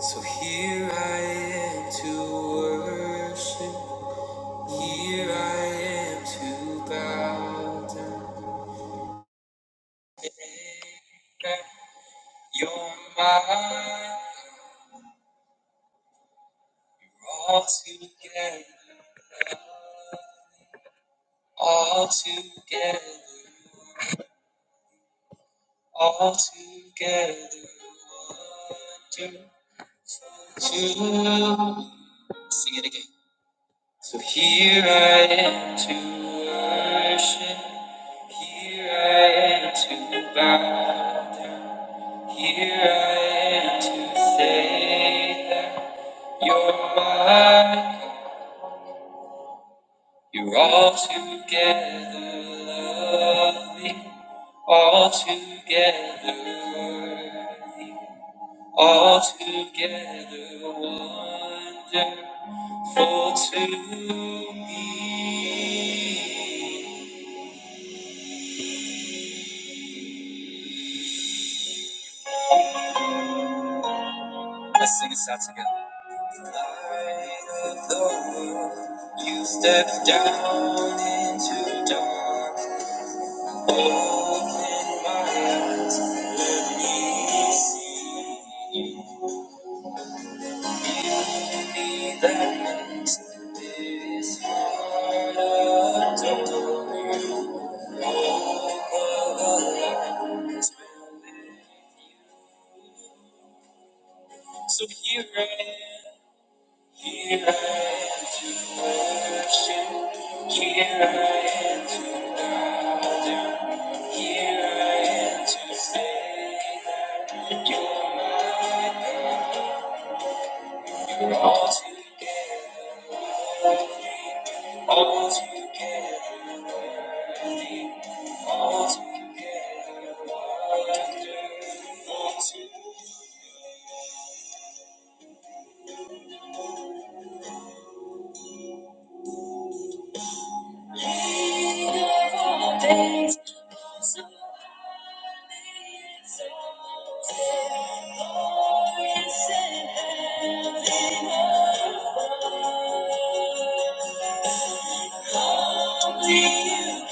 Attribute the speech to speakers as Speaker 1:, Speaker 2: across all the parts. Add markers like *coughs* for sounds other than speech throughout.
Speaker 1: So here I am to worship, here I am to bow down. You're mine, all together, all together, all together. One, two, two. Sing it again. So here I am to worship. Here I am to bow down. Here I am to say that you're mine. You're all together lovely, all together worthy, all together wonderful to me. Let's sing this out together. Light of the world, you stepped down into dark. Open my eyes, let me see beauty that makes this heart adore you. Over the light, will live you. So here I am. Here I am to worship. Here I am to bow down. Here I am to say that you're my God. You're all to, all together, all together. Thank you. Thank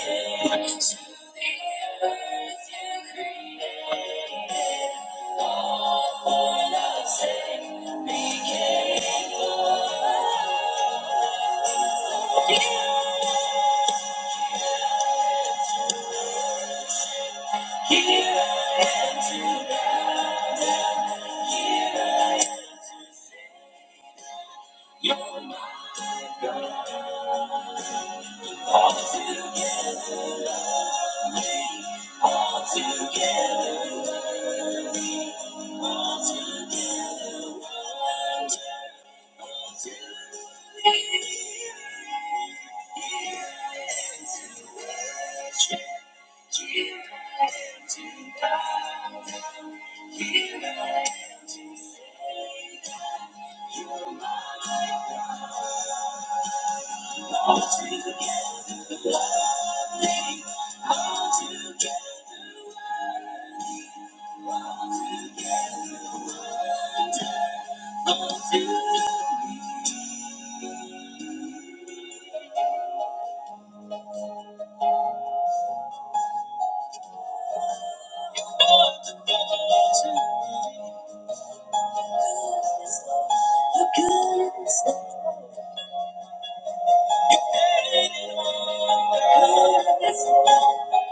Speaker 1: you.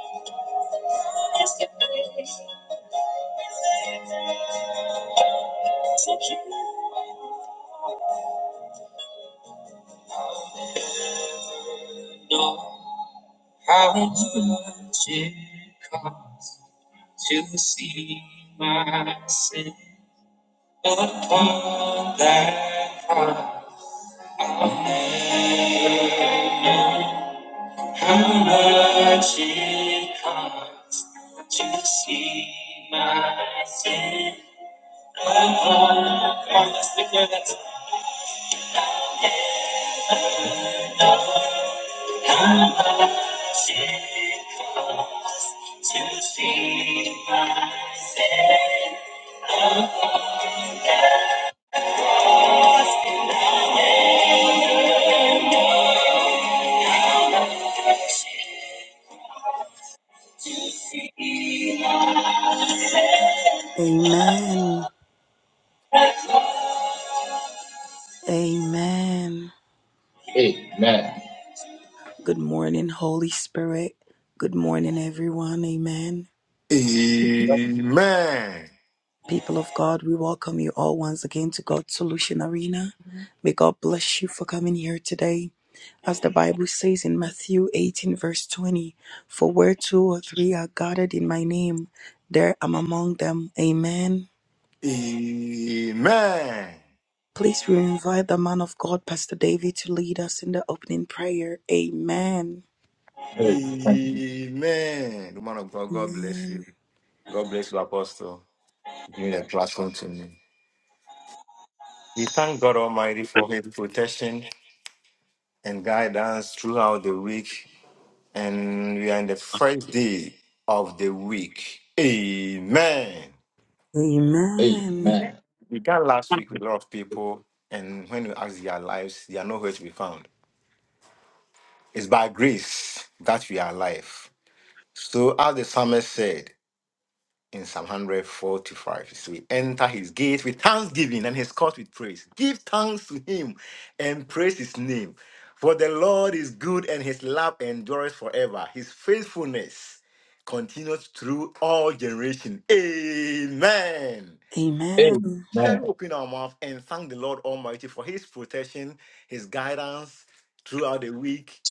Speaker 1: Don't you know how much it costs to see my sin upon that cross. I'll never know how much it costs to see my sin upon that cross. Let's declare that. How Amen.
Speaker 2: Amen. Amen. Good morning, Holy Spirit. Good morning, everyone. Amen.
Speaker 3: Amen.
Speaker 2: People of God, we welcome you all once again to God's Solution Arena. May God bless you for coming here today. As the Bible says in Matthew 18, verse 20, for where two or three are gathered in my name, there I am among them. Amen.
Speaker 3: Amen.
Speaker 2: Please, we invite the man of God, Pastor David, to lead us in the opening prayer. Amen.
Speaker 1: Amen.
Speaker 3: Amen. Woman of God, God bless
Speaker 2: Amen.
Speaker 3: you. God bless you, Apostle. Give me the platform to me. We thank God Almighty for His protection and guidance throughout the week. And we are in the first day of the week. Amen.
Speaker 2: Amen.
Speaker 1: Amen.
Speaker 3: We began last week with a lot of people, and when we ask their lives, they are nowhere to be found. It's by grace that we are alive. So, as the psalmist said in Psalm 145, so we enter his gate with thanksgiving and his court with praise. Give thanks to him and praise his name. For the Lord is good and his love endures forever. His faithfulness continues through all generation. Amen.
Speaker 2: Amen.
Speaker 3: Shall we
Speaker 1: Amen.
Speaker 3: open our mouth and thank the Lord Almighty for his protection, his guidance throughout the week?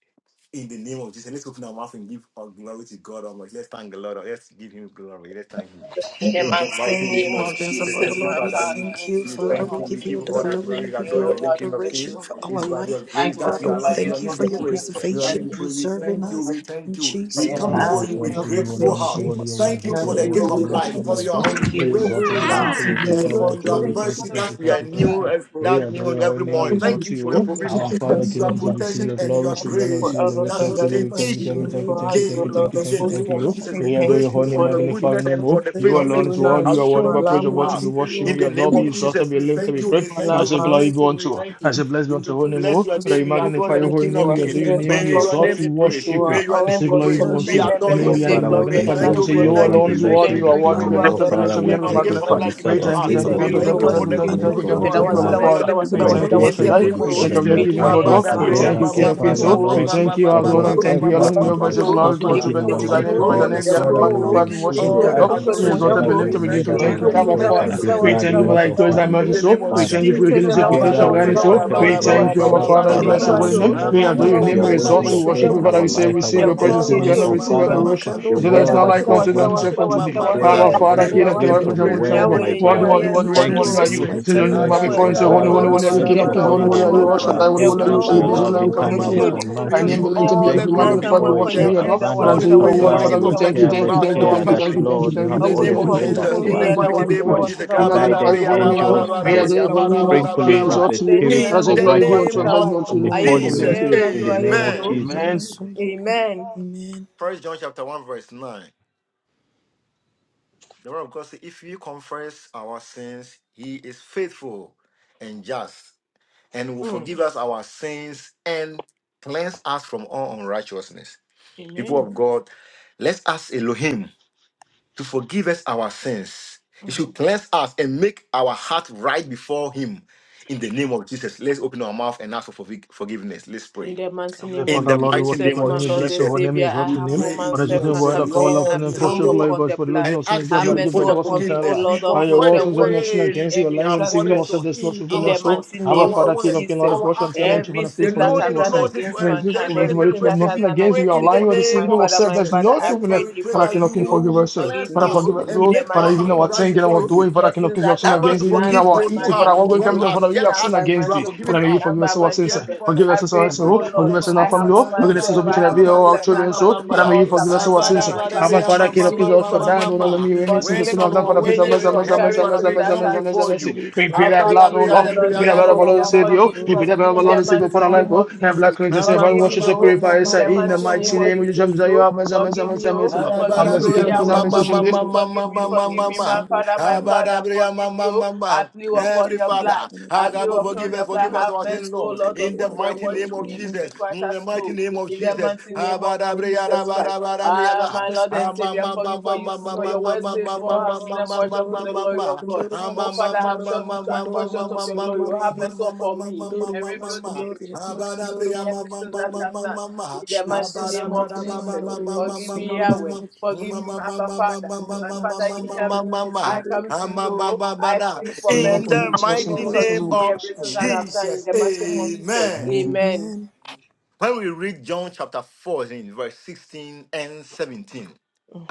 Speaker 3: in the name of Jesus. Let's open our mouth and give our glory to God Almighty. Let's thank the Lord. Let's give Him glory. Let's thank Him.
Speaker 1: The
Speaker 4: In
Speaker 1: name
Speaker 4: the
Speaker 3: In
Speaker 1: of
Speaker 3: the
Speaker 4: mighty
Speaker 3: mighty name
Speaker 4: name
Speaker 2: And of
Speaker 3: of
Speaker 4: of
Speaker 2: things, the
Speaker 3: Jesus,
Speaker 2: Lord, the
Speaker 4: Jesus,
Speaker 3: Heavenly
Speaker 2: Lord,
Speaker 4: my
Speaker 2: we
Speaker 3: Father, we
Speaker 4: Father,
Speaker 2: thank you,
Speaker 3: we
Speaker 4: and
Speaker 1: you are
Speaker 2: Father.
Speaker 4: King
Speaker 3: thank you.
Speaker 2: We
Speaker 4: of
Speaker 1: not
Speaker 3: We
Speaker 2: give
Speaker 3: give
Speaker 1: the
Speaker 2: you all
Speaker 3: you
Speaker 2: the
Speaker 1: son
Speaker 4: Kings,
Speaker 3: all
Speaker 4: I
Speaker 3: the
Speaker 2: glory.
Speaker 3: glory.
Speaker 4: thank
Speaker 2: We
Speaker 3: We
Speaker 4: you,
Speaker 2: give
Speaker 1: of
Speaker 3: adore
Speaker 2: you
Speaker 1: the
Speaker 2: all
Speaker 3: you,
Speaker 4: O
Speaker 2: the
Speaker 3: name,
Speaker 4: Lord,
Speaker 3: King of
Speaker 4: praise
Speaker 3: Kings.
Speaker 2: adoration
Speaker 4: your
Speaker 2: for
Speaker 4: holy
Speaker 2: our
Speaker 3: It's by
Speaker 4: name.
Speaker 3: your
Speaker 2: life.
Speaker 4: I
Speaker 3: grace that
Speaker 2: Father,
Speaker 3: you are
Speaker 2: we
Speaker 3: alive.
Speaker 4: glorify your
Speaker 1: expectation
Speaker 3: Your
Speaker 2: thank you
Speaker 3: name
Speaker 2: for
Speaker 3: be
Speaker 1: of
Speaker 2: your
Speaker 1: the
Speaker 4: holy name.
Speaker 3: praised.
Speaker 1: plan of
Speaker 3: Your
Speaker 4: I
Speaker 3: name
Speaker 2: preservation,
Speaker 3: be
Speaker 1: the
Speaker 3: praised.
Speaker 4: thank
Speaker 3: We
Speaker 4: you
Speaker 2: preserving
Speaker 3: thank
Speaker 4: for
Speaker 3: you.
Speaker 2: us
Speaker 4: your
Speaker 3: We thank
Speaker 2: in
Speaker 3: you. We
Speaker 2: Jesus'
Speaker 3: come
Speaker 5: Out of all
Speaker 4: prayer
Speaker 3: before
Speaker 2: mighty
Speaker 3: you
Speaker 5: shall I
Speaker 4: and
Speaker 2: name.
Speaker 3: with
Speaker 4: your
Speaker 5: say you
Speaker 2: And
Speaker 3: grateful
Speaker 2: of
Speaker 5: alone is
Speaker 3: heart.
Speaker 5: the
Speaker 2: the
Speaker 4: profession.
Speaker 2: name
Speaker 5: worthy,
Speaker 2: of
Speaker 5: your word
Speaker 3: Thank
Speaker 5: of our
Speaker 2: Sunday,
Speaker 3: you for
Speaker 4: As
Speaker 2: the
Speaker 5: praise, your
Speaker 3: the
Speaker 2: name
Speaker 4: you
Speaker 5: word
Speaker 2: of
Speaker 3: gift
Speaker 5: to
Speaker 1: person
Speaker 5: be
Speaker 3: of
Speaker 2: Sunday,
Speaker 4: always give
Speaker 1: of
Speaker 2: the
Speaker 4: us
Speaker 3: life,
Speaker 1: the
Speaker 5: worshipped,
Speaker 2: name
Speaker 5: be
Speaker 2: of
Speaker 3: for your
Speaker 5: adored,
Speaker 2: Sunday,
Speaker 4: as you
Speaker 2: the
Speaker 5: be
Speaker 2: name
Speaker 4: give
Speaker 5: exalted,
Speaker 3: unwavering
Speaker 5: be
Speaker 1: person.
Speaker 4: us and
Speaker 3: love,
Speaker 2: Father,
Speaker 5: lifted,
Speaker 4: see
Speaker 2: we
Speaker 5: be praised,
Speaker 2: give
Speaker 3: and
Speaker 2: you
Speaker 5: Father,
Speaker 2: all
Speaker 5: Lord,
Speaker 2: the
Speaker 3: for
Speaker 5: your
Speaker 4: the
Speaker 3: your
Speaker 5: children,
Speaker 2: glory.
Speaker 5: we
Speaker 4: Thank
Speaker 2: We
Speaker 4: you
Speaker 5: thank
Speaker 2: give
Speaker 5: you,
Speaker 4: for
Speaker 3: mercy
Speaker 4: the
Speaker 5: thank
Speaker 3: that
Speaker 5: you,
Speaker 4: gift
Speaker 3: we
Speaker 5: thank
Speaker 4: of
Speaker 3: are
Speaker 5: you, thank
Speaker 3: new,
Speaker 4: life,
Speaker 5: you.
Speaker 3: eh,
Speaker 4: O
Speaker 5: We
Speaker 3: that
Speaker 5: adore
Speaker 3: new
Speaker 5: your holy
Speaker 3: every
Speaker 5: name,
Speaker 4: Lord.
Speaker 5: we
Speaker 1: The
Speaker 3: morning.
Speaker 4: Lord,
Speaker 3: Thank
Speaker 1: one
Speaker 5: exalt
Speaker 1: who
Speaker 3: you for your
Speaker 5: you.
Speaker 1: is
Speaker 4: we
Speaker 1: the
Speaker 5: Our
Speaker 3: provision
Speaker 5: Father,
Speaker 1: person
Speaker 4: trust
Speaker 5: King
Speaker 3: your
Speaker 5: of
Speaker 1: from
Speaker 4: you.
Speaker 1: the
Speaker 5: Israel, we receive
Speaker 1: world of
Speaker 3: protection
Speaker 5: your
Speaker 1: the
Speaker 3: and
Speaker 4: We
Speaker 5: glory, we
Speaker 3: your
Speaker 4: thank
Speaker 1: person
Speaker 2: you
Speaker 1: of
Speaker 5: receive
Speaker 2: all
Speaker 5: your
Speaker 2: the
Speaker 4: you
Speaker 5: honor, we
Speaker 4: for
Speaker 2: thank
Speaker 5: receive your
Speaker 2: you.
Speaker 3: grace that
Speaker 2: And
Speaker 5: adoration,
Speaker 4: everything
Speaker 5: your
Speaker 2: of
Speaker 4: that
Speaker 5: children, we
Speaker 3: sustain
Speaker 4: you've
Speaker 5: thank you,
Speaker 4: been
Speaker 3: each
Speaker 5: thank you,
Speaker 2: the
Speaker 4: doing
Speaker 5: thank you,
Speaker 2: name
Speaker 4: for
Speaker 2: of
Speaker 5: thank you,
Speaker 4: us,
Speaker 2: Sunday,
Speaker 4: O
Speaker 5: thank you,
Speaker 2: the name
Speaker 3: day.
Speaker 5: thank
Speaker 4: Lord
Speaker 5: you,
Speaker 4: of
Speaker 3: In
Speaker 2: of
Speaker 5: thank
Speaker 3: the
Speaker 5: you,
Speaker 2: Sunday,
Speaker 4: hosts.
Speaker 3: name
Speaker 5: thank you. thank
Speaker 2: the name
Speaker 3: of
Speaker 5: you.
Speaker 2: of
Speaker 3: Jesus,
Speaker 4: We
Speaker 3: we
Speaker 5: We
Speaker 2: Sunday,
Speaker 5: adore your
Speaker 4: thank
Speaker 3: praise you
Speaker 4: you
Speaker 2: the
Speaker 5: holy
Speaker 2: name of
Speaker 5: name,
Speaker 3: for
Speaker 2: Sunday.
Speaker 4: for
Speaker 3: your
Speaker 4: the
Speaker 5: magnify
Speaker 4: gift
Speaker 5: your
Speaker 3: goodness
Speaker 4: of
Speaker 5: name,
Speaker 3: and
Speaker 2: Lord,
Speaker 5: oh.
Speaker 4: life,
Speaker 3: for
Speaker 2: we
Speaker 3: the
Speaker 2: thank
Speaker 5: You
Speaker 4: not
Speaker 2: you, we
Speaker 3: faithfulness
Speaker 5: alone is
Speaker 4: even
Speaker 3: you
Speaker 2: thank
Speaker 5: worthy,
Speaker 4: us,
Speaker 5: you
Speaker 3: have
Speaker 5: are
Speaker 2: you.
Speaker 4: to
Speaker 5: worthy of
Speaker 4: our
Speaker 3: shown
Speaker 5: our praise, you
Speaker 4: loved
Speaker 5: are
Speaker 3: to
Speaker 2: Father, we
Speaker 5: worthy to
Speaker 4: ones,
Speaker 5: be
Speaker 3: us.
Speaker 2: give you
Speaker 5: worshipped,
Speaker 2: all
Speaker 3: In
Speaker 5: you
Speaker 2: the
Speaker 3: the
Speaker 5: are worthy, to
Speaker 3: name
Speaker 5: be
Speaker 3: of
Speaker 2: glory.
Speaker 5: exalted,
Speaker 3: Jesus,
Speaker 5: be
Speaker 3: we
Speaker 5: lifted,
Speaker 3: thank
Speaker 5: be
Speaker 3: you, we
Speaker 5: praised.
Speaker 4: to our
Speaker 3: thank
Speaker 5: I
Speaker 3: you,
Speaker 4: loved
Speaker 5: say,
Speaker 3: we
Speaker 5: glory
Speaker 3: thank
Speaker 4: ones,
Speaker 5: be
Speaker 3: you, we
Speaker 5: unto,
Speaker 3: thank
Speaker 5: I
Speaker 3: you.
Speaker 5: say, blessed be
Speaker 3: We
Speaker 5: unto your holy
Speaker 2: Father,
Speaker 5: name,
Speaker 2: we
Speaker 3: bless
Speaker 5: oh.
Speaker 3: your
Speaker 5: Father,
Speaker 3: name,
Speaker 5: you
Speaker 3: we
Speaker 2: thank
Speaker 3: adore
Speaker 5: magnify
Speaker 3: your
Speaker 5: your
Speaker 3: name,
Speaker 5: holy
Speaker 3: King
Speaker 4: to
Speaker 5: name,
Speaker 3: of
Speaker 4: our
Speaker 5: you
Speaker 3: Kings.
Speaker 5: adore your
Speaker 4: children, to
Speaker 5: name,
Speaker 4: our
Speaker 5: you
Speaker 3: May your
Speaker 5: exalt,
Speaker 3: name
Speaker 5: you
Speaker 4: prophets,
Speaker 3: be praised.
Speaker 4: to
Speaker 5: worship
Speaker 3: May
Speaker 5: you.
Speaker 4: our
Speaker 3: your
Speaker 5: We
Speaker 4: all
Speaker 3: name
Speaker 5: say,
Speaker 3: be
Speaker 4: God's
Speaker 5: glory be
Speaker 3: praised. We
Speaker 5: unto
Speaker 4: solution
Speaker 5: you.
Speaker 3: adore
Speaker 5: And
Speaker 4: members.
Speaker 5: then
Speaker 4: We
Speaker 6: Oh
Speaker 3: your
Speaker 5: be honored,
Speaker 4: say
Speaker 5: be
Speaker 3: name.
Speaker 6: Father, we
Speaker 4: glory
Speaker 3: We
Speaker 4: and
Speaker 5: magnified,
Speaker 6: thank
Speaker 5: we want
Speaker 3: thank
Speaker 4: honor
Speaker 5: to
Speaker 6: you.
Speaker 3: you.
Speaker 4: be
Speaker 5: say,
Speaker 3: We
Speaker 5: you
Speaker 4: unto
Speaker 6: Lord, we
Speaker 3: thank
Speaker 4: your
Speaker 3: you.
Speaker 6: want
Speaker 5: alone
Speaker 6: to
Speaker 4: name.
Speaker 3: We
Speaker 5: is
Speaker 4: We
Speaker 3: thank
Speaker 6: bless
Speaker 3: you.
Speaker 5: worthy,
Speaker 6: you
Speaker 3: We
Speaker 5: you
Speaker 4: thank
Speaker 5: are
Speaker 6: this
Speaker 4: you,
Speaker 3: thank you.
Speaker 5: worthy to
Speaker 3: We
Speaker 5: be
Speaker 6: morning.
Speaker 4: Jehovah
Speaker 3: thank
Speaker 6: Oh
Speaker 5: exalted, be
Speaker 3: you.
Speaker 4: Adonai.
Speaker 6: Father,
Speaker 4: We
Speaker 2: you,
Speaker 5: lifted, be
Speaker 6: we
Speaker 3: We
Speaker 2: we
Speaker 4: thank
Speaker 5: honored,
Speaker 4: you,
Speaker 5: be
Speaker 3: got a
Speaker 6: thank you
Speaker 3: gift
Speaker 2: thank
Speaker 3: of
Speaker 6: for
Speaker 4: Jehovah
Speaker 2: you,
Speaker 5: magnified.
Speaker 3: light
Speaker 6: this
Speaker 4: Nisi.
Speaker 5: We
Speaker 3: given
Speaker 2: King
Speaker 6: Sabbath
Speaker 3: to
Speaker 2: of
Speaker 5: thank you,
Speaker 3: us.
Speaker 2: Kings,
Speaker 4: We
Speaker 6: day
Speaker 2: the
Speaker 5: thank you,
Speaker 6: that
Speaker 4: thank
Speaker 3: We
Speaker 2: Lord,
Speaker 5: thank
Speaker 2: the
Speaker 5: you,
Speaker 4: you,
Speaker 6: Lord
Speaker 5: thank
Speaker 3: thank
Speaker 5: you,
Speaker 3: you
Speaker 4: Jehovah
Speaker 2: Lord.
Speaker 6: Father
Speaker 5: thank
Speaker 3: for
Speaker 5: you,
Speaker 2: We
Speaker 3: the.
Speaker 6: you've
Speaker 5: thank you,
Speaker 4: Sikhin.
Speaker 3: We
Speaker 6: made
Speaker 2: honor
Speaker 5: thank you,
Speaker 2: your
Speaker 6: for
Speaker 5: thank
Speaker 6: us,
Speaker 5: you,
Speaker 4: And
Speaker 3: got
Speaker 4: I
Speaker 3: a
Speaker 6: oh
Speaker 2: holy
Speaker 5: thank you,
Speaker 4: was
Speaker 3: gift
Speaker 4: said,
Speaker 5: our
Speaker 3: of
Speaker 6: God.
Speaker 4: I
Speaker 2: name,
Speaker 3: many.
Speaker 4: was
Speaker 3: I
Speaker 4: said,
Speaker 5: Father.
Speaker 4: I
Speaker 3: name the
Speaker 4: was
Speaker 2: we
Speaker 4: said,
Speaker 5: We
Speaker 4: I
Speaker 3: praise
Speaker 4: was
Speaker 6: Lord,
Speaker 5: thank
Speaker 4: said, I
Speaker 5: you, O
Speaker 6: thank
Speaker 4: was
Speaker 3: in
Speaker 2: glorify
Speaker 4: said,
Speaker 3: the
Speaker 6: you
Speaker 4: and
Speaker 2: your
Speaker 6: for
Speaker 5: Shaddai.
Speaker 4: said,
Speaker 3: name
Speaker 6: this
Speaker 5: We
Speaker 3: of
Speaker 5: we
Speaker 4: Oh,
Speaker 5: thank
Speaker 2: gracious
Speaker 6: gathering
Speaker 3: Jesus.
Speaker 5: our
Speaker 2: name.
Speaker 6: that
Speaker 4: you
Speaker 6: we
Speaker 5: King
Speaker 6: are
Speaker 4: are
Speaker 5: God.
Speaker 2: Oh,
Speaker 6: here
Speaker 3: Abba,
Speaker 4: yes,
Speaker 5: Oh,
Speaker 3: da,
Speaker 4: and
Speaker 5: we
Speaker 3: pray,
Speaker 4: oh,
Speaker 2: Father,
Speaker 5: thank
Speaker 6: together,
Speaker 2: we
Speaker 5: you,
Speaker 3: ma,
Speaker 5: King
Speaker 6: oh
Speaker 3: ma,
Speaker 4: yet
Speaker 5: of
Speaker 2: thank
Speaker 4: and
Speaker 3: ma,
Speaker 2: you,
Speaker 5: Kings.
Speaker 2: we
Speaker 6: Father,
Speaker 3: ma,
Speaker 5: Oh,
Speaker 3: ma,
Speaker 4: tomorrow.
Speaker 5: we
Speaker 6: Lord,
Speaker 2: thank
Speaker 3: ma,
Speaker 2: you.
Speaker 5: thank
Speaker 3: ma,
Speaker 5: you,
Speaker 6: that
Speaker 3: ma, ma,
Speaker 5: Adonai. We
Speaker 3: ma,
Speaker 2: Kandori
Speaker 5: thank
Speaker 3: ma,
Speaker 5: you,
Speaker 2: Yema
Speaker 6: whatever
Speaker 5: Elohim.
Speaker 3: ma,
Speaker 6: is
Speaker 5: Your voice,
Speaker 2: Sunduri
Speaker 6: at
Speaker 5: your
Speaker 3: ma,
Speaker 4: yamabwiro
Speaker 2: Mama
Speaker 3: ma,
Speaker 5: glory, be
Speaker 6: shortage
Speaker 3: ma.
Speaker 5: unto
Speaker 4: yepfo
Speaker 2: Kinduri
Speaker 6: in
Speaker 5: best
Speaker 6: our
Speaker 2: Mama
Speaker 5: unto
Speaker 3: We
Speaker 5: thy
Speaker 6: life
Speaker 3: give
Speaker 5: name. We
Speaker 4: ubwiro
Speaker 2: Kindori
Speaker 5: praise
Speaker 6: today,
Speaker 5: thy
Speaker 3: all
Speaker 2: Yema
Speaker 6: oh
Speaker 3: the
Speaker 5: name. Be honored, be
Speaker 6: Father,
Speaker 3: glory.
Speaker 6: we
Speaker 2: Sunduri
Speaker 4: yakubaho
Speaker 6: will
Speaker 3: We
Speaker 2: Mama
Speaker 5: magnified, be
Speaker 3: give
Speaker 6: receive
Speaker 5: worshipped,
Speaker 6: it
Speaker 5: be
Speaker 4: n'ikiro
Speaker 3: all
Speaker 2: Kendera
Speaker 6: as
Speaker 3: the
Speaker 5: adored.
Speaker 4: gikoko
Speaker 6: It's
Speaker 2: Mama
Speaker 5: Be
Speaker 6: the day
Speaker 3: adoration.
Speaker 5: exalted,
Speaker 2: Sunduri
Speaker 5: be
Speaker 6: that
Speaker 4: n'umunyamuro
Speaker 6: you have
Speaker 3: We
Speaker 5: lifted,
Speaker 2: Yema.
Speaker 5: be
Speaker 6: made
Speaker 3: thank
Speaker 5: lifted. We
Speaker 3: you.
Speaker 6: that
Speaker 3: We
Speaker 6: we
Speaker 5: thank
Speaker 2: Father,
Speaker 5: you,
Speaker 6: will
Speaker 4: yiswe
Speaker 3: thank
Speaker 2: we
Speaker 3: you.
Speaker 5: our
Speaker 3: We
Speaker 4: seda
Speaker 6: rejoice
Speaker 3: thank
Speaker 6: and
Speaker 5: Father.
Speaker 3: you.
Speaker 6: be
Speaker 4: wasida
Speaker 2: magnify
Speaker 3: We
Speaker 5: We
Speaker 2: your
Speaker 3: thank
Speaker 6: glad
Speaker 4: wasida
Speaker 3: you.
Speaker 5: thank you
Speaker 6: in
Speaker 3: We
Speaker 5: for
Speaker 6: it,
Speaker 2: name.
Speaker 5: thy
Speaker 3: thank
Speaker 6: oh
Speaker 4: wasida
Speaker 6: Father.
Speaker 3: you.
Speaker 5: grace, thy
Speaker 3: In
Speaker 5: mercy,
Speaker 4: wasida
Speaker 3: the
Speaker 2: Kandori
Speaker 3: name
Speaker 5: so.
Speaker 2: Yema
Speaker 3: of
Speaker 5: We
Speaker 6: Father,
Speaker 5: thank you
Speaker 3: Jesus.
Speaker 5: for your
Speaker 2: Sunduri
Speaker 4: yiswe
Speaker 5: healing, your
Speaker 2: Mama
Speaker 4: seda
Speaker 3: Abba,
Speaker 4: wasida
Speaker 5: protection,
Speaker 6: together
Speaker 5: of
Speaker 2: Kinduri
Speaker 3: da,
Speaker 6: with
Speaker 3: pray,
Speaker 6: the
Speaker 4: wasida
Speaker 5: guidance,
Speaker 2: Mama
Speaker 5: so.
Speaker 3: abba,
Speaker 4: wasida
Speaker 6: prophet
Speaker 5: We
Speaker 3: da,
Speaker 6: of
Speaker 2: Kandori
Speaker 4: wasida
Speaker 3: abba,
Speaker 2: Yema.
Speaker 6: God,
Speaker 3: da,
Speaker 5: thank you,
Speaker 4: wasida
Speaker 5: our
Speaker 6: Lord
Speaker 3: abba,
Speaker 5: Father.
Speaker 3: da,
Speaker 5: We
Speaker 2: Kendera
Speaker 6: Father,
Speaker 3: abba,
Speaker 4: yayi
Speaker 5: bless your
Speaker 6: in
Speaker 2: mama
Speaker 6: the
Speaker 5: holy
Speaker 4: wayo
Speaker 5: name.
Speaker 6: name
Speaker 3: da.
Speaker 6: of
Speaker 2: sunduri
Speaker 5: We
Speaker 3: Ma,
Speaker 2: mama
Speaker 5: adore
Speaker 3: ma,
Speaker 5: your
Speaker 6: Jesus,
Speaker 3: ma,
Speaker 6: you
Speaker 5: name.
Speaker 6: are
Speaker 4: yamabwiro
Speaker 5: We
Speaker 3: ma,
Speaker 2: kundori
Speaker 6: going
Speaker 4: nzu
Speaker 3: ma, ma,
Speaker 6: to
Speaker 2: mama
Speaker 5: exalt
Speaker 3: ma,
Speaker 5: you,
Speaker 4: yepfo
Speaker 3: ma,
Speaker 5: worship
Speaker 6: locate
Speaker 5: you,
Speaker 2: sunduri
Speaker 3: ma, ma,
Speaker 5: Father.
Speaker 4: ubugi
Speaker 6: our
Speaker 5: We
Speaker 2: aima.
Speaker 5: say,
Speaker 6: life,
Speaker 3: ma,
Speaker 5: receive
Speaker 6: our
Speaker 5: your praise,
Speaker 4: yakubaho
Speaker 2: Kendera
Speaker 5: receive
Speaker 3: ma,
Speaker 2: mama
Speaker 5: your
Speaker 6: destiny,
Speaker 4: n'ikiro
Speaker 5: honor,
Speaker 6: oh
Speaker 3: ma,
Speaker 5: receive
Speaker 4: gikoko
Speaker 2: sunduri
Speaker 3: ma,
Speaker 6: Father,
Speaker 3: ma,
Speaker 2: mama
Speaker 5: adoration.
Speaker 3: ma.
Speaker 4: n'umunyamuro
Speaker 6: the
Speaker 5: We
Speaker 2: kandori
Speaker 5: say, there is
Speaker 4: yada
Speaker 3: Ma,
Speaker 6: word
Speaker 2: aima.
Speaker 5: not
Speaker 6: that
Speaker 3: ma,
Speaker 5: like
Speaker 4: wasida
Speaker 6: we
Speaker 3: ma,
Speaker 6: are
Speaker 5: unto thee,
Speaker 4: wasida
Speaker 3: ma,
Speaker 5: and
Speaker 6: going to
Speaker 3: ma,
Speaker 5: himself
Speaker 4: wasida
Speaker 3: ma,
Speaker 5: unto
Speaker 6: feed
Speaker 3: ma,
Speaker 5: thee.
Speaker 4: wasida
Speaker 3: ma,
Speaker 2: Father,
Speaker 6: today,
Speaker 5: Father,
Speaker 4: wasida
Speaker 2: we
Speaker 3: ma.
Speaker 5: our
Speaker 6: we are
Speaker 2: give
Speaker 6: going
Speaker 5: Father,
Speaker 2: you
Speaker 3: May
Speaker 4: ensanda
Speaker 6: to
Speaker 5: King
Speaker 2: all
Speaker 3: your
Speaker 5: of
Speaker 2: the
Speaker 5: Kings,
Speaker 3: name
Speaker 6: drink
Speaker 4: wati
Speaker 5: Lord
Speaker 3: be
Speaker 6: from
Speaker 2: glory,
Speaker 5: of
Speaker 6: the
Speaker 2: we
Speaker 3: praised,
Speaker 5: Lords,
Speaker 3: may
Speaker 2: give
Speaker 6: well,
Speaker 5: Shamu
Speaker 3: your
Speaker 6: oh
Speaker 4: yawe
Speaker 2: you
Speaker 5: Go.
Speaker 3: name
Speaker 6: my
Speaker 3: be
Speaker 2: all
Speaker 4: yayi
Speaker 2: the
Speaker 3: praised,
Speaker 5: Worthy,
Speaker 3: may
Speaker 6: God.
Speaker 3: your
Speaker 4: wayo
Speaker 2: honor
Speaker 5: worthy,
Speaker 3: name be
Speaker 5: worthy,
Speaker 2: in
Speaker 3: praised,
Speaker 5: worthy,
Speaker 3: may your
Speaker 6: Thank
Speaker 4: ensando
Speaker 5: worthy
Speaker 6: you,
Speaker 3: name be
Speaker 5: are
Speaker 2: Jesus'
Speaker 5: you.
Speaker 3: praised.
Speaker 6: Jesus.
Speaker 5: Since
Speaker 2: mighty
Speaker 6: We
Speaker 5: you just
Speaker 2: name.
Speaker 6: bless
Speaker 5: bow
Speaker 4: yatuntumo
Speaker 3: Ada
Speaker 6: you,
Speaker 5: before
Speaker 6: oh
Speaker 3: pe,
Speaker 5: and say,
Speaker 2: Kandori
Speaker 3: ada
Speaker 5: Holy,
Speaker 4: ensando
Speaker 6: God.
Speaker 3: ba,
Speaker 5: holy,
Speaker 3: da
Speaker 2: aima
Speaker 6: We
Speaker 5: holy, are
Speaker 3: ba,
Speaker 5: you?
Speaker 6: bless
Speaker 3: da
Speaker 5: King of
Speaker 3: ba,
Speaker 6: your
Speaker 2: sunduri
Speaker 5: Kings,
Speaker 3: da
Speaker 5: holy,
Speaker 6: holy
Speaker 3: ba,
Speaker 2: mama
Speaker 3: da
Speaker 5: holy are
Speaker 4: yakamfuwo
Speaker 6: name,
Speaker 3: ba,
Speaker 5: you.
Speaker 6: oh
Speaker 3: da
Speaker 5: All
Speaker 2: kindori
Speaker 5: shall
Speaker 6: God.
Speaker 5: die,
Speaker 3: ba.
Speaker 2: aima
Speaker 5: holy,
Speaker 6: Thank
Speaker 5: holy are you.
Speaker 3: Ah,
Speaker 6: you
Speaker 2: sunduri
Speaker 5: Shall
Speaker 6: for
Speaker 3: ma,
Speaker 5: the
Speaker 4: yakubaho
Speaker 6: your
Speaker 5: days,
Speaker 3: ma,
Speaker 2: mama
Speaker 5: holy are
Speaker 3: ma,
Speaker 5: you.
Speaker 6: loving
Speaker 3: ma,
Speaker 5: Come,
Speaker 2: kindori
Speaker 5: thank
Speaker 3: ma,
Speaker 5: you,
Speaker 4: n'ikiro
Speaker 6: kindness
Speaker 2: aima.
Speaker 3: ma.
Speaker 5: go.
Speaker 6: and
Speaker 5: Thy
Speaker 4: gikoko
Speaker 3: We give
Speaker 6: mercy.
Speaker 5: name
Speaker 2: You
Speaker 5: be
Speaker 4: n'umunyamuro
Speaker 5: lifted, be
Speaker 3: all
Speaker 5: honored,
Speaker 3: the
Speaker 6: Thank
Speaker 5: be
Speaker 6: you
Speaker 2: alone
Speaker 3: glory,
Speaker 5: magnified, be
Speaker 4: Nyansamboa
Speaker 6: for
Speaker 4: kwa
Speaker 5: worshipped,
Speaker 3: we
Speaker 6: your
Speaker 5: be
Speaker 4: nyame
Speaker 5: adored.
Speaker 3: give
Speaker 4: yɛda wo
Speaker 5: But I
Speaker 3: all
Speaker 6: abundant
Speaker 4: ase
Speaker 3: the
Speaker 5: say
Speaker 4: da
Speaker 5: you
Speaker 4: wo
Speaker 5: are
Speaker 4: ase
Speaker 3: praise
Speaker 5: worthy,
Speaker 3: for
Speaker 4: da
Speaker 3: the
Speaker 4: wo
Speaker 6: supply,
Speaker 2: is
Speaker 5: Father,
Speaker 3: gift
Speaker 4: ase
Speaker 5: we
Speaker 6: your
Speaker 3: of
Speaker 4: da wo
Speaker 3: life
Speaker 5: thank
Speaker 4: ase
Speaker 5: you,
Speaker 3: given
Speaker 4: da
Speaker 2: Lord.
Speaker 3: to
Speaker 4: wo
Speaker 5: thank
Speaker 6: tireless
Speaker 5: you,
Speaker 4: ase
Speaker 3: us
Speaker 4: da
Speaker 5: thank
Speaker 4: wo
Speaker 3: and
Speaker 5: you,
Speaker 3: our
Speaker 6: care
Speaker 5: thank
Speaker 4: ase
Speaker 5: you,
Speaker 4: da
Speaker 6: that,
Speaker 4: wo
Speaker 5: thank
Speaker 3: family.
Speaker 5: you,
Speaker 4: ase.
Speaker 5: thank you,
Speaker 6: Lord, you
Speaker 5: thank
Speaker 2: He
Speaker 5: you,
Speaker 6: have
Speaker 3: In the
Speaker 5: thank
Speaker 2: has
Speaker 5: you,
Speaker 3: name
Speaker 6: always
Speaker 4: Ɔkunkum
Speaker 5: thank
Speaker 3: of
Speaker 5: you, thank you,
Speaker 6: rendered
Speaker 3: Jesus,
Speaker 4: ɔkunkum
Speaker 5: thank
Speaker 6: to
Speaker 5: you,
Speaker 3: in
Speaker 4: ni
Speaker 2: risen.
Speaker 3: the
Speaker 5: thank
Speaker 6: us.
Speaker 5: you,
Speaker 4: yɛda wo
Speaker 3: mighty
Speaker 5: thank you,
Speaker 4: ase
Speaker 3: name
Speaker 5: thank
Speaker 4: da
Speaker 3: of
Speaker 4: wo
Speaker 6: Your
Speaker 4: ase
Speaker 3: Jesus.
Speaker 5: you.
Speaker 4: da
Speaker 5: We
Speaker 6: are
Speaker 4: wo
Speaker 3: Ka,
Speaker 4: ase
Speaker 3: ba,
Speaker 4: da
Speaker 3: da,
Speaker 4: wo
Speaker 5: magnify
Speaker 6: guiding
Speaker 5: your
Speaker 4: ase
Speaker 3: bri,
Speaker 4: da wo
Speaker 5: holy
Speaker 3: ada,
Speaker 5: name,
Speaker 4: ase
Speaker 3: ba,
Speaker 4: da wo
Speaker 5: O.
Speaker 3: da,
Speaker 6: angels,
Speaker 3: ba,
Speaker 4: ase da
Speaker 5: We
Speaker 2: He
Speaker 3: da,
Speaker 6: the
Speaker 4: wo
Speaker 3: bri,
Speaker 5: adore
Speaker 2: is
Speaker 5: your
Speaker 3: ah, ba,
Speaker 5: holy
Speaker 3: da,
Speaker 5: name,
Speaker 3: ba,
Speaker 5: O.
Speaker 3: da, ba,
Speaker 2: Lord.
Speaker 5: We
Speaker 3: da,
Speaker 6: sprinkling of
Speaker 3: ba.
Speaker 6: the
Speaker 5: exalt you, O.
Speaker 6: Spirit
Speaker 5: But I say
Speaker 3: In
Speaker 6: of
Speaker 3: the
Speaker 5: glory be unto
Speaker 3: name
Speaker 5: your
Speaker 6: righteousness
Speaker 5: best,
Speaker 3: of
Speaker 5: be unto
Speaker 6: on
Speaker 5: your
Speaker 2: Lord,
Speaker 6: the
Speaker 5: name, O.
Speaker 2: aima
Speaker 6: holy
Speaker 5: From the
Speaker 6: Name
Speaker 3: Jesus,
Speaker 5: grave.
Speaker 2: sunduri
Speaker 6: in the
Speaker 2: mama
Speaker 6: name of
Speaker 3: amen.
Speaker 2: kindori
Speaker 6: Jesus.
Speaker 2: aima
Speaker 5: Amen.
Speaker 2: sunduri.
Speaker 4: Amen.
Speaker 2: Amen.
Speaker 3: First John chapter 1, verse 9. The word of God says, if we confess our sins, he is faithful and just and will
Speaker 4: Mm.
Speaker 3: forgive us our sins and cleanse us from all unrighteousness. People
Speaker 4: Amen.
Speaker 3: of God, let's ask Elohim to forgive us our sins. He should cleanse us and make our heart right before him in the name of Jesus. Let's open our mouth and ask for forgi- forgiveness. Let's pray.
Speaker 4: In the mighty
Speaker 5: Heavenly
Speaker 4: name of
Speaker 3: In
Speaker 5: Father,
Speaker 3: the
Speaker 5: Lord, we
Speaker 3: mighty
Speaker 5: worship
Speaker 3: name
Speaker 4: Jesus,
Speaker 5: your
Speaker 3: of
Speaker 4: my
Speaker 5: name. We
Speaker 4: Lord
Speaker 5: bless
Speaker 4: and
Speaker 5: your
Speaker 3: Jesus,
Speaker 5: holy name.
Speaker 4: Savior,
Speaker 5: Is
Speaker 4: I
Speaker 5: what
Speaker 3: we
Speaker 5: your name?
Speaker 4: humble
Speaker 3: pray in
Speaker 5: For
Speaker 3: the
Speaker 5: the
Speaker 3: name
Speaker 4: myself
Speaker 3: of
Speaker 4: and
Speaker 5: chosen
Speaker 4: I
Speaker 3: Jesus.
Speaker 5: word
Speaker 4: come
Speaker 5: of
Speaker 4: to you
Speaker 5: all
Speaker 4: and
Speaker 5: of
Speaker 4: I
Speaker 3: Lord,
Speaker 5: sin
Speaker 3: we
Speaker 5: and for
Speaker 4: plead
Speaker 5: sure glory,
Speaker 3: humble
Speaker 4: upon
Speaker 5: God,
Speaker 4: the
Speaker 5: for the
Speaker 4: blood.
Speaker 3: and
Speaker 5: original sin is
Speaker 3: ask
Speaker 5: dead,
Speaker 4: Have
Speaker 5: but the
Speaker 3: you
Speaker 5: gift
Speaker 4: mercy
Speaker 3: for
Speaker 5: of
Speaker 3: your
Speaker 5: God's
Speaker 4: upon me,
Speaker 5: eternal
Speaker 4: O
Speaker 3: forgiveness.
Speaker 5: life.
Speaker 3: We
Speaker 4: Lord of
Speaker 5: And your
Speaker 4: hosts,
Speaker 3: confess the
Speaker 5: words
Speaker 4: and
Speaker 5: also have not
Speaker 4: forgive
Speaker 5: sinned
Speaker 4: me
Speaker 3: ways
Speaker 5: against you. Your
Speaker 3: we
Speaker 4: every
Speaker 5: lying
Speaker 3: have
Speaker 5: and deceiving
Speaker 3: fallen
Speaker 5: was said
Speaker 4: transgression.
Speaker 3: short
Speaker 5: this Lord,
Speaker 3: in
Speaker 4: In
Speaker 5: should
Speaker 4: the
Speaker 3: our
Speaker 5: us so.
Speaker 3: thoughts,
Speaker 4: mighty
Speaker 5: Our
Speaker 4: name of
Speaker 3: our
Speaker 5: Father, King
Speaker 3: words,
Speaker 5: of King, Lord
Speaker 4: Jesus,
Speaker 5: of
Speaker 3: our
Speaker 5: Ocean, Tiamon,
Speaker 3: actions.
Speaker 5: Chief,
Speaker 4: every
Speaker 5: Father,
Speaker 3: The
Speaker 5: please
Speaker 4: sin
Speaker 5: forgive
Speaker 4: that
Speaker 3: known
Speaker 5: us
Speaker 4: I've
Speaker 3: and
Speaker 5: of our
Speaker 4: done
Speaker 3: unknown,
Speaker 5: sins.
Speaker 3: if
Speaker 4: against
Speaker 5: And
Speaker 3: uh,
Speaker 5: it is
Speaker 4: mankind,
Speaker 5: covenant
Speaker 3: deliberate and
Speaker 5: for the
Speaker 4: everything
Speaker 5: have
Speaker 4: that
Speaker 3: deliberation,
Speaker 4: I've
Speaker 3: we
Speaker 5: nothing
Speaker 4: done
Speaker 5: against
Speaker 3: pray
Speaker 5: you. Your
Speaker 4: against
Speaker 3: in the
Speaker 4: anyone,
Speaker 5: lying and deceiving
Speaker 4: my
Speaker 3: name of
Speaker 5: was
Speaker 4: Father,
Speaker 5: said
Speaker 4: my
Speaker 5: there's
Speaker 3: Jesus.
Speaker 4: Father,
Speaker 5: no
Speaker 4: I pray
Speaker 5: truthfulness.
Speaker 3: Everybody, we
Speaker 4: thee,
Speaker 3: pray
Speaker 5: Father, King
Speaker 4: forgive
Speaker 3: that
Speaker 5: of King,
Speaker 4: you,
Speaker 5: forgive
Speaker 3: you
Speaker 5: us. sir.
Speaker 4: forgive
Speaker 3: cleanse
Speaker 5: Father,
Speaker 4: me,
Speaker 2: Father,
Speaker 3: us
Speaker 4: O.
Speaker 5: forgive us,
Speaker 4: in
Speaker 3: and
Speaker 5: Lord.
Speaker 4: the
Speaker 3: make our
Speaker 5: Father,
Speaker 4: mighty
Speaker 5: even
Speaker 3: heart
Speaker 4: name
Speaker 5: our
Speaker 4: of
Speaker 3: right
Speaker 4: Jesus,
Speaker 5: thinking, our
Speaker 3: before
Speaker 4: O.
Speaker 3: you.
Speaker 5: doing,
Speaker 4: the
Speaker 5: Father, King of
Speaker 4: sins
Speaker 5: King, your
Speaker 4: that
Speaker 5: sin
Speaker 4: has
Speaker 3: Help us
Speaker 5: against
Speaker 3: to
Speaker 4: been
Speaker 5: you,
Speaker 2: we
Speaker 5: even in
Speaker 4: done
Speaker 2: come
Speaker 3: forgive
Speaker 5: our
Speaker 4: by
Speaker 3: those
Speaker 4: my
Speaker 3: who
Speaker 5: eating,
Speaker 2: before
Speaker 3: have
Speaker 5: Father,
Speaker 2: you
Speaker 4: ancestors,
Speaker 5: when
Speaker 2: and
Speaker 3: wronged
Speaker 2: we
Speaker 5: coming
Speaker 4: O,
Speaker 5: up,
Speaker 3: us,
Speaker 5: Father,
Speaker 2: ask
Speaker 5: we
Speaker 3: just
Speaker 2: you
Speaker 5: have
Speaker 4: done
Speaker 2: to
Speaker 5: sinned
Speaker 3: as
Speaker 4: by
Speaker 2: forgive
Speaker 4: my
Speaker 3: you
Speaker 5: against
Speaker 3: have
Speaker 5: thee.
Speaker 2: us
Speaker 5: And
Speaker 3: forgiven
Speaker 5: I
Speaker 4: siblings
Speaker 5: may you
Speaker 3: us.
Speaker 4: and
Speaker 5: forgive
Speaker 4: by
Speaker 5: us
Speaker 3: For
Speaker 5: our
Speaker 4: my
Speaker 5: sins. eh.
Speaker 4: children.
Speaker 3: purify
Speaker 5: Forgive
Speaker 3: thy-
Speaker 4: I
Speaker 5: us our
Speaker 4: pray
Speaker 5: sins,
Speaker 4: thee, O
Speaker 5: oh.
Speaker 4: Lord,
Speaker 5: Forgive us in our
Speaker 4: I
Speaker 5: family,
Speaker 4: humble
Speaker 5: oh. Forgive us
Speaker 4: myself.
Speaker 5: in which
Speaker 4: I
Speaker 5: and
Speaker 4: humble
Speaker 5: forgive all our
Speaker 4: myself now.
Speaker 5: children,
Speaker 4: Come
Speaker 5: so.
Speaker 4: to
Speaker 5: And I
Speaker 4: your
Speaker 5: may you
Speaker 2: for our
Speaker 4: altar,
Speaker 5: forgive us
Speaker 4: my
Speaker 2: sins
Speaker 5: our
Speaker 2: and
Speaker 4: Father,
Speaker 5: sins. eh.
Speaker 4: my
Speaker 2: iniquities
Speaker 5: Abba,
Speaker 2: in
Speaker 4: Father.
Speaker 5: Father, King
Speaker 2: Jesus.
Speaker 5: of Kings, all
Speaker 4: Please
Speaker 5: shall
Speaker 2: Mighty
Speaker 5: die.
Speaker 4: forgive
Speaker 2: name,
Speaker 5: Don't allow
Speaker 4: me.
Speaker 5: me
Speaker 2: Kandori,
Speaker 5: any sins
Speaker 2: Yama
Speaker 5: which you
Speaker 4: Forgive
Speaker 3: Wailing on
Speaker 5: have
Speaker 4: me.
Speaker 5: done,
Speaker 3: our
Speaker 2: Sunduru,
Speaker 5: Father. Please
Speaker 2: Mama
Speaker 5: have
Speaker 4: Any
Speaker 5: mercy,
Speaker 3: wailings
Speaker 5: have
Speaker 3: in
Speaker 5: mercy,
Speaker 2: Kinduru,
Speaker 5: have
Speaker 3: heavenly
Speaker 5: mercy,
Speaker 4: recurring
Speaker 5: have
Speaker 2: Mama
Speaker 3: Father,
Speaker 5: mercy, have
Speaker 4: sins
Speaker 3: we
Speaker 5: mercy, have
Speaker 4: that
Speaker 3: come
Speaker 5: mercy,
Speaker 2: Kindori,
Speaker 5: have
Speaker 4: I've
Speaker 2: Yama
Speaker 5: mercy,
Speaker 4: been
Speaker 5: have
Speaker 3: before
Speaker 5: mercy.
Speaker 3: you.
Speaker 4: doing.
Speaker 2: Sunduru,
Speaker 5: We pray
Speaker 4: I
Speaker 2: and
Speaker 3: Forgive
Speaker 5: that
Speaker 4: pray
Speaker 5: blood,
Speaker 4: to
Speaker 5: oh
Speaker 4: you,
Speaker 2: Lord,
Speaker 5: Lord.
Speaker 4: our
Speaker 5: We
Speaker 4: Lord
Speaker 2: Mama
Speaker 5: pray that
Speaker 4: and
Speaker 5: blood of our
Speaker 2: Kinduru,
Speaker 5: Lord and
Speaker 4: Savior,
Speaker 2: Mama
Speaker 5: Savior. oh.
Speaker 4: forgive
Speaker 5: We
Speaker 2: Sunduru,
Speaker 5: pray
Speaker 3: us,
Speaker 4: me
Speaker 5: that
Speaker 2: Mama
Speaker 5: blood
Speaker 3: forgive
Speaker 5: of our
Speaker 3: us
Speaker 4: in
Speaker 3: our
Speaker 5: Lord
Speaker 4: the
Speaker 5: and
Speaker 3: sins
Speaker 5: Savior
Speaker 2: Kindori,
Speaker 3: this
Speaker 4: mighty
Speaker 5: upon our
Speaker 2: Yama
Speaker 5: life,
Speaker 4: name
Speaker 3: morning.
Speaker 5: oh.
Speaker 4: of
Speaker 5: And that blood
Speaker 2: Dori,
Speaker 4: Jesus.
Speaker 2: Yama
Speaker 5: cleanses us, and
Speaker 4: Forgive
Speaker 2: Kendara,
Speaker 4: me,
Speaker 5: washes us,
Speaker 2: Mama
Speaker 4: oh, in
Speaker 5: purifies
Speaker 2: Kandori,
Speaker 5: us.
Speaker 4: the
Speaker 5: eh. In
Speaker 2: Mama
Speaker 5: the
Speaker 4: mighty
Speaker 5: mighty
Speaker 4: name
Speaker 2: Sunduru,
Speaker 4: of
Speaker 5: name of Jesus,
Speaker 2: Yama
Speaker 4: Jesus,
Speaker 5: you
Speaker 4: oh,
Speaker 5: have mercy, have mercy, have
Speaker 4: forgive
Speaker 5: mercy,
Speaker 4: me,
Speaker 5: have
Speaker 4: oh,
Speaker 5: mercy, Lord.
Speaker 2: Kendara,
Speaker 5: Have
Speaker 2: Mama
Speaker 4: forgive me,
Speaker 5: mercy,
Speaker 4: oh,
Speaker 5: King of Kings,
Speaker 2: Kindori,
Speaker 5: have
Speaker 4: Yahweh,
Speaker 2: Yama
Speaker 5: mercy,
Speaker 4: forgive
Speaker 5: Lord.
Speaker 4: me,
Speaker 2: Sunduru,
Speaker 4: forgive me,
Speaker 2: Kandori,
Speaker 4: forgive
Speaker 2: Yama
Speaker 4: me, my Father, my
Speaker 2: Sunduru,
Speaker 4: Father, forgive you, oh. I plead
Speaker 2: Kindle
Speaker 4: upon your blood.
Speaker 2: from a
Speaker 4: I plead
Speaker 2: Kindle from
Speaker 4: upon
Speaker 2: a
Speaker 4: your blood,
Speaker 2: Kindle
Speaker 4: have
Speaker 2: from a
Speaker 4: mercy, oh
Speaker 2: Kindle
Speaker 4: Lord of
Speaker 2: from
Speaker 4: hosts,
Speaker 2: a
Speaker 4: and watch
Speaker 2: Kindle
Speaker 4: me to
Speaker 2: Yama.
Speaker 4: make Christ as
Speaker 2: We
Speaker 4: snow.
Speaker 2: give you
Speaker 4: In the
Speaker 2: all the
Speaker 4: mighty
Speaker 2: glory
Speaker 4: name of
Speaker 2: and the
Speaker 4: Jesus Christ.
Speaker 2: adoration in
Speaker 4: Ah, my
Speaker 2: Jesus'
Speaker 4: Lord and
Speaker 2: mighty
Speaker 4: Savior,
Speaker 2: name.
Speaker 4: forgive for you, for your
Speaker 2: Kindle
Speaker 4: word
Speaker 2: Yama
Speaker 4: says, for
Speaker 2: Kindle
Speaker 4: I have sinned
Speaker 2: from a
Speaker 4: and fall short of
Speaker 2: Kindle
Speaker 4: the
Speaker 2: from
Speaker 4: glory
Speaker 2: a
Speaker 4: of God.
Speaker 2: Kindle from
Speaker 4: Oh Father, I have short,
Speaker 2: a
Speaker 4: I fall
Speaker 2: Kindle
Speaker 4: short
Speaker 2: from a
Speaker 4: of your glory.
Speaker 2: Kindle
Speaker 4: Oh, have mercy
Speaker 2: from
Speaker 4: upon
Speaker 2: a
Speaker 4: me
Speaker 2: Kindle
Speaker 4: and
Speaker 2: Yama
Speaker 4: rebuild me.
Speaker 2: Kindle Yama Kindle Yama
Speaker 3: Abada
Speaker 2: Kindle
Speaker 4: Forgive
Speaker 3: bria
Speaker 4: me
Speaker 2: from
Speaker 3: ma
Speaker 2: a
Speaker 3: ma
Speaker 4: everything
Speaker 3: ma
Speaker 2: Kindle
Speaker 4: that
Speaker 3: ma
Speaker 4: I've
Speaker 3: ma
Speaker 2: Yama.
Speaker 4: done.
Speaker 3: ma
Speaker 4: In
Speaker 3: ma.
Speaker 4: the mighty
Speaker 2: Jesus'
Speaker 3: Abada
Speaker 4: name of
Speaker 2: mighty
Speaker 3: bada
Speaker 2: name
Speaker 3: ba ba
Speaker 2: and
Speaker 4: Jesus.
Speaker 2: all
Speaker 3: ba ba
Speaker 2: Yama
Speaker 3: ba ba ba ba
Speaker 4: Forgive
Speaker 3: ba
Speaker 4: me,
Speaker 3: ma
Speaker 2: Kindle
Speaker 4: Yahweh.
Speaker 2: from
Speaker 3: ma
Speaker 2: a Kindle. Yama Kindle from a
Speaker 4: Forgive me,
Speaker 3: ma
Speaker 4: my
Speaker 3: ma
Speaker 4: Abba
Speaker 3: ma ma ma
Speaker 4: Father.
Speaker 3: ma
Speaker 4: My
Speaker 3: ma ma
Speaker 4: Father
Speaker 3: ma ma ma
Speaker 4: in
Speaker 3: ma ma ma
Speaker 2: Kindle
Speaker 4: heaven.
Speaker 2: from a
Speaker 4: I
Speaker 2: Kindle
Speaker 4: come
Speaker 3: ma
Speaker 4: to
Speaker 2: Yama.
Speaker 3: ma
Speaker 4: you.
Speaker 3: ma
Speaker 4: I
Speaker 3: ma
Speaker 4: plead for
Speaker 5: We want
Speaker 3: In
Speaker 2: Masundoro
Speaker 5: to forgive
Speaker 3: the
Speaker 4: mercy.
Speaker 2: Mama
Speaker 5: us our sins,
Speaker 3: mighty
Speaker 4: Please
Speaker 2: Kindori.
Speaker 5: cleanse
Speaker 4: forgive
Speaker 5: us,
Speaker 3: name
Speaker 5: and
Speaker 4: me
Speaker 5: wash
Speaker 3: of
Speaker 5: us.
Speaker 4: everything that
Speaker 5: Amen.
Speaker 4: I've done
Speaker 2: Jesus,
Speaker 4: in
Speaker 3: Jesus,
Speaker 4: the mighty
Speaker 2: mighty
Speaker 4: name of
Speaker 2: name.
Speaker 4: Jesus.
Speaker 3: amen.
Speaker 4: Amen.
Speaker 2: Amen.
Speaker 3: When we read John chapter 14, verse 16 and 17,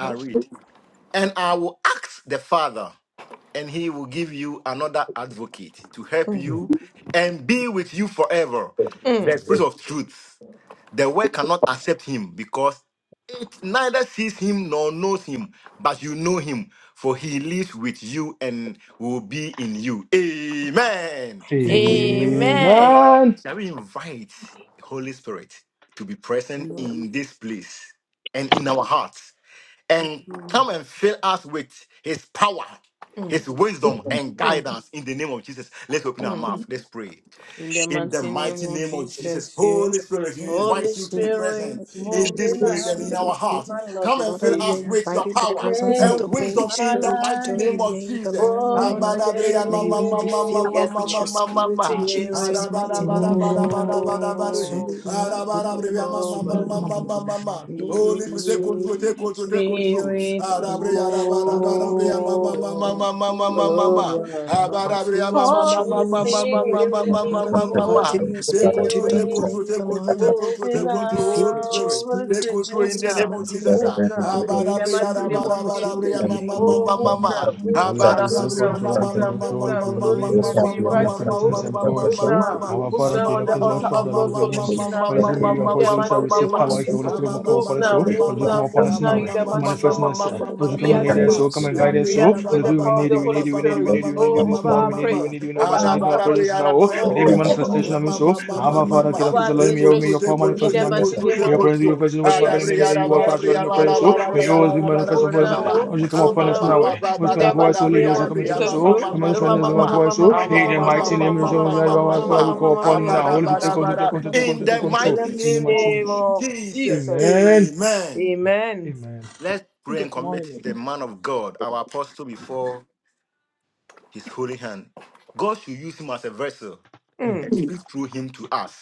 Speaker 3: I read. And I will ask the Father, and he will give you another advocate to help
Speaker 5: Amen.
Speaker 3: you and be with you forever. The
Speaker 4: Mm.
Speaker 3: Spirit of truth. The world cannot accept him because it neither sees him nor knows him, but you know him, for he lives with you and will be in you. Amen.
Speaker 2: Amen.
Speaker 4: Amen.
Speaker 5: Amen.
Speaker 3: Shall we invite Holy Spirit to be present in this place and in our hearts? and
Speaker 4: Mm.
Speaker 3: come and fill us with his power, his wisdom,
Speaker 5: Amen.
Speaker 3: and
Speaker 4: Mm.
Speaker 3: guidance in the name of Jesus. Let's open our
Speaker 4: Mm.
Speaker 3: mouth. Let's pray.
Speaker 4: In the
Speaker 3: In the
Speaker 4: mighty name
Speaker 3: mighty
Speaker 4: of
Speaker 3: name of Jesus,
Speaker 4: Jesus, you
Speaker 3: Holy Spirit, we
Speaker 4: Holy
Speaker 3: invite you to
Speaker 2: Father,
Speaker 3: be
Speaker 4: Spirit,
Speaker 3: present in
Speaker 4: move
Speaker 3: this
Speaker 4: in
Speaker 3: place and in our
Speaker 4: on,
Speaker 3: hearts.
Speaker 4: my Lord
Speaker 3: Come
Speaker 4: and
Speaker 3: and fill
Speaker 2: we are
Speaker 3: us
Speaker 4: Savior,
Speaker 3: with your
Speaker 2: inviting the
Speaker 4: and
Speaker 3: power.
Speaker 2: presence of
Speaker 4: make
Speaker 2: the
Speaker 3: And
Speaker 2: Holy
Speaker 3: wisdom
Speaker 4: our
Speaker 3: in the
Speaker 2: Spirit to
Speaker 3: mighty
Speaker 4: life
Speaker 3: name of
Speaker 2: dominate the
Speaker 3: Jesus.
Speaker 2: line right
Speaker 4: born
Speaker 2: now.
Speaker 3: Abadabria
Speaker 2: May
Speaker 3: mama
Speaker 2: we
Speaker 3: mama
Speaker 2: be
Speaker 4: again.
Speaker 3: mama
Speaker 2: filled
Speaker 4: Yes,
Speaker 3: mama
Speaker 2: with your
Speaker 4: Lord.
Speaker 3: mama
Speaker 2: spirit in
Speaker 3: mama.
Speaker 2: Jesus'
Speaker 4: Spirit,
Speaker 3: Adabada
Speaker 2: mighty name.
Speaker 3: bada bada
Speaker 4: move
Speaker 3: bada bada bada he. Adabadabria mama mama
Speaker 4: over
Speaker 3: mama mama mama. Holy Spirit, take control,
Speaker 4: me.
Speaker 3: take control, take control.
Speaker 4: Spirit,
Speaker 3: Adabria adabada
Speaker 2: Father,
Speaker 3: bada
Speaker 2: we give
Speaker 3: bria
Speaker 2: you all
Speaker 3: mama
Speaker 2: the
Speaker 3: mama
Speaker 4: move.
Speaker 2: glory.
Speaker 3: mama
Speaker 2: we give
Speaker 3: mama
Speaker 2: you
Speaker 3: mama
Speaker 2: all
Speaker 4: Oh,
Speaker 2: the
Speaker 3: mama.
Speaker 2: honor.
Speaker 4: wow.
Speaker 2: Father,
Speaker 3: Abadabria
Speaker 2: fill us
Speaker 3: mama
Speaker 2: with your
Speaker 4: Holy
Speaker 3: mama mama
Speaker 2: Holy
Speaker 3: mama
Speaker 4: Spirit,
Speaker 2: Spirit.
Speaker 3: mama
Speaker 1: the person
Speaker 3: mama
Speaker 2: Father,
Speaker 1: of
Speaker 3: mama
Speaker 2: we
Speaker 1: the person of
Speaker 2: invite
Speaker 4: Holy
Speaker 3: mama.
Speaker 2: in
Speaker 1: the
Speaker 2: your
Speaker 3: Take
Speaker 1: person of the
Speaker 2: spirit to
Speaker 3: control, take control,
Speaker 4: Spirit,
Speaker 2: dominate
Speaker 3: take control, take
Speaker 2: online.
Speaker 3: control,
Speaker 4: moving
Speaker 2: May
Speaker 3: take
Speaker 2: we be
Speaker 3: control,
Speaker 2: filled
Speaker 3: Holy
Speaker 2: with your
Speaker 3: Spirit.
Speaker 4: now. Holy
Speaker 3: Take
Speaker 2: spirit in
Speaker 4: Spirit,
Speaker 3: control
Speaker 4: move
Speaker 3: in the
Speaker 2: Jesus'
Speaker 3: the name
Speaker 4: now,
Speaker 3: of
Speaker 2: mighty name.
Speaker 3: Jesus.
Speaker 4: move
Speaker 3: ah.
Speaker 4: now.
Speaker 2: Kandori
Speaker 4: In
Speaker 2: yema
Speaker 4: the
Speaker 3: Abadabriya,
Speaker 4: mighty
Speaker 2: sunduri
Speaker 4: name of
Speaker 2: mama
Speaker 4: Jesus.
Speaker 3: rabadabriya,
Speaker 2: kindori
Speaker 3: ma, ma,
Speaker 2: yema.
Speaker 3: ma,
Speaker 4: Oh,
Speaker 3: ma, ma,
Speaker 4: move
Speaker 3: ma.
Speaker 4: now, move
Speaker 5: Holy
Speaker 1: person
Speaker 4: now,
Speaker 5: Spirit,
Speaker 4: move
Speaker 5: take
Speaker 2: Jesus'
Speaker 3: Abadabriya,
Speaker 4: now,
Speaker 3: ma,
Speaker 5: control,
Speaker 4: move
Speaker 2: mighty
Speaker 1: of
Speaker 3: ma,
Speaker 5: take
Speaker 2: name.
Speaker 3: ma,
Speaker 4: now,
Speaker 1: the
Speaker 3: ma, ma,
Speaker 4: move
Speaker 5: control. If
Speaker 4: now.
Speaker 5: we
Speaker 3: ma,
Speaker 2: Kandori
Speaker 5: need
Speaker 4: Holy
Speaker 5: you
Speaker 3: ma, ma,
Speaker 2: yema
Speaker 1: It
Speaker 5: now,
Speaker 4: Spirit,
Speaker 3: ma,
Speaker 1: can
Speaker 4: we
Speaker 1: be a
Speaker 3: ma,
Speaker 2: sunduri
Speaker 5: come
Speaker 4: invite
Speaker 5: and
Speaker 1: matter
Speaker 3: ma,
Speaker 2: mama
Speaker 4: you
Speaker 1: of
Speaker 3: ma, ma,
Speaker 5: strengthen
Speaker 4: all
Speaker 5: us
Speaker 3: ma,
Speaker 5: and
Speaker 2: kindori
Speaker 1: respect
Speaker 4: to
Speaker 5: pour
Speaker 2: mama
Speaker 3: ma,
Speaker 1: for
Speaker 5: us.
Speaker 4: move
Speaker 3: ma, ma,
Speaker 5: So,
Speaker 3: ma,
Speaker 4: now.
Speaker 2: kindori
Speaker 1: government
Speaker 3: ma.
Speaker 5: our
Speaker 2: yema
Speaker 4: Move
Speaker 3: Ah,
Speaker 5: Father,
Speaker 4: now
Speaker 3: ma,
Speaker 5: King
Speaker 4: on
Speaker 5: of
Speaker 2: sunduri
Speaker 4: the
Speaker 3: ma,
Speaker 5: Kings, all
Speaker 3: ma,
Speaker 4: altar
Speaker 2: yema
Speaker 3: ma,
Speaker 5: shut
Speaker 4: of
Speaker 5: down.
Speaker 3: ma,
Speaker 5: Your
Speaker 4: God's
Speaker 2: kindori
Speaker 5: voice
Speaker 3: ma, ma,
Speaker 5: come
Speaker 2: yema.
Speaker 3: ma,
Speaker 5: to
Speaker 4: solution
Speaker 3: ma, ma,
Speaker 5: Holy
Speaker 3: ma,
Speaker 5: Spirit,
Speaker 4: arena.
Speaker 5: may
Speaker 3: ma, ma,
Speaker 2: Kindara
Speaker 3: ma,
Speaker 5: you
Speaker 4: In
Speaker 2: mama
Speaker 5: empower us.
Speaker 4: the
Speaker 5: that We shall
Speaker 4: mighty
Speaker 2: sunduri
Speaker 3: ma,
Speaker 5: receive
Speaker 4: name
Speaker 3: ma.
Speaker 2: yema
Speaker 4: of
Speaker 5: power if your Holy
Speaker 4: Jesus.
Speaker 3: Ah,
Speaker 2: sunduri
Speaker 5: Spirit
Speaker 3: ma,
Speaker 5: come
Speaker 3: ma,
Speaker 5: come
Speaker 2: mama
Speaker 4: Move
Speaker 3: ma,
Speaker 5: upon us.
Speaker 3: ma,
Speaker 4: now,
Speaker 5: So,
Speaker 3: ma,
Speaker 2: kindori
Speaker 3: ma,
Speaker 5: Holy
Speaker 4: move
Speaker 5: Spirit,
Speaker 2: yema.
Speaker 3: ma.
Speaker 5: come
Speaker 4: now,
Speaker 5: upon
Speaker 4: move
Speaker 3: Ah,
Speaker 5: us
Speaker 3: ma,
Speaker 4: now
Speaker 5: now.
Speaker 4: in
Speaker 5: eh.
Speaker 3: ma,
Speaker 4: the
Speaker 3: ma,
Speaker 5: We
Speaker 2: Yema
Speaker 3: ma,
Speaker 4: mighty
Speaker 3: ma,
Speaker 4: name
Speaker 5: manifest in
Speaker 4: of
Speaker 2: sunduri
Speaker 5: us.
Speaker 3: ma,
Speaker 5: eh.
Speaker 3: ma, ma,
Speaker 4: Jesus.
Speaker 2: mama
Speaker 5: Holy
Speaker 3: ma,
Speaker 5: Spirit,
Speaker 4: We
Speaker 5: come
Speaker 3: ma,
Speaker 5: and
Speaker 2: kandori
Speaker 3: ma,
Speaker 5: lead us.
Speaker 3: ma.
Speaker 4: activate
Speaker 2: yema
Speaker 5: So, come and
Speaker 4: you.
Speaker 2: sunduri.
Speaker 5: guide us.
Speaker 4: We
Speaker 3: Abriya,
Speaker 5: So,
Speaker 4: activate
Speaker 5: Holy
Speaker 4: the
Speaker 5: Spirit, we
Speaker 4: power of
Speaker 5: need
Speaker 4: the
Speaker 5: you. We
Speaker 4: Holy
Speaker 5: need you.
Speaker 3: rababababababa,
Speaker 5: We need
Speaker 3: ma,
Speaker 5: you. We
Speaker 3: ma,
Speaker 4: Spirit.
Speaker 5: need
Speaker 3: ma,
Speaker 5: you. We
Speaker 3: ma,
Speaker 5: need
Speaker 3: ma,
Speaker 5: you
Speaker 4: Oh,
Speaker 3: ma, ma,
Speaker 5: this
Speaker 4: over
Speaker 3: ma,
Speaker 5: morning.
Speaker 4: our
Speaker 5: We
Speaker 3: ma,
Speaker 5: need
Speaker 3: ma.
Speaker 5: you. We
Speaker 4: prayers,
Speaker 5: need you in our
Speaker 4: over
Speaker 5: mission. We
Speaker 4: our
Speaker 5: need our
Speaker 4: sermons,
Speaker 5: presence
Speaker 3: Adabadabriya,
Speaker 5: now. oh. And every
Speaker 4: oh,
Speaker 2: Mighty
Speaker 3: rabadabriya.
Speaker 2: name
Speaker 4: oh,
Speaker 5: manifestation
Speaker 2: andori
Speaker 5: of me.
Speaker 3: Mama,
Speaker 2: mama
Speaker 5: So,
Speaker 3: mama, mama,
Speaker 5: Abba
Speaker 2: sunduri
Speaker 5: Father,
Speaker 4: *coughs*
Speaker 2: mama
Speaker 5: King
Speaker 3: mama.
Speaker 5: of
Speaker 4: over our
Speaker 5: Kings,
Speaker 2: kindori
Speaker 5: Lord,
Speaker 3: take
Speaker 5: may your,
Speaker 2: mama
Speaker 3: control,
Speaker 4: administration.
Speaker 3: take
Speaker 5: power
Speaker 2: sunduri
Speaker 4: In
Speaker 3: control,
Speaker 5: manifest in
Speaker 4: the
Speaker 5: our
Speaker 3: take
Speaker 2: yema.
Speaker 5: midst.
Speaker 4: mighty
Speaker 3: control,
Speaker 4: name
Speaker 5: May
Speaker 3: take
Speaker 4: of
Speaker 5: your presence, your
Speaker 4: Jesus.
Speaker 3: control.
Speaker 5: presence, what's
Speaker 4: We
Speaker 5: my God
Speaker 3: Arabri,
Speaker 5: name
Speaker 4: activate
Speaker 5: that
Speaker 2: Jesus,
Speaker 4: you,
Speaker 5: you are,
Speaker 4: we
Speaker 2: mighty
Speaker 5: Father,
Speaker 3: arabri, arabri,
Speaker 5: God
Speaker 2: name,
Speaker 5: in
Speaker 4: activate
Speaker 5: your
Speaker 4: you,
Speaker 2: and Lord,
Speaker 3: arabri,
Speaker 5: presence.
Speaker 4: oh,
Speaker 5: So
Speaker 2: we
Speaker 4: Holy
Speaker 5: may
Speaker 3: arabri,
Speaker 2: must sing
Speaker 5: yours
Speaker 4: Spirit.
Speaker 5: be
Speaker 2: to
Speaker 5: manifest
Speaker 2: Mama
Speaker 3: arabri,
Speaker 4: Move
Speaker 3: arabri,
Speaker 5: upon us.
Speaker 4: now,
Speaker 5: eh.
Speaker 2: Kendora,
Speaker 4: oh,
Speaker 5: Once
Speaker 2: Mama
Speaker 5: you
Speaker 3: arabri.
Speaker 5: come
Speaker 3: Ama,
Speaker 4: move
Speaker 5: upon
Speaker 4: now,
Speaker 3: ma,
Speaker 5: us
Speaker 2: Sandori,
Speaker 3: ma,
Speaker 5: now,
Speaker 3: ba,
Speaker 4: oh.
Speaker 5: eh.
Speaker 3: ba,
Speaker 5: Once
Speaker 4: In
Speaker 5: you come
Speaker 4: the
Speaker 3: da,
Speaker 5: upon
Speaker 3: ba,
Speaker 2: Ori,
Speaker 5: us, so
Speaker 4: mighty
Speaker 3: da, bri,
Speaker 2: Mama
Speaker 4: name
Speaker 5: leaders who
Speaker 4: of
Speaker 5: come
Speaker 3: arabri.
Speaker 5: and teach
Speaker 2: Kendora,
Speaker 5: us,
Speaker 3: Ama,
Speaker 4: Jesus,
Speaker 5: so
Speaker 3: ma,
Speaker 2: Mama
Speaker 3: ma,
Speaker 4: yo
Speaker 5: come
Speaker 3: ma,
Speaker 5: and
Speaker 2: Kendora,
Speaker 3: ma,
Speaker 5: strengthen us,
Speaker 3: ma,
Speaker 2: Mama
Speaker 5: come
Speaker 3: ma.
Speaker 5: upon
Speaker 2: Kendora,
Speaker 5: us, so in
Speaker 3: Ama,
Speaker 5: the
Speaker 3: ma, ma,
Speaker 5: mighty
Speaker 3: ma,
Speaker 5: name of
Speaker 3: ma, ma,
Speaker 5: Jesus, that
Speaker 3: ma,
Speaker 5: your
Speaker 3: ma,
Speaker 5: word, Father,
Speaker 2: Kendora,
Speaker 5: we
Speaker 3: ma.
Speaker 5: call
Speaker 2: Mama
Speaker 5: upon you
Speaker 3: Aba,
Speaker 2: Kendora,
Speaker 5: now.
Speaker 3: da,
Speaker 5: Holy,
Speaker 2: Mama
Speaker 3: ba,
Speaker 5: Spirit, take
Speaker 3: da, ba,
Speaker 5: control, take
Speaker 3: da.
Speaker 2: Sundori,
Speaker 5: control, take
Speaker 2: Mama
Speaker 3: In
Speaker 5: control, take
Speaker 3: the
Speaker 2: Kendora,
Speaker 5: control.
Speaker 3: mighty
Speaker 2: Mama
Speaker 5: In
Speaker 4: mighty
Speaker 5: the
Speaker 3: name
Speaker 5: mighty
Speaker 3: of
Speaker 5: name of
Speaker 4: name
Speaker 2: Sundori.
Speaker 5: Jesus.
Speaker 4: of
Speaker 3: Jesus,
Speaker 4: Jesus Christ.
Speaker 5: Amen.
Speaker 3: amen.
Speaker 4: Amen.
Speaker 5: Amen.
Speaker 3: Let's pray and
Speaker 2: Good
Speaker 3: commit the
Speaker 2: morning.
Speaker 3: man of God, our apostle, before his holy hand. God should use him as a vessel
Speaker 4: Mm,
Speaker 3: and speak through him to us.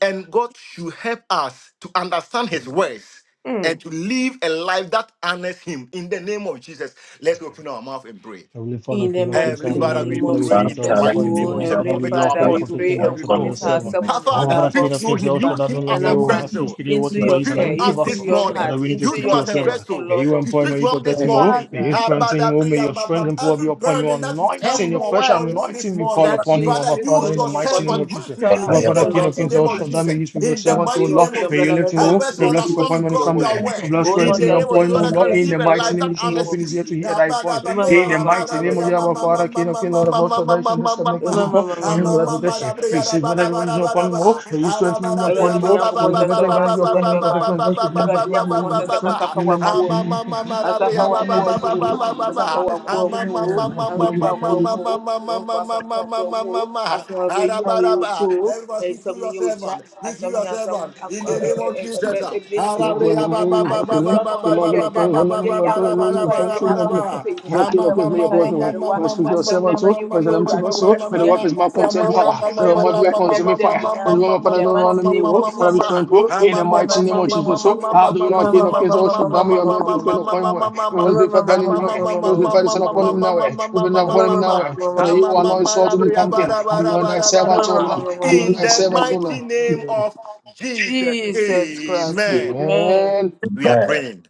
Speaker 3: And God should help us to understand His words
Speaker 4: mm.
Speaker 3: and to live a life that honors Him. In the name of Jesus, let's open our mouth and pray.
Speaker 5: Heavenly Father,
Speaker 4: In the
Speaker 5: King of Kings,
Speaker 3: Heavenly
Speaker 4: mighty
Speaker 5: Adonai,
Speaker 3: Father,
Speaker 5: Elohim,
Speaker 3: we
Speaker 4: name
Speaker 5: Father,
Speaker 4: of
Speaker 5: we
Speaker 3: pray
Speaker 5: commit
Speaker 3: in the
Speaker 5: our
Speaker 4: Jesus,
Speaker 5: Papa
Speaker 3: mighty
Speaker 5: into
Speaker 3: name
Speaker 5: your
Speaker 3: of
Speaker 4: O
Speaker 5: hands.
Speaker 3: Jesus. We
Speaker 5: Father,
Speaker 4: Heavenly
Speaker 3: commit
Speaker 5: we
Speaker 3: our
Speaker 5: ask for
Speaker 4: Father,
Speaker 5: your
Speaker 4: we
Speaker 3: apostle
Speaker 4: pray
Speaker 5: protection,
Speaker 3: before
Speaker 4: and
Speaker 5: guidance
Speaker 3: you,
Speaker 5: upon the
Speaker 3: Lord.
Speaker 4: commit our
Speaker 5: servant.
Speaker 3: Our
Speaker 4: sermons,
Speaker 5: Our
Speaker 3: Father,
Speaker 4: our
Speaker 5: Father,
Speaker 3: speak
Speaker 5: King of
Speaker 3: through
Speaker 5: Kings,
Speaker 4: prophets,
Speaker 3: him.
Speaker 5: El
Speaker 4: but
Speaker 5: Shaddai,
Speaker 3: Use him
Speaker 5: Adonai,
Speaker 3: as
Speaker 5: me,
Speaker 3: a
Speaker 4: Nana
Speaker 5: oh, as
Speaker 4: Kwame,
Speaker 5: you
Speaker 3: vessel
Speaker 5: speak, your are
Speaker 4: into
Speaker 5: watching
Speaker 3: to
Speaker 5: for
Speaker 4: your
Speaker 5: he's
Speaker 3: speak
Speaker 5: an
Speaker 4: care,
Speaker 3: to
Speaker 5: empty
Speaker 3: us
Speaker 4: into
Speaker 3: this
Speaker 5: vessel.
Speaker 4: your
Speaker 3: morning.
Speaker 4: heart,
Speaker 5: Father, we need to
Speaker 4: into
Speaker 3: Use
Speaker 5: speak
Speaker 3: him
Speaker 5: to
Speaker 4: your
Speaker 5: your
Speaker 3: as a
Speaker 4: hands,
Speaker 5: servant.
Speaker 4: O
Speaker 3: vessel
Speaker 5: May
Speaker 4: Lord
Speaker 5: you
Speaker 4: of
Speaker 3: you
Speaker 5: empower him,
Speaker 3: speak
Speaker 5: may
Speaker 4: hosts.
Speaker 5: you
Speaker 3: to him this
Speaker 5: protect him, oh,
Speaker 3: morning.
Speaker 5: may you
Speaker 4: Father,
Speaker 5: strengthen him, oh, may your strength
Speaker 3: Habadabriyababa.
Speaker 5: and power be
Speaker 3: Every
Speaker 5: upon him, your
Speaker 3: burden that will
Speaker 4: every
Speaker 5: anointing,
Speaker 3: come
Speaker 5: your fresh
Speaker 3: upon
Speaker 4: word
Speaker 3: you this
Speaker 5: anointing be poured
Speaker 3: morning,
Speaker 4: that
Speaker 5: upon
Speaker 4: you
Speaker 5: him, our
Speaker 3: Father,
Speaker 4: speak
Speaker 5: Father,
Speaker 3: use
Speaker 5: in
Speaker 4: through
Speaker 5: the
Speaker 3: your
Speaker 4: him for
Speaker 5: mighty name
Speaker 4: him
Speaker 5: of
Speaker 3: servant
Speaker 4: to
Speaker 5: Jesus.
Speaker 4: tell
Speaker 3: massively
Speaker 5: Our
Speaker 4: us,
Speaker 3: in
Speaker 4: O
Speaker 3: the
Speaker 5: Father, King of
Speaker 4: Lord
Speaker 3: mighty
Speaker 5: Kings,
Speaker 4: of
Speaker 3: name
Speaker 5: El
Speaker 4: hearts.
Speaker 3: of
Speaker 5: Shaddai, may
Speaker 3: Jesus.
Speaker 5: you speak to
Speaker 1: Thank
Speaker 5: your
Speaker 3: In the
Speaker 1: you.
Speaker 4: We
Speaker 5: servant, O
Speaker 4: pray,
Speaker 3: mighty
Speaker 5: Lord.
Speaker 3: name
Speaker 4: open
Speaker 3: of
Speaker 4: your
Speaker 5: May you
Speaker 4: brother.
Speaker 3: Jesus,
Speaker 5: lift
Speaker 4: let
Speaker 5: him,
Speaker 4: us
Speaker 3: help
Speaker 5: O.
Speaker 4: be
Speaker 3: us to
Speaker 5: May
Speaker 4: the
Speaker 5: bless you upon
Speaker 4: doers
Speaker 5: him
Speaker 4: of
Speaker 3: understand
Speaker 5: and his
Speaker 4: your
Speaker 3: God
Speaker 4: word.
Speaker 3: your
Speaker 5: family.
Speaker 1: Amen.
Speaker 5: May
Speaker 3: word.
Speaker 5: bless
Speaker 4: Oh,
Speaker 3: In
Speaker 5: strength
Speaker 4: not
Speaker 5: him,
Speaker 3: the
Speaker 5: may
Speaker 4: just
Speaker 3: name of
Speaker 4: the
Speaker 5: upon
Speaker 3: Jesus,
Speaker 5: him, O
Speaker 3: that I
Speaker 5: Lord.
Speaker 3: can
Speaker 4: listeners
Speaker 5: In
Speaker 3: live
Speaker 5: the
Speaker 4: in
Speaker 3: a
Speaker 4: the
Speaker 5: mighty
Speaker 3: life
Speaker 5: name
Speaker 4: mighty
Speaker 3: that
Speaker 5: of Jesus,
Speaker 4: name
Speaker 3: honors
Speaker 4: of
Speaker 5: open his
Speaker 3: you.
Speaker 5: ear to
Speaker 4: Jesus.
Speaker 5: hear thy voice. In the mighty name of our Father, King of Kings, Lord of all salvation, this covenant keeping God, we have that protection.
Speaker 3: Habadabriyababa.
Speaker 5: We
Speaker 3: Everyone
Speaker 5: save whatever protection upon him, O. May you strengthen him, may you employ
Speaker 4: Everybody,
Speaker 5: him,
Speaker 4: me
Speaker 5: O.
Speaker 4: yanko
Speaker 5: May your
Speaker 4: ponza se
Speaker 5: protection
Speaker 4: wa
Speaker 5: guide you
Speaker 4: asuma
Speaker 5: upon him, may your
Speaker 4: ebeba.
Speaker 5: protection and guide you, may your
Speaker 4: Everybody, me
Speaker 5: love,
Speaker 4: yanko
Speaker 5: may
Speaker 4: ponza
Speaker 5: your
Speaker 4: se
Speaker 5: strength.
Speaker 4: kasafa
Speaker 5: In the
Speaker 4: wa kuo.
Speaker 5: mighty
Speaker 4: Asafa wa
Speaker 5: name
Speaker 4: kuo mu. Asafa wa kuo mu.
Speaker 5: of
Speaker 4: Asafa wa kuo
Speaker 5: Jesus.
Speaker 4: mu. Mọ̀fọ́ asafo ọ̀pọ̀ ọ̀mú o, asọ̀rọ̀ ọ̀bẹ yín àwọn ojú o,
Speaker 3: speak through
Speaker 4: ẹ̀sọ́mu yín
Speaker 3: yourself
Speaker 4: ọjà,
Speaker 3: on. Speak through
Speaker 4: asọ̀mu yín
Speaker 3: yourself
Speaker 4: asọ̀mu
Speaker 3: on. In the name of Jesus. ah.
Speaker 4: ẹ̀bẹ̀ yí.
Speaker 5: Lord, to
Speaker 3: Arabriya ba
Speaker 5: to
Speaker 3: ba
Speaker 5: in
Speaker 3: ba ba ba
Speaker 4: adesoa na
Speaker 3: ba ba
Speaker 4: ɔhaw bi
Speaker 3: ba
Speaker 4: a
Speaker 3: ba
Speaker 4: ɛda
Speaker 3: ba ba ba ba ba
Speaker 4: amoyɛ yɛ
Speaker 3: ba
Speaker 4: akoma so a yɛde
Speaker 3: ba ba ba
Speaker 4: aba ha
Speaker 3: ba.
Speaker 4: sei
Speaker 3: In
Speaker 4: asɛm no nsa
Speaker 3: the
Speaker 4: yɛ yarewa asɛm no ma yɛhu wɔ awurade wo kɛseyɛ asɛm ma yɛntweme wɔ awurade dɛ ne da nyinaa in the mighty name of jesus yo
Speaker 5: the
Speaker 4: in the
Speaker 5: mighty
Speaker 4: mighty
Speaker 5: name of
Speaker 4: name of
Speaker 5: Jesus. So,
Speaker 4: jesus
Speaker 5: how do You. not King
Speaker 4: mama
Speaker 5: of
Speaker 4: mama
Speaker 5: Kings or
Speaker 4: mama
Speaker 5: shut
Speaker 4: mama
Speaker 5: down
Speaker 4: mama
Speaker 5: your
Speaker 4: mama
Speaker 5: Lord is
Speaker 4: mama mama
Speaker 5: well upon where? It was before
Speaker 4: mama mama mama
Speaker 5: burning him.
Speaker 4: mama
Speaker 5: It was before the Son upon him now. It will not upon him now. But You. are not sought to become King. Anoint thy
Speaker 4: mama
Speaker 5: servant,
Speaker 4: mama
Speaker 5: O Lord.
Speaker 4: mama
Speaker 5: Anoint thy servant, O
Speaker 3: mighty
Speaker 5: Lord.
Speaker 4: mama
Speaker 3: name of Jesus,
Speaker 4: Jesus Christ,
Speaker 3: amen.
Speaker 4: Amen.
Speaker 5: Amen.
Speaker 3: We are praying.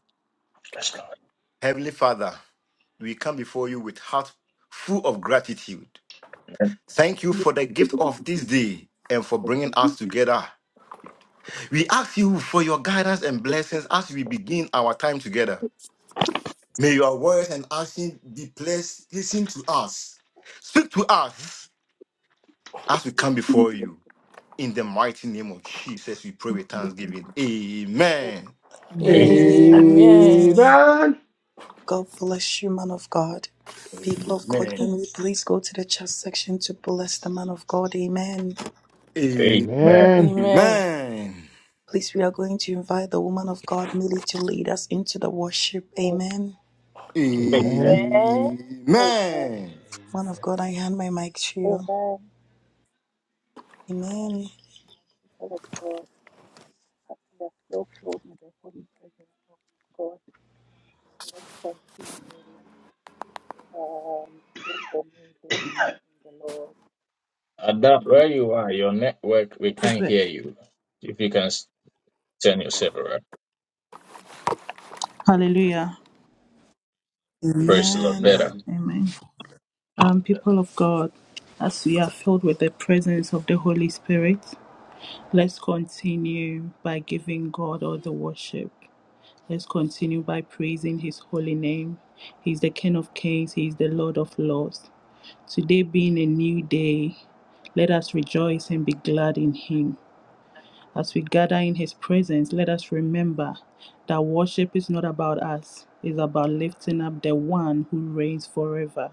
Speaker 1: Yes, Lord.
Speaker 3: Heavenly Father, we come before you with heart full of gratitude.
Speaker 1: Amen.
Speaker 3: Thank you for the gift of this day and for bringing us together. We ask you for your guidance and blessings as we begin our time together. May your words and actions be placed, listened to us. Speak to us as we come before you. In the mighty name of Jesus, we pray with thanksgiving. Amen.
Speaker 1: Amen.
Speaker 4: Amen.
Speaker 5: Amen.
Speaker 2: God bless you, man of God. People of God,
Speaker 3: Amen.
Speaker 2: can we please go to the chat section to bless the man of God? Amen.
Speaker 5: Amen.
Speaker 4: Amen.
Speaker 3: Amen.
Speaker 2: Please, we are going to invite the woman of God, Millie, to lead us into the worship.
Speaker 7: Amen.
Speaker 2: Amen.
Speaker 1: Amen.
Speaker 4: Amen.
Speaker 7: Amen.
Speaker 3: Amen.
Speaker 2: Man of God, I hand my mic to
Speaker 7: Amen. People
Speaker 2: you.
Speaker 7: of God,
Speaker 2: Amen.
Speaker 7: as we are so filled with the Holy Presence, of God, let's continue. Um, today is a new day in the Lord.
Speaker 1: Ada, where you are, your network, we can't hear you. If you can s- turn yourself around,
Speaker 7: Hallelujah.
Speaker 1: praise the Lord
Speaker 2: Amen.
Speaker 1: better.
Speaker 3: Amen.
Speaker 7: Amen. Um, people of God, as we are filled with the presence of the Holy Spirit, let's continue by giving God all the worship. Let's continue by praising His holy name. He's the King of Kings, He is the Lord of Lords. Today being a new day, let us rejoice and be glad in Him. As we gather in His presence, let us remember that worship is not about us, it's about lifting up the one who reigns forever.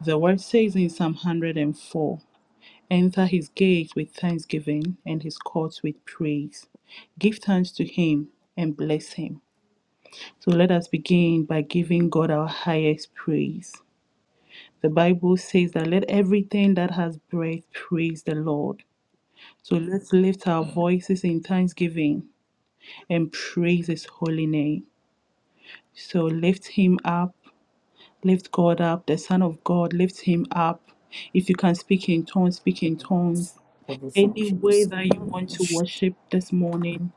Speaker 7: The word says in Psalm 104 Enter His gates with thanksgiving and His courts with praise. Give thanks to Him and bless Him. So let us begin by giving God our highest praise. The Bible says that let everything that has breath praise the Lord. So let's lift our
Speaker 1: Mm.
Speaker 7: voices in thanksgiving and praise his holy name. So lift him up, lift God up, the Son of God, lift him up. If you can speak in tongues, speak in tongues. Any way that you want to worship this morning,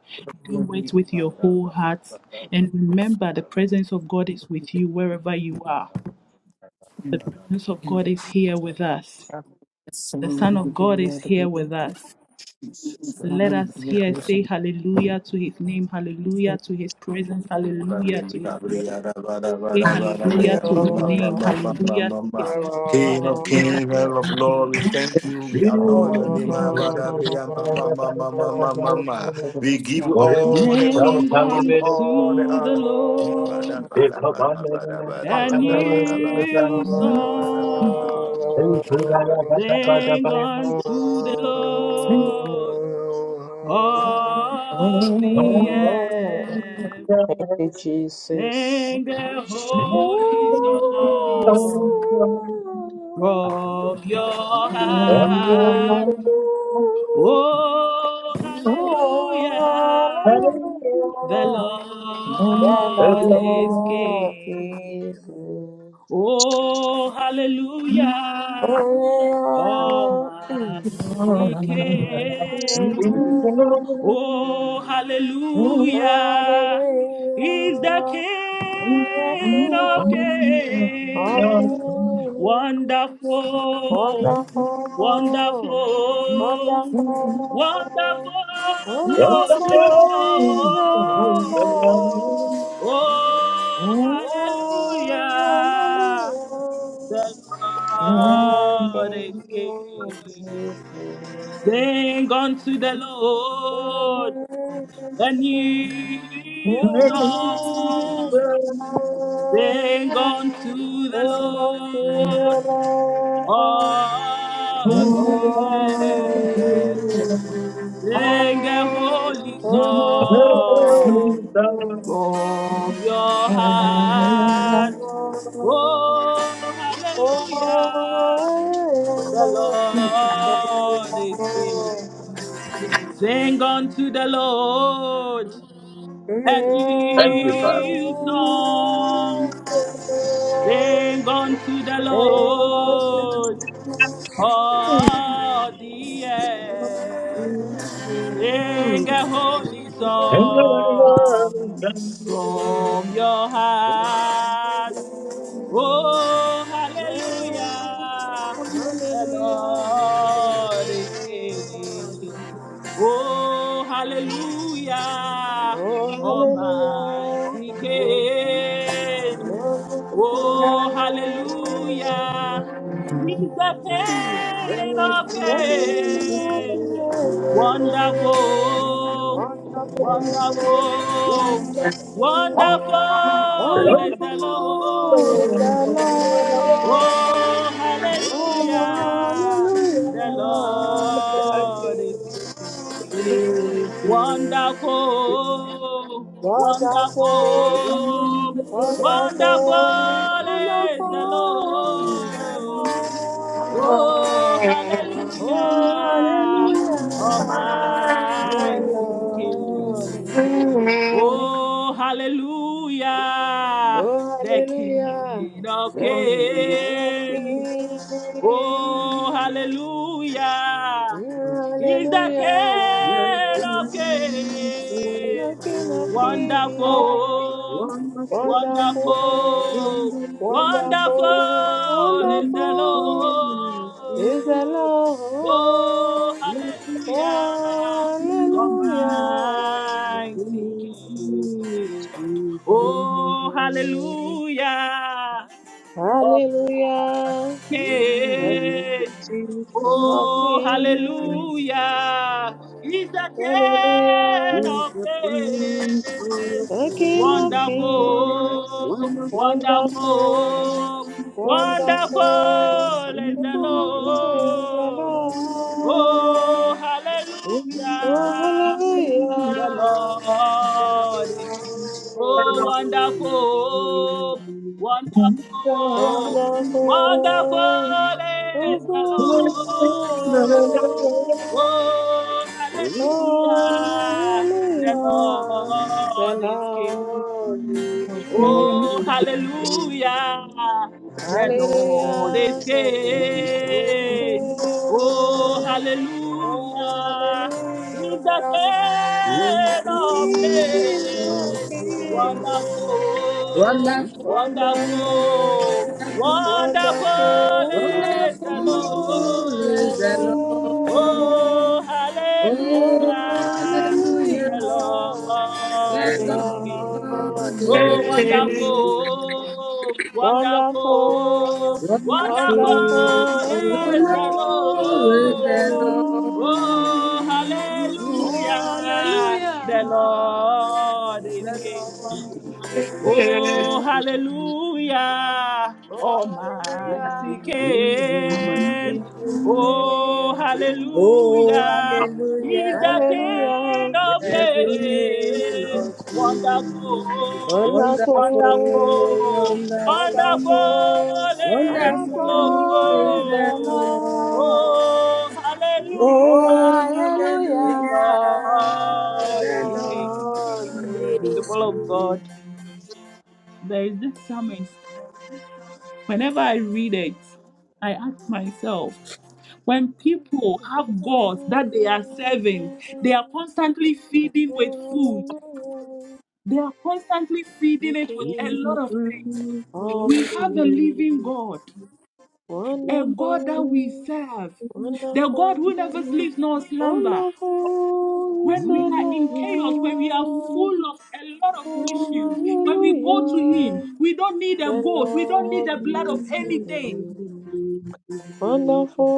Speaker 7: do it with your whole heart. And remember, the presence of God is with you wherever you are. The presence of God is here with us. The Son of God is here with us.
Speaker 3: Jesus
Speaker 7: Let
Speaker 3: Christ.
Speaker 7: us
Speaker 3: Yeah.
Speaker 7: here say hallelujah to his name, hallelujah to his presence, hallelujah to his name. Say hallelujah
Speaker 4: Oh.
Speaker 7: to his name, hallelujah to his name,
Speaker 3: King of
Speaker 7: hallelujah
Speaker 3: kings,
Speaker 7: to his
Speaker 3: Lord of lords,
Speaker 7: name.
Speaker 3: we thank you, we adore your name. We give you all the glory,
Speaker 7: Sing
Speaker 3: we give you all the
Speaker 7: unto the
Speaker 3: honor.
Speaker 7: Lord a new song. Sing unto the
Speaker 8: Oh,
Speaker 7: Lord all
Speaker 1: Thank
Speaker 7: the earth.
Speaker 4: Thank you, Jesus.
Speaker 7: Sing the holy song from your
Speaker 4: Peace.
Speaker 7: heart. Oh, hallelujah. The Lord is King. Oh, hallelujah. Almighty King. Oh, hallelujah. He's the King of Kings. Wonderful,
Speaker 4: Wonderful,
Speaker 7: wonderful,
Speaker 4: wonderful,
Speaker 7: wonderful is the
Speaker 4: Wonderful is the
Speaker 7: Lord.
Speaker 4: Lord.
Speaker 7: Oh,
Speaker 8: And
Speaker 4: Oh,
Speaker 7: hallelujah.
Speaker 4: hallelujah.
Speaker 7: The
Speaker 4: The
Speaker 7: Lord is
Speaker 4: King
Speaker 7: King.
Speaker 4: is here.
Speaker 7: Sing unto the Lord.
Speaker 4: Yes,
Speaker 7: A new
Speaker 9: Wonderful.
Speaker 7: song sing unto the Lord
Speaker 4: Oh,
Speaker 7: of the earth. Sing a holy song from your
Speaker 4: Mm.
Speaker 7: heart. Oh,
Speaker 4: Oh,
Speaker 7: hallelujah! The Lord is king. Sing unto the Lord a
Speaker 1: you, Father.
Speaker 7: new song. Sing unto the Lord, all the earth. Sing a holy
Speaker 1: Amen. Amen.
Speaker 7: song from your heart. Oh, hallelujah. The
Speaker 4: Hallelujah,
Speaker 7: Lord
Speaker 4: the
Speaker 7: is
Speaker 4: Lord
Speaker 7: King.
Speaker 4: is
Speaker 7: Oh,
Speaker 4: good.
Speaker 7: hallelujah.
Speaker 4: Oh, hallelujah.
Speaker 7: Almighty King. Oh, hallelujah. He's the King of Kings. Wonderful, wonderful, wonderful is the Lord. Oh, hallelujah. The Lord is
Speaker 4: Hallelujah.
Speaker 7: great. Wonderful,
Speaker 4: Wonderful,
Speaker 7: wonderful, wonderful
Speaker 4: wonderful,
Speaker 7: is the
Speaker 4: wonderful is the
Speaker 7: Lord.
Speaker 4: Lord.
Speaker 7: Oh,
Speaker 3: Amen.
Speaker 4: Oh,
Speaker 7: hallelujah.
Speaker 4: hallelujah,
Speaker 9: Is
Speaker 4: the
Speaker 7: Almighty
Speaker 9: the breath
Speaker 4: Lord.
Speaker 9: of
Speaker 7: King.
Speaker 4: is
Speaker 7: Oh,
Speaker 4: good.
Speaker 7: hallelujah,
Speaker 4: Oh,
Speaker 7: the
Speaker 4: hallelujah,
Speaker 7: King of
Speaker 4: the
Speaker 9: you.
Speaker 4: King of
Speaker 7: Kings.
Speaker 4: Kings.
Speaker 7: Oh, hallelujah.
Speaker 4: Mm,
Speaker 7: He's the
Speaker 4: Hallelujah,
Speaker 7: King of
Speaker 4: I
Speaker 7: Kings.
Speaker 4: cannot feel
Speaker 7: Wonderful,
Speaker 4: Wonderful,
Speaker 7: wonderful,
Speaker 4: wonderful,
Speaker 7: wonderful is the
Speaker 4: wonderful is the
Speaker 7: Lord. Oh,
Speaker 4: Lord.
Speaker 7: hallelujah.
Speaker 4: Hallelujah.
Speaker 7: Almighty King. Oh,
Speaker 4: Mm.
Speaker 7: hallelujah. Almighty
Speaker 4: Hallelujah. The King
Speaker 7: King.
Speaker 4: of
Speaker 7: Oh,
Speaker 4: Kings.
Speaker 7: hallelujah. He's the King
Speaker 4: Hallelujah.
Speaker 7: of Kings.
Speaker 4: The King of Kings,
Speaker 9: One
Speaker 7: Wonderful,
Speaker 9: more thing,
Speaker 4: wonderful,
Speaker 7: wonderful,
Speaker 4: wonderful,
Speaker 7: wonderful is the
Speaker 4: who is the
Speaker 7: Lord. Oh,
Speaker 4: Lord. Oh,
Speaker 7: hallelujah. The
Speaker 4: hallelujah. The
Speaker 7: Lord is King.
Speaker 4: Lord
Speaker 7: Oh,
Speaker 4: is King.
Speaker 7: wonderful, wonderful,
Speaker 4: Wonderful,
Speaker 7: wonderful is the
Speaker 4: wonderful,
Speaker 7: Lord. Oh, hallelujah. The
Speaker 4: oh, hallelujah. The
Speaker 7: Lord is King.
Speaker 4: Lord is King.
Speaker 7: Oh, hallelujah. The Lord is
Speaker 4: Hallelujah. The glory is
Speaker 7: King. Oh,
Speaker 4: his.
Speaker 7: hallelujah. He's the
Speaker 4: Hallelujah. The
Speaker 7: King of
Speaker 4: King of
Speaker 7: Kings.
Speaker 4: Kings.
Speaker 7: Wonderful,
Speaker 10: Wonderful,
Speaker 7: wonderful,
Speaker 4: Wonderful,
Speaker 7: wonderful
Speaker 4: wonderful,
Speaker 7: is the
Speaker 10: wonderful
Speaker 4: wonderful is
Speaker 10: is
Speaker 4: the
Speaker 10: the
Speaker 7: Lord.
Speaker 10: Lord.
Speaker 4: Lord.
Speaker 7: Oh,
Speaker 10: Oh,
Speaker 4: Oh,
Speaker 7: hallelujah.
Speaker 10: hallelujah.
Speaker 7: The
Speaker 4: hallelujah.
Speaker 10: The
Speaker 7: Lord
Speaker 4: The
Speaker 7: is King.
Speaker 4: Lord
Speaker 10: Lord
Speaker 7: Oh,
Speaker 10: is
Speaker 4: is
Speaker 10: good.
Speaker 4: good.
Speaker 7: wonderful,
Speaker 4: Wonderful,
Speaker 7: wonderful,
Speaker 10: Wonderful,
Speaker 4: wonderful,
Speaker 7: wonderful is the
Speaker 4: wonderful
Speaker 10: wonderful is
Speaker 4: is the
Speaker 10: the
Speaker 7: Lord.
Speaker 10: Lord.
Speaker 4: Lord.
Speaker 7: Oh,
Speaker 4: Oh,
Speaker 7: hallelujah.
Speaker 4: hallelujah.
Speaker 7: The Lord is
Speaker 4: The
Speaker 7: King.
Speaker 4: Lord is
Speaker 7: Oh,
Speaker 4: good.
Speaker 7: hallelujah,
Speaker 4: Oh,
Speaker 7: Almighty
Speaker 4: hallelujah. I'm on
Speaker 7: King. Oh,
Speaker 4: sing.
Speaker 10: Oh,
Speaker 7: hallelujah, He's the
Speaker 10: hallelujah.
Speaker 7: King
Speaker 4: Hallelujah.
Speaker 7: of
Speaker 10: The King
Speaker 7: Kings.
Speaker 10: of Kings.
Speaker 7: Wonderful,
Speaker 10: Wonderful,
Speaker 4: Wonderful,
Speaker 7: wonderful,
Speaker 10: wonderful,
Speaker 4: wonderful,
Speaker 7: wonderful is the
Speaker 10: wonderful is
Speaker 4: wonderful is
Speaker 10: the
Speaker 4: the
Speaker 7: Lord.
Speaker 10: Lord.
Speaker 4: Lord.
Speaker 7: Oh,
Speaker 10: Oh,
Speaker 4: Oh,
Speaker 7: hallelujah, the
Speaker 10: hallelujah,
Speaker 4: hallelujah. The
Speaker 7: Lord is
Speaker 10: the
Speaker 7: King.
Speaker 4: Lord
Speaker 10: Lord
Speaker 9: Thank you.
Speaker 4: is
Speaker 10: is
Speaker 7: People of
Speaker 10: good.
Speaker 9: Thank
Speaker 4: good.
Speaker 9: you.
Speaker 7: God there is this psalmist. Whenever I read it, I ask myself when people have gods that they are
Speaker 4: Oh,
Speaker 7: serving, they are constantly feeding with food,
Speaker 4: hallelujah.
Speaker 7: they are constantly
Speaker 4: The
Speaker 7: feeding it with a lot
Speaker 4: King
Speaker 7: of things.
Speaker 4: of
Speaker 7: We have a living
Speaker 4: Kings.
Speaker 7: God, a God that we
Speaker 4: Wonderful,
Speaker 7: serve, the God who never
Speaker 4: wonderful,
Speaker 7: sleeps nor slumber.
Speaker 4: wonderful is
Speaker 7: When
Speaker 4: the
Speaker 7: we are in chaos, when we are
Speaker 4: Lord.
Speaker 7: full of a lot of issues,
Speaker 4: Oh,
Speaker 7: when we go to Him,
Speaker 4: hallelujah.
Speaker 7: we don't need a
Speaker 4: The
Speaker 7: goat, we don't need the
Speaker 4: Lord
Speaker 7: blood of
Speaker 4: is
Speaker 7: anything.
Speaker 4: good.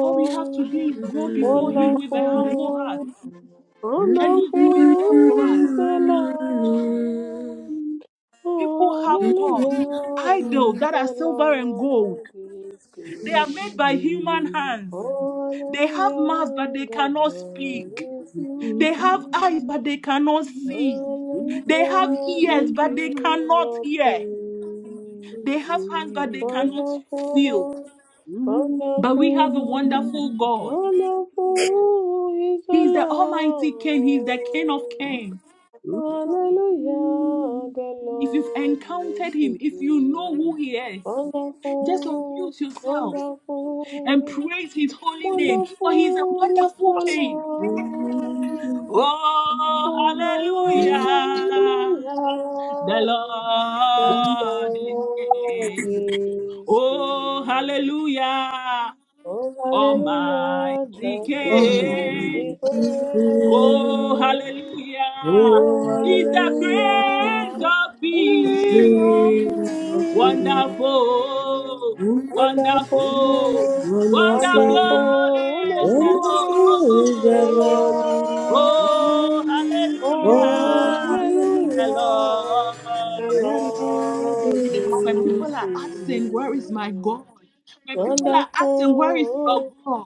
Speaker 7: All we have to do is go
Speaker 10: Oh,
Speaker 7: before Him with a humble heart,
Speaker 4: wonderful,
Speaker 7: and He's always there for us.
Speaker 4: wonderful is the Lord.
Speaker 7: People
Speaker 4: Oh,
Speaker 7: have gods, idols
Speaker 4: hallelujah,
Speaker 7: that are
Speaker 4: the
Speaker 7: silver and gold.
Speaker 4: Lord is
Speaker 7: They are made by
Speaker 4: good.
Speaker 7: human hands.
Speaker 4: Oh,
Speaker 7: They have mouths, but they
Speaker 4: hallelujah, the
Speaker 7: cannot
Speaker 4: Lord
Speaker 7: speak.
Speaker 4: is
Speaker 7: They have eyes, but
Speaker 4: good.
Speaker 7: they cannot see. They have
Speaker 4: Hallelujah, the
Speaker 7: ears, but they
Speaker 4: King
Speaker 7: cannot
Speaker 4: of
Speaker 7: hear. They
Speaker 4: kings.
Speaker 7: have hands, but they cannot feel.
Speaker 4: Wonderful,
Speaker 7: But we have a
Speaker 4: wonderful,
Speaker 7: wonderful God.
Speaker 4: wonderful is the
Speaker 7: He's the Almighty King. He's the King of
Speaker 4: Lord.
Speaker 7: Kings.
Speaker 9: Thank
Speaker 4: Hallelujah, the
Speaker 7: If you've
Speaker 4: Lord
Speaker 7: encountered
Speaker 4: is
Speaker 7: him, if you know
Speaker 4: good.
Speaker 7: who he is, just
Speaker 4: Wonderful,
Speaker 7: unmute yourself and
Speaker 4: wonderful,
Speaker 7: praise his holy name, for he's a
Speaker 4: wonderful is
Speaker 7: wonderful
Speaker 4: the
Speaker 7: king.
Speaker 4: Lord.
Speaker 7: Oh,
Speaker 4: Oh,
Speaker 7: hallelujah!
Speaker 4: hallelujah.
Speaker 7: The
Speaker 4: The
Speaker 7: Lord is
Speaker 4: Lord
Speaker 7: king.
Speaker 4: is
Speaker 7: Oh,
Speaker 4: good.
Speaker 7: hallelujah!
Speaker 4: Oh, hallelujah. The
Speaker 7: Almighty
Speaker 4: Lord is
Speaker 7: King. Oh,
Speaker 4: good.
Speaker 7: hallelujah
Speaker 4: Oh,
Speaker 7: is the
Speaker 10: hallelujah,
Speaker 7: Prince
Speaker 4: hallelujah.
Speaker 7: of
Speaker 4: In all
Speaker 7: Peace.
Speaker 10: King of kings.
Speaker 4: things.
Speaker 7: Wonderful, wonderful,
Speaker 4: Wonderful,
Speaker 10: Wonderful,
Speaker 7: wonderful
Speaker 4: wonderful,
Speaker 7: is the
Speaker 4: wonderful
Speaker 10: wonderful
Speaker 4: is
Speaker 10: is the
Speaker 4: the
Speaker 7: Lord.
Speaker 10: Lord.
Speaker 7: Oh,
Speaker 4: Lord.
Speaker 10: Oh,
Speaker 7: hallelujah, the
Speaker 4: Hallelujah.
Speaker 10: hallelujah,
Speaker 4: The
Speaker 7: Lord
Speaker 10: the
Speaker 7: is
Speaker 10: Lord
Speaker 4: Lord
Speaker 7: King.
Speaker 10: is
Speaker 7: When
Speaker 4: is
Speaker 10: good.
Speaker 7: people are asking, Where is my
Speaker 4: here.
Speaker 7: God? When people are asking, Where is your
Speaker 4: Wonderful,
Speaker 7: God?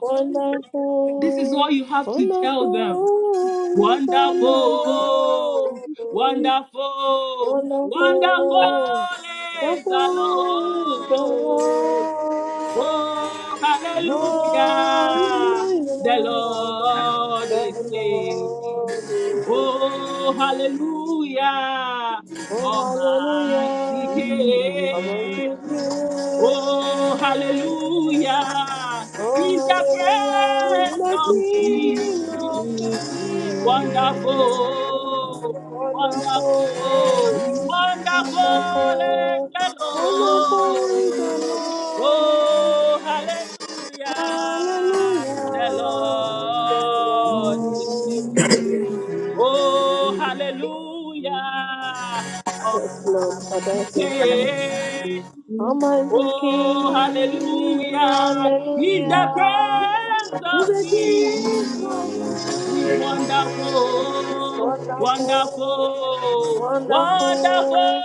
Speaker 7: This is
Speaker 4: wonderful,
Speaker 7: all you have to tell them.
Speaker 4: wonderful is the Lord.
Speaker 7: Wonderful, wonderful, wonderful
Speaker 4: Wonderful,
Speaker 7: is the
Speaker 4: wonderful is the
Speaker 7: Lord. Oh,
Speaker 4: Lord.
Speaker 7: hallelujah,
Speaker 4: Hallelujah,
Speaker 7: the Lord
Speaker 4: the
Speaker 7: is King.
Speaker 4: Lord is
Speaker 7: Oh,
Speaker 4: good.
Speaker 7: hallelujah,
Speaker 4: Oh,
Speaker 7: Almighty
Speaker 4: hallelujah. I want to
Speaker 7: King.
Speaker 4: pray.
Speaker 7: Oh, hallelujah
Speaker 4: Oh,
Speaker 7: is the
Speaker 4: hallelujah.
Speaker 7: praise
Speaker 4: The
Speaker 7: of
Speaker 4: King of
Speaker 7: peace.
Speaker 4: Kings.
Speaker 7: Wonderful, wonderful,
Speaker 4: Wonderful,
Speaker 7: wonderful is
Speaker 4: wonderful,
Speaker 7: the
Speaker 4: wonderful is the
Speaker 7: Lord.
Speaker 9: you.
Speaker 7: Oh,
Speaker 4: Lord.
Speaker 7: hallelujah, the
Speaker 4: Hallelujah. The
Speaker 9: nothing
Speaker 7: Lord is
Speaker 4: Lord
Speaker 7: King.
Speaker 4: is
Speaker 7: Oh,
Speaker 4: good.
Speaker 7: hallelujah,
Speaker 4: Yes, Lord. Father,
Speaker 7: Almighty
Speaker 4: thank you.
Speaker 7: King.
Speaker 4: Almighty
Speaker 7: Oh,
Speaker 4: King,
Speaker 7: hallelujah. His the Prince
Speaker 4: hallelujah. He's
Speaker 7: of
Speaker 4: a King of
Speaker 7: Peace. He's
Speaker 4: kings.
Speaker 7: wonderful,
Speaker 4: Wonderful,
Speaker 7: wonderful, wonderful
Speaker 4: wonderful,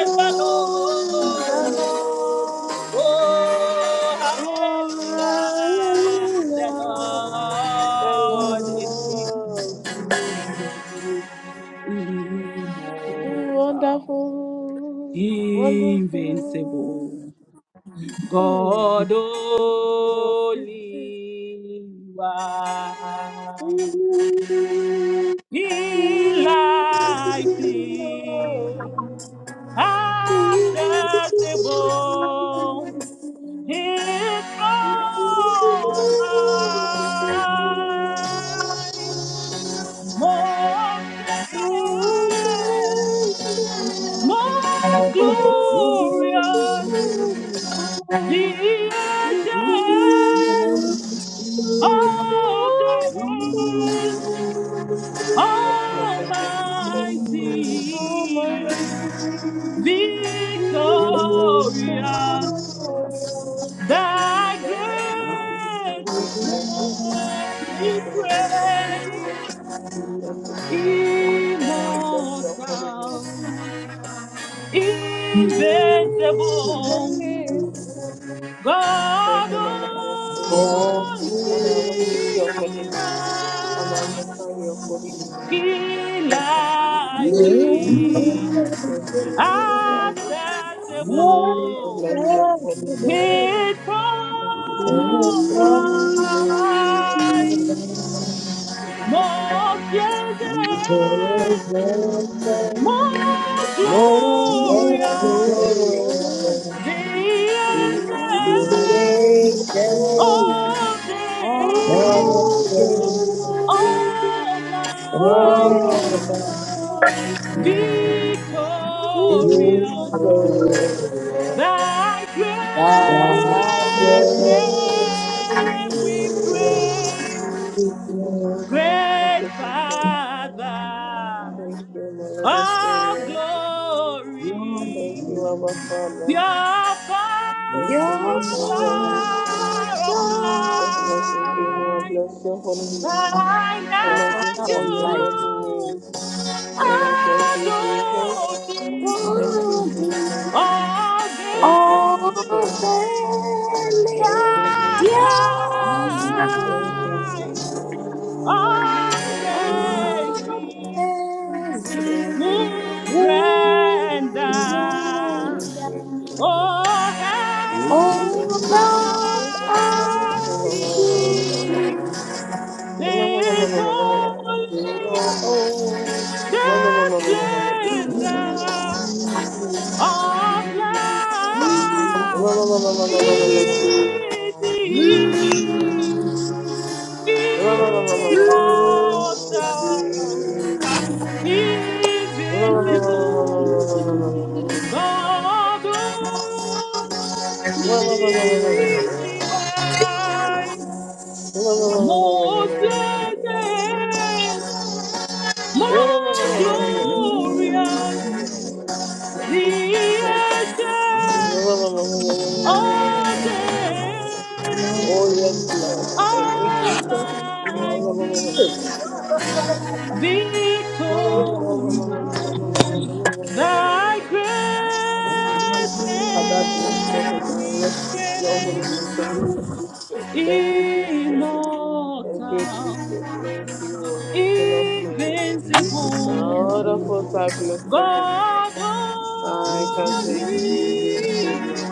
Speaker 7: is the
Speaker 4: is the
Speaker 7: Lord.
Speaker 4: Lord.
Speaker 7: Oh, hallelujah. The
Speaker 4: Hallelujah. The
Speaker 7: Lord is King.
Speaker 4: Lord is King,
Speaker 7: Immortal,
Speaker 4: Wonderful, wonderful.
Speaker 7: invincible.
Speaker 4: Hmm.
Speaker 7: God
Speaker 4: Oh,
Speaker 7: only one. Enlighten, accessible, his throne, high. Most blessed, most glorious, the ancient Oh, death,
Speaker 4: Yes, Lord, thank you, Jesus. Almighty
Speaker 7: almighty, victorious,
Speaker 4: we Jesus. Thank you,
Speaker 7: thy
Speaker 4: Jesus.
Speaker 7: great
Speaker 4: Thank you, Jesus.
Speaker 7: name
Speaker 4: Thank
Speaker 7: we
Speaker 4: you, Mother of the Savior. Thank you, King of Kings.
Speaker 7: praise,
Speaker 4: Father, I bless your holy name.
Speaker 7: immortal,
Speaker 4: We
Speaker 9: you. Thank
Speaker 7: invincible,
Speaker 4: Jesus.
Speaker 9: you.
Speaker 4: Thank
Speaker 7: God
Speaker 4: you, my Lord and Savior.
Speaker 10: Oh,
Speaker 4: Father, I worship
Speaker 10: oh.
Speaker 4: your holy
Speaker 7: only
Speaker 4: name. I
Speaker 7: wise.
Speaker 4: magnify your holy name.
Speaker 7: He
Speaker 4: the King
Speaker 7: likes
Speaker 4: of
Speaker 11: Oh,
Speaker 7: it
Speaker 4: Kings, you Yahweh. Father,
Speaker 7: accessible,
Speaker 4: bless your holy name.
Speaker 7: hid from
Speaker 4: Thank you, King of Kings,
Speaker 7: mine.
Speaker 4: King of Kings, King of Kings,
Speaker 7: Most
Speaker 4: King of
Speaker 7: blessed,
Speaker 4: Kings,
Speaker 7: most
Speaker 4: King of Kings.
Speaker 10: Most
Speaker 7: glorious,
Speaker 4: And I
Speaker 10: glorious
Speaker 4: will
Speaker 7: the ancient
Speaker 4: praise you
Speaker 10: creations
Speaker 7: of
Speaker 4: oh,
Speaker 7: days,
Speaker 10: are
Speaker 4: the
Speaker 10: they,
Speaker 4: way. Oh,
Speaker 7: almighty,
Speaker 4: my
Speaker 10: Almighty
Speaker 4: King, praise
Speaker 7: victorious.
Speaker 4: oh,
Speaker 10: God.
Speaker 4: Lord.
Speaker 7: Thy great
Speaker 4: Thank you,
Speaker 10: Thy great
Speaker 7: name we
Speaker 10: name,
Speaker 7: pray, great
Speaker 4: Jesus.
Speaker 7: Father
Speaker 4: Thank you, my Lord and
Speaker 7: of
Speaker 4: Savior. Thank
Speaker 7: glory,
Speaker 4: you, Abba Father.
Speaker 7: pure Father
Speaker 4: Thank
Speaker 10: your
Speaker 4: you, Jehovah Nissi.
Speaker 7: of
Speaker 10: father,
Speaker 4: Jehovah, thank you, Lord.
Speaker 7: light,
Speaker 4: Bless your holy name.
Speaker 7: thine
Speaker 4: I
Speaker 10: your father
Speaker 4: magnify
Speaker 10: of
Speaker 9: Thank
Speaker 4: your
Speaker 10: light,
Speaker 4: holy
Speaker 7: angels
Speaker 4: name. Oh, thank you, Jesus.
Speaker 7: adore thee,
Speaker 4: Thank you,
Speaker 10: daddy
Speaker 4: Jesus.
Speaker 7: all veiling
Speaker 4: Thank you,
Speaker 10: of
Speaker 4: Jesus.
Speaker 7: Yes,
Speaker 4: Thank
Speaker 10: the
Speaker 4: you, Jesus.
Speaker 7: I
Speaker 10: dear son
Speaker 4: Thank you, Jesus.
Speaker 7: all
Speaker 4: Thank you,
Speaker 7: praise
Speaker 4: Jesus.
Speaker 10: of
Speaker 7: we
Speaker 10: as
Speaker 4: Thank
Speaker 10: we
Speaker 4: you,
Speaker 7: would
Speaker 4: Jesus.
Speaker 7: render.
Speaker 10: would
Speaker 4: Thank you,
Speaker 10: render,
Speaker 4: Jesus.
Speaker 7: Oh,
Speaker 4: Thank
Speaker 10: open
Speaker 7: have
Speaker 4: you,
Speaker 10: up us to
Speaker 7: mercy,
Speaker 10: see.
Speaker 4: Jesus.
Speaker 7: this holy, the splendor of light.
Speaker 9: you.
Speaker 7: immortal, invincible, God only wise, most
Speaker 4: *laughs*
Speaker 7: blessed,
Speaker 4: Thank
Speaker 7: most glorious,
Speaker 4: you,
Speaker 7: the
Speaker 4: Jesus.
Speaker 7: ancient of
Speaker 4: Oh,
Speaker 7: days,
Speaker 4: yes, Lord. Thank you, Jesus.
Speaker 7: Almighty,
Speaker 9: Thank
Speaker 7: victorious.
Speaker 9: you.
Speaker 7: Thy great
Speaker 4: Father, bless your holy
Speaker 7: name
Speaker 4: name.
Speaker 7: we
Speaker 4: Worship your holy
Speaker 7: praise,
Speaker 4: name. Thank you, Jesus. Thank you, Jesus. Thank you,
Speaker 7: immortal,
Speaker 4: Jesus. Thank you, King of Kings.
Speaker 7: invincible,
Speaker 4: God of hosts, I bless your holy name.
Speaker 7: God
Speaker 4: I can thank you, bless you,
Speaker 7: only
Speaker 4: Lord.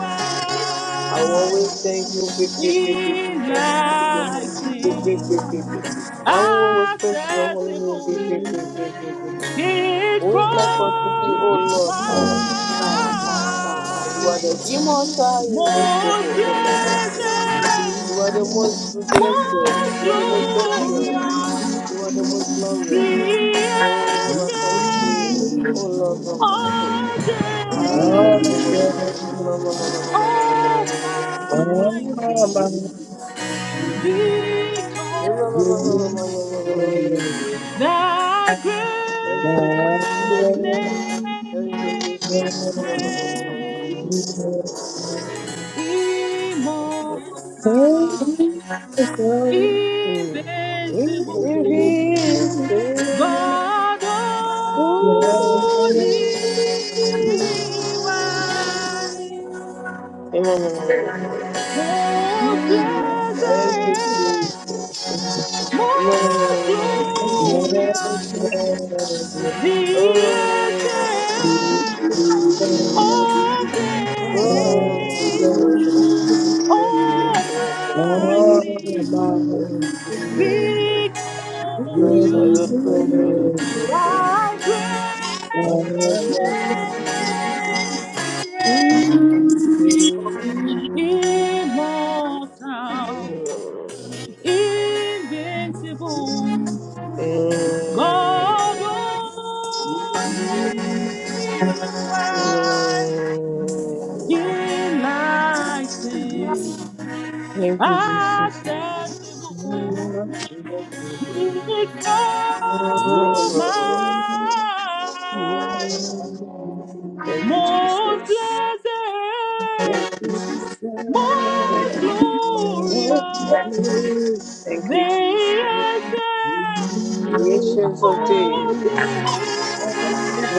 Speaker 4: I will always thank you, big, big, big, big, big, and worship your holy name, big, big, big,
Speaker 7: enlightened,
Speaker 4: big, big. I will always praise your holy name, big, big,
Speaker 7: accessible,
Speaker 4: big, big, big, big, big, big.
Speaker 7: hid
Speaker 4: Who is like unto thee, O
Speaker 7: from
Speaker 4: Lord? Ah, ah, ah, ah, ah. You are the
Speaker 7: my
Speaker 4: immortal, invincible,
Speaker 7: Most
Speaker 4: O Lord of hosts.
Speaker 7: blessed,
Speaker 4: You are the most blessed.
Speaker 7: most
Speaker 4: You are the most gracious.
Speaker 7: glorious,
Speaker 4: You are the most glorious.
Speaker 7: the
Speaker 4: Oh, I thank you,
Speaker 7: ancient
Speaker 4: oh Lord of hosts.
Speaker 7: of
Speaker 4: Ah, bless your holy
Speaker 7: days,
Speaker 4: name.
Speaker 9: Thank
Speaker 7: almighty,
Speaker 11: Oh
Speaker 7: victorious, thy
Speaker 4: Thank you, Jesus.
Speaker 7: great
Speaker 4: Thank you,
Speaker 7: name
Speaker 4: Jesus.
Speaker 7: be praised, immortal,
Speaker 4: Mm. If
Speaker 7: invincible.
Speaker 4: he is
Speaker 7: God
Speaker 4: Thank you,
Speaker 7: only wise, most
Speaker 4: Jesus. Thank you,
Speaker 7: blessed,
Speaker 4: Jesus. My
Speaker 7: most glorious, the ancient of days, almighty,
Speaker 4: father,
Speaker 7: victorious,
Speaker 4: my father, I thank
Speaker 7: thy
Speaker 4: you.
Speaker 7: great
Speaker 4: In
Speaker 11: my
Speaker 4: the mighty name of
Speaker 7: name we praise.
Speaker 9: you.
Speaker 7: immortal,
Speaker 4: Jesus.
Speaker 7: invincible,
Speaker 9: Thank
Speaker 7: God
Speaker 4: Mm.
Speaker 7: only wise,
Speaker 4: Mm,
Speaker 7: enlightened,
Speaker 4: Thank you, Jesus. *laughs*
Speaker 7: accessible, it from
Speaker 4: Mm,
Speaker 7: eyes,
Speaker 4: Thank you,
Speaker 7: most
Speaker 4: Jesus.
Speaker 7: blessed,
Speaker 4: Thank you, Jesus. Thank
Speaker 7: most
Speaker 4: you, Jesus.
Speaker 7: glorious.
Speaker 9: you.
Speaker 4: Thank
Speaker 7: Creation,
Speaker 4: you, Jesus. The ancients of
Speaker 7: oh
Speaker 4: days.
Speaker 7: day,
Speaker 4: *laughs*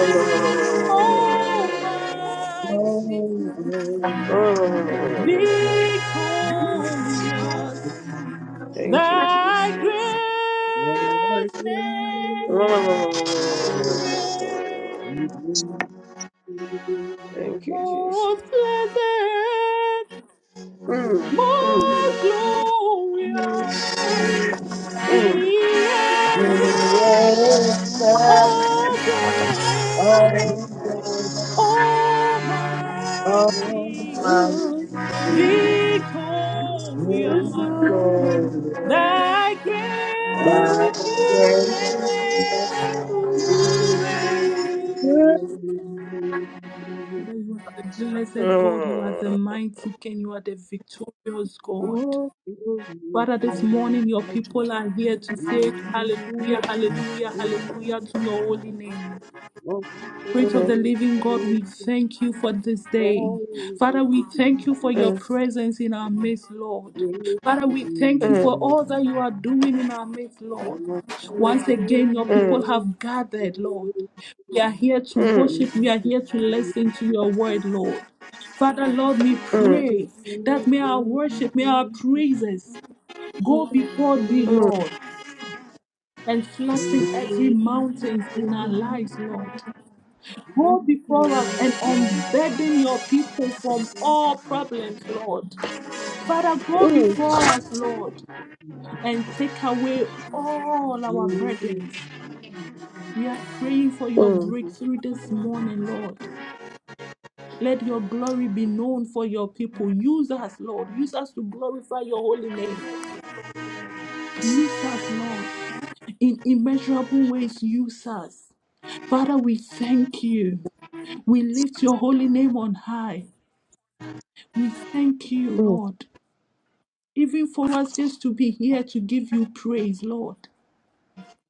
Speaker 7: Almighty, victorious,
Speaker 4: Thank you,
Speaker 7: Thy
Speaker 4: Jesus.
Speaker 7: great
Speaker 9: Thank
Speaker 7: name we
Speaker 4: *laughs*
Speaker 7: pray.
Speaker 4: Thank you,
Speaker 7: Most
Speaker 4: Jesus.
Speaker 7: blessed,
Speaker 4: Mm, mm,
Speaker 7: most glorious, the
Speaker 4: mm,
Speaker 7: ancient
Speaker 11: Yes,
Speaker 7: of days.
Speaker 11: all the
Speaker 7: Almighty,
Speaker 11: Almighty,
Speaker 7: victorious,
Speaker 4: mm.
Speaker 11: mystery,
Speaker 4: It's all for you.
Speaker 7: thy great
Speaker 11: by grace and
Speaker 7: name we praise.
Speaker 11: good.
Speaker 7: Father, you are the blessed God, you are the
Speaker 4: Mm,
Speaker 7: mighty King, you are the victorious God. Father, this morning your people are here to say hallelujah, hallelujah, hallelujah to your holy name. Spirit of the
Speaker 4: mm,
Speaker 7: living God, we thank you for this day. Father, we thank you for
Speaker 9: you.
Speaker 7: your presence in our midst,
Speaker 9: I
Speaker 7: Lord.
Speaker 9: need
Speaker 7: Father, we thank you for
Speaker 4: mm, mm,
Speaker 9: the
Speaker 7: all that you are doing in our midst, Lord.
Speaker 9: power from
Speaker 7: Once again, your people
Speaker 9: the
Speaker 7: have gathered, Lord. We are here to
Speaker 4: mm, mm,
Speaker 7: worship, we are here to listen to your word, Lord. Father, Lord, we
Speaker 4: mm,
Speaker 7: pray that may our worship, may our praises go before thee,
Speaker 4: mm, mm,
Speaker 7: Lord, and flatten every mountains in our lives, Lord. Go before us and unburden your people from all problems, Lord. Father, go before us, Lord, and take away all our burdens. We are praying for your
Speaker 4: mm,
Speaker 7: breakthrough this morning, Lord. Let your glory be known for your people. Use us, Lord. Use us to glorify your holy name. Use us, Lord. In immeasurable ways, use us. Father, we thank you. We lift your holy name on high. We thank you, Lord, even for us just to be here to give you praise, Lord.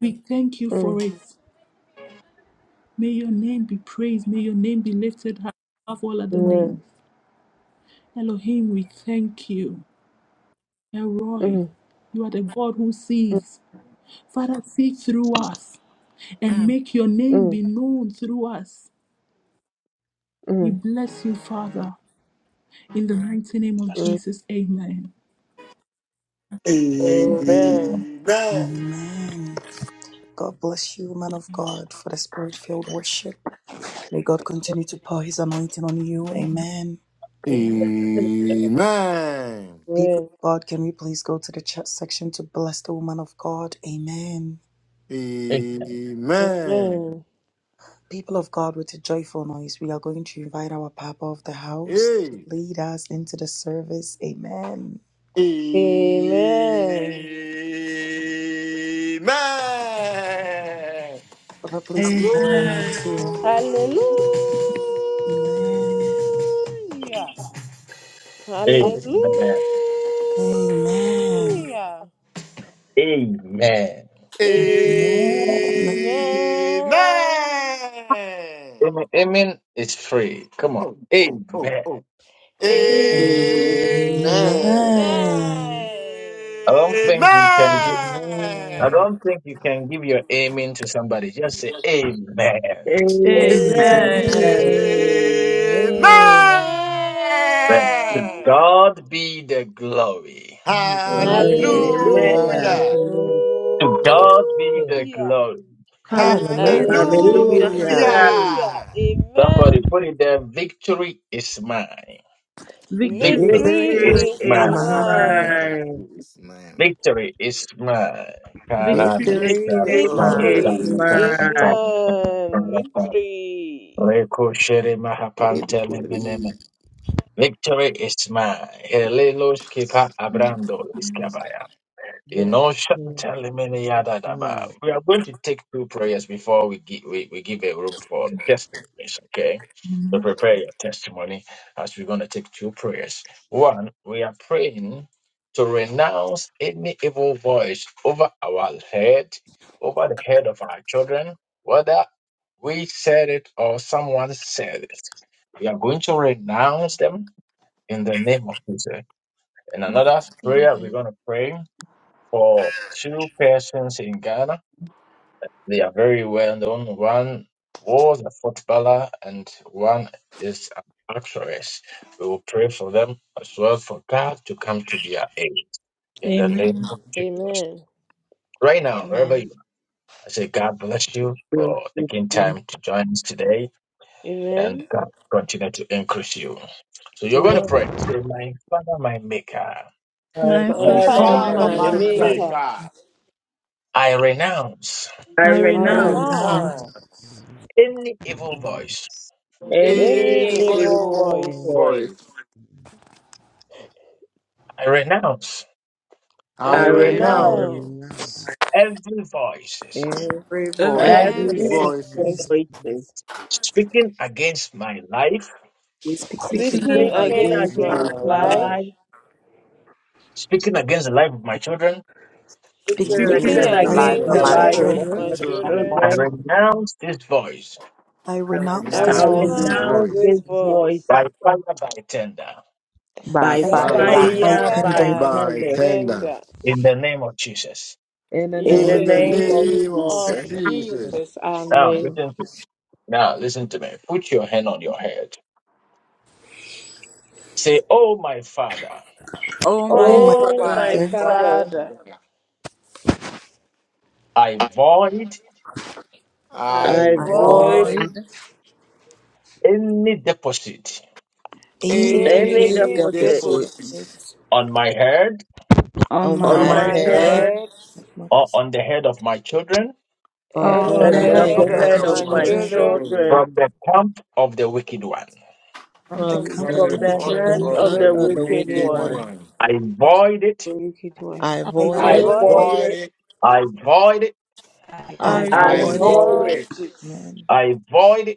Speaker 7: We thank you for it. May your name be praised. May your name be lifted high above all
Speaker 4: mm,
Speaker 7: other
Speaker 4: mm,
Speaker 7: names. Elohim, we thank you.
Speaker 4: mm,
Speaker 7: Elroy,
Speaker 4: mm, mm,
Speaker 7: you are the God who sees. Father, see through us and make your name be known through us. We
Speaker 4: mm,
Speaker 7: bless you, Father, in the mighty name of
Speaker 4: mm.
Speaker 7: Jesus. Amen.
Speaker 2: Amen. God bless you, man of God, for the spirit filled worship. May God continue to pour his anointing on you.
Speaker 7: Amen.
Speaker 2: Amen.
Speaker 3: Amen.
Speaker 2: People of
Speaker 4: Amen.
Speaker 2: God, can we please go to the chat section to bless the woman of God? Amen.
Speaker 3: Amen.
Speaker 4: Amen. Amen.
Speaker 2: People of God, with a joyful noise, we are going to invite our Papa of the house to
Speaker 3: Hey.
Speaker 2: lead us into the service. Amen.
Speaker 4: Amen.
Speaker 3: Amen.
Speaker 2: Papa, please hand my mic
Speaker 7: Amen.
Speaker 2: to you. Amen.
Speaker 4: Hallelujah. Hallelujah.
Speaker 2: Amen.
Speaker 3: Amen.
Speaker 2: Amen.
Speaker 4: Amen.
Speaker 1: Amen. Amen is free. Come on. Amen.
Speaker 3: Amen.
Speaker 12: Amen.
Speaker 2: Amen.
Speaker 1: I
Speaker 4: Amen.
Speaker 1: don't think you can gi- I
Speaker 13: Amen.
Speaker 1: don't think you can give your amen to somebody. Just say
Speaker 12: Hallelujah.
Speaker 1: amen.
Speaker 11: Amen.
Speaker 7: Amen.
Speaker 2: Amen.
Speaker 3: Amen.
Speaker 13: Amen.
Speaker 1: Amen. To
Speaker 4: Amen.
Speaker 1: God be the glory.
Speaker 2: Amen.
Speaker 7: Hallelujah.
Speaker 11: Amen.
Speaker 13: Hallelujah.
Speaker 3: Hallelujah.
Speaker 1: To God be the
Speaker 4: Hallelujah.
Speaker 1: glory.
Speaker 7: Hallelujah.
Speaker 2: Hallelujah.
Speaker 7: Hallelujah.
Speaker 12: Hallelujah.
Speaker 11: Hallelujah.
Speaker 7: Hallelujah.
Speaker 4: Hallelujah.
Speaker 13: Hallelujah.
Speaker 3: Hallelujah.
Speaker 1: Somebody
Speaker 4: Amen.
Speaker 1: put it there. Victory is mine.
Speaker 7: Victory is
Speaker 1: Victory
Speaker 12: Victory
Speaker 4: Victory
Speaker 1: is
Speaker 2: Victory
Speaker 12: is,
Speaker 2: is
Speaker 11: Victory
Speaker 4: is
Speaker 12: is
Speaker 1: mine.
Speaker 11: is
Speaker 3: Jesus, my,
Speaker 4: mine.
Speaker 2: mine.
Speaker 12: mine.
Speaker 11: mine.
Speaker 3: Jesus, my,
Speaker 1: Victory is mine.
Speaker 7: victory is
Speaker 12: Victory is
Speaker 11: Victory is
Speaker 12: mine.
Speaker 4: Victory
Speaker 2: Mine.
Speaker 4: is
Speaker 11: mine.
Speaker 4: man. Victory.
Speaker 1: Rekosheri mahapantele meneme. Victory is mine. Helelos kipa abrando
Speaker 13: Breakthrough is
Speaker 1: Inoshantaliminiadadaba.
Speaker 13: mine.
Speaker 1: *laughs* We are going to take two prayers before we give, we, we give a room for the testimonies, okay? So
Speaker 7: mine.
Speaker 1: prepare your testimony as we're going to take two prayers. One, we are praying to renounce any evil voice over our head, over the head of our children, whether we said it or someone said it. We are going to renounce them in the name of Jesus. And another prayer we're
Speaker 14: Amen.
Speaker 1: going to pray for two persons in Ghana. They are very well known. One was a footballer and one is an actress. We will pray for them as well for God to come to their aid in the
Speaker 7: Amen.
Speaker 1: name of Jesus.
Speaker 4: Amen.
Speaker 1: Right now, wherever
Speaker 14: Amen.
Speaker 1: you are, I say God bless you
Speaker 11: My
Speaker 1: for taking time to join us today and
Speaker 4: Amen.
Speaker 1: God continue to increase you. So you're going to
Speaker 4: Amen.
Speaker 1: pray. Say, My Father, my Maker,
Speaker 7: My
Speaker 4: My
Speaker 3: my
Speaker 7: Father and
Speaker 11: Father,
Speaker 4: Father,
Speaker 7: my
Speaker 11: my
Speaker 3: Father,
Speaker 4: my
Speaker 14: Father,
Speaker 3: my
Speaker 7: Maker,
Speaker 14: my
Speaker 2: May
Speaker 11: Maker,
Speaker 14: life,
Speaker 4: Maker,
Speaker 3: Maker,
Speaker 1: I renounce
Speaker 11: I
Speaker 7: I
Speaker 4: I
Speaker 2: I
Speaker 11: renounce.
Speaker 3: I
Speaker 7: renounce
Speaker 2: renounce
Speaker 3: renounce.
Speaker 13: Amen.
Speaker 4: renounce
Speaker 1: any evil voice.
Speaker 7: any
Speaker 4: any
Speaker 11: Any
Speaker 4: evil
Speaker 11: evil
Speaker 4: voice.
Speaker 13: Amen.
Speaker 11: voice,
Speaker 3: voice.
Speaker 1: I renounce
Speaker 4: I
Speaker 3: I
Speaker 11: I
Speaker 14: I renounce
Speaker 13: I
Speaker 11: renounce
Speaker 13: am
Speaker 3: renounce
Speaker 4: renounce
Speaker 13: now.
Speaker 1: Every voice is
Speaker 12: Every
Speaker 3: and
Speaker 12: voice
Speaker 7: every
Speaker 12: is
Speaker 14: every
Speaker 2: every
Speaker 4: every
Speaker 11: every
Speaker 12: speaking
Speaker 2: voice
Speaker 4: voice
Speaker 11: voice
Speaker 1: speaking against my life,
Speaker 2: speaking
Speaker 7: speaking
Speaker 2: against
Speaker 7: and
Speaker 13: That
Speaker 4: speaking
Speaker 13: is
Speaker 14: speaking,
Speaker 13: my
Speaker 11: speaking
Speaker 4: against
Speaker 3: against
Speaker 12: life.
Speaker 13: thing in
Speaker 3: my
Speaker 11: against
Speaker 4: my
Speaker 13: my
Speaker 11: my
Speaker 4: life,
Speaker 13: life.
Speaker 3: life,
Speaker 11: life,
Speaker 1: speaking against the life of my children,
Speaker 2: speaking
Speaker 7: speaking
Speaker 13: It's
Speaker 3: really
Speaker 12: Security
Speaker 4: speaking
Speaker 14: speaking
Speaker 12: is
Speaker 2: against
Speaker 11: speaking
Speaker 13: not
Speaker 2: the
Speaker 7: of
Speaker 12: the
Speaker 2: lives
Speaker 13: in
Speaker 14: against,
Speaker 7: you.
Speaker 3: against
Speaker 2: of
Speaker 11: against
Speaker 12: life
Speaker 3: the
Speaker 4: against
Speaker 2: my
Speaker 12: of
Speaker 11: the
Speaker 4: the
Speaker 13: my
Speaker 12: my
Speaker 3: life
Speaker 4: life
Speaker 11: life
Speaker 3: of
Speaker 4: of
Speaker 11: of
Speaker 2: children.
Speaker 3: my
Speaker 12: children.
Speaker 4: my
Speaker 11: my
Speaker 13: children.
Speaker 3: children.
Speaker 1: I
Speaker 4: children.
Speaker 11: children.
Speaker 1: renounce this voice
Speaker 2: I
Speaker 12: I
Speaker 3: In
Speaker 2: renounce
Speaker 4: I
Speaker 14: I
Speaker 12: renounce
Speaker 13: I
Speaker 11: I
Speaker 2: this
Speaker 12: this
Speaker 13: am
Speaker 3: renounce
Speaker 2: voice
Speaker 14: renounce
Speaker 3: this
Speaker 4: renounce
Speaker 12: voice
Speaker 13: now.
Speaker 11: renounce
Speaker 3: voice,
Speaker 4: this
Speaker 11: this voice
Speaker 4: voice
Speaker 1: by fire, by tender,
Speaker 12: by
Speaker 11: by
Speaker 2: by
Speaker 4: by
Speaker 12: fire,
Speaker 14: by
Speaker 2: fire,
Speaker 12: by
Speaker 13: I
Speaker 3: rise
Speaker 2: by
Speaker 11: fire,
Speaker 4: fire,
Speaker 13: father.
Speaker 12: thunder.
Speaker 11: by
Speaker 2: tender.
Speaker 14: fire.
Speaker 4: by
Speaker 3: by
Speaker 11: thunder,
Speaker 13: Yes.
Speaker 3: tender.
Speaker 4: tender.
Speaker 1: in the name of Jesus.
Speaker 12: In the
Speaker 2: In
Speaker 11: in
Speaker 2: the
Speaker 4: In
Speaker 12: name
Speaker 2: name
Speaker 11: the
Speaker 12: of
Speaker 3: In
Speaker 4: the
Speaker 3: the
Speaker 2: of
Speaker 11: name
Speaker 12: Jesus,
Speaker 11: of
Speaker 4: name
Speaker 3: name of
Speaker 2: Jesus.
Speaker 4: of
Speaker 11: Jesus.
Speaker 3: Jesus,
Speaker 4: Jesus,
Speaker 1: Now
Speaker 4: Amen.
Speaker 1: listen to now listen to me. Put your hand on your head. Say, Oh my father,
Speaker 7: Oh
Speaker 2: Oh
Speaker 7: my
Speaker 14: All
Speaker 2: my
Speaker 4: Oh,
Speaker 11: Oh,
Speaker 3: my
Speaker 7: Father,
Speaker 11: my
Speaker 4: my
Speaker 2: Father,
Speaker 11: Father,
Speaker 4: Father,
Speaker 3: Father,
Speaker 1: I void
Speaker 3: I
Speaker 4: I
Speaker 11: I
Speaker 12: I
Speaker 2: take
Speaker 11: void
Speaker 2: away
Speaker 4: void
Speaker 3: void
Speaker 12: void
Speaker 1: any deposit
Speaker 2: any
Speaker 14: evil
Speaker 11: any
Speaker 12: any
Speaker 3: any
Speaker 4: any
Speaker 11: deposit
Speaker 2: tender
Speaker 3: deposit
Speaker 12: deficit
Speaker 4: deposits
Speaker 2: voice.
Speaker 1: on my head
Speaker 7: on
Speaker 12: on
Speaker 2: on
Speaker 3: on
Speaker 11: on
Speaker 7: my
Speaker 4: on
Speaker 12: my
Speaker 2: my
Speaker 11: my
Speaker 14: on
Speaker 3: my
Speaker 4: my
Speaker 11: head
Speaker 12: head
Speaker 2: head
Speaker 3: head
Speaker 4: head
Speaker 2: and my
Speaker 1: or on the head of my children
Speaker 12: are
Speaker 14: my
Speaker 4: and
Speaker 7: on
Speaker 12: on
Speaker 2: all
Speaker 4: on
Speaker 7: the
Speaker 12: the
Speaker 11: and
Speaker 3: and
Speaker 4: the
Speaker 2: the
Speaker 7: head
Speaker 3: on
Speaker 11: of
Speaker 12: head
Speaker 3: the
Speaker 4: head
Speaker 7: of
Speaker 12: of
Speaker 11: the
Speaker 2: head of
Speaker 12: my
Speaker 4: of
Speaker 3: head
Speaker 2: my
Speaker 11: head
Speaker 3: of
Speaker 11: of
Speaker 4: my
Speaker 11: my
Speaker 3: my
Speaker 12: children
Speaker 2: children
Speaker 4: children
Speaker 11: children
Speaker 3: children
Speaker 1: from the camp of the wicked one.
Speaker 2: from the
Speaker 12: from
Speaker 2: camp
Speaker 3: from
Speaker 2: of
Speaker 12: the
Speaker 2: the
Speaker 11: from
Speaker 3: the
Speaker 11: the
Speaker 9: Son of
Speaker 2: wicked
Speaker 7: the
Speaker 3: point
Speaker 11: hand
Speaker 2: one.
Speaker 9: the
Speaker 4: from
Speaker 3: of
Speaker 11: of
Speaker 7: wicked,
Speaker 12: son
Speaker 4: the
Speaker 3: the
Speaker 11: the
Speaker 12: of the
Speaker 11: wicked
Speaker 12: wicked
Speaker 3: wicked
Speaker 11: one.
Speaker 12: one.
Speaker 3: one.
Speaker 1: I void it.
Speaker 4: wicked one.
Speaker 12: I
Speaker 7: I
Speaker 2: I
Speaker 9: My
Speaker 12: avoid
Speaker 4: I
Speaker 3: I
Speaker 11: I
Speaker 12: it,
Speaker 7: void,
Speaker 2: void
Speaker 4: void
Speaker 11: boil
Speaker 2: it.
Speaker 4: it.
Speaker 3: void
Speaker 11: it,
Speaker 3: it
Speaker 1: I void it.
Speaker 14: life,
Speaker 12: I
Speaker 2: I
Speaker 7: I
Speaker 11: I
Speaker 4: I
Speaker 2: void
Speaker 12: avoid
Speaker 2: it,
Speaker 12: it,
Speaker 11: boil it,
Speaker 4: void
Speaker 3: Ivory,
Speaker 4: it.
Speaker 2: man.
Speaker 1: I void it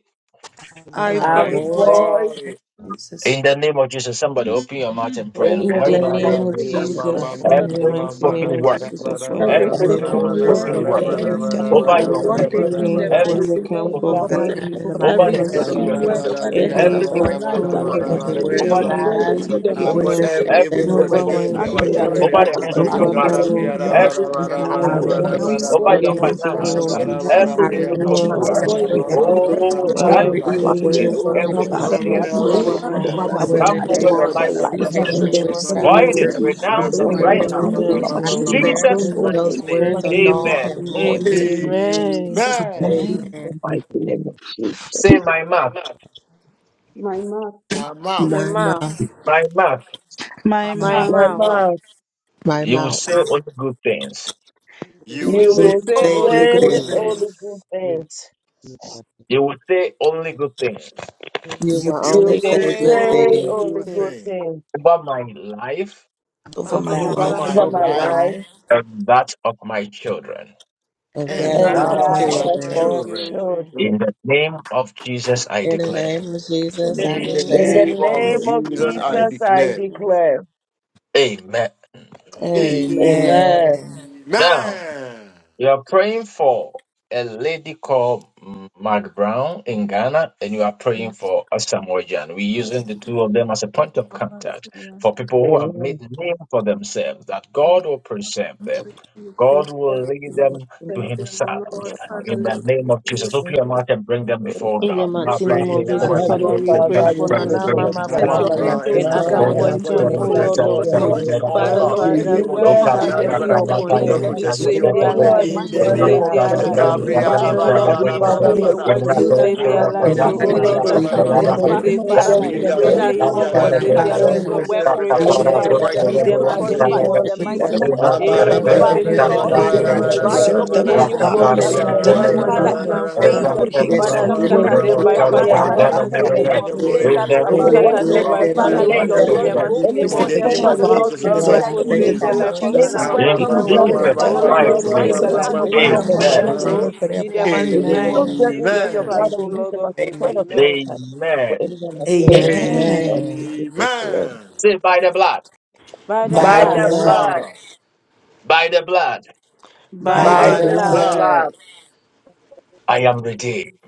Speaker 2: I
Speaker 12: I
Speaker 11: I
Speaker 4: I
Speaker 2: void
Speaker 7: void,
Speaker 12: avoid
Speaker 2: it.
Speaker 4: void
Speaker 12: it.
Speaker 4: it.
Speaker 11: boil
Speaker 2: Lord
Speaker 3: Ivory.
Speaker 2: Jesus.
Speaker 1: In the name of Jesus, somebody open your mouth and pray
Speaker 11: in
Speaker 1: and
Speaker 2: Glory
Speaker 4: In
Speaker 11: the
Speaker 4: the
Speaker 3: and
Speaker 12: In
Speaker 1: void
Speaker 12: the
Speaker 11: name
Speaker 1: every
Speaker 11: of
Speaker 4: name
Speaker 12: name
Speaker 1: evil
Speaker 12: of
Speaker 4: of
Speaker 3: Badabria,
Speaker 2: to
Speaker 1: word,
Speaker 12: Jesus, I
Speaker 2: God.
Speaker 11: Jesus.
Speaker 3: Mamma,
Speaker 4: Jesus,
Speaker 7: I
Speaker 4: in
Speaker 12: avoid it
Speaker 7: void.
Speaker 12: in
Speaker 13: Thank
Speaker 4: the
Speaker 12: the
Speaker 1: every
Speaker 2: Ramasunduri,
Speaker 13: you,
Speaker 3: Mamma,
Speaker 4: mighty
Speaker 12: name of
Speaker 4: name
Speaker 13: Lord.
Speaker 1: spoken
Speaker 4: of
Speaker 1: word,
Speaker 2: Ramakunduri,
Speaker 12: Jesus.
Speaker 4: Jesus, our Father, our
Speaker 7: Every
Speaker 1: every
Speaker 11: And
Speaker 2: Ramasunduri.
Speaker 12: Every
Speaker 4: Lord,
Speaker 1: evil
Speaker 7: spoken
Speaker 12: word
Speaker 11: so
Speaker 7: word
Speaker 1: spoken
Speaker 7: of
Speaker 1: word
Speaker 12: spoken
Speaker 7: the
Speaker 11: great
Speaker 2: The
Speaker 4: Hey,
Speaker 11: is
Speaker 12: against my
Speaker 11: that
Speaker 7: enemy,
Speaker 2: devil,
Speaker 12: life
Speaker 2: I
Speaker 1: over
Speaker 11: it's
Speaker 7: avoid
Speaker 4: Father,
Speaker 1: your
Speaker 12: in the
Speaker 2: void
Speaker 12: name
Speaker 1: prayer.
Speaker 2: it
Speaker 11: against
Speaker 2: in
Speaker 7: it
Speaker 2: the
Speaker 12: of
Speaker 7: in
Speaker 2: name
Speaker 4: taking
Speaker 7: the
Speaker 2: of
Speaker 11: me,
Speaker 2: Jesus.
Speaker 1: Every
Speaker 12: Jesus.
Speaker 4: from the
Speaker 7: mighty
Speaker 1: evil
Speaker 4: camp
Speaker 11: O
Speaker 7: name of
Speaker 1: spoken
Speaker 11: God,
Speaker 4: of
Speaker 2: over
Speaker 12: God,
Speaker 2: my
Speaker 4: the
Speaker 7: Jesus.
Speaker 1: word
Speaker 2: life,
Speaker 4: evil
Speaker 12: in the
Speaker 2: over the one
Speaker 12: mighty
Speaker 1: over
Speaker 7: Every
Speaker 2: of
Speaker 1: the
Speaker 12: name
Speaker 2: my
Speaker 4: ones,
Speaker 1: head
Speaker 12: of
Speaker 1: of
Speaker 11: against
Speaker 4: you
Speaker 1: your
Speaker 7: spoken
Speaker 11: my
Speaker 2: family,
Speaker 7: word
Speaker 2: my
Speaker 12: Jesus,
Speaker 1: children.
Speaker 12: I
Speaker 7: over the
Speaker 12: stand
Speaker 2: children,
Speaker 12: in
Speaker 7: head
Speaker 4: every
Speaker 7: of
Speaker 1: Every
Speaker 11: children,
Speaker 2: my
Speaker 7: my
Speaker 4: evil
Speaker 1: evil
Speaker 12: authority
Speaker 7: life,
Speaker 1: spoken
Speaker 2: husband,
Speaker 11: against
Speaker 7: that
Speaker 11: my
Speaker 7: of
Speaker 4: plans,
Speaker 1: word
Speaker 2: in
Speaker 12: of
Speaker 7: my
Speaker 2: the name
Speaker 12: the
Speaker 2: of
Speaker 12: word
Speaker 7: siblings,
Speaker 1: over
Speaker 2: Jesus.
Speaker 12: of
Speaker 1: the
Speaker 7: avoid
Speaker 4: every
Speaker 11: children,
Speaker 1: head
Speaker 3: Mamma,
Speaker 1: of
Speaker 12: God,
Speaker 7: it
Speaker 1: your
Speaker 7: in
Speaker 4: evil
Speaker 7: the
Speaker 2: Kindori
Speaker 3: Uh,
Speaker 11: O
Speaker 2: yema,
Speaker 12: which
Speaker 1: ministry.
Speaker 11: God,
Speaker 7: mighty
Speaker 4: plans
Speaker 12: declares
Speaker 7: name
Speaker 3: whatever
Speaker 2: sunduri
Speaker 7: of
Speaker 1: Every
Speaker 2: yema,
Speaker 12: that
Speaker 11: against
Speaker 3: evil
Speaker 12: no
Speaker 7: Jesus.
Speaker 3: works
Speaker 1: evil
Speaker 4: over
Speaker 2: kendera
Speaker 12: weapon
Speaker 3: against
Speaker 1: spoken
Speaker 2: yema,
Speaker 4: my
Speaker 3: me and
Speaker 7: And
Speaker 11: my
Speaker 12: formed
Speaker 3: my
Speaker 1: word
Speaker 7: they
Speaker 2: kundori
Speaker 7: and
Speaker 12: against
Speaker 7: they
Speaker 3: children
Speaker 4: children.
Speaker 3: in
Speaker 1: over
Speaker 12: me
Speaker 2: yema,
Speaker 3: the
Speaker 7: that
Speaker 11: children,
Speaker 3: name
Speaker 1: the
Speaker 3: of
Speaker 11: in
Speaker 1: head of
Speaker 11: the
Speaker 4: Oh,
Speaker 2: dori
Speaker 12: shall
Speaker 3: Jesus,
Speaker 1: your
Speaker 11: mighty
Speaker 2: mama,
Speaker 3: God,
Speaker 12: prosper.
Speaker 4: Father,
Speaker 1: marriage.
Speaker 7: Baba's
Speaker 11: name of
Speaker 4: love
Speaker 2: sunduri
Speaker 4: me.
Speaker 2: yema.
Speaker 11: Jesus.
Speaker 12: Every time
Speaker 1: Every
Speaker 2: We,
Speaker 1: evil
Speaker 12: that
Speaker 4: I
Speaker 12: rises
Speaker 2: we
Speaker 11: I
Speaker 1: spoken
Speaker 12: up
Speaker 4: word
Speaker 1: word
Speaker 11: boil
Speaker 12: against
Speaker 4: it
Speaker 7: Every
Speaker 11: it, I
Speaker 2: renounce it.
Speaker 1: over
Speaker 12: me,
Speaker 4: in
Speaker 7: void
Speaker 1: your
Speaker 4: the
Speaker 11: boil it,
Speaker 2: We
Speaker 12: judgment
Speaker 4: mighty
Speaker 12: I
Speaker 11: I
Speaker 7: over
Speaker 12: shall
Speaker 2: are
Speaker 4: name
Speaker 7: my
Speaker 4: of
Speaker 1: finances.
Speaker 12: condemn.
Speaker 11: it.
Speaker 2: destroying
Speaker 4: Jesus.
Speaker 12: I
Speaker 2: it
Speaker 1: Every
Speaker 2: in the name
Speaker 1: evil
Speaker 2: of
Speaker 11: Without
Speaker 12: renounce and
Speaker 11: my
Speaker 1: spoken
Speaker 7: I
Speaker 2: Jesus.
Speaker 12: I
Speaker 1: word.
Speaker 4: No,
Speaker 7: void
Speaker 12: cancel
Speaker 11: parents,
Speaker 2: We
Speaker 7: it
Speaker 2: are
Speaker 12: and
Speaker 7: in the
Speaker 12: uproot
Speaker 2: rewriting the
Speaker 1: Oh,
Speaker 7: mighty
Speaker 11: without
Speaker 2: script,
Speaker 1: that
Speaker 7: name
Speaker 3: I
Speaker 1: is
Speaker 4: every
Speaker 12: every
Speaker 2: of the
Speaker 3: will.
Speaker 11: my,
Speaker 12: evil
Speaker 1: hanging
Speaker 2: blood
Speaker 7: of
Speaker 1: in
Speaker 2: of
Speaker 1: the
Speaker 12: word
Speaker 2: Jesus.
Speaker 7: Jesus.
Speaker 4: evil
Speaker 7: Avoid
Speaker 12: spoken
Speaker 11: without my
Speaker 1: airways,
Speaker 4: hands
Speaker 2: Father,
Speaker 1: in
Speaker 3: Amen.
Speaker 7: it.
Speaker 12: against
Speaker 1: the
Speaker 12: me
Speaker 2: no
Speaker 12: and
Speaker 7: Avoid
Speaker 11: children,
Speaker 12: my
Speaker 2: evil
Speaker 4: over
Speaker 7: it
Speaker 1: atmosphere.
Speaker 4: my
Speaker 7: in
Speaker 12: children,
Speaker 2: hand
Speaker 7: the
Speaker 4: head.
Speaker 11: Obama
Speaker 1: To
Speaker 2: have
Speaker 12: whether
Speaker 7: Basi
Speaker 4: I
Speaker 1: come
Speaker 7: and
Speaker 12: in
Speaker 2: authority
Speaker 7: they
Speaker 1: over
Speaker 2: over
Speaker 12: anger,
Speaker 1: your
Speaker 4: word
Speaker 11: prosperity,
Speaker 2: our
Speaker 1: life
Speaker 4: it
Speaker 7: that
Speaker 1: and
Speaker 12: jealousy,
Speaker 2: life
Speaker 1: destiny.
Speaker 11: Obama
Speaker 4: in
Speaker 2: in
Speaker 12: hatred,
Speaker 7: Baba's
Speaker 4: the
Speaker 2: Jesus'
Speaker 4: mighty
Speaker 12: witchcraft,
Speaker 4: name
Speaker 11: prosperity
Speaker 1: Void
Speaker 2: mighty
Speaker 1: it,
Speaker 4: of
Speaker 11: of
Speaker 2: name.
Speaker 12: curses,
Speaker 4: Jesus.
Speaker 1: renounce it
Speaker 2: Kundori
Speaker 12: or
Speaker 11: all
Speaker 1: right
Speaker 2: yema,
Speaker 11: the
Speaker 4: In the
Speaker 1: now.
Speaker 12: careless
Speaker 11: people
Speaker 2: sunduri
Speaker 12: speech.
Speaker 4: mighty
Speaker 2: mama,
Speaker 1: In
Speaker 12: I
Speaker 4: name
Speaker 11: and
Speaker 4: of
Speaker 11: the
Speaker 2: kindori mama,
Speaker 12: declare
Speaker 1: Jesus'
Speaker 4: Jesus.
Speaker 2: sunduri
Speaker 13: Father.
Speaker 11: children,
Speaker 1: mighty
Speaker 2: yema.
Speaker 12: those
Speaker 13: I
Speaker 1: name.
Speaker 12: words
Speaker 4: Thank
Speaker 11: Obama
Speaker 12: are
Speaker 13: am
Speaker 12: null
Speaker 4: you.
Speaker 11: prosperity
Speaker 1: Amen.
Speaker 11: of
Speaker 12: and
Speaker 2: I
Speaker 12: void
Speaker 7: Amen.
Speaker 2: Void
Speaker 11: prosperity
Speaker 2: it
Speaker 12: in
Speaker 2: in
Speaker 12: the
Speaker 2: the
Speaker 11: and
Speaker 2: name
Speaker 13: now.
Speaker 12: mighty
Speaker 2: of
Speaker 11: the
Speaker 12: name of
Speaker 4: Amen.
Speaker 12: Jesus.
Speaker 2: Jesus.
Speaker 13: Uh,
Speaker 11: abundance
Speaker 2: Amen.
Speaker 11: in
Speaker 12: Amen.
Speaker 11: the mighty name of Jesus.
Speaker 1: Say my mouth,
Speaker 9: my mouth,
Speaker 3: My
Speaker 4: My
Speaker 3: mouth,
Speaker 12: My
Speaker 4: mouth,
Speaker 12: mouth,
Speaker 1: my mouth.
Speaker 7: My
Speaker 2: My
Speaker 4: my
Speaker 7: mouth
Speaker 9: my
Speaker 3: my
Speaker 11: My
Speaker 2: mom.
Speaker 4: mouth.
Speaker 9: lips,
Speaker 3: mouth,
Speaker 11: Lord,
Speaker 12: my
Speaker 1: You will say
Speaker 12: mouth
Speaker 1: only good things.
Speaker 14: you will
Speaker 3: you
Speaker 7: you
Speaker 14: say
Speaker 9: will
Speaker 11: you
Speaker 4: You will
Speaker 9: stand
Speaker 12: will
Speaker 3: say
Speaker 11: will
Speaker 9: the
Speaker 4: say
Speaker 12: say
Speaker 9: name of
Speaker 4: only
Speaker 2: only
Speaker 12: good
Speaker 2: good
Speaker 4: good
Speaker 11: say
Speaker 2: things.
Speaker 12: things.
Speaker 11: only
Speaker 3: it.
Speaker 4: things.
Speaker 11: good
Speaker 13: you,
Speaker 11: things.
Speaker 13: you,
Speaker 1: You will say only good things
Speaker 12: You
Speaker 2: You
Speaker 12: will
Speaker 4: You will
Speaker 12: only
Speaker 11: You
Speaker 2: say only
Speaker 7: gave
Speaker 11: will
Speaker 12: say
Speaker 4: say
Speaker 2: good
Speaker 12: good
Speaker 2: things
Speaker 4: only
Speaker 11: say
Speaker 12: things
Speaker 4: good
Speaker 11: only good
Speaker 4: things
Speaker 11: things
Speaker 1: about my life
Speaker 2: over
Speaker 14: about
Speaker 7: over
Speaker 2: my
Speaker 7: my
Speaker 12: about my
Speaker 4: over
Speaker 2: life
Speaker 11: over
Speaker 7: life,
Speaker 12: over
Speaker 4: my
Speaker 11: my
Speaker 12: my
Speaker 4: life
Speaker 11: life
Speaker 12: life,
Speaker 1: and that of my children.
Speaker 12: of
Speaker 14: and
Speaker 7: and
Speaker 12: that
Speaker 2: and
Speaker 4: and
Speaker 12: of
Speaker 8: that
Speaker 7: that
Speaker 2: that
Speaker 11: and
Speaker 12: my
Speaker 7: is
Speaker 2: of
Speaker 4: that
Speaker 8: was
Speaker 2: my
Speaker 4: of
Speaker 11: that of
Speaker 4: my
Speaker 12: children.
Speaker 2: children.
Speaker 11: my
Speaker 4: children.
Speaker 11: children.
Speaker 1: In the name of Jesus, I
Speaker 12: In the
Speaker 1: declare.
Speaker 12: name of
Speaker 2: In the
Speaker 12: Jesus,
Speaker 7: the
Speaker 2: name
Speaker 12: I
Speaker 4: In
Speaker 2: of
Speaker 4: the
Speaker 11: In
Speaker 2: Jesus.
Speaker 12: declare,
Speaker 11: the
Speaker 4: name of
Speaker 11: name of
Speaker 2: Amen.
Speaker 11: Jesus,
Speaker 4: Jesus
Speaker 11: I
Speaker 4: Christ.
Speaker 11: declare.
Speaker 1: Amen.
Speaker 7: Thank
Speaker 2: Amen.
Speaker 4: Amen.
Speaker 11: Amen.
Speaker 12: Amen.
Speaker 1: Now.
Speaker 3: Amen.
Speaker 1: You are praying for a lady called mm, Mark Brown in Ghana, and you are
Speaker 7: you,
Speaker 1: praying for Asam Wajan. We're using the two of them as a point of
Speaker 7: Abba,
Speaker 1: contact
Speaker 7: Syrian,
Speaker 1: for
Speaker 7: thank
Speaker 1: people who have
Speaker 11: Amen.
Speaker 1: made name for themselves, that
Speaker 7: you, Abba,
Speaker 1: God will preserve them.
Speaker 7: for praise
Speaker 1: God
Speaker 7: them,
Speaker 1: will lead them to
Speaker 7: thank
Speaker 1: Himself
Speaker 7: Lord, Father,
Speaker 1: in the
Speaker 7: lead me
Speaker 1: name
Speaker 7: to
Speaker 1: of Jesus.
Speaker 7: your
Speaker 1: Open your mouth and bring them before
Speaker 4: In the
Speaker 1: God.
Speaker 3: We
Speaker 4: mighty
Speaker 3: pray
Speaker 4: name of
Speaker 3: in the
Speaker 4: Jesus,
Speaker 7: Father,
Speaker 3: mighty name
Speaker 4: Father,
Speaker 11: Heavenly
Speaker 3: of
Speaker 7: Lord,
Speaker 4: we
Speaker 3: Jesus. We
Speaker 7: guide
Speaker 4: pray
Speaker 11: Father,
Speaker 3: see
Speaker 11: we
Speaker 4: for
Speaker 3: you
Speaker 7: them
Speaker 11: pray
Speaker 4: Nana
Speaker 7: for
Speaker 3: use
Speaker 11: for
Speaker 7: them.
Speaker 11: my
Speaker 4: Mama
Speaker 11: son
Speaker 7: Set
Speaker 3: Rama
Speaker 11: and
Speaker 7: your
Speaker 11: my
Speaker 4: Brown
Speaker 3: Brown
Speaker 7: angels
Speaker 4: and
Speaker 3: and
Speaker 7: to
Speaker 11: McBrown
Speaker 7: guard
Speaker 3: Nasamoja
Speaker 11: and
Speaker 7: them
Speaker 3: as
Speaker 11: our
Speaker 4: Asamoah
Speaker 3: point
Speaker 4: John,
Speaker 3: of
Speaker 11: family
Speaker 4: O
Speaker 7: 24
Speaker 11: son
Speaker 3: contact to
Speaker 4: Lord
Speaker 11: is
Speaker 7: 7,
Speaker 4: of
Speaker 3: all
Speaker 11: your
Speaker 7: Lord.
Speaker 4: hosts.
Speaker 11: head.
Speaker 3: celebrating all
Speaker 4: Uh,
Speaker 7: Father,
Speaker 3: stars
Speaker 7: Lord,
Speaker 3: in
Speaker 11: You
Speaker 3: the
Speaker 4: Father,
Speaker 7: every
Speaker 3: name
Speaker 11: use
Speaker 3: of
Speaker 4: please
Speaker 11: them
Speaker 7: weapon
Speaker 3: Jesus.
Speaker 4: have
Speaker 7: of
Speaker 11: as
Speaker 7: the
Speaker 11: a
Speaker 4: mercy
Speaker 3: Everybody, I
Speaker 11: point
Speaker 7: enemy
Speaker 3: pray
Speaker 11: of
Speaker 4: upon
Speaker 7: against
Speaker 3: your
Speaker 4: them.
Speaker 7: them
Speaker 11: contact
Speaker 7: is
Speaker 3: protection
Speaker 11: for
Speaker 3: be
Speaker 4: Save their
Speaker 7: destroyed
Speaker 3: upon
Speaker 7: in
Speaker 3: them
Speaker 11: anyone
Speaker 7: the
Speaker 4: life.
Speaker 3: in
Speaker 11: in
Speaker 3: the
Speaker 7: mighty
Speaker 11: Ghana
Speaker 3: name
Speaker 7: name
Speaker 11: that
Speaker 4: Save
Speaker 3: of
Speaker 11: has
Speaker 7: of
Speaker 4: their
Speaker 11: made
Speaker 3: Jesus.
Speaker 4: life.
Speaker 11: a
Speaker 7: Jesus.
Speaker 11: name.
Speaker 4: In
Speaker 3: Gabriel,
Speaker 4: the
Speaker 3: da,
Speaker 7: Father,
Speaker 3: ba, da,
Speaker 4: mighty
Speaker 7: Lord,
Speaker 3: ba,
Speaker 11: Heavenly
Speaker 7: we
Speaker 3: da,
Speaker 4: name
Speaker 3: ba,
Speaker 4: of
Speaker 11: Father,
Speaker 3: da,
Speaker 7: pray
Speaker 11: may
Speaker 3: ba,
Speaker 7: your
Speaker 11: you
Speaker 3: da.
Speaker 4: Jesus,
Speaker 7: word says that
Speaker 11: protect
Speaker 4: save
Speaker 7: no
Speaker 3: Ah,
Speaker 4: their
Speaker 3: ma,
Speaker 11: them,
Speaker 7: weapon
Speaker 3: ma,
Speaker 12: In
Speaker 4: lives.
Speaker 12: the
Speaker 3: ma,
Speaker 4: So,
Speaker 11: may
Speaker 4: O
Speaker 3: ma,
Speaker 7: fashioned
Speaker 12: mighty
Speaker 11: you
Speaker 12: name
Speaker 3: ma,
Speaker 4: Lord
Speaker 7: against
Speaker 12: of
Speaker 3: ma,
Speaker 7: us
Speaker 4: of
Speaker 3: ma,
Speaker 7: shall
Speaker 12: Jesus,
Speaker 3: ma,
Speaker 11: protect
Speaker 4: hosts,
Speaker 11: them,
Speaker 12: any
Speaker 3: ma,
Speaker 11: may
Speaker 7: prosper.
Speaker 11: you
Speaker 3: ma.
Speaker 12: weapon
Speaker 4: save
Speaker 11: save
Speaker 12: that's
Speaker 4: their
Speaker 7: Father,
Speaker 12: formed
Speaker 11: them
Speaker 7: we
Speaker 3: Be
Speaker 4: life
Speaker 12: against
Speaker 11: from
Speaker 3: their
Speaker 7: pray
Speaker 4: from
Speaker 12: them
Speaker 4: the
Speaker 3: show,
Speaker 11: any
Speaker 7: that
Speaker 3: be
Speaker 7: this
Speaker 4: evil
Speaker 11: plans
Speaker 3: their
Speaker 12: shall
Speaker 4: one.
Speaker 11: of
Speaker 3: guide,
Speaker 7: morning,
Speaker 12: not
Speaker 2: Mama
Speaker 11: the
Speaker 4: Save
Speaker 3: protect
Speaker 4: their
Speaker 7: Father,
Speaker 12: prosper.
Speaker 3: them
Speaker 7: may
Speaker 12: In
Speaker 4: life
Speaker 12: the
Speaker 3: from
Speaker 7: no
Speaker 3: the
Speaker 4: from
Speaker 11: enemy.
Speaker 12: mighty
Speaker 4: the
Speaker 3: snares of
Speaker 12: name of
Speaker 7: weapon
Speaker 3: the
Speaker 4: spirit
Speaker 3: devil
Speaker 7: fashioned
Speaker 11: Heavenly
Speaker 4: of
Speaker 3: in
Speaker 12: Jesus,
Speaker 2: Jesus,
Speaker 3: the
Speaker 4: death.
Speaker 12: every
Speaker 11: Father,
Speaker 7: against them
Speaker 3: mighty
Speaker 12: tongue
Speaker 2: my
Speaker 4: In
Speaker 3: name
Speaker 2: dear
Speaker 12: that
Speaker 4: the
Speaker 11: every
Speaker 3: of
Speaker 7: ever
Speaker 12: rises
Speaker 4: mighty
Speaker 11: other
Speaker 2: Lord,
Speaker 3: Jesus
Speaker 7: prosper
Speaker 2: yes,
Speaker 4: name
Speaker 7: in
Speaker 12: against
Speaker 4: of
Speaker 11: plan
Speaker 12: them
Speaker 7: the
Speaker 12: in
Speaker 11: is
Speaker 2: Lord,
Speaker 11: up
Speaker 2: oh,
Speaker 7: mighty
Speaker 4: Jesus,
Speaker 11: on
Speaker 7: name
Speaker 2: Mama.
Speaker 12: judgment
Speaker 7: of
Speaker 11: us.
Speaker 3: against
Speaker 11: Heavenly
Speaker 7: Jesus.
Speaker 2: Father,
Speaker 12: shall
Speaker 2: we
Speaker 4: any
Speaker 12: be
Speaker 11: Father,
Speaker 2: pray
Speaker 7: Father,
Speaker 4: straight
Speaker 2: that
Speaker 12: condemned. In
Speaker 4: bullet,
Speaker 2: you,
Speaker 12: the
Speaker 7: Lord,
Speaker 2: Lord
Speaker 12: mighty
Speaker 7: we
Speaker 4: any
Speaker 2: God
Speaker 11: against
Speaker 2: will
Speaker 12: name of
Speaker 11: them,
Speaker 7: invite
Speaker 4: accident.
Speaker 12: Jesus,
Speaker 11: God,
Speaker 7: your
Speaker 2: preserve
Speaker 12: oh
Speaker 11: may
Speaker 2: them.
Speaker 12: God,
Speaker 11: you
Speaker 4: Any
Speaker 12: I
Speaker 7: presence
Speaker 2: Father,
Speaker 7: in
Speaker 11: break
Speaker 12: bind
Speaker 2: we
Speaker 7: their
Speaker 4: poison
Speaker 12: any
Speaker 11: in
Speaker 4: that
Speaker 7: midst,
Speaker 2: soak
Speaker 11: the
Speaker 12: enemy
Speaker 7: Lord.
Speaker 2: them in
Speaker 11: mighty
Speaker 12: that is
Speaker 2: your
Speaker 4: anyone
Speaker 7: Father,
Speaker 4: has
Speaker 12: coming
Speaker 11: name of
Speaker 2: blood.
Speaker 4: planned
Speaker 12: against
Speaker 4: for
Speaker 12: them.
Speaker 7: invade
Speaker 11: Jesus.
Speaker 2: Come,
Speaker 4: them,
Speaker 7: them,
Speaker 2: Lord, hey, my
Speaker 12: In the
Speaker 7: invade
Speaker 4: Father,
Speaker 2: son,
Speaker 4: we
Speaker 7: their
Speaker 12: mighty
Speaker 7: soul,
Speaker 2: Lord,
Speaker 11: May
Speaker 2: Mama,
Speaker 4: scatter
Speaker 12: name of
Speaker 11: you
Speaker 2: Come,
Speaker 4: them
Speaker 1: Reno
Speaker 7: invade
Speaker 11: do
Speaker 12: Jesus,
Speaker 4: by
Speaker 11: it
Speaker 7: their
Speaker 12: oh
Speaker 11: in
Speaker 1: Charo
Speaker 2: Mama,
Speaker 4: fire
Speaker 11: the
Speaker 7: mind.
Speaker 4: in
Speaker 12: God,
Speaker 7: Father,
Speaker 2: son,
Speaker 4: the
Speaker 11: mighty
Speaker 2: Lord,
Speaker 1: Bandana
Speaker 12: Father
Speaker 4: mighty
Speaker 2: Mama,
Speaker 11: name
Speaker 7: invade
Speaker 12: God,
Speaker 11: of
Speaker 4: name
Speaker 2: good,
Speaker 12: you
Speaker 1: Nebebe,
Speaker 4: of
Speaker 2: Lord, yeah,
Speaker 7: everything
Speaker 11: Jesus.
Speaker 4: Jesus.
Speaker 2: Mama.
Speaker 1: in
Speaker 7: that is
Speaker 1: the
Speaker 12: said
Speaker 4: You
Speaker 12: in
Speaker 11: The
Speaker 2: Lord,
Speaker 7: about
Speaker 12: your
Speaker 11: word
Speaker 7: them,
Speaker 2: Mama,
Speaker 4: scatter
Speaker 1: name
Speaker 11: may
Speaker 4: them
Speaker 7: Lord.
Speaker 2: son,
Speaker 1: of
Speaker 12: word
Speaker 4: by
Speaker 11: take
Speaker 2: Lord,
Speaker 12: that
Speaker 11: and
Speaker 12: we
Speaker 7: Father,
Speaker 2: Mama,
Speaker 4: fire
Speaker 2: good,
Speaker 12: are
Speaker 4: oh,
Speaker 7: let
Speaker 1: Jesus.
Speaker 11: understand
Speaker 7: your
Speaker 12: safe
Speaker 11: that
Speaker 2: Lord,
Speaker 4: in
Speaker 2: yeah,
Speaker 12: from
Speaker 4: the
Speaker 7: glory
Speaker 2: Mama.
Speaker 12: the
Speaker 3: them.
Speaker 7: go
Speaker 4: mighty
Speaker 12: weak.
Speaker 4: name
Speaker 12: We
Speaker 3: In
Speaker 7: before
Speaker 4: of
Speaker 11: anything
Speaker 3: the
Speaker 7: them.
Speaker 12: are
Speaker 11: from
Speaker 3: name
Speaker 4: Jesus.
Speaker 2: Preservation,
Speaker 12: safe.
Speaker 3: of
Speaker 7: Father,
Speaker 4: Oh,
Speaker 2: Father,
Speaker 11: against
Speaker 7: Lord,
Speaker 3: Jesus,
Speaker 7: we
Speaker 3: in
Speaker 4: Oh,
Speaker 12: You
Speaker 3: the
Speaker 11: them
Speaker 4: Lord
Speaker 7: pray
Speaker 12: are
Speaker 4: of
Speaker 11: must
Speaker 2: preserve
Speaker 7: that
Speaker 3: mighty
Speaker 12: our
Speaker 7: you
Speaker 3: name
Speaker 2: them
Speaker 4: hosts,
Speaker 3: of
Speaker 2: in
Speaker 12: safe
Speaker 11: be.
Speaker 2: the
Speaker 7: set
Speaker 4: save
Speaker 7: your
Speaker 4: the
Speaker 3: Jesus.
Speaker 2: name of
Speaker 3: ah.
Speaker 4: life
Speaker 12: towers,
Speaker 4: of
Speaker 12: oh
Speaker 7: protection
Speaker 4: Nana
Speaker 11: Any
Speaker 2: Jesus.
Speaker 3: Ah,
Speaker 12: God, and
Speaker 4: Mama
Speaker 3: ma,
Speaker 7: about
Speaker 12: we
Speaker 1: In
Speaker 2: Any
Speaker 4: Brown.
Speaker 3: ma,
Speaker 11: weapon
Speaker 7: them,
Speaker 12: run
Speaker 3: ma,
Speaker 11: that
Speaker 2: work
Speaker 7: Lord.
Speaker 12: to it
Speaker 2: of
Speaker 1: Jesus'
Speaker 4: Oh,
Speaker 11: is
Speaker 3: ma,
Speaker 2: the
Speaker 12: in the
Speaker 3: ma,
Speaker 4: oh
Speaker 7: Father,
Speaker 11: from
Speaker 2: devil,
Speaker 3: ma,
Speaker 12: mighty
Speaker 7: let
Speaker 4: Lord
Speaker 2: we
Speaker 1: mighty
Speaker 4: of
Speaker 3: ma,
Speaker 12: name
Speaker 7: your
Speaker 11: against
Speaker 12: of
Speaker 4: hosts,
Speaker 3: ma,
Speaker 4: save
Speaker 1: name.
Speaker 3: ma,
Speaker 11: them
Speaker 2: cancel
Speaker 4: the
Speaker 7: mighty
Speaker 12: Jesus.
Speaker 3: ma,
Speaker 11: must
Speaker 2: it
Speaker 4: life
Speaker 2: in
Speaker 3: ma,
Speaker 7: hands
Speaker 11: be
Speaker 2: the
Speaker 4: of
Speaker 7: be
Speaker 2: name
Speaker 3: ma.
Speaker 4: Pastor
Speaker 11: in
Speaker 2: of
Speaker 12: Father
Speaker 11: the
Speaker 7: upon
Speaker 1: Amen.
Speaker 12: God,
Speaker 11: mighty
Speaker 12: I
Speaker 7: them
Speaker 4: Mojan.
Speaker 7: in
Speaker 11: name
Speaker 12: thank
Speaker 3: Ah,
Speaker 2: Jesus.
Speaker 12: you
Speaker 4: Oh,
Speaker 11: of
Speaker 12: for
Speaker 7: Jesus'
Speaker 12: them,
Speaker 11: Jesus.
Speaker 4: in the
Speaker 7: name.
Speaker 12: God.
Speaker 4: mighty
Speaker 11: We
Speaker 4: name
Speaker 12: Deliver
Speaker 7: Amen.
Speaker 4: of
Speaker 11: soak
Speaker 2: Amen.
Speaker 12: them
Speaker 11: them
Speaker 12: and keep
Speaker 11: into
Speaker 4: Jesus
Speaker 12: them
Speaker 11: your
Speaker 12: in
Speaker 3: Amen.
Speaker 11: blood
Speaker 4: Christ.
Speaker 11: and
Speaker 4: Oh,
Speaker 12: Jesus' name.
Speaker 11: we use
Speaker 4: Lord
Speaker 11: them
Speaker 4: of
Speaker 11: as a
Speaker 4: hosts,
Speaker 11: point
Speaker 12: Amen.
Speaker 11: of
Speaker 4: Amen.
Speaker 11: contact for
Speaker 1: Amen.
Speaker 11: anyone that's waiting for the
Speaker 4: Amen.
Speaker 2: Amen.
Speaker 11: Lord.
Speaker 12: Amen.
Speaker 11: Jesus' name.
Speaker 1: Say, by the blood,
Speaker 4: By the
Speaker 2: By
Speaker 12: By
Speaker 7: By
Speaker 2: the
Speaker 11: By
Speaker 3: Bow,
Speaker 12: the
Speaker 4: blood,
Speaker 11: the
Speaker 7: the
Speaker 2: blood,
Speaker 7: blood,
Speaker 11: blood,
Speaker 12: blood,
Speaker 1: by the blood,
Speaker 7: by
Speaker 4: by
Speaker 2: by
Speaker 7: the
Speaker 3: bow,
Speaker 2: the
Speaker 12: by
Speaker 11: by
Speaker 4: the
Speaker 12: the
Speaker 7: blood,
Speaker 11: the
Speaker 4: blood,
Speaker 2: blood,
Speaker 12: blood,
Speaker 11: blood,
Speaker 1: I am redeemed.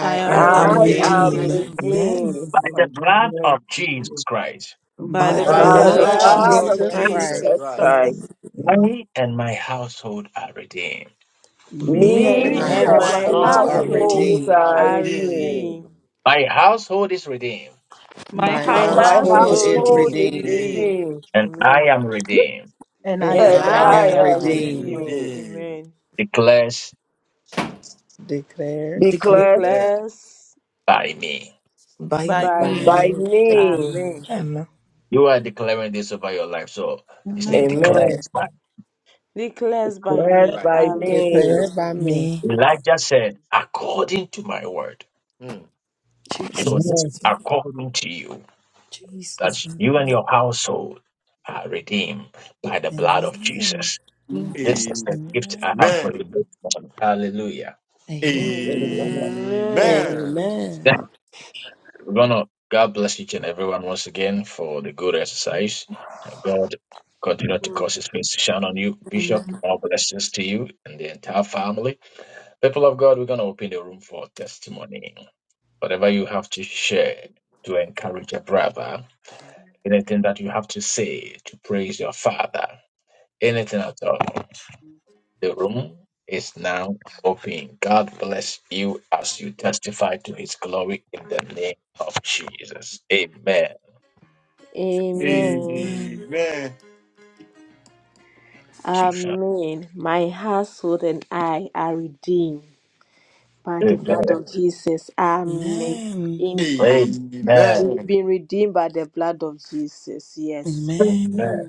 Speaker 7: I
Speaker 3: I
Speaker 4: I
Speaker 7: am
Speaker 2: I
Speaker 12: am
Speaker 2: am
Speaker 4: am
Speaker 7: redeemed.
Speaker 11: I am
Speaker 14: I
Speaker 2: redeemed.
Speaker 4: redeemed.
Speaker 12: redeemed.
Speaker 14: am delivered.
Speaker 2: Amen.
Speaker 11: redeemed.
Speaker 1: By the
Speaker 11: My
Speaker 1: blood
Speaker 11: goodness,
Speaker 1: of Jesus Christ,
Speaker 7: By
Speaker 2: by
Speaker 7: the
Speaker 12: By
Speaker 2: the
Speaker 12: the
Speaker 4: By the
Speaker 11: by
Speaker 7: blood
Speaker 2: blood
Speaker 11: the
Speaker 7: of
Speaker 2: of
Speaker 12: blood of
Speaker 4: blood
Speaker 11: blood
Speaker 2: Jesus
Speaker 7: Jesus
Speaker 4: of
Speaker 11: of
Speaker 12: Jesus
Speaker 7: Christ,
Speaker 2: Christ,
Speaker 11: Jesus
Speaker 4: Jesus
Speaker 12: Christ,
Speaker 2: I
Speaker 11: Christ.
Speaker 4: Christ.
Speaker 2: am redeemed.
Speaker 1: I and my household are redeemed.
Speaker 11: Me
Speaker 7: me
Speaker 12: me
Speaker 2: Me and
Speaker 7: and
Speaker 12: and
Speaker 4: Me
Speaker 2: my
Speaker 7: my
Speaker 12: my
Speaker 4: and
Speaker 11: and my
Speaker 4: my
Speaker 7: household
Speaker 2: household
Speaker 12: household
Speaker 7: we are
Speaker 12: are
Speaker 2: are
Speaker 4: household
Speaker 7: redeemed.
Speaker 11: household
Speaker 2: redeemed.
Speaker 12: redeemed.
Speaker 3: are
Speaker 11: are
Speaker 4: are
Speaker 11: redeemed.
Speaker 3: redeemed.
Speaker 4: redeemed.
Speaker 1: My household is redeemed,
Speaker 7: My
Speaker 2: My
Speaker 12: My
Speaker 7: house.
Speaker 3: My
Speaker 4: My
Speaker 11: My
Speaker 2: household
Speaker 12: household
Speaker 2: is
Speaker 4: household
Speaker 12: is
Speaker 3: household
Speaker 11: household
Speaker 3: is
Speaker 2: redeemed,
Speaker 4: is
Speaker 11: is
Speaker 12: redeemed,
Speaker 4: redeemed.
Speaker 3: redeemed.
Speaker 11: redeemed,
Speaker 1: and I
Speaker 4: Amen.
Speaker 1: am redeemed,
Speaker 7: and I
Speaker 12: and
Speaker 4: And
Speaker 7: am
Speaker 2: and
Speaker 3: And
Speaker 11: and
Speaker 12: I
Speaker 4: I
Speaker 2: I
Speaker 3: I
Speaker 11: I
Speaker 2: am
Speaker 12: am
Speaker 4: am
Speaker 11: am
Speaker 2: redeemed.
Speaker 3: am
Speaker 12: redeemed.
Speaker 4: redeemed.
Speaker 11: redeemed.
Speaker 3: redeemed.
Speaker 4: Amen.
Speaker 1: declares
Speaker 12: Declares
Speaker 11: Declared
Speaker 2: Declared
Speaker 3: Declare
Speaker 4: Declares
Speaker 1: by me.
Speaker 2: by
Speaker 7: by
Speaker 2: me.
Speaker 12: by
Speaker 4: by
Speaker 7: me.
Speaker 4: me.
Speaker 11: by
Speaker 12: me.
Speaker 11: me.
Speaker 4: Amen.
Speaker 2: Amen.
Speaker 1: You are declaring this over your life. So you say,
Speaker 7: Amen.
Speaker 12: Amen.
Speaker 11: Amen.
Speaker 1: declares by
Speaker 4: Declares by
Speaker 3: declare
Speaker 11: Declared
Speaker 4: me.
Speaker 3: by
Speaker 11: by
Speaker 3: me.
Speaker 4: Amen.
Speaker 11: me.
Speaker 2: Declared
Speaker 12: Declared
Speaker 2: by
Speaker 12: by me.
Speaker 2: me.
Speaker 1: Elijah said, according to my word.
Speaker 3: Mm.
Speaker 1: So
Speaker 2: Jesus
Speaker 1: this
Speaker 11: Amen.
Speaker 1: is
Speaker 2: with me.
Speaker 1: according to you. that
Speaker 2: Jesus with
Speaker 1: you and
Speaker 2: me.
Speaker 1: your household are redeemed by the blood of
Speaker 2: Amen.
Speaker 1: Jesus.
Speaker 8: the
Speaker 7: Amen.
Speaker 1: This is the gift I
Speaker 2: Amen.
Speaker 1: have for you. this morning. Hallelujah.
Speaker 2: Amen.
Speaker 3: Amen.
Speaker 2: Amen.
Speaker 11: Amen.
Speaker 4: Amen.
Speaker 12: Amen.
Speaker 1: Yeah. We're gonna God bless each and everyone once again for the good exercise. And God continue to
Speaker 4: Amen.
Speaker 1: cause his face to shine on you, Bishop. All blessings to you and the entire family. People of God, we're gonna open the room for testimony. Whatever you have to share to encourage a brother, anything that you have to say to praise your father, anything at all. The room is now open. God bless you as you testify to his glory in the name of Jesus. Amen.
Speaker 2: Amen.
Speaker 1: Keisha.
Speaker 4: Amen. My household and I are redeemed by the
Speaker 1: Amen.
Speaker 4: blood of Jesus. Amen. Indeed,
Speaker 1: Amen.
Speaker 4: We've
Speaker 3: Amen. Amen.
Speaker 4: been redeemed by the blood of Jesus. Yes.
Speaker 2: Amen.
Speaker 1: Amen.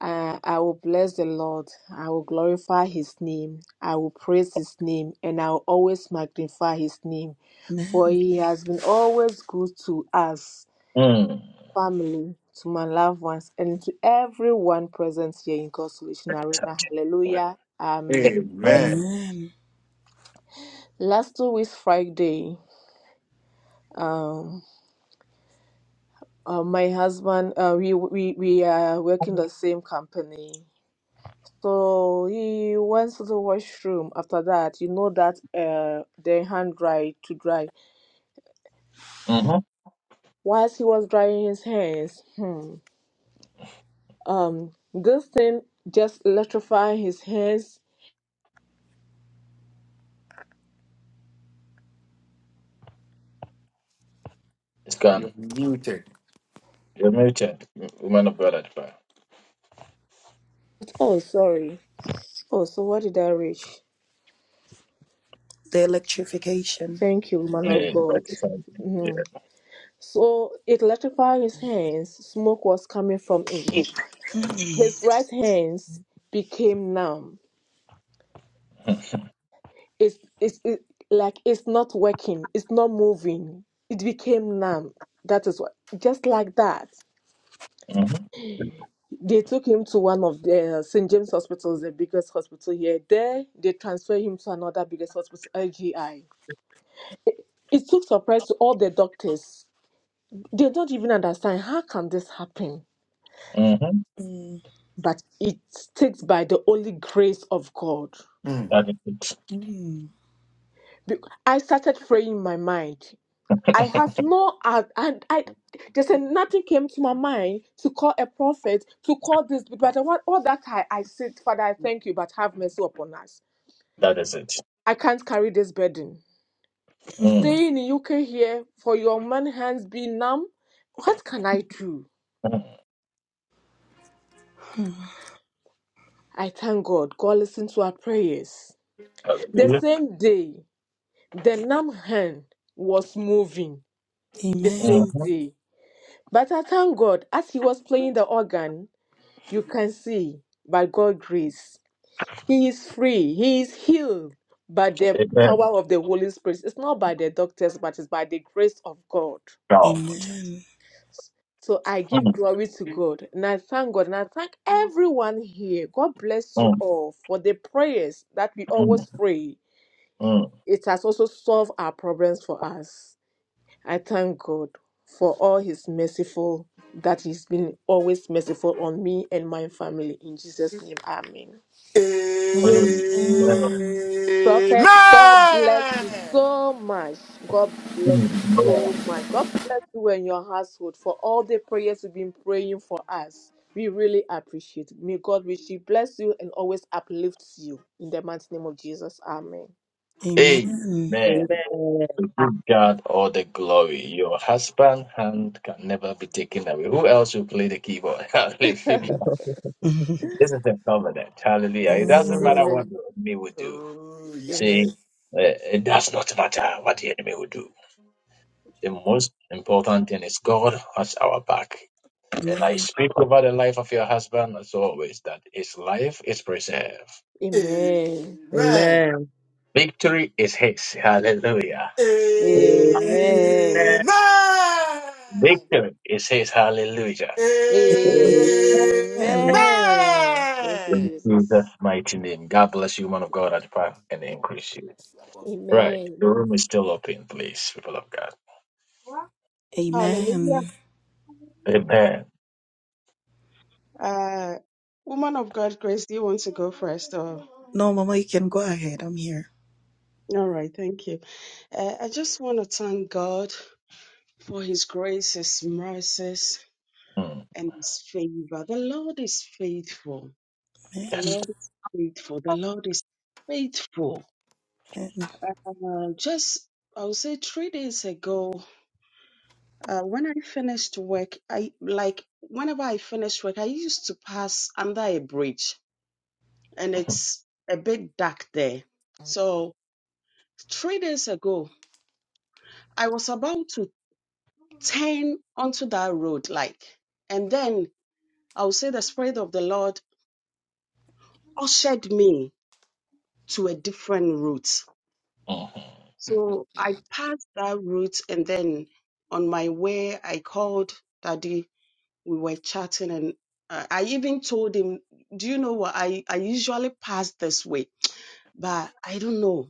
Speaker 4: Uh, I will bless the Lord. I will glorify his name. I will praise his name and I will always magnify his name. For
Speaker 2: Amen.
Speaker 4: he has been always good to us,
Speaker 1: Mm.
Speaker 4: family, to my loved ones, and to everyone present here in God's Solution Arena.
Speaker 1: Touch it.
Speaker 4: Hallelujah. Amen.
Speaker 1: Amen.
Speaker 3: Amen.
Speaker 2: Amen.
Speaker 4: Last two weeks, Friday, um, uh, my husband, uh, we, we, we are working the same company. So he went to the washroom after that. You know that uh, their hand dried to dry.
Speaker 1: Mm-hmm.
Speaker 4: Whilst he was drying his hands, hmm, um, this thing just electrified his hands.
Speaker 1: It's
Speaker 3: You're
Speaker 1: gone.
Speaker 3: muted.
Speaker 1: You're muted. Woman of God, at prayer.
Speaker 4: Oh, sorry. Oh, so what did I reach?
Speaker 2: The electrification.
Speaker 4: Thank you, man of
Speaker 1: Yeah,
Speaker 4: God.
Speaker 1: rectified. Yeah.
Speaker 4: Mhm. So it electrified his hands. Smoke was coming from it.
Speaker 2: Mm.
Speaker 4: His right hands became numb. it's it's it, like it's not working it's not moving it became numb that is what just like that
Speaker 1: Mm-hmm.
Speaker 4: they took him to one of the st james hospitals the biggest hospital here there they transferred him to another biggest hospital lgi it took surprise to all the doctors they don't even understand how can this happen
Speaker 1: Mm-hmm.
Speaker 2: Mm,
Speaker 4: but it takes by the only grace of god
Speaker 3: Mm.
Speaker 1: That is it.
Speaker 2: mm,
Speaker 4: Be- i started praying in my mind I have no out and I just nothing came to my mind to call a prophet to call this but I want all that I, I said, Father, I thank you, but have mercy upon us.
Speaker 1: That is it.
Speaker 4: I can't carry this burden.
Speaker 1: Mm.
Speaker 2: mm,
Speaker 4: Stay in the UK here for your man hands be numb. What can I do?
Speaker 1: Mm.
Speaker 2: mm.
Speaker 4: I thank God. God listened to our prayers. The
Speaker 1: Hallelujah.
Speaker 4: same day, the numb hand was moving. The
Speaker 2: Amen.
Speaker 4: same
Speaker 1: Mm-hmm.
Speaker 4: day. But I thank God as he was playing the organ. You can see by God's grace, he is free, he is healed by the
Speaker 1: Amen.
Speaker 4: power of the Holy Spirit. It's not by the doctors, but it's by the grace of God.
Speaker 1: God.
Speaker 2: Amen.
Speaker 4: So I give
Speaker 1: Mm.
Speaker 4: glory to God and I thank God and I thank everyone here. God bless you
Speaker 1: Mm.
Speaker 4: all for the prayers that we
Speaker 1: Mm.
Speaker 4: always pray.
Speaker 1: Mm.
Speaker 4: It has also solved our problems for us. I thank God for all His merciful, that He's been always merciful on me and my family. In Jesus' name, Amen.
Speaker 1: Amen.
Speaker 2: Amen.
Speaker 4: Prophet, God bless you so much. God bless you so much. God bless you and your household for all the prayers you've been praying for us. We really appreciate it. May God richly bless you and always uplifts you. In the mighty name of Jesus. Amen.
Speaker 2: Amen.
Speaker 11: Amen.
Speaker 1: Amen. To give God all the glory. Your husband hand can never be taken away. Who else will play the keyboard? *laughs*
Speaker 4: *laughs* Amen.
Speaker 1: Hallelujah.
Speaker 2: Mhm.
Speaker 1: This is the covenant. Hallelujah. It doesn't
Speaker 2: Amen.
Speaker 1: matter what the enemy will do.
Speaker 3: Oh, yes.
Speaker 4: Amen.
Speaker 1: See, uh, it does not matter what the enemy will do. The most important thing is God has our back. And I speak over the life of your husband as always that his life is preserved.
Speaker 4: Amen.
Speaker 11: Amen.
Speaker 3: Amen.
Speaker 11: Amen.
Speaker 1: Victory is his. Hallelujah.
Speaker 2: Amen.
Speaker 3: Amen.
Speaker 4: Amen.
Speaker 1: Victory. It says hallelujah.
Speaker 2: Amen.
Speaker 4: Amen. Thank you,
Speaker 1: In
Speaker 3: Amen.
Speaker 1: Jesus'
Speaker 4: Jesus.
Speaker 1: mighty name. God bless you, man of God, at the power and
Speaker 3: God
Speaker 1: increase you.
Speaker 3: bless you, Apostle
Speaker 1: Right. The
Speaker 4: Amen.
Speaker 1: room is still open, please, people of God.
Speaker 9: Jesus. Hallelujah.
Speaker 2: Amen.
Speaker 1: Amen.
Speaker 9: Uh, woman of God, Grace, do you want to go first? Or?
Speaker 2: No, Mama, you can go ahead. I'm here.
Speaker 9: All right, thank you. Uh, I just want to thank God for His grace, His mercies,
Speaker 1: Mm,
Speaker 9: and His favor. The Lord is faithful. The
Speaker 2: Amen.
Speaker 1: Yes.
Speaker 9: Lord is faithful. The Lord is faithful.
Speaker 2: Amen.
Speaker 9: Uh, just, I would say, three days ago. Uh, when I finished work, I like whenever I finished work, I used to pass under a bridge and
Speaker 1: *laughs*
Speaker 9: it's a bit dark there. So, three days ago, I was about to turn onto that road, like, and then I would say the Spirit of the Lord ushered me to a different route. So, I passed that route and then on my way, I called Daddy we were chatting and I, I even told him, do you know what? I, I usually pass this way, but I don't know.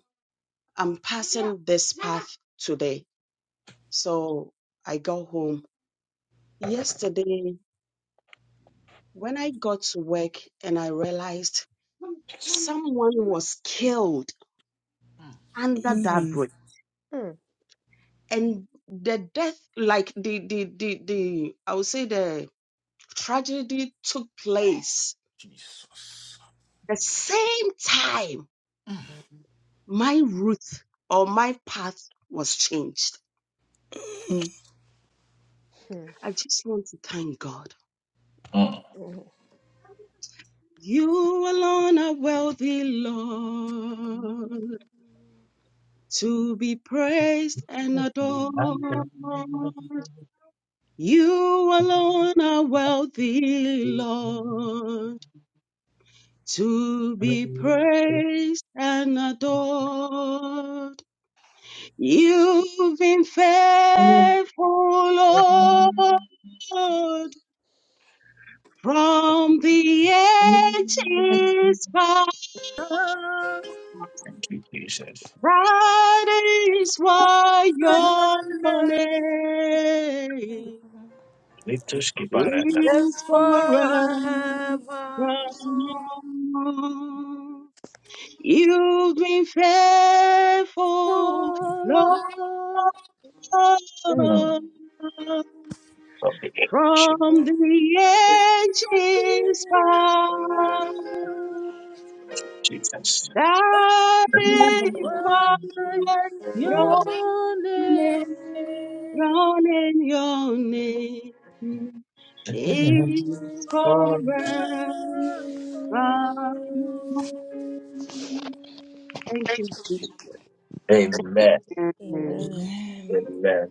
Speaker 9: I'm passing this path today. So I got home yesterday when I got to work and I realized someone was killed under that
Speaker 2: Mm,
Speaker 9: bridge
Speaker 4: Mm,
Speaker 9: and the death like the the the, the i would say the tragedy took place
Speaker 3: Jesus.
Speaker 9: the same time my route or my path was changed.
Speaker 2: mm.
Speaker 4: mm,
Speaker 9: I just want to thank God.
Speaker 1: Mm,
Speaker 4: mm,
Speaker 9: You alone are worthy, Lord, to be praised and adored. You alone are worthy, Lord, to be
Speaker 1: mm.
Speaker 9: praised and adored. You've been faithful, Lord. From the edges, far
Speaker 1: Thank you, Jesus.
Speaker 9: bright is why your
Speaker 7: Amen.
Speaker 9: name
Speaker 1: Little skipper.
Speaker 7: Yes,
Speaker 9: is forever.
Speaker 7: forevermore.
Speaker 9: You've been faithful,
Speaker 7: Oh,
Speaker 9: Lord,
Speaker 7: Lord,
Speaker 1: Mm. Of the ancient
Speaker 4: mm.
Speaker 9: from the
Speaker 7: Jesus,
Speaker 9: edges, far.
Speaker 1: Jesus.
Speaker 9: That is
Speaker 1: Amen.
Speaker 9: my
Speaker 7: worship your
Speaker 9: your
Speaker 7: name.
Speaker 9: name, your name, your name is
Speaker 4: Amen.
Speaker 9: forever. Thank you, Jesus.
Speaker 1: Amen.
Speaker 2: Amen.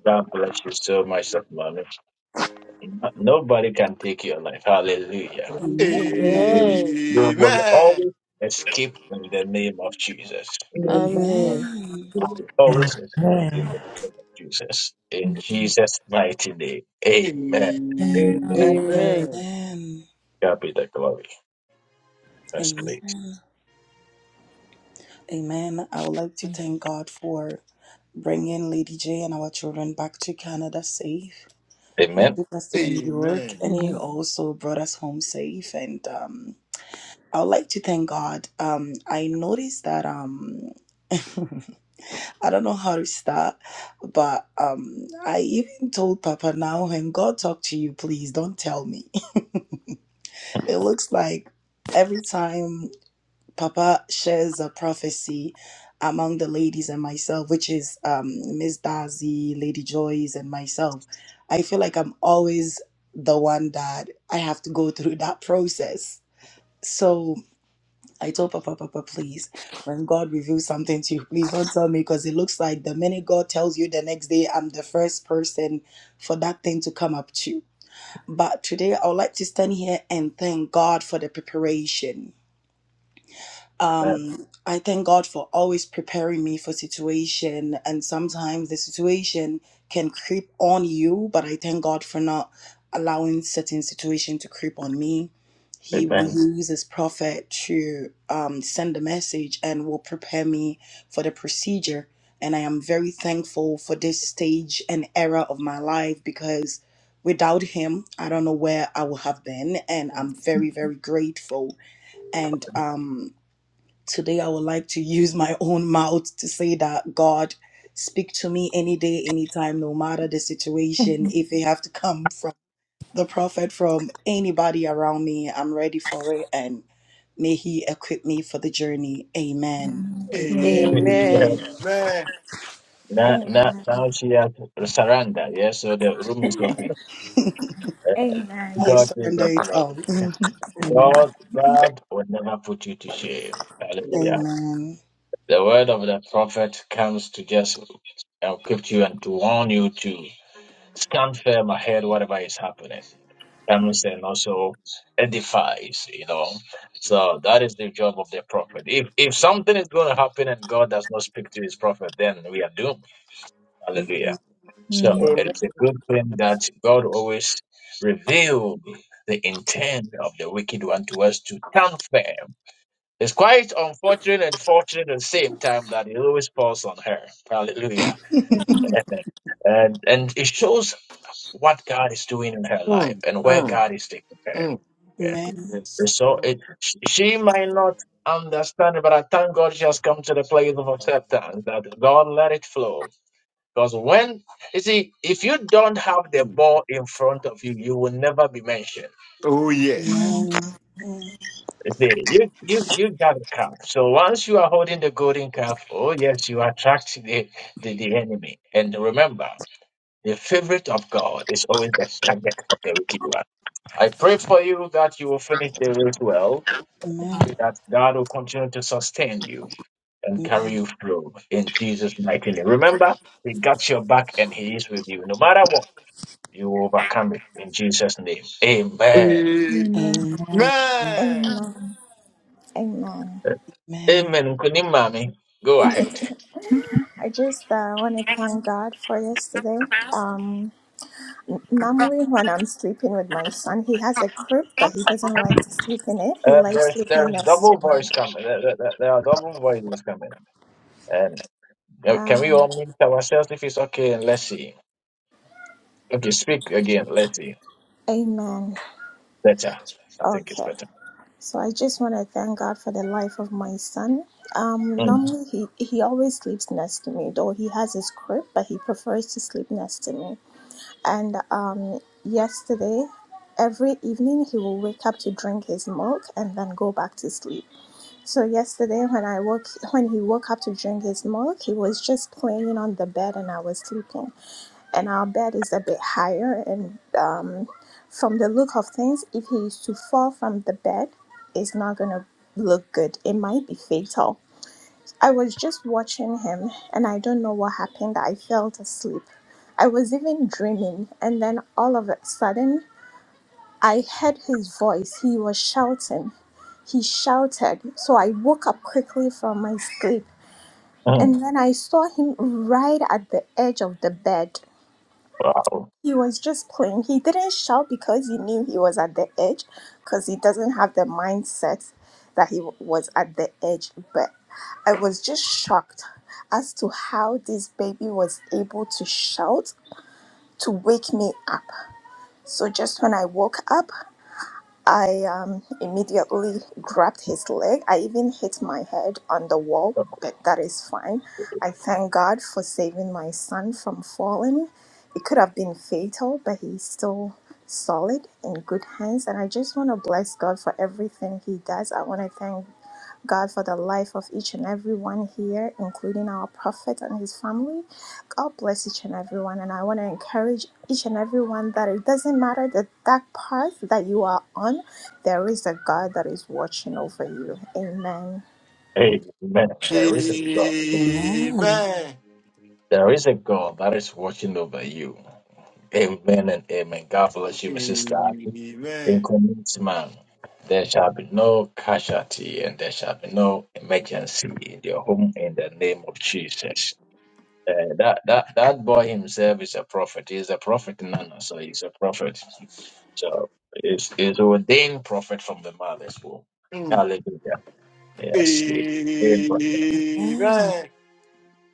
Speaker 1: God bless you so much, Nobody can take your life. Hallelujah.
Speaker 2: Amen.
Speaker 1: You
Speaker 4: Amen.
Speaker 1: you will
Speaker 3: Amen.
Speaker 1: always escape in the name of Jesus.
Speaker 11: Amen.
Speaker 4: Amen.
Speaker 2: Amen.
Speaker 1: You will always escape in
Speaker 12: Yeah.
Speaker 1: the name of Jesus. In Jesus' mighty name. Amen.
Speaker 7: forevermore. Amen.
Speaker 11: Amen.
Speaker 4: Amen.
Speaker 2: Amen.
Speaker 1: God be the glory. Yes, please.
Speaker 2: Amen. Amen. I would like to thank God for bringing Lady J and our children back to Canada safe. He
Speaker 1: Amen.
Speaker 2: took us to the New York
Speaker 3: Amen.
Speaker 2: and he
Speaker 4: Mm.
Speaker 2: also brought us home safe. And um, I would like to thank God. Um, I noticed that um, *laughs* I don't know how to start, but um, I even told Papa now when God talk to you, please don't tell me. *laughs* It looks like every time. Papa shares a prophecy among the ladies and myself, which is um, Miss Darcy, Lady Joyce, and myself. I feel like I'm always the one that I have to go through that process. So I told Papa, Papa, please, when God reveals something to you, please don't tell me because it looks like the minute God tells you the next day, I'm the first person for that thing to come up to. But today, I would like to stand here and thank God for the preparation
Speaker 1: Amen.
Speaker 2: um i thank god for always preparing me for situation and sometimes the situation can creep on you but i thank god for not allowing certain situation to creep on me he will
Speaker 1: Amen.
Speaker 2: use his prophet to um, send a message and will prepare me for the procedure and i am very thankful for this stage and era of my life because without him i don't know where i would have been and i'm very very grateful and um Today, I would like to use my own mouth to say that God, speak to me any day, anytime, no matter the situation. If it have to come from the prophet, from anybody around me, I'm ready for it. And may He equip me for the journey. Amen.
Speaker 4: Amen.
Speaker 1: Amen.
Speaker 3: Amen.
Speaker 1: Now, now,
Speaker 15: Amen.
Speaker 1: now she has surrendered. Yes, so the room
Speaker 15: *laughs*
Speaker 1: is open.
Speaker 2: *laughs* I
Speaker 1: Eh,
Speaker 15: Amen.
Speaker 1: God be
Speaker 2: surrender
Speaker 1: the
Speaker 2: it all. *laughs*
Speaker 1: glory.
Speaker 4: Mhm.
Speaker 2: Amen.
Speaker 1: God, God will never put you to shame. Hallelujah.
Speaker 2: Amen.
Speaker 1: The word of the prophet comes to just equip you and to warn you to stand firm ahead, whatever is happening. Comes and also edifies, you know. So that is the job of the prophet. If if something is going to happen and God does not speak to his prophet, then we are doomed.
Speaker 2: Mhm.
Speaker 1: Hallelujah.
Speaker 7: Amen.
Speaker 1: So
Speaker 11: Amen.
Speaker 1: it is a good thing that God always revealed the intent of the wicked one to us to stand firm it's quite unfortunate and fortunate at the same time that it always falls on her. Hallelujah. *laughs*
Speaker 2: *laughs*
Speaker 1: and and it shows what God is doing in her life and where God is taking her. Yeah.
Speaker 2: Amen.
Speaker 1: So it, she she might not understand it, but I thank God she has come to the place of acceptance that God let it flow. Because when you see, if you don't have the ball in front of you, you will never be mentioned.
Speaker 3: Oh,
Speaker 7: Amen.
Speaker 3: yes.
Speaker 2: Amen. Mm.
Speaker 1: See, you you you got a calf. So once you are holding the golden calf, oh yes, you attract the, the, the enemy. And remember, the favorite of God is always the subject of the wicked one. I pray for you that you will finish the race well,
Speaker 2: Amen.
Speaker 1: that God will continue to sustain you and carry
Speaker 2: Amen.
Speaker 1: you through in Jesus' mighty name. Remember, He got your back and He is with you. No matter what, you will overcome it in Jesus' name. Amen.
Speaker 7: Amen.
Speaker 2: Amen. Amen.
Speaker 3: Amen.
Speaker 15: Amen. Amen.
Speaker 1: Amen. Kunimami, go ahead.
Speaker 15: I just uh, want to thank God for yesterday. Um, n- normally, when I'm sleeping with my son, he has a crib, but he doesn't like to sleep in it. He
Speaker 1: Um,
Speaker 15: likes
Speaker 1: there's
Speaker 15: sleeping
Speaker 1: there's
Speaker 15: next
Speaker 1: double
Speaker 15: to me.
Speaker 1: voice coming. There, there, there there are double voices coming. And uh, can we
Speaker 15: Um,
Speaker 1: all mute ourselves if it's okay? And let's see. Okay, speak again. Let's see.
Speaker 15: amen.
Speaker 1: Better. I think it's
Speaker 15: Okay.
Speaker 1: better.
Speaker 15: So I just want to thank God for the life of my son. Um,
Speaker 1: Mm.
Speaker 15: normally he, he always sleeps next to me, though he has his crib, but he prefers to sleep next to me. and um, yesterday every evening he will wake up to drink his milk and then go back to sleep so yesterday when i woke when he woke up to drink his milk he was just playing on the bed and i was sleeping and our bed is a bit higher and um, from the look of things if he is to fall from the bed it's not going to look good it might be fatal I was just watching him, and I don't know what happened. I fell asleep. I was even dreaming, and then all of a sudden, I heard his voice. He was shouting. He shouted. So I woke up quickly from my sleep,
Speaker 1: Mm.
Speaker 15: and then I saw him right at the edge of the bed.
Speaker 1: Wow.
Speaker 15: He was just playing. He didn't shout because he knew he was at the edge, because he doesn't have the mindset that he w- was at the edge. But I was just shocked as to how this baby was able to shout to wake me up. So just when I woke up, I um, immediately grabbed his leg. I even hit my head on the wall, but that is fine. I thank God for saving my son from falling. It could have been fatal, but he's still solid in good hands. And I just want to bless God for everything he does. I want to thank God, for the life of each and every one here, including our prophet and his family. God bless each and every one, And I want to encourage each and every one that it doesn't matter the dark path that you are on, there is a God that is watching over you. Amen.
Speaker 1: Amen. There
Speaker 3: Amen.
Speaker 1: is a God.
Speaker 2: Amen.
Speaker 1: There is a God that is watching over you. Amen and amen. God bless you, Mrs.
Speaker 3: Mm.
Speaker 1: Stark. In commitment, there shall be no casualty and there shall be no emergency in your home in the name of Jesus. Uh, that that that boy himself is a prophet. He's a prophet nana, so he's a prophet. So he's he's ordained prophet from the mother's womb. Hallelujah.
Speaker 3: Amen.
Speaker 1: Yes. he- he is prophet.
Speaker 2: Amen.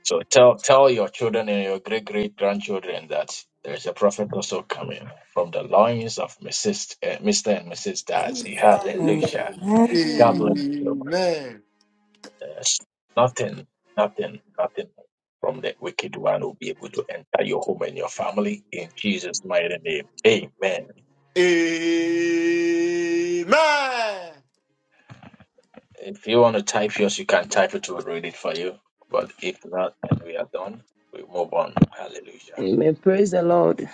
Speaker 1: So tell tell your children and your great great grandchildren that there is a prophet also coming from the loins of Mrs. Uh, Mr. and Mrs. Darcy. Hallelujah. God bless
Speaker 2: Amen.
Speaker 1: you.
Speaker 3: Amen.
Speaker 1: Yes. Nothing, nothing, nothing from the wicked one will be able to enter your home and your family in Jesus' mighty name. Amen.
Speaker 3: Amen.
Speaker 1: If you want to type yours, you can type it. We'll read it for you. But if not, and we are done, we move on. Hallelujah.
Speaker 11: Amen. Praise the Lord.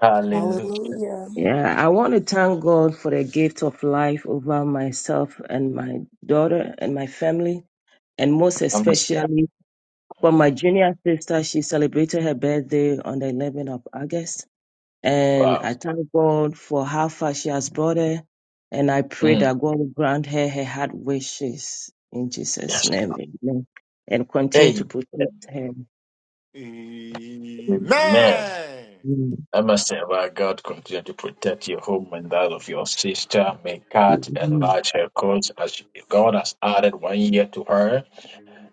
Speaker 1: Hallelujah.
Speaker 2: Hallelujah.
Speaker 11: Yeah, I want to thank God for the gift of life over myself and my daughter and my family, and most
Speaker 1: I'm sorry.
Speaker 11: especially for
Speaker 1: Mm.
Speaker 11: my junior sister. She celebrated her birthday on the 11th of August. And
Speaker 1: Wow.
Speaker 11: I thank God for how far she has brought her. And I pray
Speaker 1: Mm.
Speaker 11: that God will grant her her heart wishes in Jesus'
Speaker 1: Yes.
Speaker 11: name. Amen. And continue to
Speaker 1: Amen.
Speaker 11: protect her.
Speaker 3: Amen.
Speaker 1: Amen.
Speaker 11: Amen.
Speaker 1: Amasewa, God continue to protect your home and that of your sister. May God enlarge her cause as God has added one year to her.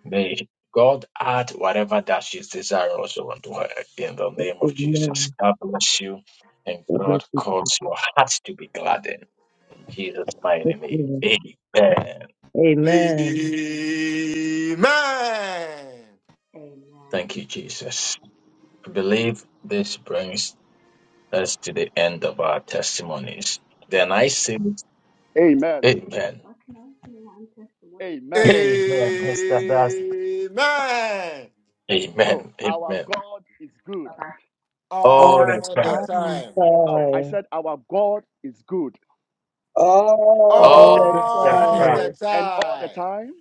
Speaker 1: May God add whatever that she's desiring also unto her in the name of Jesus.
Speaker 11: Amen.
Speaker 1: God bless you and
Speaker 11: God bless
Speaker 1: God
Speaker 11: you.
Speaker 1: cause your heart to be gladdened in Jesus' mighty name.
Speaker 11: Amen.
Speaker 1: Amen.
Speaker 11: Amen.
Speaker 3: Amen.
Speaker 16: Amen.
Speaker 1: Thank you, Jesus. I believe this brings us to the end of our testimonies. Then I say,
Speaker 17: Amen.
Speaker 1: Amen.
Speaker 16: What can I say? I'm testimony
Speaker 17: Amen.
Speaker 1: Amen, Mr. Das.
Speaker 3: Amen.
Speaker 17: Oh,
Speaker 1: Amen.
Speaker 17: our
Speaker 1: Amen.
Speaker 17: God is good.
Speaker 16: Bye-bye.
Speaker 2: All
Speaker 1: Oh,
Speaker 2: the
Speaker 1: that
Speaker 3: All the
Speaker 1: God.
Speaker 2: time.
Speaker 3: time.
Speaker 17: Oh, I
Speaker 11: Bye.
Speaker 17: said our God is good.
Speaker 11: all
Speaker 2: All
Speaker 1: Oh,
Speaker 11: the
Speaker 2: the
Speaker 1: that
Speaker 3: All
Speaker 2: time.
Speaker 1: God.
Speaker 3: the
Speaker 11: time.
Speaker 17: And all the
Speaker 3: time.
Speaker 17: time,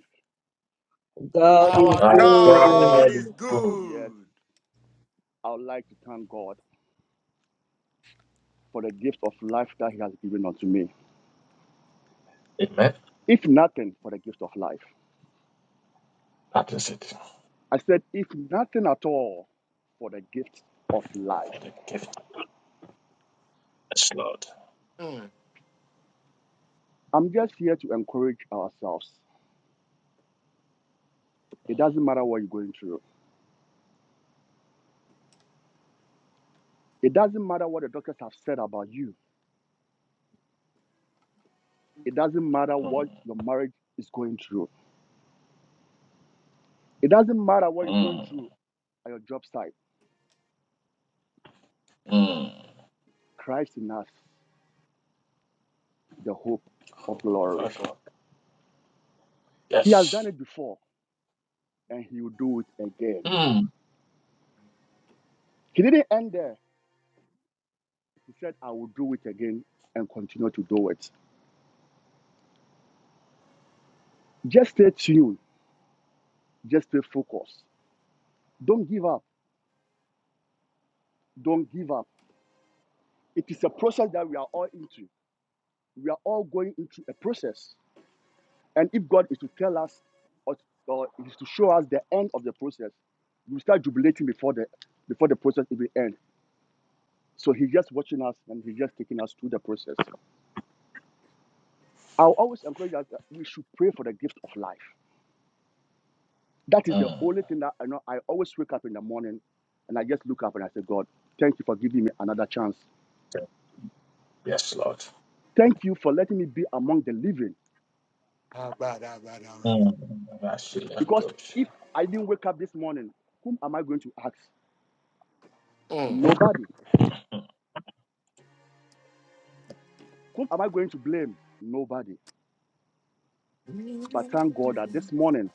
Speaker 11: God is
Speaker 2: Our
Speaker 3: Our
Speaker 2: God
Speaker 1: My
Speaker 2: is great.
Speaker 11: good.
Speaker 3: God
Speaker 1: God is
Speaker 3: is
Speaker 1: good.
Speaker 3: good.
Speaker 17: yes, I would like to thank God for the gift of life that He has given unto me.
Speaker 1: Amen.
Speaker 17: If nothing, for the gift of life.
Speaker 1: That is it
Speaker 17: I said, if nothing at all, for the gift of life.
Speaker 1: for the gift. Yes, Lord.
Speaker 3: Mm,
Speaker 17: I'm just here to encourage ourselves. It doesn't matter what you're going through, it doesn't matter what the doctors have said about you, it doesn't matter what
Speaker 1: Mm,
Speaker 17: your marriage is going through. It doesn't matter what you're going
Speaker 1: mm,
Speaker 17: through at your job site.
Speaker 1: mm.
Speaker 17: Christ in us, the hope of
Speaker 1: Hope of
Speaker 17: glory.
Speaker 1: our God.
Speaker 17: He has done
Speaker 1: Yes.
Speaker 17: it before and he will do it again.
Speaker 1: Mm,
Speaker 17: He didn't end there. He said, I will do it again and continue to do it. Just stay tuned. Just stay focused. Don't give up. Don't give up. It is a process that we are all into. We are all going into a process. And if God is to tell us or, or is to show us the end of the process, we start jubilating before the before the process even ends. So he's just watching us and he's just taking us through the process. I'll always encourage us that we should pray for the gift of life. That is the
Speaker 1: mm.
Speaker 17: only thing that I know. I always wake up in the morning and I just look up and I say, God, thank you for giving me another chance.
Speaker 1: Yes, Lord.
Speaker 17: Thank you for letting me be among the living.
Speaker 1: Mm. Rashi and
Speaker 17: Because
Speaker 1: Doshi.
Speaker 17: if I didn't wake up this morning, whom am I going to ask?
Speaker 3: mm,
Speaker 17: Nobody. Whom am I going to blame? Nobody. But thank God that this morning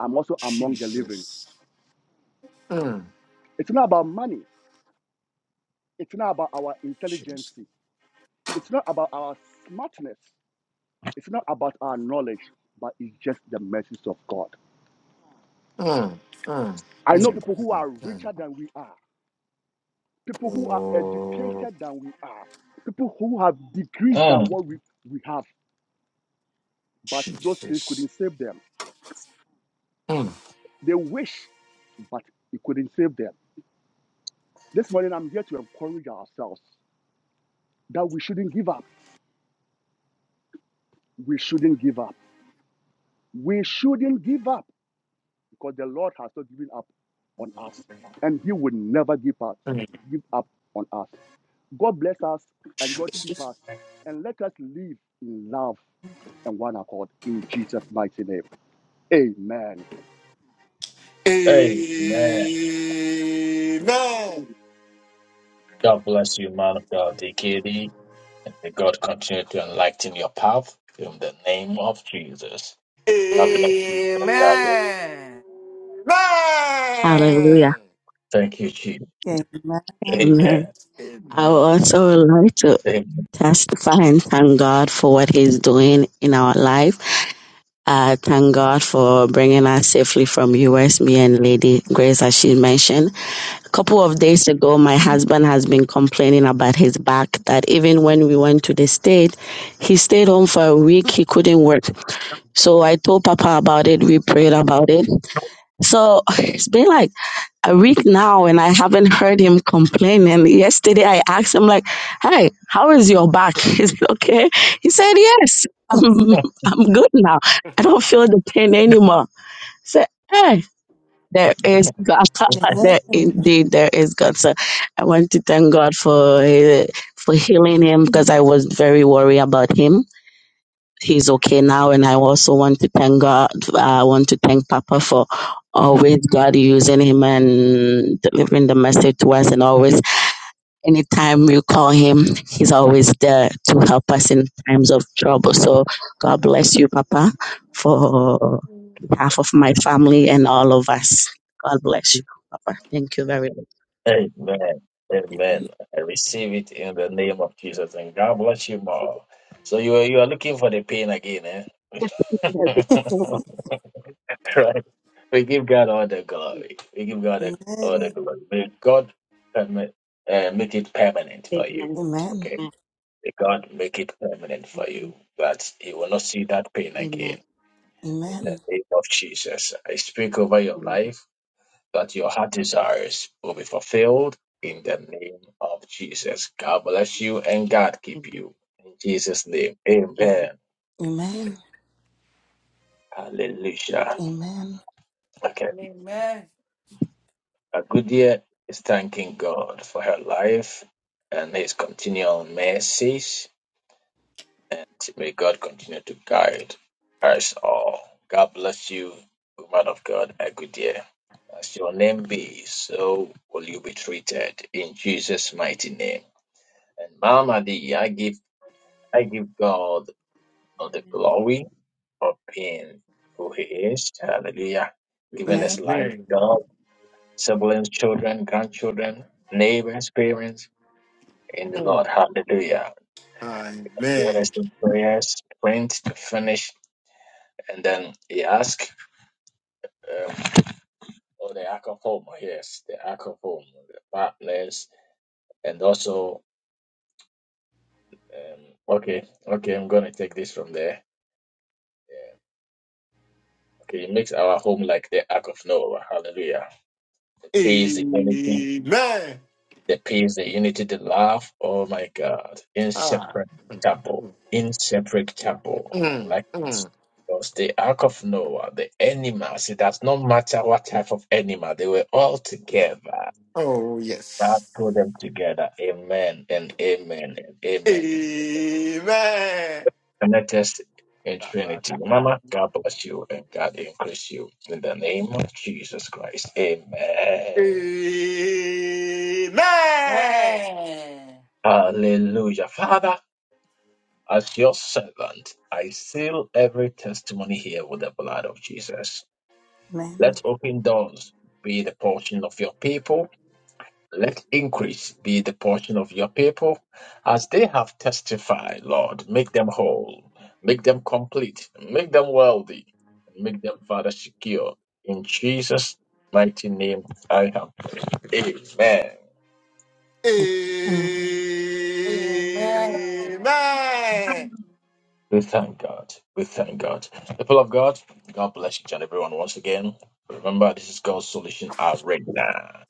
Speaker 17: I'm also among the living.
Speaker 3: Jesus. Mm,
Speaker 17: It's not about money, it's not about our intelligence,
Speaker 3: Jesus.
Speaker 17: it's not about our smartness. It's not about our knowledge, but it's just the mercies of God.
Speaker 3: Mm, mm,
Speaker 17: I know
Speaker 3: mm,
Speaker 17: people who
Speaker 3: mm,
Speaker 17: are
Speaker 3: mm.
Speaker 17: richer than we are, people who are
Speaker 3: Oh,
Speaker 17: educated than we are, people who have degrees than
Speaker 1: Mm.
Speaker 17: what we, we have, but those things
Speaker 3: Jesus.
Speaker 17: couldn't save them.
Speaker 3: Mm.
Speaker 17: They wish, but it couldn't save them. This morning, I'm here to encourage ourselves that we shouldn't give up. We shouldn't give up. We shouldn't give up. because the Lord has not given up on us, and He will never give us give up on us. God bless us and God keep us, and let us live in love and one accord in Jesus' mighty name. Amen.
Speaker 1: Amen. God bless you, man of God, DKD. And may God continue to enlighten your path in the name of Jesus. God bless you. and God bless you.
Speaker 18: Amen.
Speaker 16: Hallelujah.
Speaker 1: Thank you, Chief.
Speaker 2: Amen.
Speaker 16: Amen.
Speaker 1: Amen.
Speaker 16: I would also like to
Speaker 1: Amen.
Speaker 16: testify and thank God for what He's doing in our life. Uh, thank God for bringing us safely from US, me and Lady Grace, as she mentioned. A couple of days ago, my husband has been complaining about his back that even when we went to the state, he stayed home for a week. He couldn't work. So I told Papa about it. We prayed about it. So *laughs* *sighs* it's been like a week now and I haven't heard him complain. And yesterday I asked him, like, hey, how is your back? *laughs* Is it okay? He said, yes, I'm, *laughs* I'm good now. I don't feel the pain anymore. I said, hey, there is God. *laughs*
Speaker 2: Amen.
Speaker 16: there indeed, there is God. So I want to thank God for, uh, for healing him because I was very worried about him he's okay now. And I also want to thank God. I want to thank Papa for always God using him and delivering the message to us. And always, anytime you call him, he's always there to help us in times of trouble. So God bless you, Papa, for behalf of my family and all of us. God bless you, Papa. Thank you very much.
Speaker 1: Amen.
Speaker 2: Amen.
Speaker 1: Amen. I receive it in the name of Jesus. And God bless you more. So you are you are looking for the pain again,
Speaker 16: Amen.
Speaker 1: eh? *laughs* right. We give God all the glory. We give God the- all the
Speaker 2: Amen.
Speaker 1: glory. May God permit, uh, make it permanent for you.
Speaker 16: Amen.
Speaker 2: Amen.
Speaker 1: Okay. May God make it permanent for you. That you will not see that pain again.
Speaker 16: Amen.
Speaker 1: In the name of Jesus. I speak over
Speaker 16: Amen.
Speaker 1: your
Speaker 16: Amen.
Speaker 1: life. that your heart desires will be fulfilled in the name of Jesus. God bless you and God keep you. In Jesus' name,
Speaker 16: Amen.
Speaker 1: amen.
Speaker 2: Amen.
Speaker 1: Hallelujah.
Speaker 2: Amen. Amen.
Speaker 1: Okay,
Speaker 18: Amen.
Speaker 1: Agudia is thanking God for her life and his continual mercies, and may God continue to guide us all. God bless you, woman of God, Agudia. As your name be, so will you be treated in Jesus' mighty name. And Mama D, I give I give God all the
Speaker 14: Amen.
Speaker 1: glory for being who He is. Hallelujah. Giving us life, job, siblings, children, grandchildren, neighbors, parents, in the Lord. Hallelujah. Giving
Speaker 3: Amen.
Speaker 1: us the prayers, print to finish, and then He asks um, for the Ark of Home. Yes, the Ark of Home, the partners, and also. Um, okay, okay, I'm gonna take this from there. Okay, he makes our home like the Ark of Noah. Hallelujah. He is the unity,
Speaker 3: Amen.
Speaker 1: The peace, the unity, the love. Oh my God.
Speaker 3: Ah,
Speaker 1: Inseparable Inseparable I
Speaker 3: mm,
Speaker 1: like this.
Speaker 3: mm.
Speaker 1: Because the Ark of Noah, the animals, it does not matter what type of animal, they were all together.
Speaker 3: Oh,
Speaker 1: God
Speaker 3: yes.
Speaker 1: put them together. Amen and amen and amen. and amen.
Speaker 3: Amen.
Speaker 1: And let us in Trinity. Mama, God bless you and God increase you in the name of Jesus Christ. Amen.
Speaker 3: Amen.
Speaker 18: Amen.
Speaker 1: Hallelujah. Father, as your servant, I seal every testimony here with the blood of Jesus. Let open doors be the portion of your people Let increase be the portion of your people as they have testified, Lord. Make them whole, make them complete, make them wealthy, and make them, Father, secure. In Jesus' mighty name, I have prayed. Amen.
Speaker 2: Amen.
Speaker 18: Amen.
Speaker 1: We thank God. We thank God. People of God, God bless each and everyone once again. Remember, this is God's solution arena,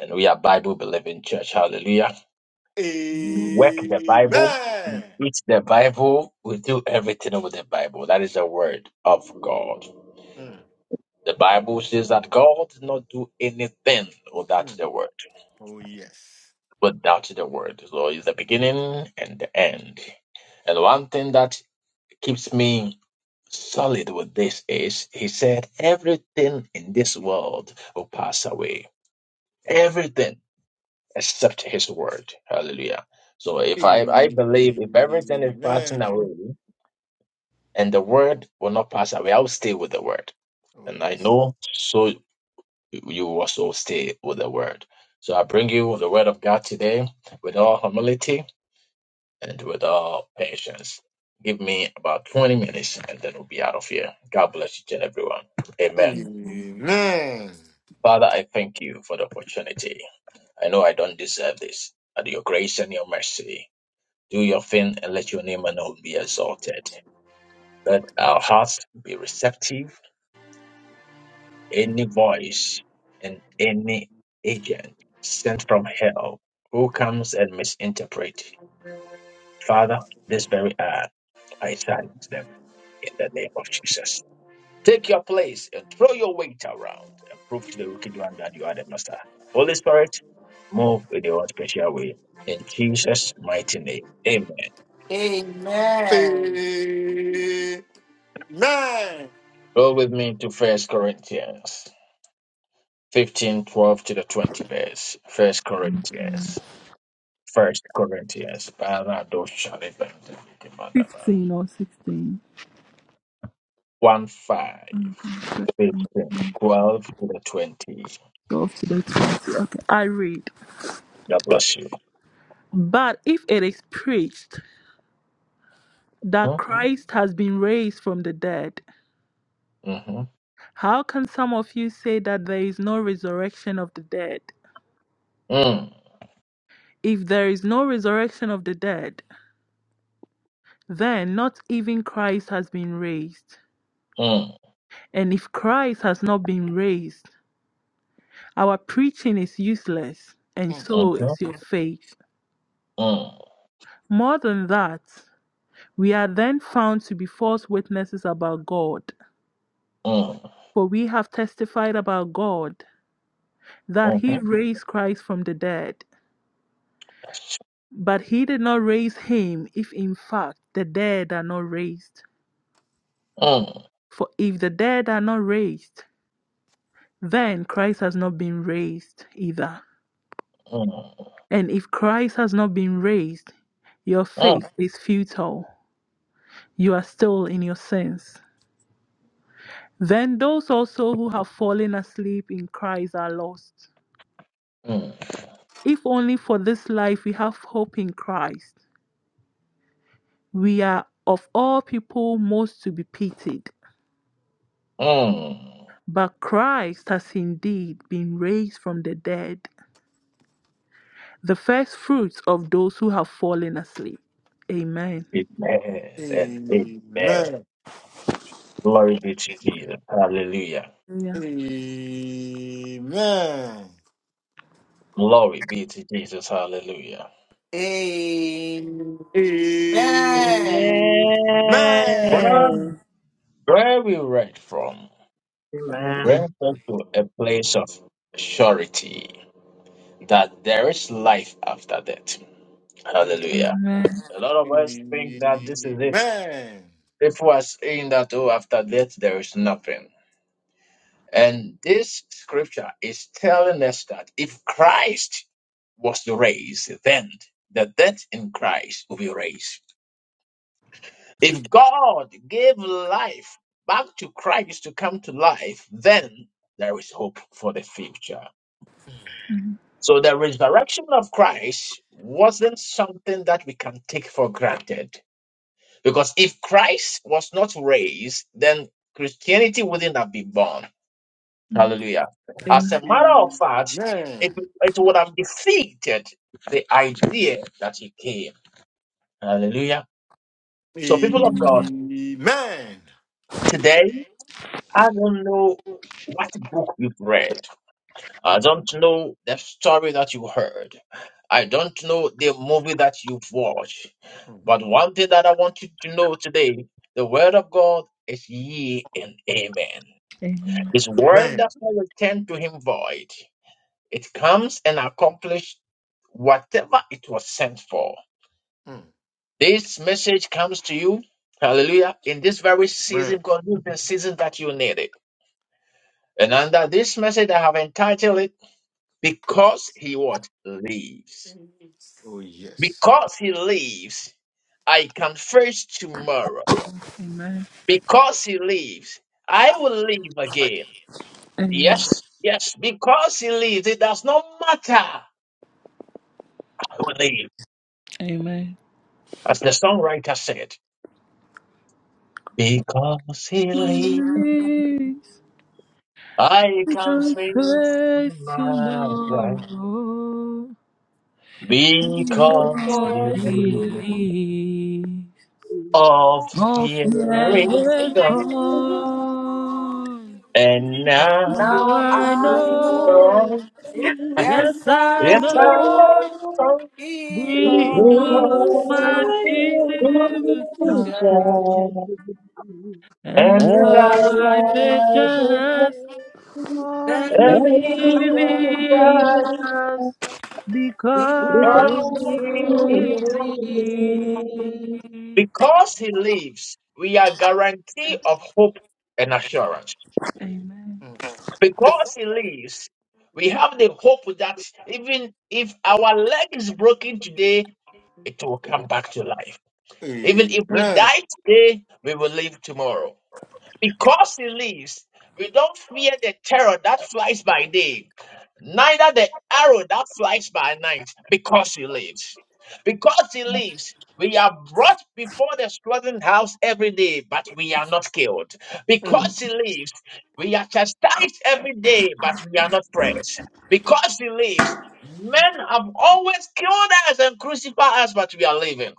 Speaker 1: and we are Bible believing church. Hallelujah. Work the Bible
Speaker 3: Amen.
Speaker 1: It's the Bible. We do everything with the Bible. That is the word of God.
Speaker 3: Mm,
Speaker 1: The Bible says that God did not do anything
Speaker 3: mm.
Speaker 1: without the word.
Speaker 3: Oh, yes.
Speaker 1: Without the word. So it's the beginning and the end. And one thing that keeps me solid with this is he said, Everything in this world will pass away.
Speaker 3: Oh,
Speaker 1: Everything except his word. Hallelujah. So if I, I believe if everything is passing
Speaker 3: amen.
Speaker 1: away, and the word will not pass away. I will stay with the word.
Speaker 3: Oh,
Speaker 1: And I
Speaker 3: yes.
Speaker 1: know so you also stay with the word. So I bring you the word of God today with all humility and with all patience. Give me about 20 minutes and then we'll be out of here. God bless each and everyone. Amen.
Speaker 2: Amen.
Speaker 3: Amen.
Speaker 1: Father, I thank you for the opportunity. I know I don't deserve this, but your grace and your mercy, do your thing and let your name alone be exalted. Let our hearts be receptive any voice and any agent sent from hell who comes and misinterpret. Father, this very hour, I silence them in the name of Jesus. Take your place and throw your weight around and prove to the wicked one that you are the master. Holy Spirit, move in your own special way. In Jesus' mighty name. Amen.
Speaker 18: Amen.
Speaker 1: Go with me to First Corinthians 15 12 to the 20 verse. First Corinthians First Corinthians, Parado Shalibante, Kimadaba.
Speaker 7: 15 or 16.
Speaker 1: 1 5, 15, 12 to the 20.
Speaker 7: 12 to the 20. Okay, I read.
Speaker 1: God bless you.
Speaker 7: But if it is preached that
Speaker 1: Mm,
Speaker 7: Christ has been raised from the dead,
Speaker 1: mhm,
Speaker 7: how can some of you say that there is no resurrection of the dead?
Speaker 1: mm,
Speaker 7: If there is no resurrection of the dead, then not even Christ has been raised.
Speaker 1: mm,
Speaker 7: And if Christ has not been raised, our preaching is useless, and
Speaker 3: Mm.
Speaker 7: so
Speaker 1: mhm,
Speaker 7: is your faith.
Speaker 1: mm,
Speaker 7: More than that, we are then found to be false witnesses about God
Speaker 1: mm,
Speaker 7: For we have testified about God that
Speaker 1: mhm,
Speaker 7: he
Speaker 1: mm,
Speaker 7: raised Christ from the dead. But he did not raise him if in fact the dead are not raised.
Speaker 1: mm,
Speaker 7: For if the dead are not raised, then Christ has not been raised either.
Speaker 1: mm,
Speaker 7: And if Christ has not been raised, your faith is futile. You are still in your sins. Then those also who have fallen asleep in Christ are lost.
Speaker 1: mm,
Speaker 7: If only for this life we have hope in Christ, We are of all people most to be pitied.
Speaker 1: mm.
Speaker 7: But Christ has indeed been raised from the dead, the first fruits of those who have fallen asleep. Amen.
Speaker 1: Amen and amen.
Speaker 3: Amen.
Speaker 1: Glory be to Jesus. Hallelujah.
Speaker 7: Yeah.
Speaker 3: Amen.
Speaker 1: Glory be to Jesus. Hallelujah.
Speaker 3: Amen.
Speaker 18: Amen.
Speaker 1: Where where we read from?
Speaker 19: Amen.
Speaker 1: Grant us to a place of surety that there is life after death. Hallelujah.
Speaker 7: Amen.
Speaker 1: A lot
Speaker 3: Amen.
Speaker 1: of us think that this is it.
Speaker 3: Amen.
Speaker 1: People are saying that, oh, after death, there is nothing. And this scripture is telling us that if Christ was raised, then the death in Christ will be raised. If God gave life back to Christ to come to life, then there is hope for the future. So the resurrection of Christ wasn't something that we can take for granted. Because if Christ was not raised, then Christianity wouldn't have been born.
Speaker 7: Mm.
Speaker 1: Hallelujah. As a
Speaker 7: Amen.
Speaker 1: matter of fact,
Speaker 3: Amen.
Speaker 1: it, it would have defeated the idea that he came. Hallelujah. So, people of
Speaker 3: Mm,
Speaker 1: God,
Speaker 3: mm, Amen.
Speaker 1: today, I don't know what book you've read. I don't know the story that you heard. I don't know the movie that you've watched. But one thing that I want you to know today the word of God is ye and amen. His word does not return to him void, it comes and accomplishes whatever it was sent for.
Speaker 3: Mm,
Speaker 1: This message comes to you, hallelujah, in this very season
Speaker 3: Amen.
Speaker 1: because this is the season that you need it. And under this message, I have entitled it, Because He What? Lives.
Speaker 3: Oh, yes.
Speaker 1: Because he lives, I can face tomorrow.
Speaker 7: Amen.
Speaker 1: Because he lives, I will live again. Yes, yes, because he lives, it does not matter. I will live.
Speaker 7: Amen. Amen.
Speaker 1: As the songwriter said, because he lives,
Speaker 7: Yes,
Speaker 1: I can
Speaker 7: don't
Speaker 1: face
Speaker 7: face
Speaker 1: tomorrow.
Speaker 7: tomorrow
Speaker 1: Because
Speaker 7: because
Speaker 1: he
Speaker 18: Because
Speaker 7: he
Speaker 1: lives,
Speaker 18: you
Speaker 7: lives.
Speaker 1: of
Speaker 18: are
Speaker 7: All
Speaker 1: fear
Speaker 7: fear
Speaker 18: there.
Speaker 1: is
Speaker 7: is
Speaker 1: gone.
Speaker 7: gone.
Speaker 1: And now,
Speaker 7: How
Speaker 18: Now
Speaker 7: I
Speaker 18: I
Speaker 14: Amen.
Speaker 18: know,
Speaker 7: know,
Speaker 1: oh,
Speaker 14: I
Speaker 7: yes
Speaker 18: yes
Speaker 7: I
Speaker 1: it's
Speaker 18: I
Speaker 14: Savior,
Speaker 18: know,
Speaker 7: know,
Speaker 1: time
Speaker 18: He
Speaker 7: he
Speaker 14: He
Speaker 11: Who
Speaker 7: knows
Speaker 18: holds
Speaker 7: my
Speaker 18: that
Speaker 14: will
Speaker 11: can
Speaker 14: bring
Speaker 1: And
Speaker 14: me
Speaker 7: future,
Speaker 14: to
Speaker 18: child.
Speaker 11: creature
Speaker 7: and
Speaker 1: the light
Speaker 7: life
Speaker 14: life.
Speaker 7: is
Speaker 11: alive is
Speaker 7: just
Speaker 11: well.
Speaker 7: a
Speaker 1: that
Speaker 18: Many
Speaker 1: leads
Speaker 18: glory.
Speaker 7: living
Speaker 1: us
Speaker 7: just because
Speaker 1: from
Speaker 14: Praise
Speaker 18: Amen.
Speaker 1: the
Speaker 7: he
Speaker 14: me,
Speaker 11: Because
Speaker 9: I give myself
Speaker 11: he
Speaker 14: Lord,
Speaker 11: is.
Speaker 14: see
Speaker 1: sea.
Speaker 9: away.
Speaker 14: me.
Speaker 11: good.
Speaker 7: lives.
Speaker 1: Because he lives, we are guaranteed of hope and assurance.
Speaker 7: Amen.
Speaker 3: Mm.
Speaker 1: Because he lives, we have the hope that even if our leg is broken today, it will come back to life. Even if we die today, we will live tomorrow. Because he lives, we don't fear the terror that flies by day, neither the arrow that flies by night, because he lives. Because he lives, we are brought before the slaughtering house every day, but we are not killed.
Speaker 3: Amen.
Speaker 1: Because he lives, we are chastised every day, but we are not pressed. Because he lives, men have always killed us and crucified us, but we are living.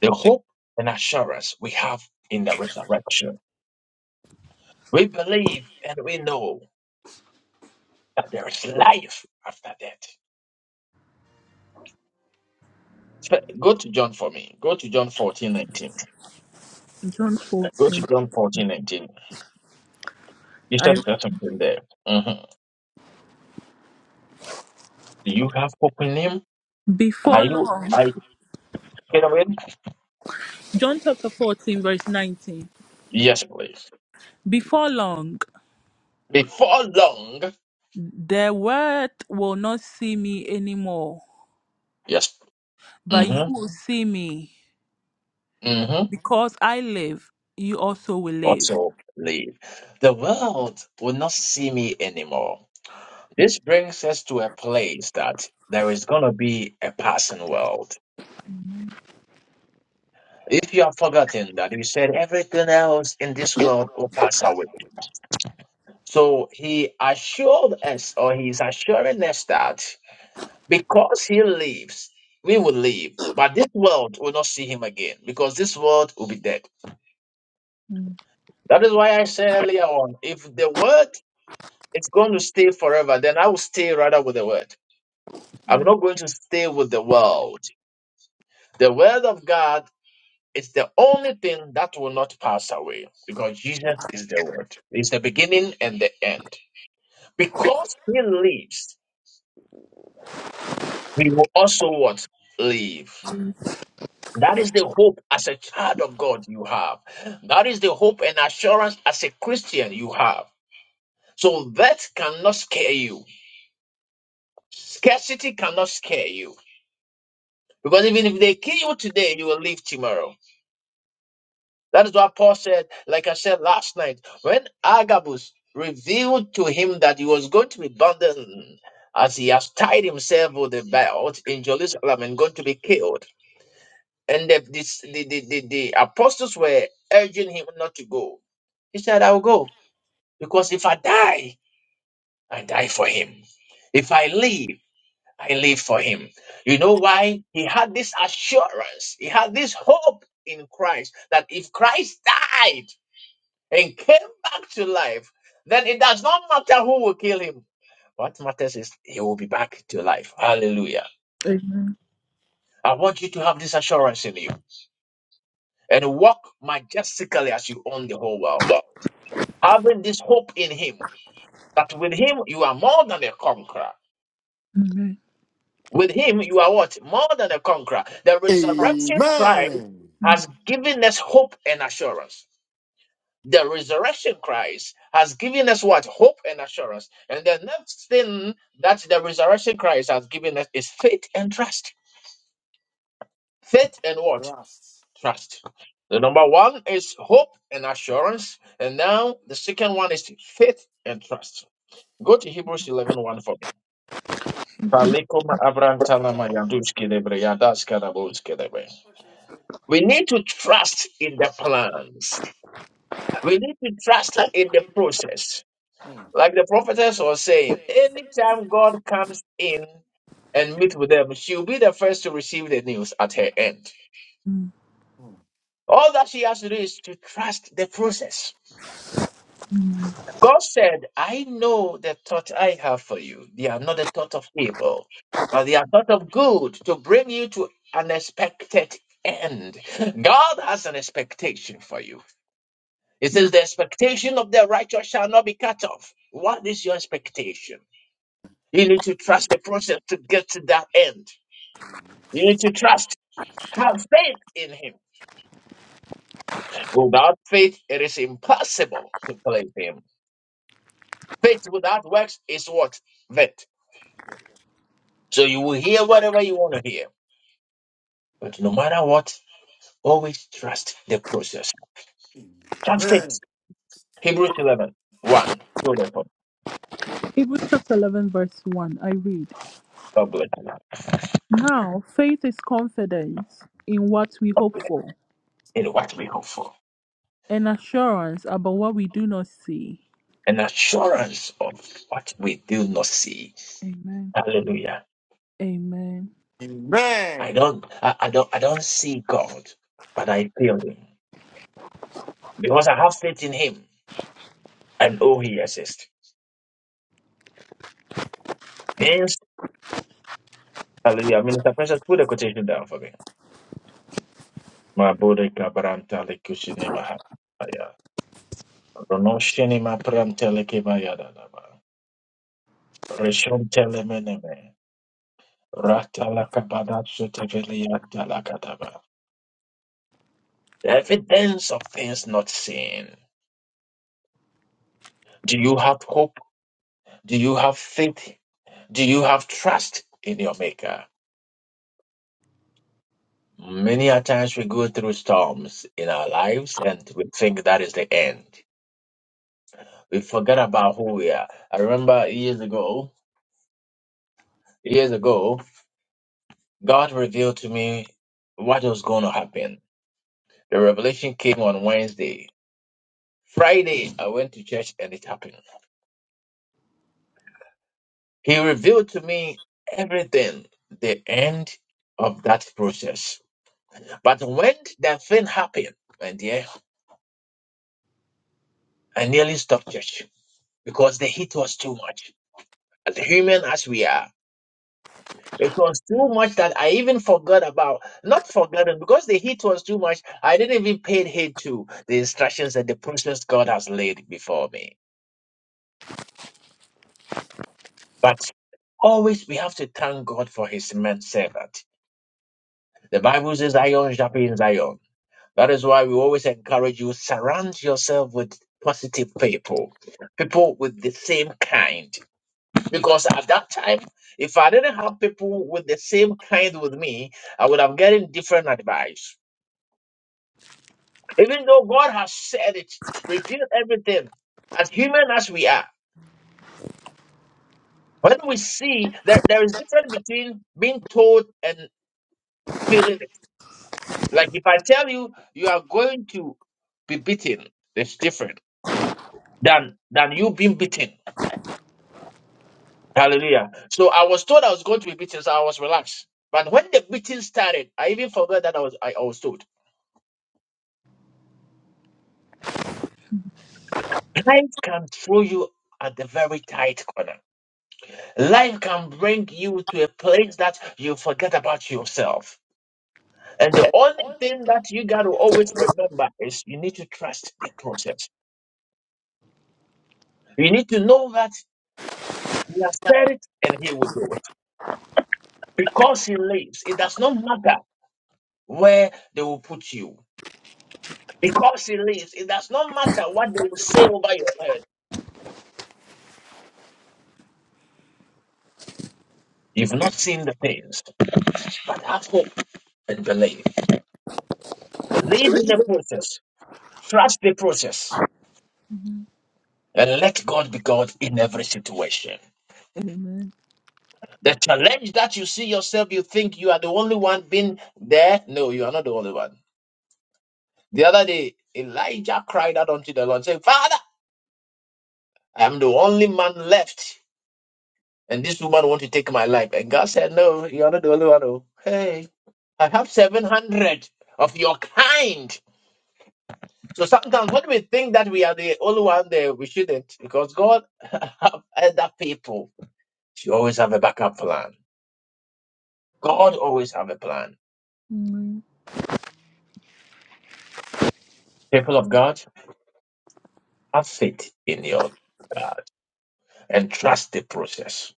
Speaker 1: The hope and assurance we have in the resurrection. We believe and we know that there is life after death. So go to John for me. Go to John fourteen nineteen.
Speaker 7: John
Speaker 1: Go to
Speaker 7: 14.
Speaker 1: John fourteen nineteen. You
Speaker 7: I
Speaker 1: said there's something there. Mhm. Do you have hope in him? Are
Speaker 7: before
Speaker 1: you
Speaker 7: long.
Speaker 1: are you get away?
Speaker 7: John chapter 14, verse 19.
Speaker 1: Yes, please.
Speaker 7: Before long.
Speaker 1: Before long,
Speaker 7: The world will not see me anymore,
Speaker 1: yes.
Speaker 7: but you
Speaker 1: Mm-hmm.
Speaker 7: will see me
Speaker 1: Mm-hmm.
Speaker 7: because I live. You also will live.
Speaker 1: Also leave. The world will not see me anymore. This brings us to a place that there is gonna be a passing world. If you have forgotten that he said everything else in this world will pass away. So he assured us, or he's assuring us that because he lives, we will live. But this world will not see him again because this world will be dead. That is why I said earlier on if the word is going to stay forever, then I will stay rather with the word. I'm not going to stay with the world. The word of God It's the only thing that will not pass away because Jesus is the Word. It's the beginning and the end. Because He lives, we will also what? Live. That is the hope as a child of God you have. That is the hope and assurance as a Christian you have. So that cannot scare you. Scarcity cannot scare you. Because even if they kill you today, you will live tomorrow. That is what Paul said, like I said last night, when Agabus revealed to him that he was going to be bound as he has tied himself with a belt in Jerusalem and going to be killed. And the, this, the, the, the, the apostles were urging him not to go. He said, I'll go because if I die, I die for him. If I live, I live for him. You know why? He had this assurance, he had this hope in Christ that if Christ died, and came back to life, then it does not matter who will kill him. What matters is he will be back to life. Hallelujah.
Speaker 7: Amen.
Speaker 1: I want you to have this assurance in you and walk majestically as you own the whole world. Having this hope in him that with him you are more than a conqueror.
Speaker 7: Amen.
Speaker 1: With him you are what? More than a conqueror. The resurrection Christ
Speaker 3: Amen.
Speaker 1: has given us hope and assurance. the resurrection Christ has given us what? Hope and assurance. And the next thing that the resurrection Christ has given us is faith and trust. Faith and what? Trust. The number one is hope and assurance. And now the second one is faith and trust. Go to Hebrews eleven one for me. Palikuma abrantalama yaduski lebre, yadaska dabuski lebre. We need to trust in the plans. We need to trust in the process. Like the prophetess was saying, anytime God comes in and meet with them, she'll be the first to receive the news at her end.
Speaker 7: Mm.
Speaker 1: All that she has to do is to trust the process. God said, I know the thought I have for you. They are not the thought of evil, but they are thought of good to bring you to an expected end. God has an expectation for you. It says, The expectation of the righteous shall not be cut off. What is your expectation? You need to trust the process to get to that end. You need to trust, have faith in Him. Without faith, it is impossible to please Him. Faith without works is what? Vet. So you will hear whatever you want to hear. But no matter what, always trust the process. Have faith.
Speaker 3: Amen.
Speaker 1: Hebrews 11 1. So therefore,
Speaker 7: Hebrews chapter 11, verse 1. I read
Speaker 1: God bless you now.
Speaker 7: Now, faith is confidence in what we hope
Speaker 1: Confidence
Speaker 7: for
Speaker 1: in what we hope for,
Speaker 7: and assurance about what we do not see.
Speaker 1: an assurance of what we do not see.
Speaker 7: Amen.
Speaker 1: Hallelujah.
Speaker 7: Amen.
Speaker 1: I
Speaker 3: Amen.
Speaker 1: don't, I, I don't, I don't see God, but I feel Him because I have faith in Him and oh, He exists. Hence, Hallelujah. Minister Precious, put a quotation down for me. My body kabaranta lekushinema haya. Ronoshinema prantelekeba yadadaba. la Ratalakabadatsuteveliyadalakadaba. The evidence of things not seen. Do you have hope? Do you have faith? Do you have trust in your Maker? Many a times we go through storms in our lives and we think that is the end. We forget about who we are. I remember years ago, years ago, God revealed to me what was going to happen. The revelation came on Wednesday. Friday, I went to church and it happened. He revealed to me everything, the end of that process. But when that thing happened, and yeah, I nearly stopped church because the heat was too much. As human as we are, It was too much that I even forgot about. Not forgotten, because the heat was too much, I didn't even pay heed to the instructions and the process God has laid before me. But always we have to thank God for his man servant. The Bible says, Iron sharpens iron. That is why we always encourage you, surround yourself with positive people, people with the same kind. Because at that time, if I didn't have people with the same kind with me, I would have gotten different advice. Even though God has said it, revealed everything, as human as we are, when we see that there is difference between being told and feeling it. Like if I tell you you are going to be beaten, it's different than than you being beaten. Hallelujah. So I was told I was going to be beaten, so I was relaxed. But when the beating started, I even forgot that I was I, I was told. Life can throw you at the very tight corner. Life can bring you to a place that you forget about yourself. And the only thing that you got to always remember is you need to trust the process. You need to know that He has said it and He will do it. Because He lives, it does not matter where they will put you. Because He lives, it does not matter what they will say over your head. You've not seen the things, but have hope and believe. Believe in the process, trust the process,
Speaker 7: Mhm.
Speaker 1: and let God be God in every situation.
Speaker 7: Amen.
Speaker 1: The challenge that you see yourself, you think you are the only one being there. No, you are not the only one. The other day, Elijah cried out unto the Lord, saying, Father, I am the only man left, and this woman want to take my life. And God said, No, you are not the only one. Oh. Hey, I have 700 of your kind. So sometimes when we think that we are the only one there, we shouldn't, because God *laughs* have other people. You always have a backup plan. God always have a plan.
Speaker 7: Amen.
Speaker 1: People of God. Have faith in your uh, and trust the process.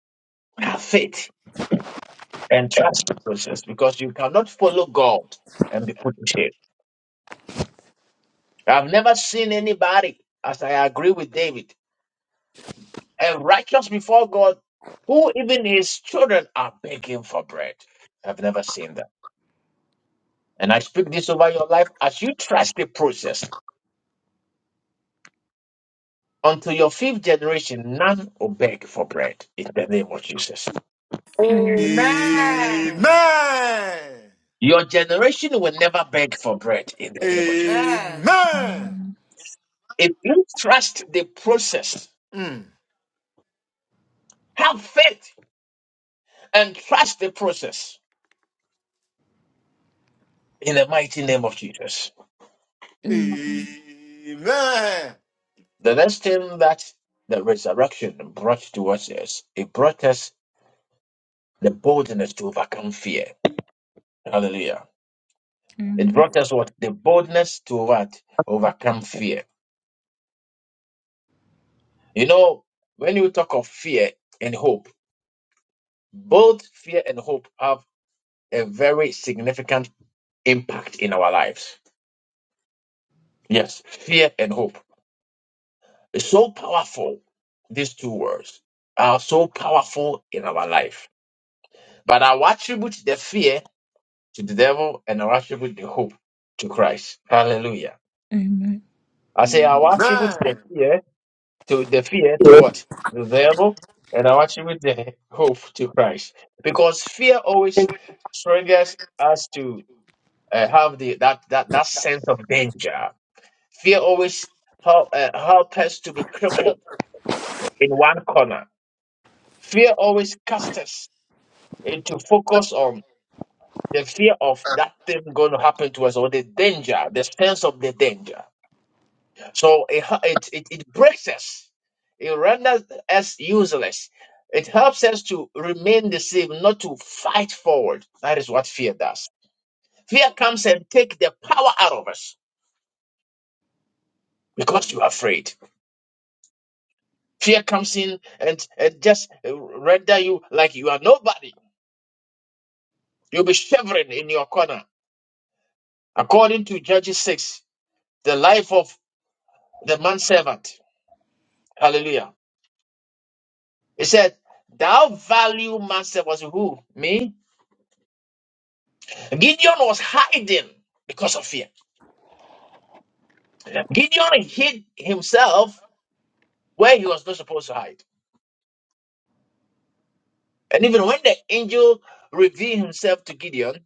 Speaker 7: Mm.
Speaker 1: Have faith and trust the process because you cannot follow God and be put to shame. I've never seen anybody, as I agree with David, a righteous before God who even his children are begging for bread. I've never seen that. And I speak this over your life as you trust the process. Until your fifth generation, none will beg for bread in the name of Jesus.
Speaker 7: Amen.
Speaker 3: Amen.
Speaker 1: Your generation will never beg for bread in the name of Jesus.
Speaker 18: Amen.
Speaker 3: Amen.
Speaker 1: If you trust the process,
Speaker 3: Mm.
Speaker 1: have faith and trust the process in the mighty name of Jesus.
Speaker 7: Amen.
Speaker 3: Amen.
Speaker 1: The next thing that the resurrection brought to us is it brought us the boldness to overcome fear. Hallelujah. It
Speaker 7: Amen.
Speaker 1: brought us what? The boldness to what? Overcome fear. You know, when you talk of fear and hope, both fear and hope have a very significant impact in our lives. Yes, fear and hope. It's so powerful. These two words are so powerful in our life. But I will attribute the fear to the devil and I will attribute the hope to Christ. Hallelujah.
Speaker 7: Amen.
Speaker 1: I say I will attribute
Speaker 3: Amen.
Speaker 1: the fear to the fear to what? The devil and I will attribute the hope to Christ. Because fear always triggers us to uh, have the that, that that sense of danger. Fear always help, uh, help us to be crippled in one corner Fear always casts us into focus on the fear of that thing going to happen to us or the danger, the sense of the danger. So it, ha- it, it, it breaks us, it renders us useless. It helps us to remain the same, not to fight forward. That is what fear does. Fear comes and take the power out of us because you are afraid. Fear comes in and, and just uh, render you like you are nobody. You'll be shivering in your corner. According to Judges 6, the life of the manservant. Hallelujah. He said, Thou value manservant was who? Me? Gideon was hiding because of fear. Gideon hid himself where he was not supposed to hide. And even when the angel revealed himself to Gideon,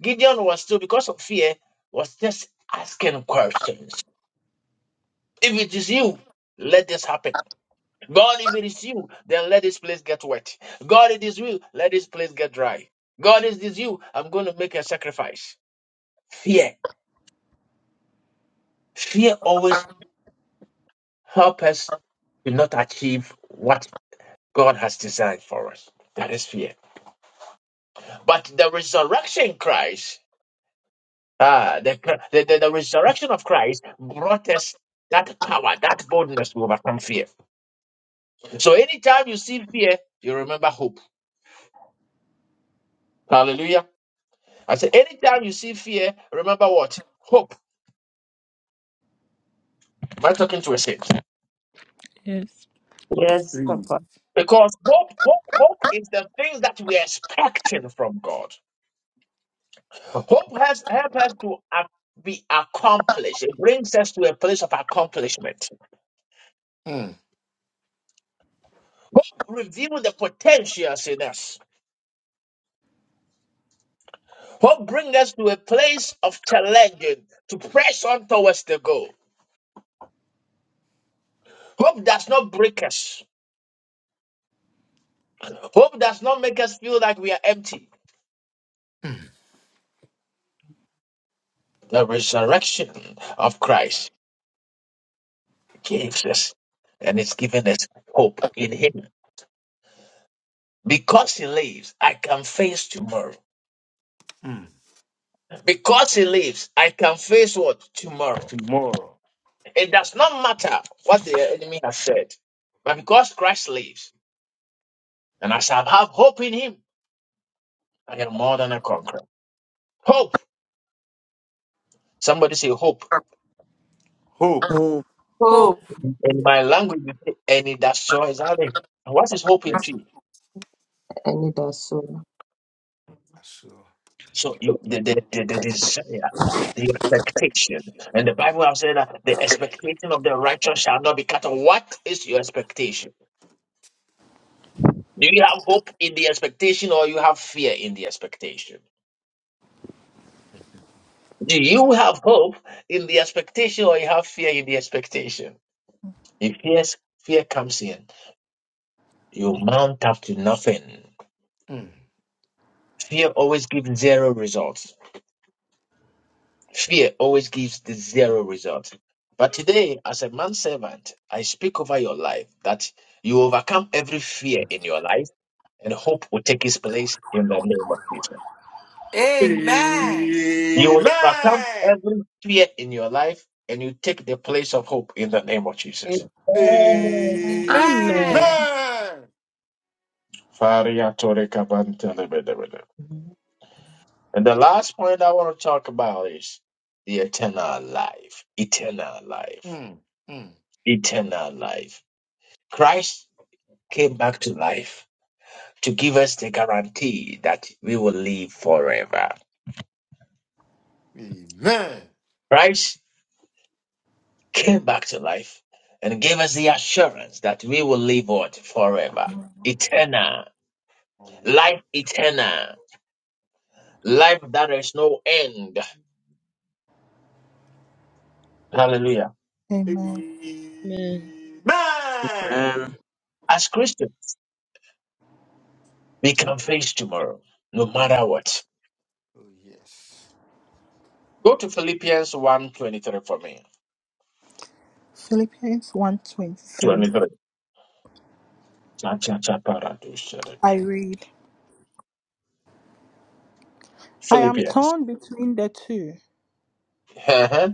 Speaker 1: Gideon was still, because of fear, was just asking questions. If it is you, let this happen. God, if it is you, then let this place get wet. God, it is you, let this place get dry. God, it is you, I'm going to make a sacrifice. Fear. Fear always helps us to not achieve what God has designed for us. That is fear. But the resurrection Christ, ah, the, the, the, the resurrection of Christ brought us that power, that boldness to overcome fear. So anytime you see fear, you remember hope. Hallelujah. I said, anytime you see fear, remember what? Hope. Am I talking to a saint?
Speaker 7: Yes.
Speaker 11: Yes, Papa.
Speaker 1: Because hope, hope, hope is the things that we are expecting from God. Hope has help us to ac- be accomplished. It brings us to a place of accomplishment.
Speaker 3: Mm.
Speaker 1: Hope reveals the potentials in us. Hope brings us to a place of challenging to press on towards the goal. Hope does not break us. Hope does not make us feel like we are empty.
Speaker 3: Mm.
Speaker 1: The resurrection of Christ gives us, and it's given us hope in Him. Because he lives, I can face tomorrow.
Speaker 3: Mm.
Speaker 1: Because he lives, I can face what? Tomorrow.
Speaker 3: More
Speaker 1: It does not matter what the enemy has said. But because Christ lives, and I shall have hope in him, I am more than a conqueror. Hope. Somebody say hope.
Speaker 3: hope.
Speaker 19: Oh,
Speaker 11: Oh,
Speaker 18: Hope.
Speaker 1: In my language, you say, and it does so exactly. And What is hope in
Speaker 3: Yes.
Speaker 1: tree?
Speaker 11: I need that soul.
Speaker 3: Sure.
Speaker 1: So you the, the, the, the desire, the expectation. And the Bible has said that the expectation of the righteous shall not be cut off. What is your expectation? Do you have hope in the expectation or you have fear in the expectation? Do you have hope in the expectation or you have fear in the expectation? If yes, fear comes in. You mount up to nothing.
Speaker 3: Mm.
Speaker 1: Fear always gives zero results. Fear always gives the zero results. But today, as a man servant, I speak over your life that you overcome every fear in your life and hope will take its place in the name of Jesus.
Speaker 18: Amen.
Speaker 1: You will overcome
Speaker 3: Amen.
Speaker 1: every fear in your life and you take the place of hope in the name of
Speaker 11: it's
Speaker 1: Jesus.
Speaker 7: Amen.
Speaker 11: all.
Speaker 18: Amen.
Speaker 14: Amen.
Speaker 3: Amen.
Speaker 1: Faria tore kabante lebe debe de. And the last point I want to talk about is the eternal life. Eternal life.
Speaker 3: Mm. Mm.
Speaker 1: Eternal life. Christ came back to life to give us the guarantee that we will live forever.
Speaker 3: Amen.
Speaker 1: Christ came back to life and gave us the assurance that we will live what? Forever. Eternal life eternal, life that is no end. Hallelujah.
Speaker 7: Amen.
Speaker 14: Amen.
Speaker 3: Amen.
Speaker 19: man.
Speaker 1: As Christians, we can face tomorrow, no
Speaker 3: Oh,
Speaker 1: matter
Speaker 3: ye-
Speaker 1: what.
Speaker 3: oh, yes.
Speaker 1: Go to Philippians one twenty three for me.
Speaker 7: Philippians one twenty three.
Speaker 1: 23. Cha, cha, cha, para, do, sha, da,
Speaker 7: I
Speaker 1: da.
Speaker 7: read, I am
Speaker 1: Philippians.
Speaker 7: torn between the two.
Speaker 1: Uh-huh.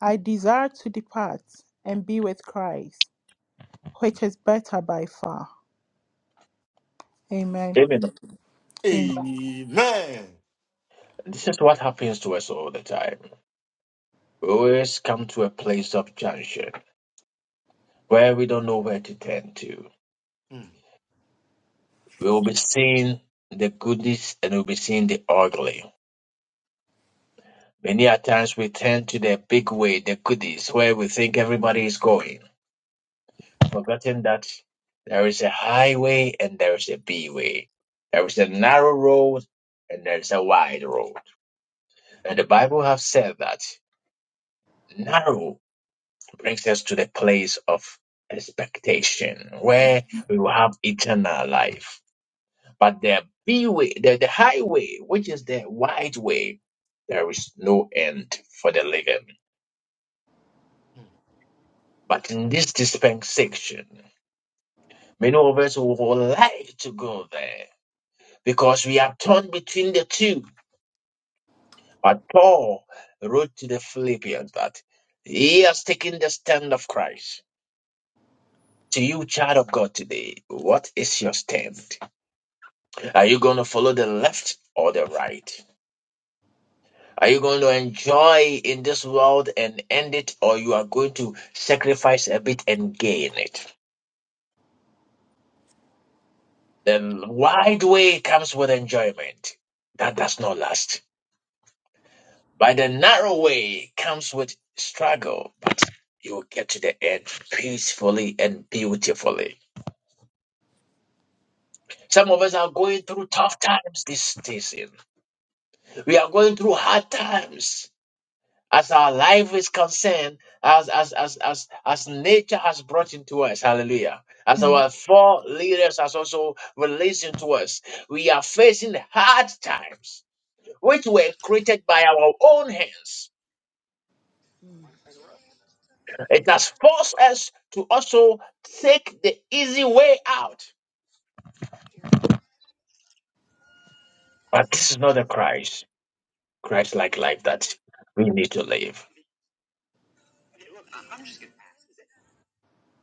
Speaker 7: I desire to depart and be with Christ, which is better by far. Amen.
Speaker 1: Amen.
Speaker 7: Amen.
Speaker 3: Amen.
Speaker 1: This is what happens to us all the time. We always come to a place of junction where we don't know where to turn to.
Speaker 3: Mm.
Speaker 1: We will be seeing the goodies and we'll be seeing the ugly Many a times we turn to the big way, the goodies, where we think everybody is going, forgetting that there is a highway and there is a B way. There is a narrow road and there is a wide road. And the Bible has said that narrow brings us to the place of expectation, where we will have eternal life. But the B way, the, the highway, which is the wide way, there is no end for the living. But in this dispensation, many of us would like to go there because we are torn between the two. But Paul wrote to the Philippians that he has taken the stand of Christ. To you, child of God, today, what is your stand? Are you going to follow the left or the right? Are you going to enjoy in this world and end it, or you are going to sacrifice a bit and gain it? The wide way comes with enjoyment. That does not last. By the narrow way comes with struggle. You will get to the end peacefully and beautifully. Some of us are going through tough times this season. We are going through hard times. As our life is concerned, as as as as as nature has brought into us, hallelujah. As
Speaker 7: Amen.
Speaker 1: our four leaders has also released into us, we are facing hard times. which were created by our own hands. It has forced us to also take the easy way out. But this is not the Christ, Christ like life that we need to live.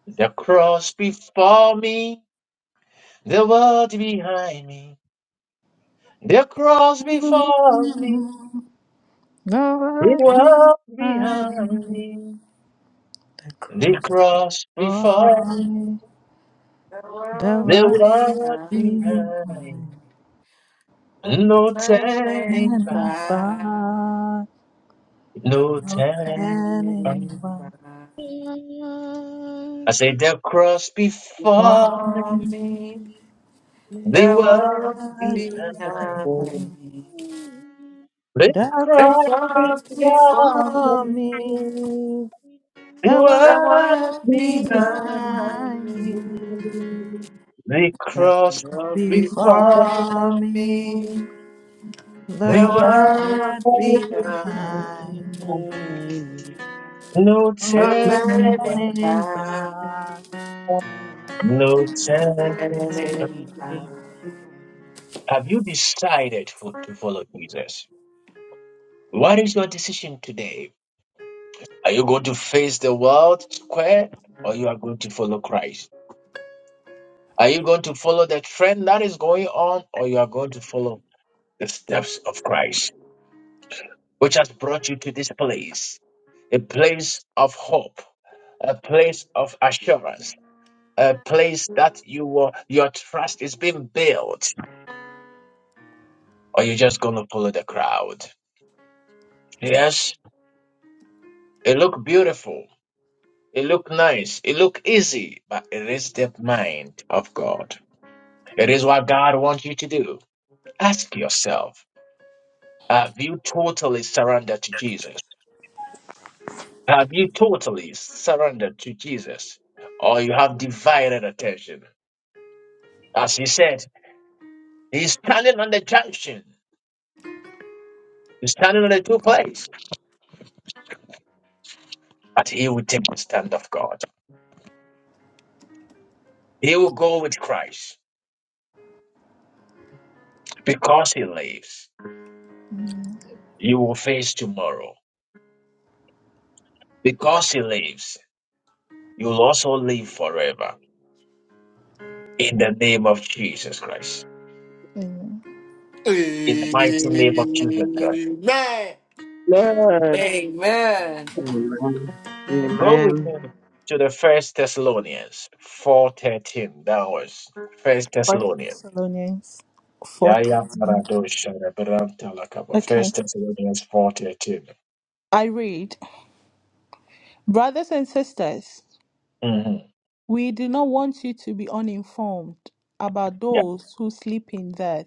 Speaker 1: The cross before me, the world behind me. The cross before me, the
Speaker 7: Lord,
Speaker 1: world
Speaker 7: I-
Speaker 1: behind me.
Speaker 7: the
Speaker 1: The
Speaker 7: cross
Speaker 1: cross before
Speaker 7: for
Speaker 1: me,
Speaker 7: me,
Speaker 18: The
Speaker 7: the
Speaker 18: world
Speaker 1: the
Speaker 7: world
Speaker 1: world
Speaker 18: behind
Speaker 7: is
Speaker 1: behind.
Speaker 18: me.
Speaker 1: me.
Speaker 7: mine,
Speaker 18: No
Speaker 1: No turning
Speaker 18: Turning
Speaker 7: and
Speaker 1: back.
Speaker 18: back.
Speaker 7: by
Speaker 18: No
Speaker 7: no
Speaker 1: Lieutenant,
Speaker 7: turning
Speaker 18: turning
Speaker 1: Colonel.
Speaker 7: back
Speaker 18: back.
Speaker 1: I said they'll cross
Speaker 7: for
Speaker 1: before me,
Speaker 18: Before
Speaker 7: me.
Speaker 18: me.
Speaker 1: the
Speaker 18: The
Speaker 1: world
Speaker 18: world
Speaker 1: behind.
Speaker 18: behind
Speaker 11: Mhm.
Speaker 7: Adonai,
Speaker 18: me.
Speaker 1: They
Speaker 7: Thou
Speaker 18: The
Speaker 1: cross
Speaker 7: comes
Speaker 18: world
Speaker 1: before
Speaker 18: before
Speaker 7: before
Speaker 1: me,
Speaker 7: me,
Speaker 18: me.
Speaker 1: the
Speaker 7: the
Speaker 18: The
Speaker 1: world
Speaker 7: art
Speaker 18: world
Speaker 1: behind.
Speaker 18: behind
Speaker 7: behind
Speaker 18: me,
Speaker 7: me,
Speaker 1: They
Speaker 18: that's the
Speaker 1: cross
Speaker 18: world
Speaker 1: before
Speaker 7: before
Speaker 18: before
Speaker 7: me,
Speaker 18: me,
Speaker 11: But first, alive.
Speaker 18: the
Speaker 7: the
Speaker 1: the
Speaker 14: Like-
Speaker 1: world.
Speaker 18: world
Speaker 7: art
Speaker 18: behind
Speaker 7: behind.
Speaker 18: me.
Speaker 1: No
Speaker 7: No
Speaker 18: Oh, turning
Speaker 1: turning back.
Speaker 7: turning
Speaker 18: back,
Speaker 7: back.
Speaker 14: Amen.
Speaker 1: No
Speaker 7: no
Speaker 18: oh,
Speaker 1: turning
Speaker 7: turning
Speaker 1: back.
Speaker 18: turning
Speaker 7: back.
Speaker 18: back.
Speaker 1: Have you decided for, to follow Jesus? What is your decision today? Are you going to face the world square or you are going to follow Christ? Are you going to follow the trend that is going on, or you are going to follow the steps of Christ, which has brought you to this place, a place of hope, a place of assurance, a place that you will, your trust is being built, or you're just going to follow the crowd? Yes, it look beautiful, it look nice, it look easy, but it is the mind of God. It is what God wants you to do. Ask yourself, have you totally surrendered to Jesus? Have you totally surrendered to Jesus or you have divided attention? As he said, he's standing on the junction. He's standing on the two places, but he will take the stand of God. He will go with Christ because he lives. You will face tomorrow because he lives. You will also live forever in the name of Jesus Christ.
Speaker 7: Amen.
Speaker 1: In the mighty name of Jesus Christ.
Speaker 3: Amen.
Speaker 18: Amen.
Speaker 19: Amen.
Speaker 1: Go with me
Speaker 19: Amen.
Speaker 1: to the First Thessalonians four thirteen. That was First
Speaker 7: First
Speaker 1: Thessalonians.
Speaker 7: Thessalonians four
Speaker 1: Yeah, yeah.
Speaker 7: thirteen.
Speaker 1: Marado shara branta lakaba.
Speaker 7: Okay,
Speaker 1: First Thessalonians four thirteen.
Speaker 7: I read, brothers and sisters.
Speaker 1: mm Mm-hmm.
Speaker 7: We do not want you to be uninformed about
Speaker 1: Yeah.
Speaker 7: those who sleep in death,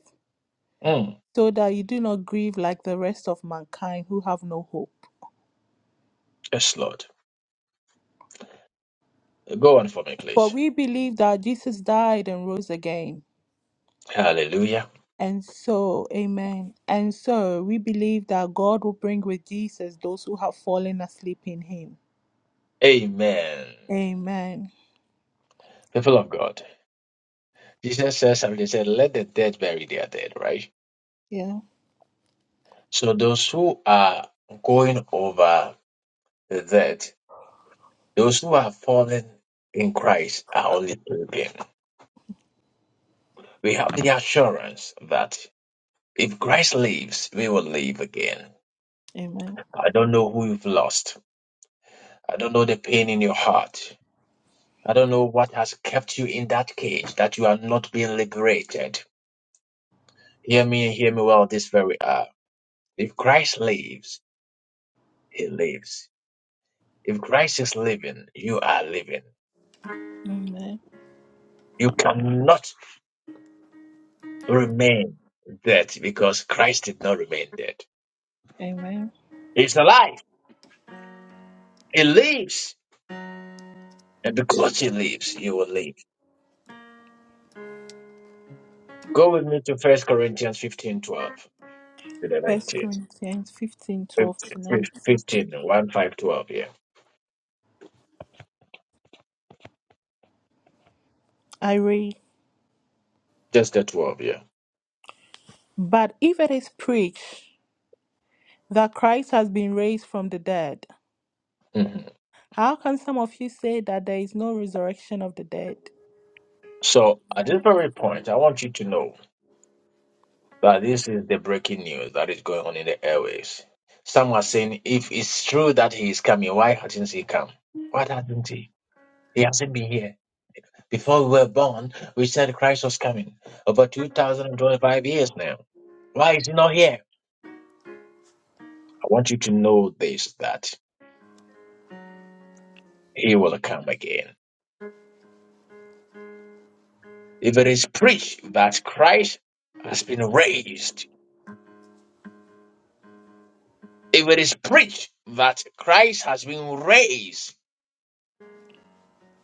Speaker 1: Mm.
Speaker 7: so that you do not grieve like the rest of mankind who have no hope.
Speaker 1: Yes, Lord. Go on for me,
Speaker 7: For
Speaker 1: please.
Speaker 7: we believe that Jesus died and rose again.
Speaker 1: Hallelujah.
Speaker 7: And so, amen. And so, we believe that God will bring with Jesus those who have fallen asleep in him.
Speaker 1: Amen.
Speaker 7: Amen.
Speaker 1: People of God. Jesus says something. He said, "Let the dead bury their dead." Right.
Speaker 7: Yeah.
Speaker 1: So those who are going over the dead, those who are fallen in Christ, are only pilgrims. We have the assurance that if Christ lives, we will live again.
Speaker 7: Amen.
Speaker 1: I don't know who you've lost. I don't know the pain in your heart. I don't know what has kept you in that cage that you are not being liberated. Hear me and hear me well this very hour. If Christ lives, he lives. If Christ is living, you are living.
Speaker 7: Amen.
Speaker 1: You cannot remain dead because Christ did not remain dead.
Speaker 7: Amen.
Speaker 1: He's alive. He lives. And because he lives, you will live. Go with me to First Corinthians 15 12 to the
Speaker 7: First
Speaker 1: 19.
Speaker 7: Corinthians 15
Speaker 1: Fif-
Speaker 7: 12 to 19.
Speaker 1: fif- yeah.
Speaker 7: I read,
Speaker 1: Just the 12, yeah.
Speaker 7: But if it is preached, that Christ has been raised from the dead.
Speaker 1: hmm
Speaker 7: How can some of you say that there is no resurrection of the dead?
Speaker 1: So at this very point, I want you to know that this is the breaking news that is going on in the airways. Some are saying, if it's true that he is coming, why hasn't he come? Why hasn't he? He hasn't been here. Before we were born, we said Christ was coming. Over 2025 years now. Why is he not here? I want you to know this that he will come again If it is preached that Christ has been raised, if it is preached that Christ has been raised,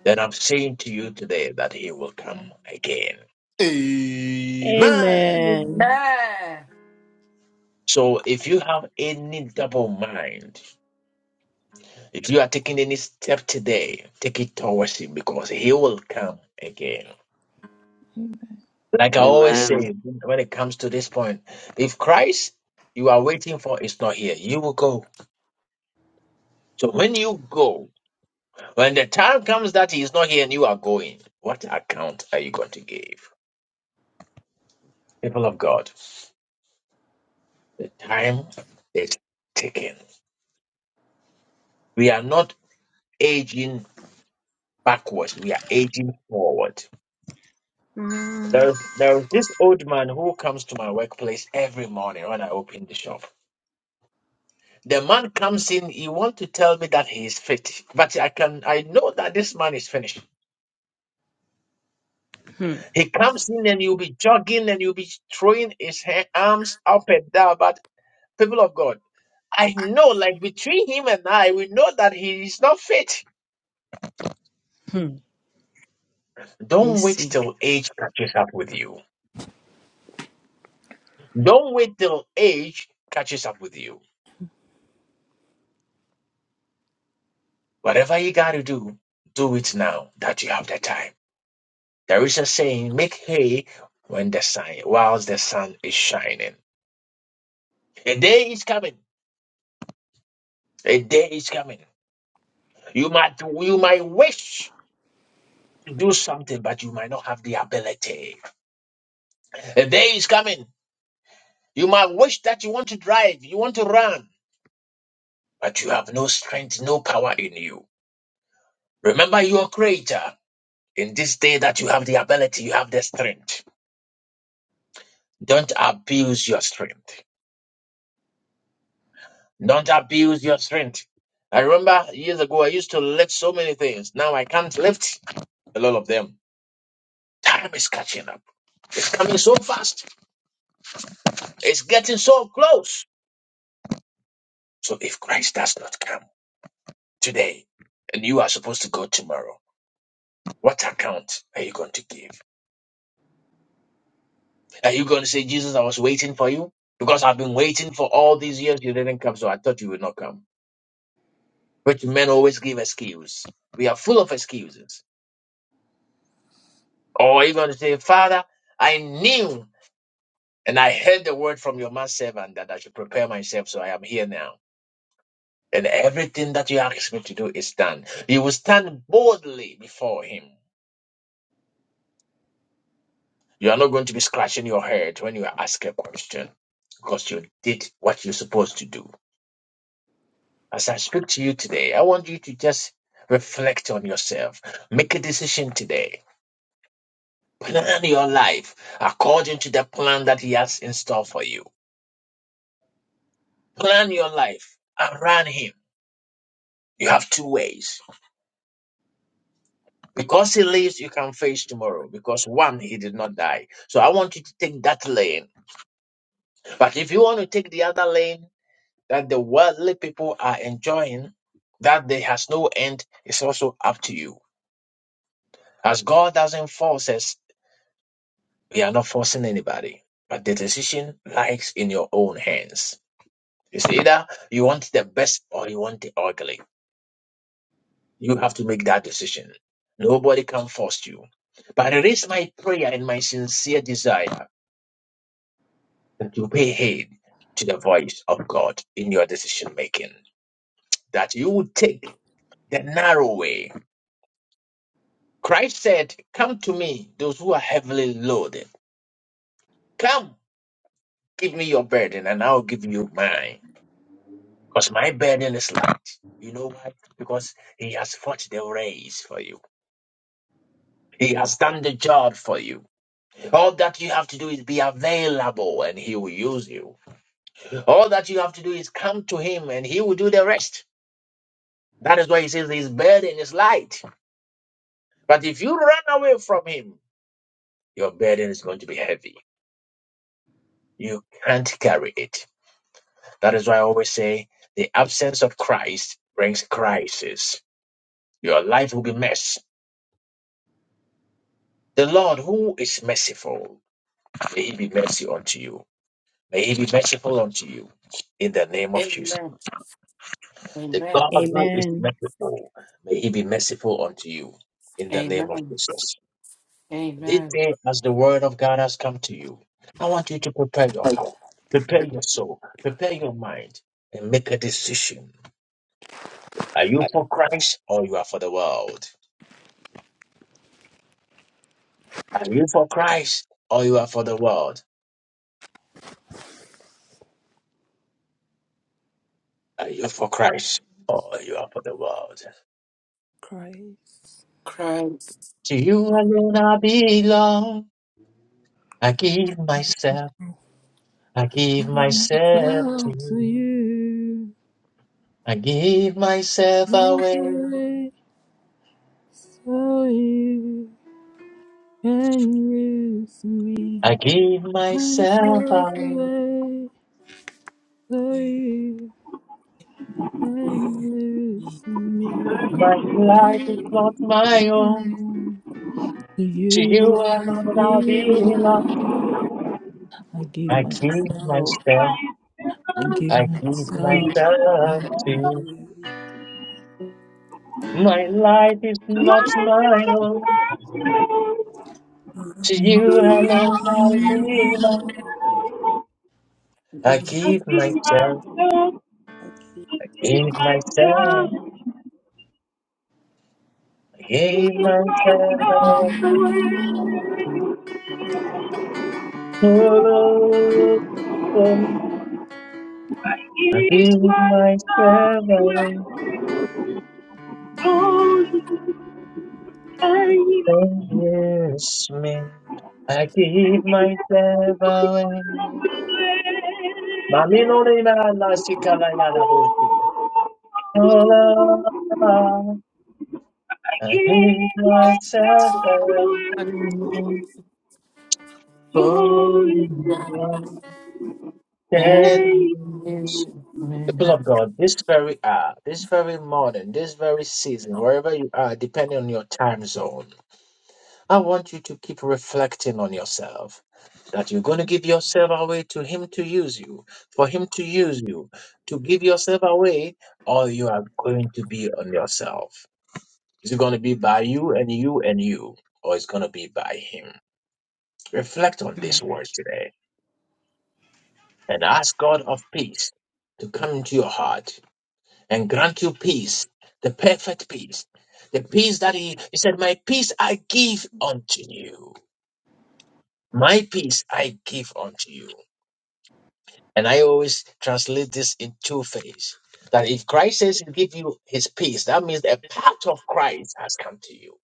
Speaker 1: then I'm saying to you today that he will come again.
Speaker 3: Amen.
Speaker 18: Amen.
Speaker 1: So if you have any double mind, if you are taking any step today, take it towards him because he will come again. Like I always
Speaker 19: Amen.
Speaker 1: say, when it comes to this point, if Christ you are waiting for is not here, you will go. So when you go, When the time comes that he is not here and you are going, what account are you going to give? People of God, the time is ticking. We are not aging backwards, we are aging forward.
Speaker 14: Mm.
Speaker 1: There, there is this old man who comes to my workplace every morning when I open the shop. The man comes in, he wants to tell me that he is fit, but I can I know that this man is finished.
Speaker 14: Hmm,
Speaker 1: He comes in and you'll be jogging and you'll be throwing his ha- arms up and down. But people of God, I know, like between him and I, we know that he is not fit.
Speaker 14: hmm.
Speaker 1: Don't wait
Speaker 14: Mercy.
Speaker 1: till age catches up with you. Don't wait till age catches up with you. Whatever you got to do, do it now that you have the time. There is a saying, make hay when the sun, whilst the sun is shining. A day is coming. A day is coming. You might, you might wish to do something, but you might not have the ability. A day is coming. You might wish that you want to drive, you want to run, but you have no strength, no power in you. Remember your creator. In this day that you have the ability, you have the strength. Don't abuse your strength. Don't abuse your strength. I remember years ago I used to lift so many things. Now I can't lift a lot of them. Time is catching up. It's coming so fast. It's getting so close. So if Christ does not come today, and you are supposed to go tomorrow, what account are you going to give? Are you going to say, Jesus, I was waiting for you? Because I've been waiting for all these years, you didn't come, so I thought you would not come. Which men always give excuse. We are full of excuses. Or are you going to say, Father, I knew and I heard the word from your man servant that I should prepare myself, so I am here now. And everything that you ask me to do is done. You will stand boldly before him. You are not going to be scratching your head when you ask a question because you did what you're supposed to do. As I speak to you today, I want you to just reflect on yourself. Make a decision today. Plan your life according to the plan that He has in store for you. Plan your life around Him. You have two ways. Because He lives, you can face tomorrow. Because one, He did not die. So I want you to take that lane. But if you want to take the other lane that the worldly people are enjoying, that there has no end, it's also up to you. As God doesn't force us, We are not forcing anybody, but the decision lies in your own hands. It's either you want the best or you want the ugly. You have to make that decision. Nobody can force you. But it is my prayer and my sincere desire that you pay heed to the voice of God in your decision making, that you would take the narrow way. Christ said, Come to me, those who are heavily loaded. Come, give me your burden, and I'll give you mine. Because my burden is light. You know why? Because he has fought the race for you. He has done the job for you. All that you have to do is be available and he will use you. All that you have to do is come to him and he will do the rest. That is why he says his burden is light. But if you run away from him, your burden is going to be heavy. You can't carry it. That is why I always say the absence of Christ brings crisis. Your life will be mess. The Lord, who is merciful, May he be mercy unto you. May he be merciful unto you in the name of Jesus.
Speaker 18: Amen.
Speaker 1: The
Speaker 18: Amen.
Speaker 1: God who is
Speaker 14: Amen.
Speaker 1: merciful, may he be merciful unto you in the name of
Speaker 18: Amen.
Speaker 1: Jesus. This
Speaker 18: Amen.
Speaker 1: day, as the word of God has come to you, I want you to prepare your heart, prepare your soul, prepare your mind, and make a decision. Are you for Christ or you are for the world? Are you for Christ or you are for the world? Are you for Christ or you are for the world?
Speaker 7: Christ,
Speaker 18: Christ.
Speaker 1: To you alone I belong. I give myself, I give myself to
Speaker 7: love
Speaker 1: you.
Speaker 7: to you,
Speaker 1: I give myself
Speaker 7: your
Speaker 1: away.
Speaker 7: grace, oh, you can use me,
Speaker 1: I give myself
Speaker 7: myself
Speaker 1: away.
Speaker 7: away, so you
Speaker 2: Amen.
Speaker 7: can use me.
Speaker 1: My life
Speaker 7: Give
Speaker 1: is not my own.
Speaker 7: to
Speaker 1: To you
Speaker 7: you, I
Speaker 1: alone I belong.
Speaker 7: give, I give
Speaker 1: I give
Speaker 7: myself.
Speaker 1: myself,
Speaker 9: I
Speaker 7: I give
Speaker 1: I give
Speaker 7: myself.
Speaker 1: myself to you.
Speaker 2: Amen.
Speaker 1: My life is not my own. To
Speaker 7: You're
Speaker 1: you alone I belong. I give myself, give myself, I give myself. Hello, I
Speaker 9: I give
Speaker 1: give
Speaker 9: myself
Speaker 1: myself away,
Speaker 9: away. Oh, I
Speaker 1: don't use me. I
Speaker 9: I
Speaker 1: give myself away. Mami no ni na na si kalaya na bullshit. Hello, I give
Speaker 9: give
Speaker 1: myself
Speaker 18: is
Speaker 9: myself
Speaker 1: away,
Speaker 9: away
Speaker 18: for
Speaker 9: to
Speaker 18: me.
Speaker 1: don't
Speaker 18: Amen.
Speaker 9: you.
Speaker 1: use People
Speaker 18: Amen.
Speaker 1: of God, this very hour, this very morning, this very season, wherever you are, depending on your time zone, I want you to keep reflecting on yourself. that you're going to give yourself away to him to use you, for him to use you, to give yourself away, or you are going to be on yourself. Is it going to be by you and you and you, or it's going to be by him? Reflect on this
Speaker 14: Mm.
Speaker 1: word today and ask God of peace to come into your heart and grant you peace, the perfect peace, the peace that he, he said, My peace I give unto you. My peace I give unto you. And I always translate this in two phase. That if Christ says he give you his peace, that means a part of Christ has come to you.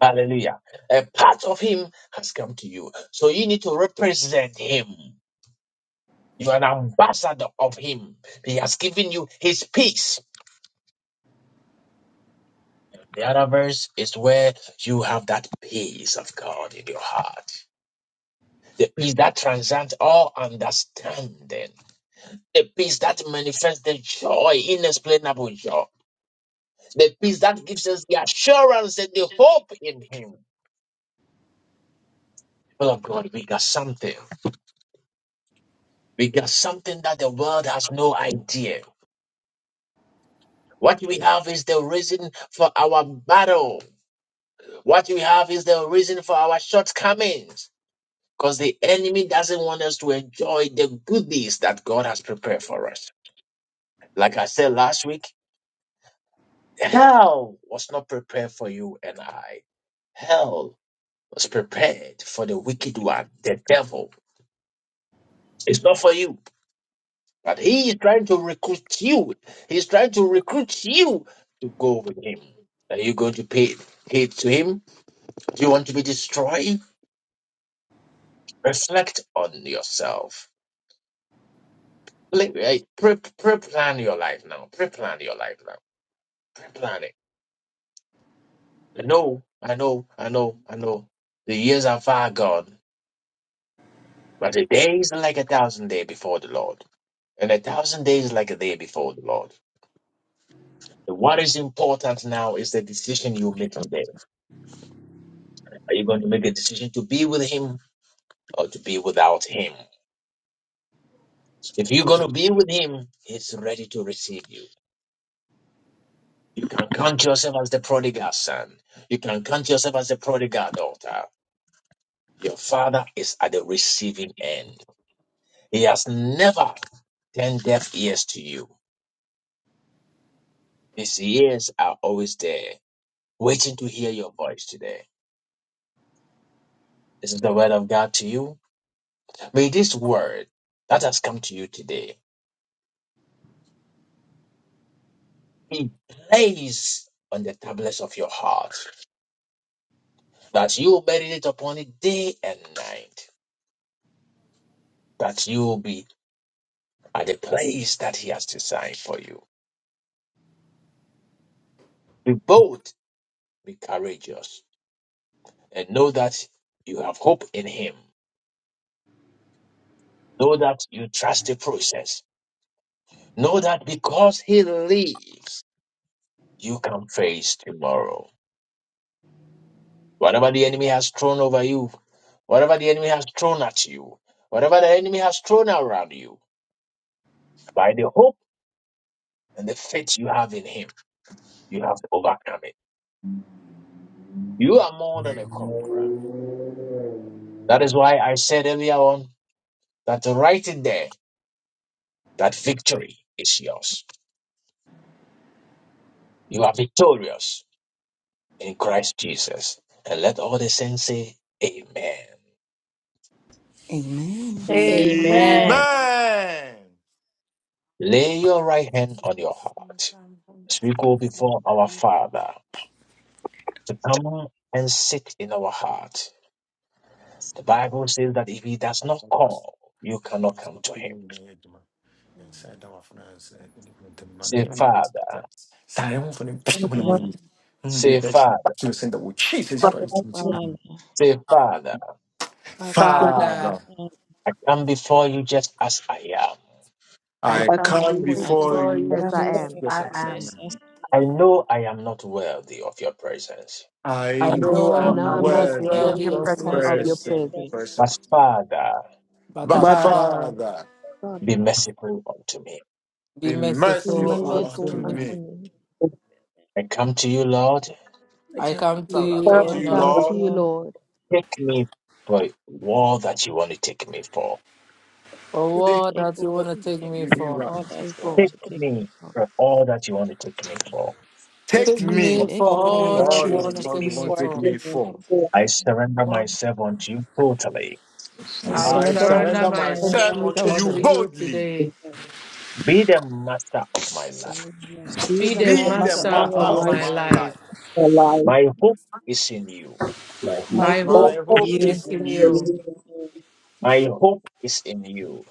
Speaker 1: Hallelujah. A part of him has come to you. So you need to represent him. You are an ambassador of him. He has given you his peace. The other verse is where you have that peace of God in your heart. The peace that transcends all understanding. The peace that manifests the joy, inexplainable joy The peace that gives us the assurance and the hope in Him. People of God, we got something. We got something that the world has no idea. What we have is the reason for our battle. What we have is the reason for our shortcomings. Because the enemy doesn't want us to enjoy the goodies that God has prepared for us. Like I said last week, hell was not prepared for you and I. Hell was prepared for the wicked one, the devil. It's not for you. But he is trying to recruit you. He's trying to recruit you to go with him. Are you going to pay heed to him? Do you want to be destroyed? Reflect on yourself. Pla- eh, Pre plan your life now. Pre plan your life now. Pre plan it. I know, I know, I know, I know. The years are far gone, but a day is like a thousand days before the Lord. And a thousand days is like a day before the Lord. What is important now is the decision you make today Are you going to make a decision to be with him or to be without him? If you're going to be with him, he's ready to receive you. You can count yourself as the prodigal son. You can count yourself as the prodigal daughter. Your father is at the receiving end. He has never turned deaf ears to you. His ears are always there, waiting to hear your voice today. This is the word of God to you. May this word that has come to you today be placed on the tablets of your heart that you will meditate upon it day and night, that you will be at the place that He has designed for you. Be bold, be courageous, and know that you have hope in Him. Know that you trust the process. Know that because He lives, you can face tomorrow. Whatever the enemy has thrown over you, whatever the enemy has thrown at you, whatever the enemy has thrown around you, by the hope and the faith you have in Him, you have overcome it. You are more than a conqueror. That is why I said earlier on that right in there, that victory is yours. You are victorious in Christ Jesus. And let all the saints say, Amen.
Speaker 2: Amen.
Speaker 14: Amen.
Speaker 3: Amen.
Speaker 1: Lay right hand on your heart. Sweet Father, to come and sit in our heart. The Bible says that if he does not call, you cannot come
Speaker 3: Stop
Speaker 1: to him.
Speaker 3: pulling my head, man.
Speaker 14: Mm.
Speaker 3: Inside our finance, the
Speaker 1: Say,
Speaker 3: money is
Speaker 1: Father,
Speaker 3: that. Sorry, I'm for the people no
Speaker 14: Father,
Speaker 3: money. Won't be
Speaker 1: say,
Speaker 3: attached
Speaker 1: Father,
Speaker 3: to the center with Jesus
Speaker 2: Father,
Speaker 3: Christ.
Speaker 14: Father,
Speaker 1: say, Father,
Speaker 2: Father,
Speaker 18: Father,
Speaker 3: Father,
Speaker 14: Father,
Speaker 1: I come before you just as I am.
Speaker 2: I
Speaker 18: I
Speaker 3: I
Speaker 18: come
Speaker 20: come
Speaker 3: come
Speaker 20: before
Speaker 2: pray
Speaker 20: you
Speaker 14: I
Speaker 2: to
Speaker 3: before
Speaker 20: just
Speaker 18: before
Speaker 14: thank you
Speaker 3: you.
Speaker 20: as
Speaker 18: you
Speaker 2: them
Speaker 14: for
Speaker 20: I
Speaker 18: just
Speaker 20: am.
Speaker 3: Yes,
Speaker 18: I
Speaker 3: I'm
Speaker 14: your
Speaker 18: am.
Speaker 3: sorry.
Speaker 14: blessings.
Speaker 1: I know I am not worthy of your presence.
Speaker 3: I
Speaker 18: I
Speaker 2: and
Speaker 3: know
Speaker 20: I
Speaker 14: I
Speaker 18: know
Speaker 20: know
Speaker 3: I'm
Speaker 20: I'm
Speaker 18: I'm
Speaker 2: not
Speaker 18: not
Speaker 14: know
Speaker 20: not
Speaker 14: I
Speaker 2: you
Speaker 3: worthy
Speaker 2: of
Speaker 3: of
Speaker 14: am
Speaker 18: worthy
Speaker 2: your
Speaker 20: worthy
Speaker 14: not
Speaker 18: of
Speaker 3: this
Speaker 18: your
Speaker 2: presence,
Speaker 20: of
Speaker 14: worthy of
Speaker 20: your
Speaker 3: person,
Speaker 18: favor,
Speaker 14: your
Speaker 20: presence.
Speaker 3: person,
Speaker 1: But
Speaker 14: presence,
Speaker 1: Father,
Speaker 18: but
Speaker 2: but
Speaker 3: but
Speaker 2: Father,
Speaker 18: Father,
Speaker 14: my
Speaker 3: Father,
Speaker 1: Be
Speaker 20: Father,
Speaker 14: Father.
Speaker 1: merciful unto me.
Speaker 18: be
Speaker 3: be
Speaker 20: be
Speaker 2: you
Speaker 14: Be
Speaker 18: merciful
Speaker 2: belong
Speaker 3: merciful
Speaker 18: unto
Speaker 3: unto
Speaker 2: to
Speaker 20: merciful
Speaker 14: merciful
Speaker 2: me.
Speaker 18: me.
Speaker 20: unto
Speaker 3: me.
Speaker 14: unto
Speaker 20: me.
Speaker 14: me.
Speaker 1: I come to you, Lord.
Speaker 2: I
Speaker 18: I
Speaker 2: come
Speaker 18: come
Speaker 2: to
Speaker 18: to
Speaker 3: So
Speaker 2: you
Speaker 3: I
Speaker 18: you,
Speaker 14: I
Speaker 3: come
Speaker 18: O
Speaker 3: to
Speaker 20: I
Speaker 14: come
Speaker 3: you,
Speaker 14: to
Speaker 20: come
Speaker 18: Lord,
Speaker 14: you,
Speaker 20: to
Speaker 3: Lord.
Speaker 18: for
Speaker 14: Lord.
Speaker 20: you, Lord,
Speaker 1: Take me for all that you want to take me for.
Speaker 3: Take
Speaker 18: all
Speaker 14: Take,
Speaker 18: that
Speaker 2: for
Speaker 18: you want
Speaker 2: what
Speaker 18: to take
Speaker 14: take
Speaker 18: me
Speaker 14: me
Speaker 2: you
Speaker 3: me
Speaker 14: for
Speaker 18: for.
Speaker 3: right.
Speaker 14: all that you
Speaker 3: Lord.
Speaker 14: want
Speaker 1: Take
Speaker 20: reform
Speaker 14: to take
Speaker 1: me
Speaker 14: me for.
Speaker 1: for all that you want to take me for.
Speaker 2: take
Speaker 3: Take
Speaker 18: Take
Speaker 2: me
Speaker 20: that
Speaker 18: me
Speaker 3: me.
Speaker 2: for
Speaker 18: for
Speaker 14: Take
Speaker 20: all
Speaker 2: all
Speaker 18: all
Speaker 14: me
Speaker 2: that
Speaker 18: that
Speaker 3: Lord,
Speaker 2: you
Speaker 18: you
Speaker 14: for
Speaker 2: want to
Speaker 18: want
Speaker 3: oh,
Speaker 18: to
Speaker 2: take
Speaker 3: Lord,
Speaker 18: take
Speaker 3: you
Speaker 2: me
Speaker 18: me
Speaker 3: want to
Speaker 2: for.
Speaker 3: take
Speaker 18: for.
Speaker 3: me
Speaker 14: you want to
Speaker 3: for.
Speaker 14: take
Speaker 1: I
Speaker 14: me
Speaker 1: surrender
Speaker 21: Lord,
Speaker 1: myself unto you totally.
Speaker 2: I
Speaker 18: I
Speaker 3: I
Speaker 2: surrender myself
Speaker 18: surrender
Speaker 14: for.
Speaker 3: surrender
Speaker 14: I
Speaker 2: to
Speaker 3: myself.
Speaker 14: surrender
Speaker 2: you
Speaker 18: myself
Speaker 3: unto
Speaker 2: totally.
Speaker 18: unto
Speaker 14: myself
Speaker 20: totally.
Speaker 18: you
Speaker 3: you.
Speaker 14: to
Speaker 18: today.
Speaker 14: you.
Speaker 1: Be the master of my life.
Speaker 21: so we
Speaker 20: Be
Speaker 18: Be
Speaker 21: respect
Speaker 20: the
Speaker 18: the
Speaker 2: Be the
Speaker 3: Be the
Speaker 20: master
Speaker 2: master of
Speaker 14: You
Speaker 18: master
Speaker 20: of
Speaker 3: master
Speaker 2: my
Speaker 18: of
Speaker 14: are
Speaker 20: my
Speaker 3: of
Speaker 14: not
Speaker 18: my
Speaker 20: life.
Speaker 2: life.
Speaker 3: my
Speaker 18: life.
Speaker 3: life.
Speaker 14: perfect.
Speaker 1: My hope is in you.
Speaker 22: my hope
Speaker 2: My
Speaker 18: My
Speaker 2: hope
Speaker 11: But
Speaker 2: is
Speaker 3: My
Speaker 18: hope
Speaker 2: in
Speaker 3: hope
Speaker 11: only
Speaker 2: you.
Speaker 14: My
Speaker 18: is
Speaker 3: is in
Speaker 18: in
Speaker 14: hope is
Speaker 3: you.
Speaker 18: you.
Speaker 11: we
Speaker 14: in you.
Speaker 1: My hope is in you.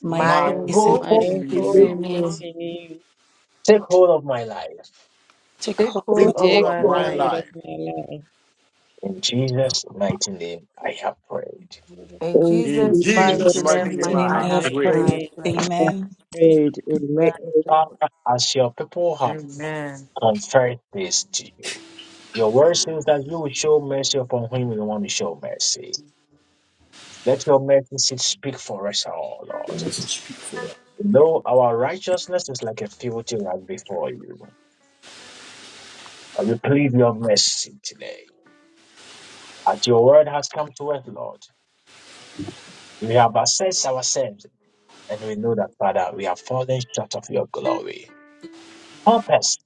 Speaker 2: My
Speaker 3: My
Speaker 18: My
Speaker 2: hope is in
Speaker 3: hope
Speaker 18: hope
Speaker 14: My
Speaker 11: thank
Speaker 3: is
Speaker 2: you.
Speaker 3: in
Speaker 18: is
Speaker 14: hope
Speaker 11: God
Speaker 18: in
Speaker 3: you.
Speaker 14: is
Speaker 18: you.
Speaker 14: in you.
Speaker 1: Take hold of my life.
Speaker 2: Take
Speaker 18: Take
Speaker 2: hold of my
Speaker 3: Take
Speaker 18: hold
Speaker 2: life.
Speaker 18: of
Speaker 3: hold
Speaker 14: Take
Speaker 3: of
Speaker 18: my
Speaker 3: my
Speaker 18: life.
Speaker 14: hold
Speaker 3: life.
Speaker 14: of my life.
Speaker 1: In Jesus' mighty name, I have prayed.
Speaker 21: you.
Speaker 18: In
Speaker 11: and
Speaker 3: In
Speaker 11: we
Speaker 18: Jesus'
Speaker 20: In
Speaker 2: in
Speaker 14: In
Speaker 3: Jesus'
Speaker 11: thank
Speaker 18: mighty
Speaker 2: Jesus'
Speaker 20: Jesus'
Speaker 3: mighty
Speaker 18: name,
Speaker 14: Jesus'
Speaker 11: God
Speaker 2: mighty
Speaker 3: name,
Speaker 20: mighty
Speaker 3: I
Speaker 2: name
Speaker 18: I
Speaker 2: I
Speaker 3: have
Speaker 18: have
Speaker 2: have
Speaker 14: mighty
Speaker 20: name
Speaker 3: prayed.
Speaker 2: prayed.
Speaker 20: I
Speaker 18: prayed.
Speaker 14: name,
Speaker 20: pray.
Speaker 14: I
Speaker 11: and
Speaker 2: Amen.
Speaker 14: pray.
Speaker 11: prayed. Amen.
Speaker 20: Thank you, Lord.
Speaker 1: Father, as your people have
Speaker 18: Amen.
Speaker 1: confessed this to you. Your word says that you
Speaker 14: Jesus.
Speaker 1: will show mercy upon whom you want to show mercy. Let your mercy seat speak for us all,
Speaker 22: and
Speaker 1: Lord.
Speaker 22: let speak for us.
Speaker 1: Though our righteousness is like a filthy rag before you, and we plead your mercy today. As your
Speaker 14: Amen.
Speaker 1: word has come to us, Lord, we have assessed ourselves, and we know that, Father, we have fallen short of your glory. Help us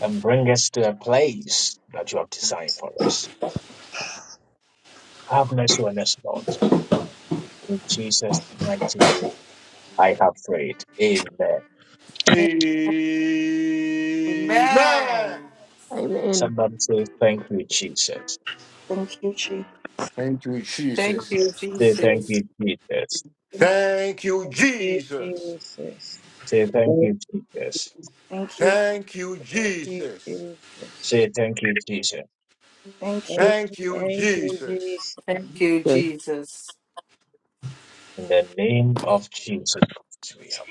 Speaker 1: and bring us to a place that you have designed for us. Have mercy on us, Lord. In Jesus' mighty name, I have prayed. Amen.
Speaker 2: Amen.
Speaker 3: Amen.
Speaker 18: Amen.
Speaker 20: Amen.
Speaker 1: Somebody say, Thank you, Jesus.
Speaker 2: Thank you, Jesus.
Speaker 3: Thank you,
Speaker 18: Thank
Speaker 3: Jesus.
Speaker 18: you,
Speaker 1: Say, Thank
Speaker 18: Jesus.
Speaker 1: you, Jesus.
Speaker 2: Thank
Speaker 3: Thank you,
Speaker 14: Thank you,
Speaker 3: Jesus.
Speaker 14: Jesus.
Speaker 1: Say, Thank you,
Speaker 11: Amen.
Speaker 1: Jesus.
Speaker 2: you.
Speaker 3: Thank you,
Speaker 14: Thank you,
Speaker 3: Jesus.
Speaker 14: Jesus.
Speaker 1: Say, Thank you, Jesus.
Speaker 2: Thank you.
Speaker 3: Thank you,
Speaker 14: Thank you,
Speaker 3: Jesus.
Speaker 14: Jesus.
Speaker 18: Thank you, Jesus.
Speaker 1: In the name of Jesus, we have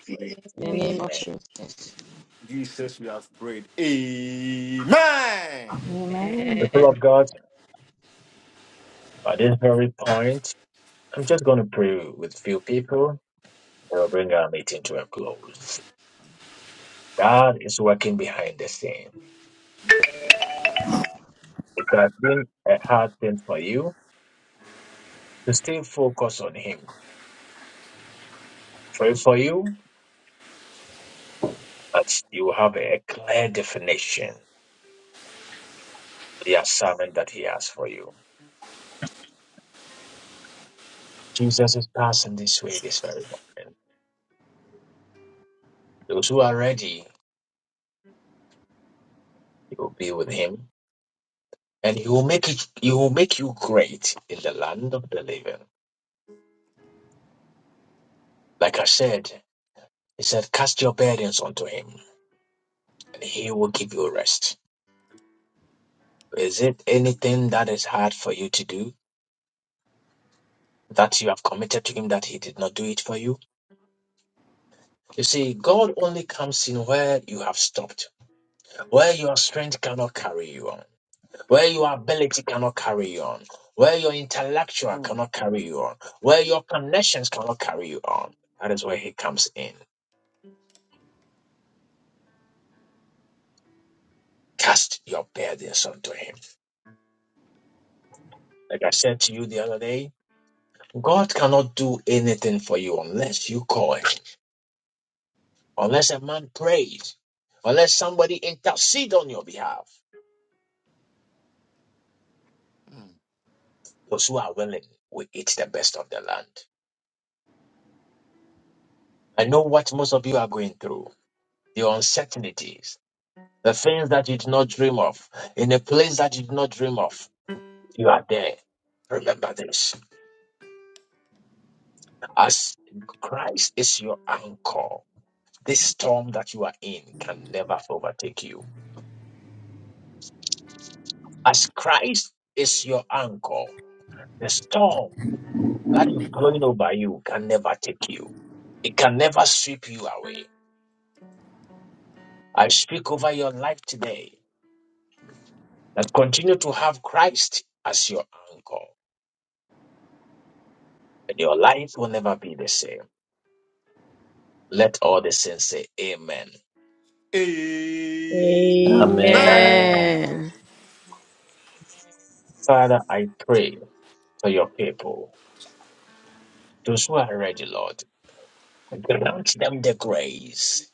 Speaker 14: In
Speaker 1: prayed.
Speaker 14: the name of
Speaker 2: Thank
Speaker 1: Amen.
Speaker 14: Jesus.
Speaker 3: Jesus, we have prayed. Amen.
Speaker 2: Amen.
Speaker 1: The people of
Speaker 14: Amen.
Speaker 1: God, at this very point, I'm just going to pray with few people. We'll bring our meeting to a close. God is working behind the scene. It has been a hard thing for you to stay focused on Him. Pray for you, but you have a clear definition. the assignment that he has for you. Jesus is passing this way this very morning. Those who are ready, you will be with him, and he will make it. He will make you great in the land of the living. Like I said, he said, cast your burdens onto him, and he will give you rest. Is it anything that is hard for you to do? That you have committed to him that he did not do it for you. You see, God only comes in where you have stopped, where your strength cannot carry you on. where your ability cannot carry you on, where your intellectual
Speaker 3: Mm.
Speaker 1: cannot carry you on, where your connections cannot carry you on. That is where he comes in. Cast your others unto him. Like I said to you the other day, God cannot do anything for you unless you call him, unless a man prays, unless somebody intercede on your behalf. Those who are willing will eat the best of the land. I know what most of you are going through, the uncertainties, the things that you did not dream of, in a place that you did not dream of. you are there. Remember this. As Christ is your anchor, this storm that you are in can never overtake you. As Christ is anchor, the storm that is blowing over you can you. It can never sweep you away. I speak over your life that continue to have Christ as your anchor, and your life will never be the same. Let all the saints say, Amen.
Speaker 3: mm. Amen.
Speaker 22: Amen.
Speaker 14: Amen.
Speaker 1: Father, I pray for your people, those who are ready, Lord. Grant them the grace.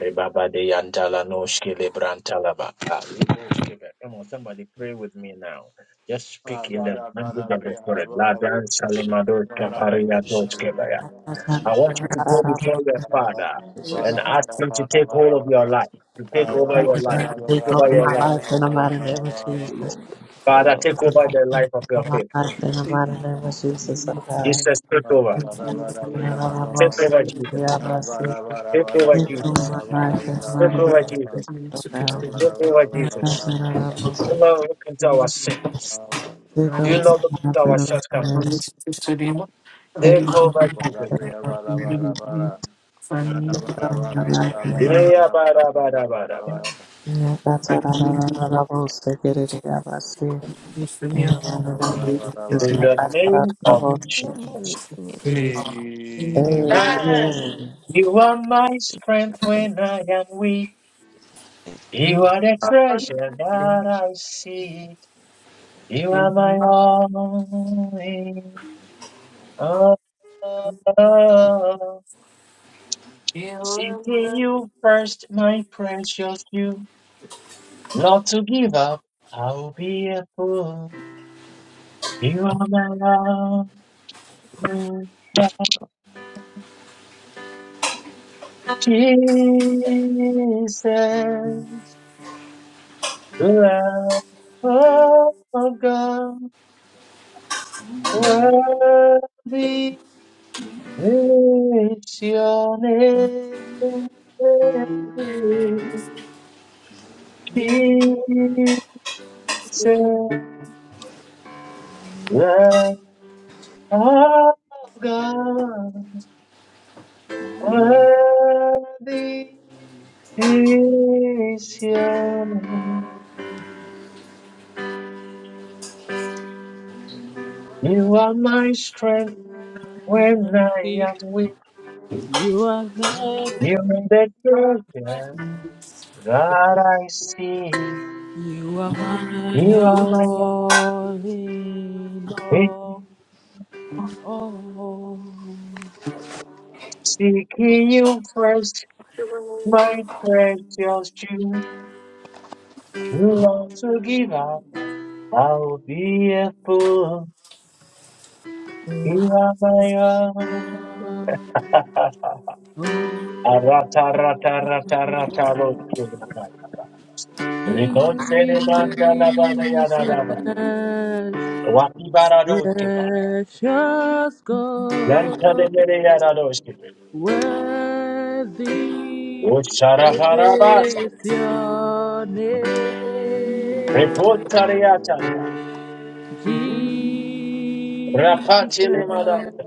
Speaker 1: Rebaba de yantala no shkele brantalaba. Ah, rebo shkebe. Come on, somebody pray with me now. Just
Speaker 3: Ah,
Speaker 1: speak in the
Speaker 3: bada,
Speaker 1: language
Speaker 3: bada,
Speaker 1: of the
Speaker 3: bria, da,
Speaker 1: spirit.
Speaker 3: bada,
Speaker 1: Ladan
Speaker 22: Jesus.
Speaker 1: salimado
Speaker 22: Father,
Speaker 3: bada,
Speaker 22: Thank you,
Speaker 1: kafaria to
Speaker 22: Jesus.
Speaker 1: shkebe.
Speaker 12: That's not-
Speaker 3: bada.
Speaker 1: I
Speaker 22: Jesus.
Speaker 1: want you to go before your father
Speaker 22: Jesus.
Speaker 1: and ask him to
Speaker 3: Hallelujah.
Speaker 1: take hold of your life, to take
Speaker 22: Thank
Speaker 1: over your life, to take
Speaker 12: Take
Speaker 1: over
Speaker 12: over
Speaker 1: your
Speaker 12: my
Speaker 1: life.
Speaker 12: life in the mighty name of
Speaker 22: you,
Speaker 12: Jesus.
Speaker 22: Lord.
Speaker 14: Take Hold
Speaker 1: Father,
Speaker 14: on.
Speaker 1: take
Speaker 12: over
Speaker 1: over the
Speaker 12: my
Speaker 1: life of your people.
Speaker 12: life in the
Speaker 18: Amen.
Speaker 12: mighty name of Jesus, oh God.
Speaker 1: Jesus, take over.
Speaker 12: And I love
Speaker 1: Take
Speaker 12: most of
Speaker 1: over
Speaker 12: the
Speaker 1: Jesus.
Speaker 22: Thank you.
Speaker 12: Yabasi.
Speaker 1: Take over
Speaker 12: Take over
Speaker 1: Jesus.
Speaker 12: my life in the
Speaker 1: Take
Speaker 12: mighty
Speaker 1: over
Speaker 12: name of
Speaker 1: Jesus.
Speaker 12: Jesus, oh God.
Speaker 18: *laughs*
Speaker 1: Take over
Speaker 12: And
Speaker 1: Jesus.
Speaker 12: that's what I love most
Speaker 18: Jesus.
Speaker 1: You
Speaker 12: of the-
Speaker 1: know look into our sins.
Speaker 12: Take over
Speaker 1: You know look
Speaker 12: my life
Speaker 1: into
Speaker 12: in
Speaker 1: our
Speaker 12: the mighty
Speaker 1: shortcomings.
Speaker 12: name of Jesus.
Speaker 1: They
Speaker 12: Take over my life in
Speaker 1: cover Jesus.
Speaker 12: the mighty name of Jesus.
Speaker 1: Yeah, bada, bada, bada, bada.
Speaker 12: Yeah, That's what I love I love most of the Yabasi. In the mighty name of Jesus.
Speaker 1: In
Speaker 12: yeah,
Speaker 1: the
Speaker 12: That's what I
Speaker 1: name
Speaker 12: love
Speaker 1: of
Speaker 12: most of
Speaker 1: Jesus.
Speaker 12: the- people.
Speaker 3: Amen.
Speaker 12: Amen.
Speaker 1: You are my strength when I am weak. You are the treasure that I seek. You are my only. Oh, oh, oh. Seeking you first, my precious you. Not to give up, I'll be a fool. You are my love, Jesus, the love of God, worthy is your name, Jesus, the love of God, worthy is your name. You are my strength. When I
Speaker 7: weak.
Speaker 1: am with
Speaker 7: You are there.
Speaker 1: you in the treasure that I see,
Speaker 7: You are my
Speaker 1: you are my
Speaker 7: all in
Speaker 1: life.
Speaker 7: all. all
Speaker 1: Seeking you first, my precious Jew. Love to give up, I'll be a fool. You are my own.
Speaker 7: in all.
Speaker 1: Arataratarataratalochirabaya.
Speaker 7: Jesus,
Speaker 1: Rinocerebandalabarayadadaba. Wakibaradokeba.
Speaker 7: precious God.
Speaker 1: Yantanemereyadadosheba.
Speaker 7: Worthy
Speaker 1: Usharaparabasa.
Speaker 7: is your name,
Speaker 1: Repotariata.
Speaker 7: Jesus.
Speaker 1: Rapatilimadata.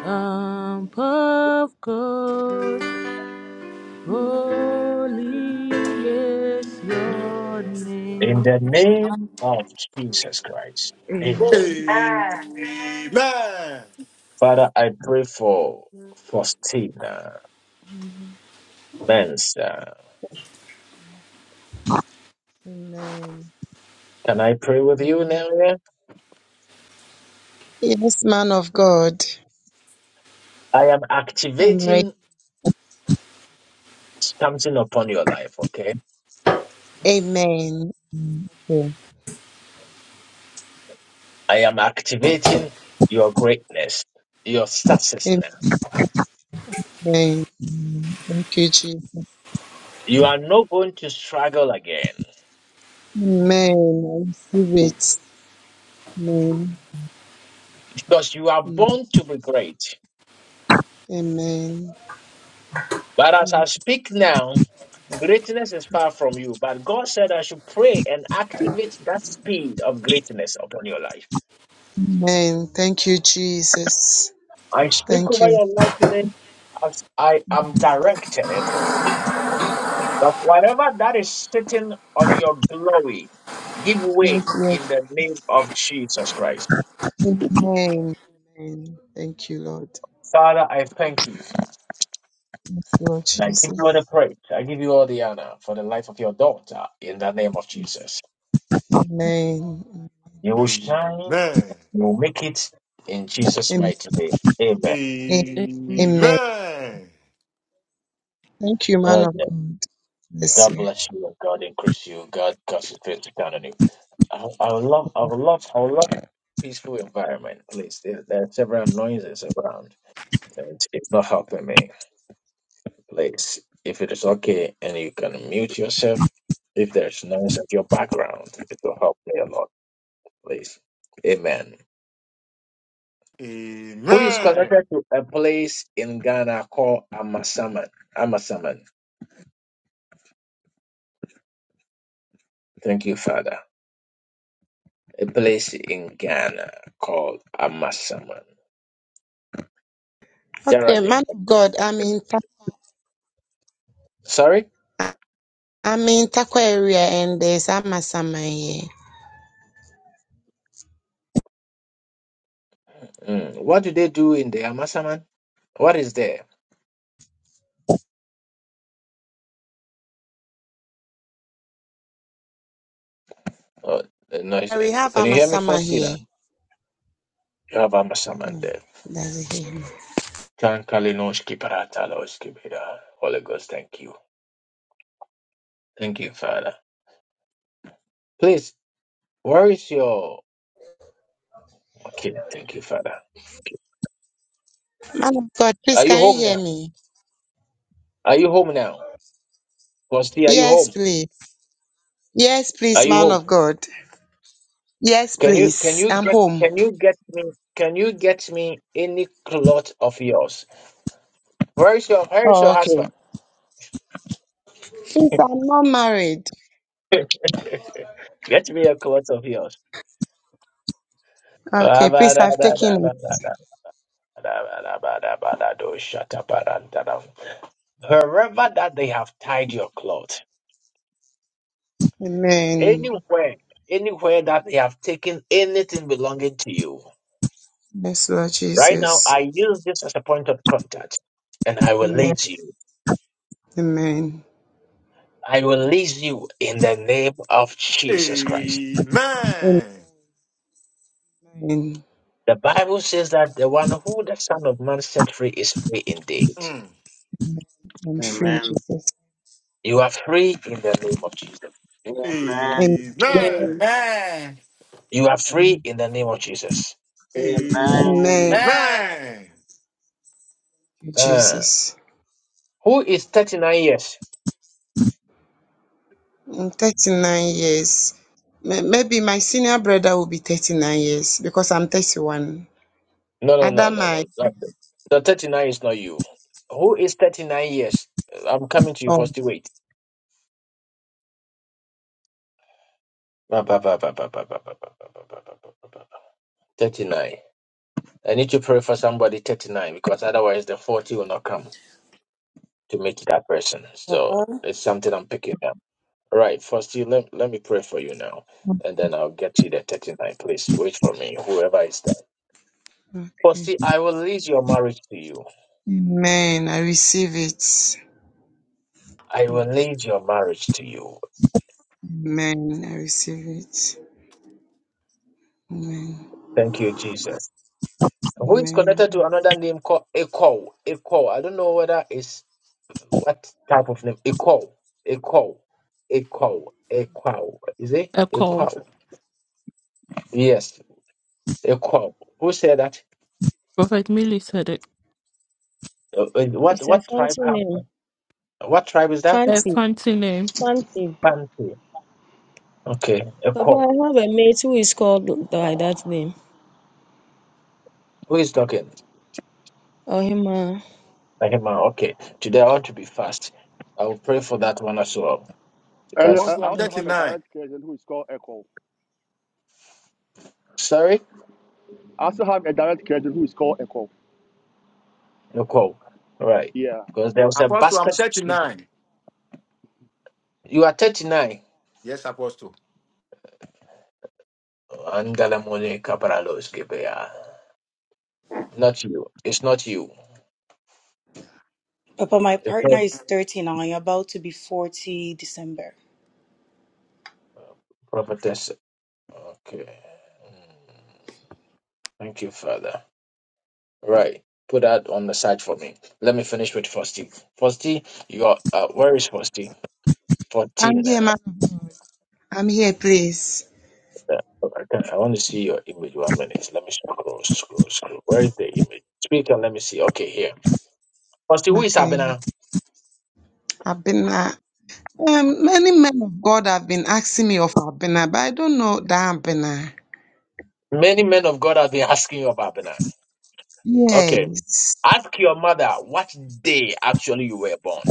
Speaker 7: Um, of God, holy is your
Speaker 1: In
Speaker 7: name.
Speaker 1: the name of Jesus Christ. Amen.
Speaker 7: Amen.
Speaker 18: Amen.
Speaker 3: Amen. Amen.
Speaker 1: Father, I pray for Faustina Mensa.
Speaker 21: Amen.
Speaker 1: Can I pray with you
Speaker 21: Amen.
Speaker 1: now? yeah?
Speaker 21: Yes, man of God.
Speaker 1: I am
Speaker 21: I'm right.
Speaker 1: activating something upon your life, okay?
Speaker 21: Amen. Mm, Okay.
Speaker 1: I am activating your greatness, your success
Speaker 21: Amen.
Speaker 1: now.
Speaker 21: Amen. Thank you, Jesus.
Speaker 1: You are not going to struggle again
Speaker 21: Amen. I receive it. Amen.
Speaker 1: because you are
Speaker 21: Mm,
Speaker 1: born to be great.
Speaker 21: Amen.
Speaker 1: But as I
Speaker 21: Mm,
Speaker 1: speak now, greatness is far from you. But God said I should pray and activate that speed of greatness upon your life.
Speaker 21: Amen. Thank you, Jesus.
Speaker 1: I speak
Speaker 21: Thank
Speaker 1: over
Speaker 21: you.
Speaker 1: your life today as I am directed that whatever that is sitting on your glory, give way
Speaker 21: Yes, Lord.
Speaker 1: in the name of Jesus Christ.
Speaker 21: Amen. Amen. Thank you, Lord.
Speaker 1: Father, I thank you.
Speaker 21: Yes, Lord
Speaker 1: And I give you all
Speaker 21: Jesus.
Speaker 1: the praise. I give you all the honor for the life of your daughter in the name of Jesus.
Speaker 21: Amen.
Speaker 1: You will shine
Speaker 3: Amen.
Speaker 1: You'll make it in Jesus'
Speaker 21: Amen.
Speaker 1: mighty name. Amen.
Speaker 7: Amen.
Speaker 21: Amen.
Speaker 3: Amen.
Speaker 21: Thank you, man
Speaker 1: Uh,
Speaker 21: of God. Bless
Speaker 1: God
Speaker 21: you.
Speaker 1: bless you and God increase you. God cause his face to shine on you. I, I would love, I would love, I would love peaceful environment, please. There, there are several noises around and it's not helping me. Please, if it is okay and you can mute yourself, if there's noise at your background, it will help me a lot, please. Amen. Who is connected to a place in Ghana called Amasaman? Amasaman. Thank you, Father. a place in Ghana called Amasaman.
Speaker 21: Okay, man
Speaker 1: Geraldine.
Speaker 21: of God, I'm in Ta-
Speaker 1: Sorry?
Speaker 21: I'm in Takwa area and there's Amasama here.
Speaker 1: Mm. What do they do in the Amasaman? What is there? Oh, the noise.
Speaker 21: Yeah,
Speaker 1: uh,
Speaker 21: We have
Speaker 1: Can you hear me
Speaker 21: Amasama
Speaker 1: first, Tina?
Speaker 21: here.
Speaker 1: You have Amasaman
Speaker 21: Hmm,
Speaker 1: there.
Speaker 21: Doesn't hear me.
Speaker 1: Kankalinoski parataloski bida. Holy Ghost, thank you. Thank you, Father. Please, where is your... Okay, thank you, Father.
Speaker 21: Man of God, please
Speaker 1: Are you
Speaker 21: can
Speaker 1: home
Speaker 21: you hear
Speaker 1: now?
Speaker 21: me?
Speaker 1: Are you home now? Kosti, are you
Speaker 21: Yes,
Speaker 1: home?
Speaker 21: please. Yes,
Speaker 1: Are
Speaker 21: please,
Speaker 1: you
Speaker 21: man
Speaker 1: home?
Speaker 21: of God. Yes,
Speaker 1: Can you can
Speaker 21: please.
Speaker 1: you
Speaker 21: I'm
Speaker 1: get
Speaker 21: home.
Speaker 1: can you get me can you get me any cloth of yours? Where is your where is
Speaker 21: Oh,
Speaker 1: your
Speaker 21: okay.
Speaker 1: husband?
Speaker 21: Please, I'm not married.
Speaker 1: *laughs* get me a cloth of yours.
Speaker 21: Okay, please,
Speaker 1: Wherever
Speaker 21: I've taken
Speaker 1: that they have tied your cloth,
Speaker 21: it. Amen.
Speaker 1: anywhere, anywhere that they have taken anything belonging to you.
Speaker 21: Yes, Lord
Speaker 1: Right now,
Speaker 21: Jesus.
Speaker 1: I use this as a point of contact, and I will
Speaker 21: Amen.
Speaker 1: lead you.
Speaker 21: Amen.
Speaker 1: I will lead you in the name of Jesus Christ.
Speaker 3: Amen.
Speaker 21: Amen.
Speaker 1: The Bible says that the one who the Son of Man set free is free indeed.
Speaker 3: Mm.
Speaker 21: I'm free in
Speaker 19: Amen.
Speaker 21: Jesus.
Speaker 1: You are free in the name of Jesus.
Speaker 21: Amen.
Speaker 19: Amen.
Speaker 3: Amen.
Speaker 18: Amen.
Speaker 1: You are free in the name of Jesus.
Speaker 19: Amen.
Speaker 21: Amen.
Speaker 18: Amen.
Speaker 3: Amen.
Speaker 1: Uh,
Speaker 21: Jesus.
Speaker 1: who is 39 years?
Speaker 21: In 39 years. May- Maybe my senior brother will be 39 years because I'm 31.
Speaker 1: No, no, no,
Speaker 21: Other
Speaker 1: no, no.
Speaker 21: my
Speaker 1: not the the 39 is not you. Who is 39 years? I'm coming to you
Speaker 21: oh.
Speaker 1: first. Wait. Ba, ba, ba, ba, ba, ba, ba, ba, ba, ba, ba, ba, ba, ba, ba. 39. I need to pray for somebody 39 because otherwise the 40 will not come to meet that person. So
Speaker 2: Papa,
Speaker 1: it's something I'm picking up. All right, first let, let me pray for you now, and then I'll get you the 39. Please wait for me, whoever is there. First,
Speaker 21: Okay.
Speaker 1: I will lead your marriage to you.
Speaker 21: Amen. I receive it.
Speaker 1: I will lead your marriage to you.
Speaker 21: Amen. I receive it. Amen.
Speaker 1: Thank you, Jesus. Who is connected to
Speaker 21: Amen.
Speaker 1: another name called Echo? Echo. I don't know whether it's what type of name. Echo. Echo. Echo. Echo. Is it
Speaker 7: Echo.
Speaker 1: Echo? Yes. Echo. Who said that?
Speaker 7: Prophet Millie said it.
Speaker 1: Uh, uh, What
Speaker 14: It's a
Speaker 1: what tribe
Speaker 14: fancy
Speaker 1: have?
Speaker 14: name.
Speaker 1: What tribe is that?
Speaker 7: A
Speaker 14: Fancy.
Speaker 7: fancy name.
Speaker 14: Fancy.
Speaker 1: Pante. Okay.
Speaker 14: Papa, I
Speaker 1: Echo.
Speaker 14: have a mate who is called by that name.
Speaker 1: Who is talking?
Speaker 14: Oh, hima,
Speaker 1: Rahima. Okay. Today I ought to be fast. I will pray for that one as well.
Speaker 17: And
Speaker 1: Because
Speaker 17: uh,
Speaker 3: Apostle,
Speaker 17: I
Speaker 3: I'm
Speaker 17: also have a
Speaker 14: Okay.
Speaker 3: 39.
Speaker 17: direct cousin who is called Echo.
Speaker 1: sorry,
Speaker 17: I also have a direct cousin who is called Echo.
Speaker 1: no call. All right.
Speaker 17: Yeah.
Speaker 1: Because there was a
Speaker 3: Apostle, I'm
Speaker 1: basket. trip.
Speaker 3: 39.
Speaker 1: You are thirty nine.
Speaker 3: Yes, Apostle.
Speaker 1: Angalamone Caparalos Gibea. Not you. It's not you.
Speaker 3: Yeah.
Speaker 2: Papa,
Speaker 3: All
Speaker 2: my
Speaker 3: right.
Speaker 1: It's
Speaker 2: partner
Speaker 1: not
Speaker 2: is 39, about to be 40 December.
Speaker 1: prophetess. Okay. Mm. Thank you, Father. Right. Put that on the side for me. Let me finish with Fosti. Fosti, you are uh, where is Fosti?
Speaker 21: I'm
Speaker 1: Fourteen.
Speaker 21: here,
Speaker 1: uh,
Speaker 21: ma'am. I'm here, please.
Speaker 1: Yeah, But I can I want to see your image one minute. Let me scroll, scroll, scroll. Where is the image? Speak and let me see. Okay, here. Pastor, who is
Speaker 21: Okay.
Speaker 1: Abena?
Speaker 21: Abena. Um, many men of God have been asking me of Abena, but I don't know that Abena.
Speaker 1: Many men of God have been asked Abena. Okay.
Speaker 21: Yes.
Speaker 1: Ask your mother what day actually you were born.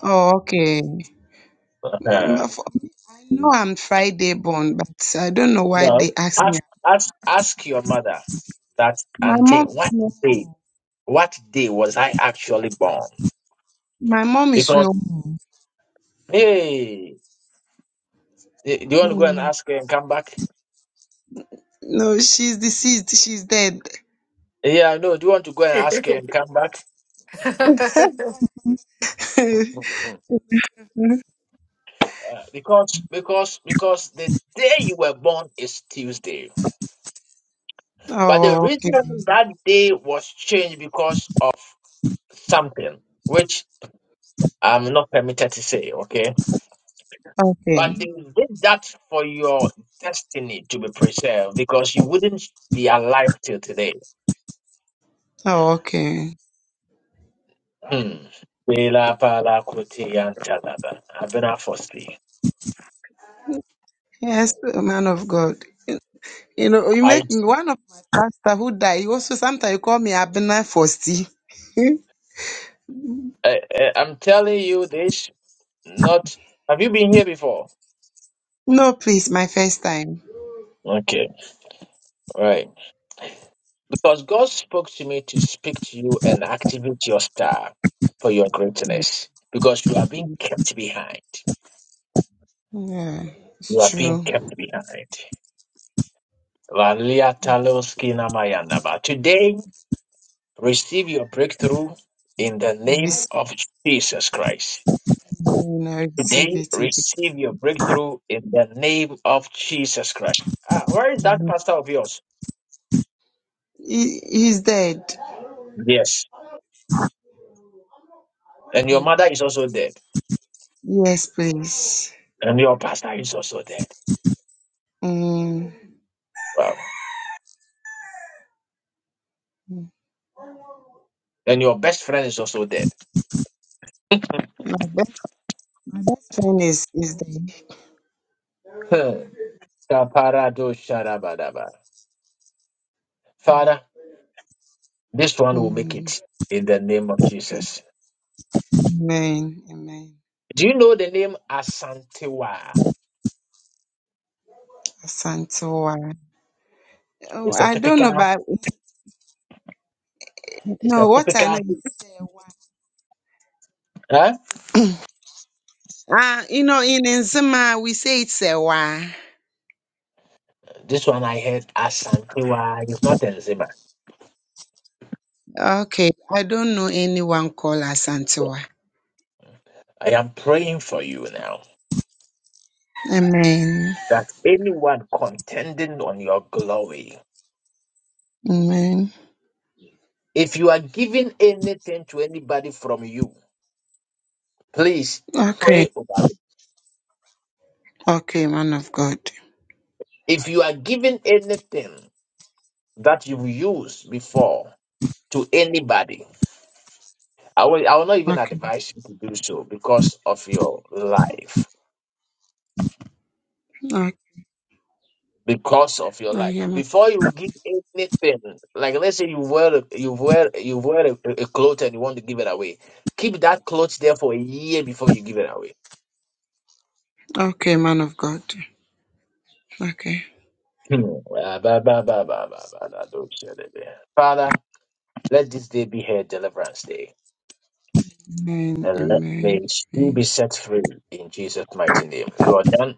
Speaker 21: Oh, okay. Mm,
Speaker 1: Uh,
Speaker 21: but for- I know I'm Friday born, but I don't know why
Speaker 1: no.
Speaker 21: they asked me.
Speaker 1: Ask ask ask your mother that
Speaker 21: My
Speaker 1: auntie
Speaker 21: mom is
Speaker 1: what
Speaker 21: no,
Speaker 1: day what day was I actually born?
Speaker 21: my mom is
Speaker 1: Because
Speaker 21: no more.
Speaker 1: hey do you want to go and
Speaker 21: Mm,
Speaker 1: ask her and come back?
Speaker 21: No, she's deceased. She's dead.
Speaker 1: Yeah, I know. Do you want to go and ask
Speaker 18: *laughs*
Speaker 1: her and come back?
Speaker 21: *laughs*
Speaker 1: Because because because the day you were born is Tuesday. But the
Speaker 21: oh,
Speaker 1: reason
Speaker 21: okay.
Speaker 1: that day was changed because something which I'm not permitted to say, okay?
Speaker 21: Okay.
Speaker 1: But they did that for your destiny to be preserved because you wouldn't be alive till today.
Speaker 21: Oh, okay.
Speaker 1: Hmm. Bela pala kuti yantalaba. Abena fosti.
Speaker 21: Yes, man of God. You know, you
Speaker 1: I,
Speaker 21: make me one of my pastor who died. He also sometimes you call me Abena Fosti.
Speaker 1: I, I'm telling you this, not. Have you been here before?
Speaker 21: No, please, my first time.
Speaker 1: Okay, right. Because God spoke to me to speak to you and activate your star for your greatness. Because you are being kept behind.
Speaker 21: Yeah,
Speaker 1: You
Speaker 21: it's
Speaker 1: are being
Speaker 21: true.
Speaker 1: kept behind. Valia Taloski Namayanaba. Today, receive your breakthrough in the name
Speaker 21: Receive,
Speaker 1: of Jesus Christ.
Speaker 21: I receive
Speaker 1: Today,
Speaker 21: it in Jesus.
Speaker 1: receive your breakthrough in the name of Jesus Christ. Ah, where is that pastor of yours?
Speaker 21: He, he's dead.
Speaker 1: Yes. And your mother is also dead.
Speaker 21: Yes, please.
Speaker 1: And your pastor is also dead.
Speaker 21: Mm,
Speaker 1: Wow. And your best friend is also dead.
Speaker 21: my best, my best friend is is the
Speaker 1: Kaparadosharabadaba. Father, this one will make
Speaker 21: mm,
Speaker 1: it in the name of Jesus.
Speaker 21: Amen, Amen.
Speaker 1: Do you know the name Asantewa?
Speaker 21: Asantewa. Oh,
Speaker 1: It's a
Speaker 21: I don't
Speaker 1: typical,
Speaker 21: know, but
Speaker 1: it's a
Speaker 21: no, what I
Speaker 1: typical.
Speaker 21: know is
Speaker 1: Huh?
Speaker 21: ah, you know, in Nzima we say it's a wa.
Speaker 1: This one I heard Asantewa. It's not Enzima.
Speaker 21: Okay, I don't know anyone called Asantewa.
Speaker 1: I am praying for you now
Speaker 21: Amen,
Speaker 1: that anyone contending on your glory,
Speaker 21: Amen.
Speaker 1: if you are giving anything to anybody from you, please
Speaker 21: Okay,
Speaker 1: pray over.
Speaker 21: okay, man of God.
Speaker 1: If you are giving anything that you've used before to anybody, I will, I will not even
Speaker 21: Okay,
Speaker 1: advise you to do so because of your life.
Speaker 21: okay,
Speaker 1: Because of your
Speaker 21: I
Speaker 1: life.
Speaker 21: hear man.
Speaker 1: Before you give anything, like let's say you wear a- you wear you wear a, a cloth and you want to give it away. Keep that cloth there for a year before you give it away.
Speaker 21: Okay, man of God. Okay,
Speaker 1: Hmm. Ah, ba, ba, ba, ba, ba, ba, da, do, so, yeah. Father, let this day be her delight day,
Speaker 21: Amen,
Speaker 1: and let may
Speaker 21: Amen,
Speaker 1: she be
Speaker 21: Amen,
Speaker 1: set free in Jesus' mighty name. You are done.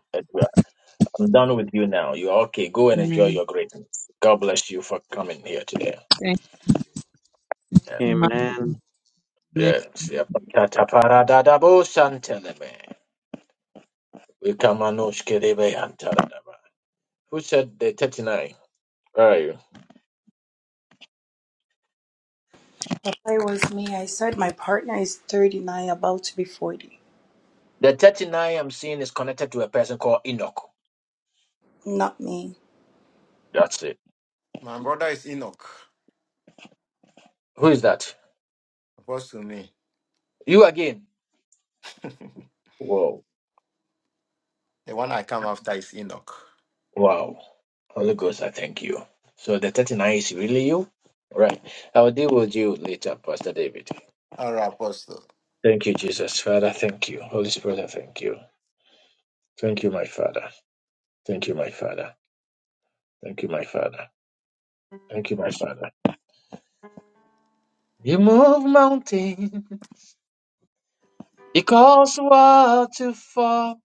Speaker 1: I'm done with you now. You're okay. Go and enjoy
Speaker 21: Amen.
Speaker 1: your greatness. God bless you for coming here today.
Speaker 19: Amen.
Speaker 1: And
Speaker 21: In my
Speaker 19: Amen.
Speaker 21: name.
Speaker 1: yes, yeah. Tataparadadabo santeleme. Wikamanoshkerebe antaradaba. Who said the 39? Where are you?
Speaker 2: Papa, it was me. I said my partner is 39, about to be 40.
Speaker 1: The 39 I'm seeing is connected to a person called Enoch.
Speaker 2: Not me.
Speaker 1: That's it.
Speaker 3: My brother is Enoch.
Speaker 1: Who is that?
Speaker 3: Apostle, me.
Speaker 1: You again. Whoa.
Speaker 3: The one I come after is Enoch.
Speaker 1: Wow. Holy Ghost, I thank you. So the 39 is really you? Right. I will deal with you later, Pastor David.
Speaker 3: All right, Apostle.
Speaker 1: Thank you, Jesus. Father, thank you. Holy Spirit, I thank you. Thank you, my Father. Thank you, my Father. Thank you, my Father. Thank you, my Father. You move mountains. You cause water to fall.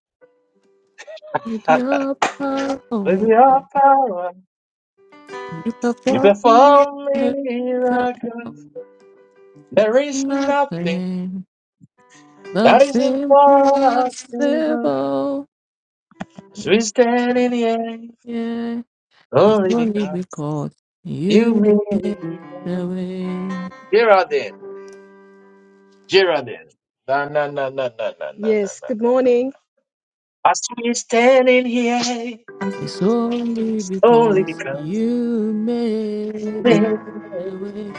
Speaker 7: With your power,
Speaker 1: With your
Speaker 7: you
Speaker 1: power, you
Speaker 7: perform
Speaker 1: perform
Speaker 7: miracles. 'Cause
Speaker 1: miracles. There is nothing
Speaker 7: Nothing
Speaker 1: that
Speaker 7: that's
Speaker 1: is impossible.
Speaker 7: impossible.
Speaker 1: So we stand in the air
Speaker 7: Yeah, it's
Speaker 1: only
Speaker 7: only
Speaker 1: because
Speaker 7: because
Speaker 1: you
Speaker 7: you
Speaker 1: made
Speaker 7: the
Speaker 1: them.
Speaker 7: way.
Speaker 1: Geraldine, Geraldine. Na na na na na na na na
Speaker 20: Yes,
Speaker 1: na
Speaker 20: good
Speaker 1: na.
Speaker 20: morning.
Speaker 1: I still be standing here
Speaker 7: It's only
Speaker 1: only
Speaker 7: because
Speaker 1: because
Speaker 7: you made
Speaker 1: man,
Speaker 7: the way.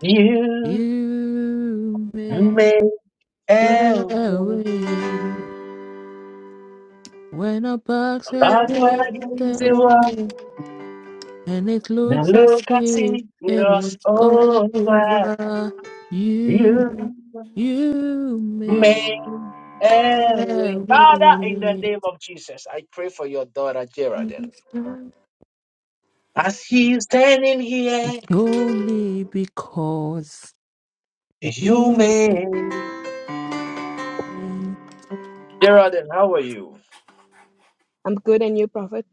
Speaker 1: you
Speaker 7: You made
Speaker 1: made
Speaker 7: the
Speaker 1: help me.
Speaker 7: way. When a box I
Speaker 1: That way
Speaker 7: did
Speaker 1: against
Speaker 7: the
Speaker 1: the world.
Speaker 7: way. And it
Speaker 1: Now
Speaker 7: looks as
Speaker 1: look, I
Speaker 7: if
Speaker 1: see it
Speaker 7: it
Speaker 1: was
Speaker 7: was
Speaker 1: over.
Speaker 7: over.
Speaker 1: You
Speaker 7: You, you made
Speaker 1: made help
Speaker 7: a
Speaker 1: me. Father, in the
Speaker 7: way.
Speaker 1: name of Jesus, I pray for your daughter, Geraldine. As she is standing
Speaker 7: It's
Speaker 1: here,
Speaker 7: only because
Speaker 1: you
Speaker 7: you,
Speaker 1: made Geraldine, how are you?
Speaker 20: I'm good and you, Prophet.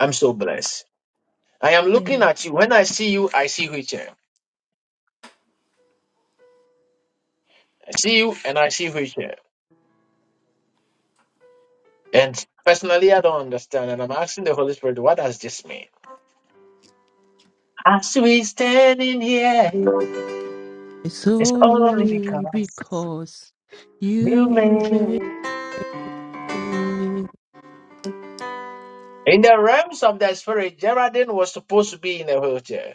Speaker 1: I'm so blessed. I am looking
Speaker 20: Amen.
Speaker 1: at you. When I see you, I see wheelchair. I see you and I see wheelchair. And personally, I don't understand. And I'm asking the Holy Spirit, what does this mean? As we stand in here,
Speaker 7: it's
Speaker 1: it's only
Speaker 7: only
Speaker 1: because
Speaker 7: because
Speaker 1: you
Speaker 7: you made,
Speaker 1: made. In the realms of the spirit, Geraldine was supposed to be in a wheelchair.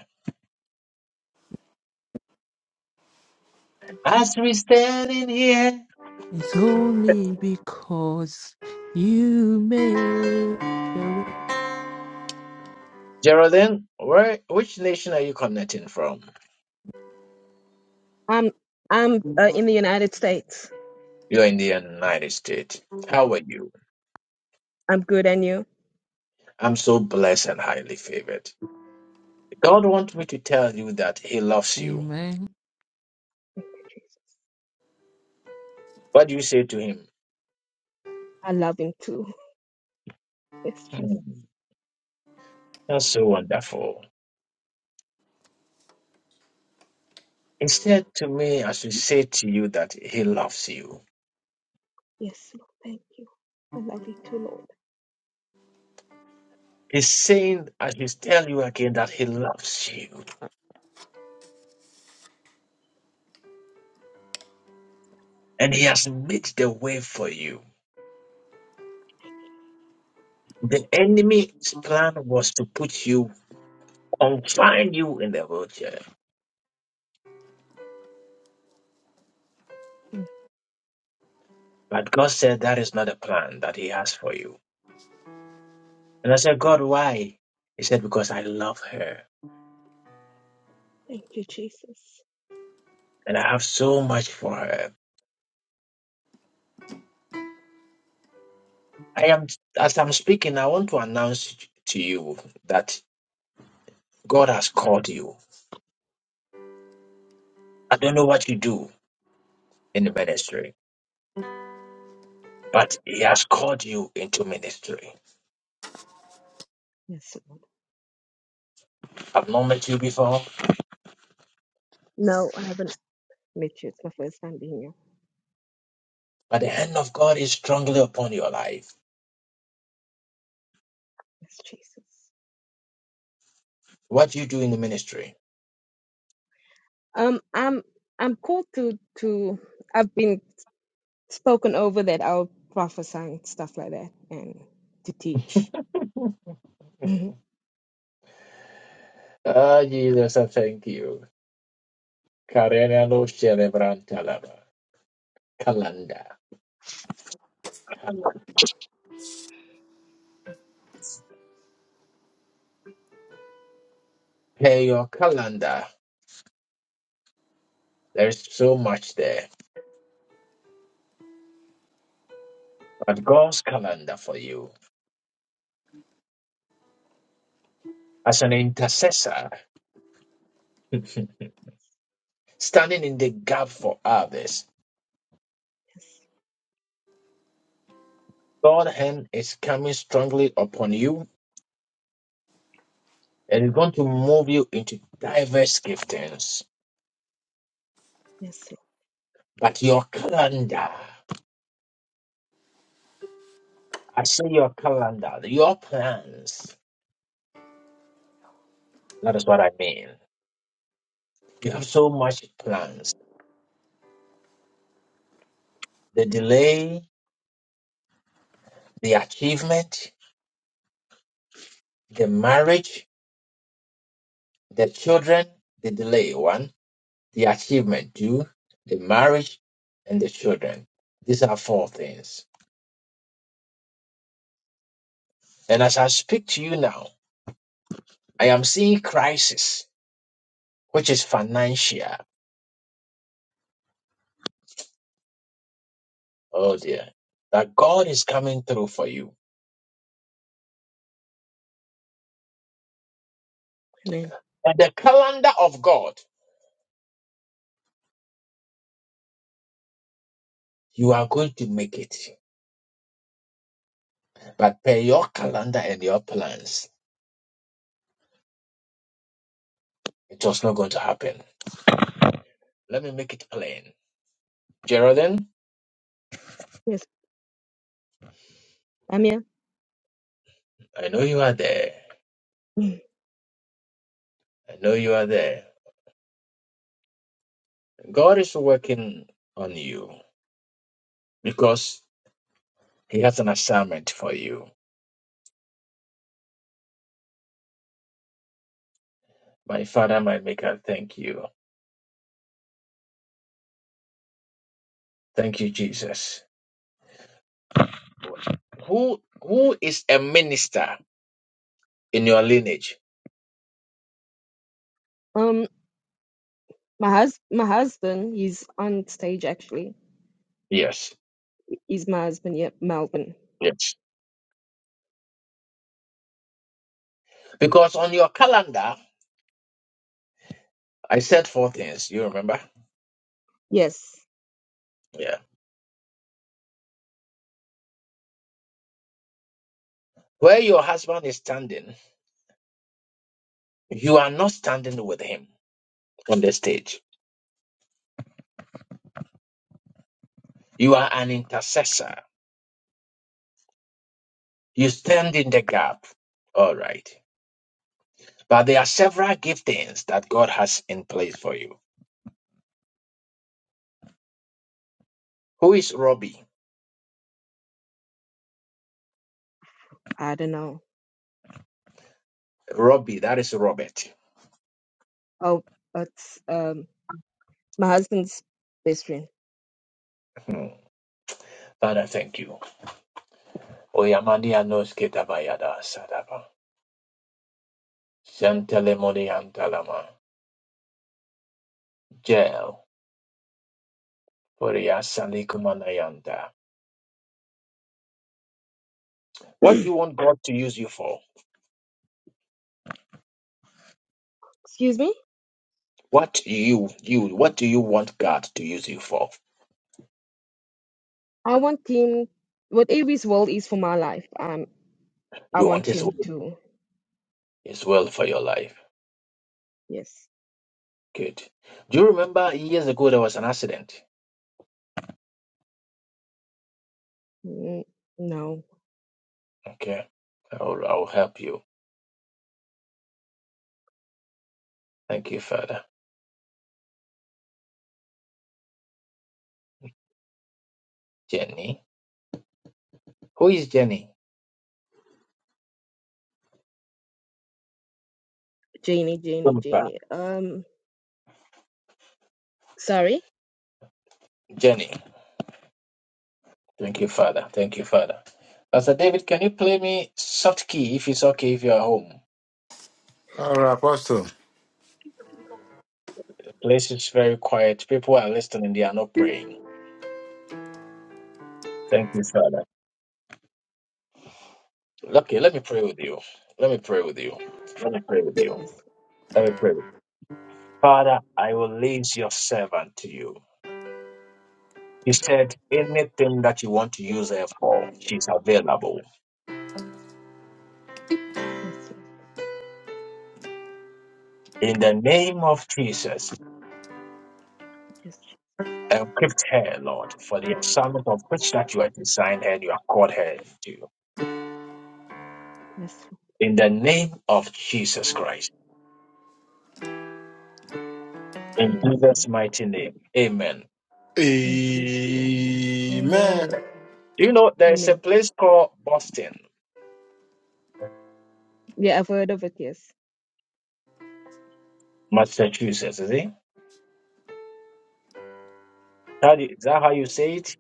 Speaker 1: As we stand in here,
Speaker 7: it's only because you made a way.
Speaker 1: Geraldine, where, which nation are you connecting from?
Speaker 20: I'm I'm uh, in the United States.
Speaker 1: You're in the United States. How are you?
Speaker 20: I'm good and you.
Speaker 1: I'm so blessed and highly favored. God wants me to tell you that He loves you.
Speaker 7: Amen.
Speaker 20: Thank you, Jesus.
Speaker 1: What do you say to Him?
Speaker 20: I love him too. *laughs* Yes, Jesus.
Speaker 1: Hmm, That's so wonderful. He said to me, I should say to you that He loves you.
Speaker 20: Yes, Lord. Thank you. I love you too, Lord.
Speaker 1: He's saying, I should tell you again that He loves you. And He has made the way for you.
Speaker 20: Thank you.
Speaker 1: The enemy's plan was to put you, confine you in the wheelchair.
Speaker 20: Mm,
Speaker 1: But God said, that is not the plan that He has for you. And I said, God, why? He said, because I love her
Speaker 20: Thank you, Jesus.
Speaker 1: and I have so much for her. I am as I'm speaking, I want to announce to you that God has called you. I don't know what you do in the ministry, but He has called you into ministry.
Speaker 20: Yes, Lord.
Speaker 1: I've not met you before,
Speaker 20: No, I haven't met you. It's my first time being here.
Speaker 1: but the hand of God is strongly upon your life.
Speaker 20: Yes, Jesus.
Speaker 1: What you do in the ministry?
Speaker 20: Um, I'm I'm called to to I've been spoken over that I'll prophesy and stuff like that and to teach. Mhm.
Speaker 1: Ah, Jesus, I thank you. Karena no celebrantalaba. Calendar. Hey, your calendar. There is so much there, but God's calendar for you as an intercessor. standing in the gap for others.
Speaker 20: Yes,
Speaker 1: God's hand is coming strongly upon you and is going to move you into diverse giftings.
Speaker 20: yes,
Speaker 1: But your calendar, I say your calendar, your plans, that is what I mean. You have so much plans. The delay, the achievement, the marriage, the children, the delay one, the achievement two, the marriage, and the children. These are four things. And as I speak to you now, I am seeing crisis, which is financial. Oh dear. That God is coming through for you.
Speaker 20: amen.
Speaker 1: And the calendar of God, you are going to make it. But per your calendar and your plans, it was not going to happen. Let me make it plain. Geraldine,
Speaker 20: Yes, I'm here.
Speaker 1: I know you are there.
Speaker 20: Mhm.
Speaker 1: I know you are there. God is working on you because He has an assignment for you. My Father, my Maker, thank you. Thank you, Jesus. Who who is a minister in your lineage?
Speaker 20: Um, my hus my husband, he's on stage actually.
Speaker 1: Yes.
Speaker 20: He's my husband, Yep, Melvin.
Speaker 1: Yes. Because on your calendar, I said four things. You remember?
Speaker 20: Yes,
Speaker 1: Yeah. Where your husband is standing, you are not standing with him on the stage. You are an intercessor. You stand in the gap. All right. But there are several giftings that God has in place for you. Who is Robbie?
Speaker 20: I don't know.
Speaker 1: Robbie, that is Robert.
Speaker 20: Oh, it's um my husband's best friend.
Speaker 1: Hmm. Father, thank you. Oyamani anos ketabayada sadaba. Shantelemoniantalama. Jail. Poria salikumanayanta. What do you want God to use you for?
Speaker 20: Excuse me.
Speaker 1: What do you you what do you want God to use you for?
Speaker 20: I want him whatever his will is for my life. Um, I
Speaker 1: You want
Speaker 20: want
Speaker 1: his
Speaker 20: him
Speaker 1: will.
Speaker 20: to.
Speaker 1: His will for your life.
Speaker 20: Yes.
Speaker 1: Good. Do you remember years ago there was an accident?
Speaker 20: Mm, No,
Speaker 1: Okay. I'll I'll help you. Thank you, Father. Jenny. Who is Jenny?
Speaker 20: Janie, Janie, Janie. Um, sorry.
Speaker 1: Jenny. Thank you, Father. Thank you, Father. Pastor David, can you play me soft key if it's okay if you're home?
Speaker 3: All right, Apostle.
Speaker 1: Place is very quiet. People are listening, they are not praying. Thank you, Father. Okay, let me pray with you. Let me pray with you. Let me pray with you.
Speaker 20: Yes,
Speaker 1: Let me pray. Father, I will lead your servant to you. He said, anything that you want to use her for, she's available.
Speaker 20: yes,
Speaker 1: In the name of Jesus,
Speaker 20: yes,
Speaker 1: equip her, Lord, for the assignment of which that you have designed her and you have called her to.
Speaker 20: yes,
Speaker 1: In the name of Jesus Christ. In
Speaker 20: yes, Lord.
Speaker 1: Jesus' mighty name. Amen.
Speaker 20: In Jesus' name.
Speaker 3: Amen.
Speaker 20: Amen.
Speaker 1: Do you know there is a
Speaker 20: Amen.
Speaker 1: place called Boston,
Speaker 20: Yeah, I've heard of it. Yes,
Speaker 1: Massachusetts? Is it? How do you- is that how you say it?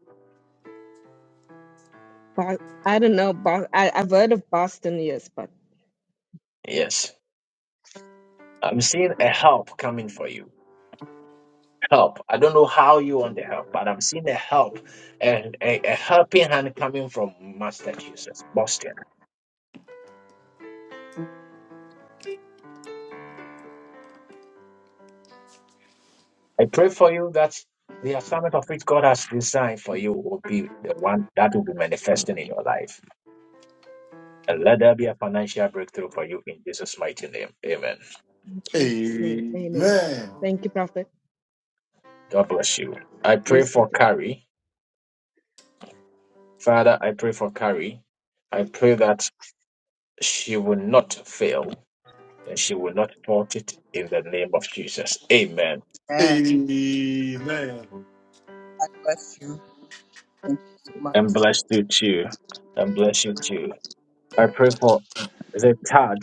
Speaker 20: but I don't know. But I, I've heard of Boston. Yes, but
Speaker 1: Yes. I'm seeing a help coming for you. Help. I don't know how you want the help, but I'm seeing a help and a, a helping hand coming from Massachusetts, Boston. I pray for you that the assignment of which God has designed for you will be the one that will be manifesting in your life. And let there be a financial breakthrough for you in Jesus' mighty name. Amen.
Speaker 20: in Jesus' name. Amen.
Speaker 3: Amen.
Speaker 20: Thank you, Prophet.
Speaker 1: God bless you. I pray
Speaker 20: Bless you
Speaker 1: for
Speaker 20: too.
Speaker 1: Carrie. Father, I pray for Carrie. I pray that she will not fail and she will not thwart it in the name of Jesus. Amen.
Speaker 23: Amen.
Speaker 3: Amen.
Speaker 23: God bless you. Thank you so much.
Speaker 1: And bless you too. And bless you too. I pray for is it Tad?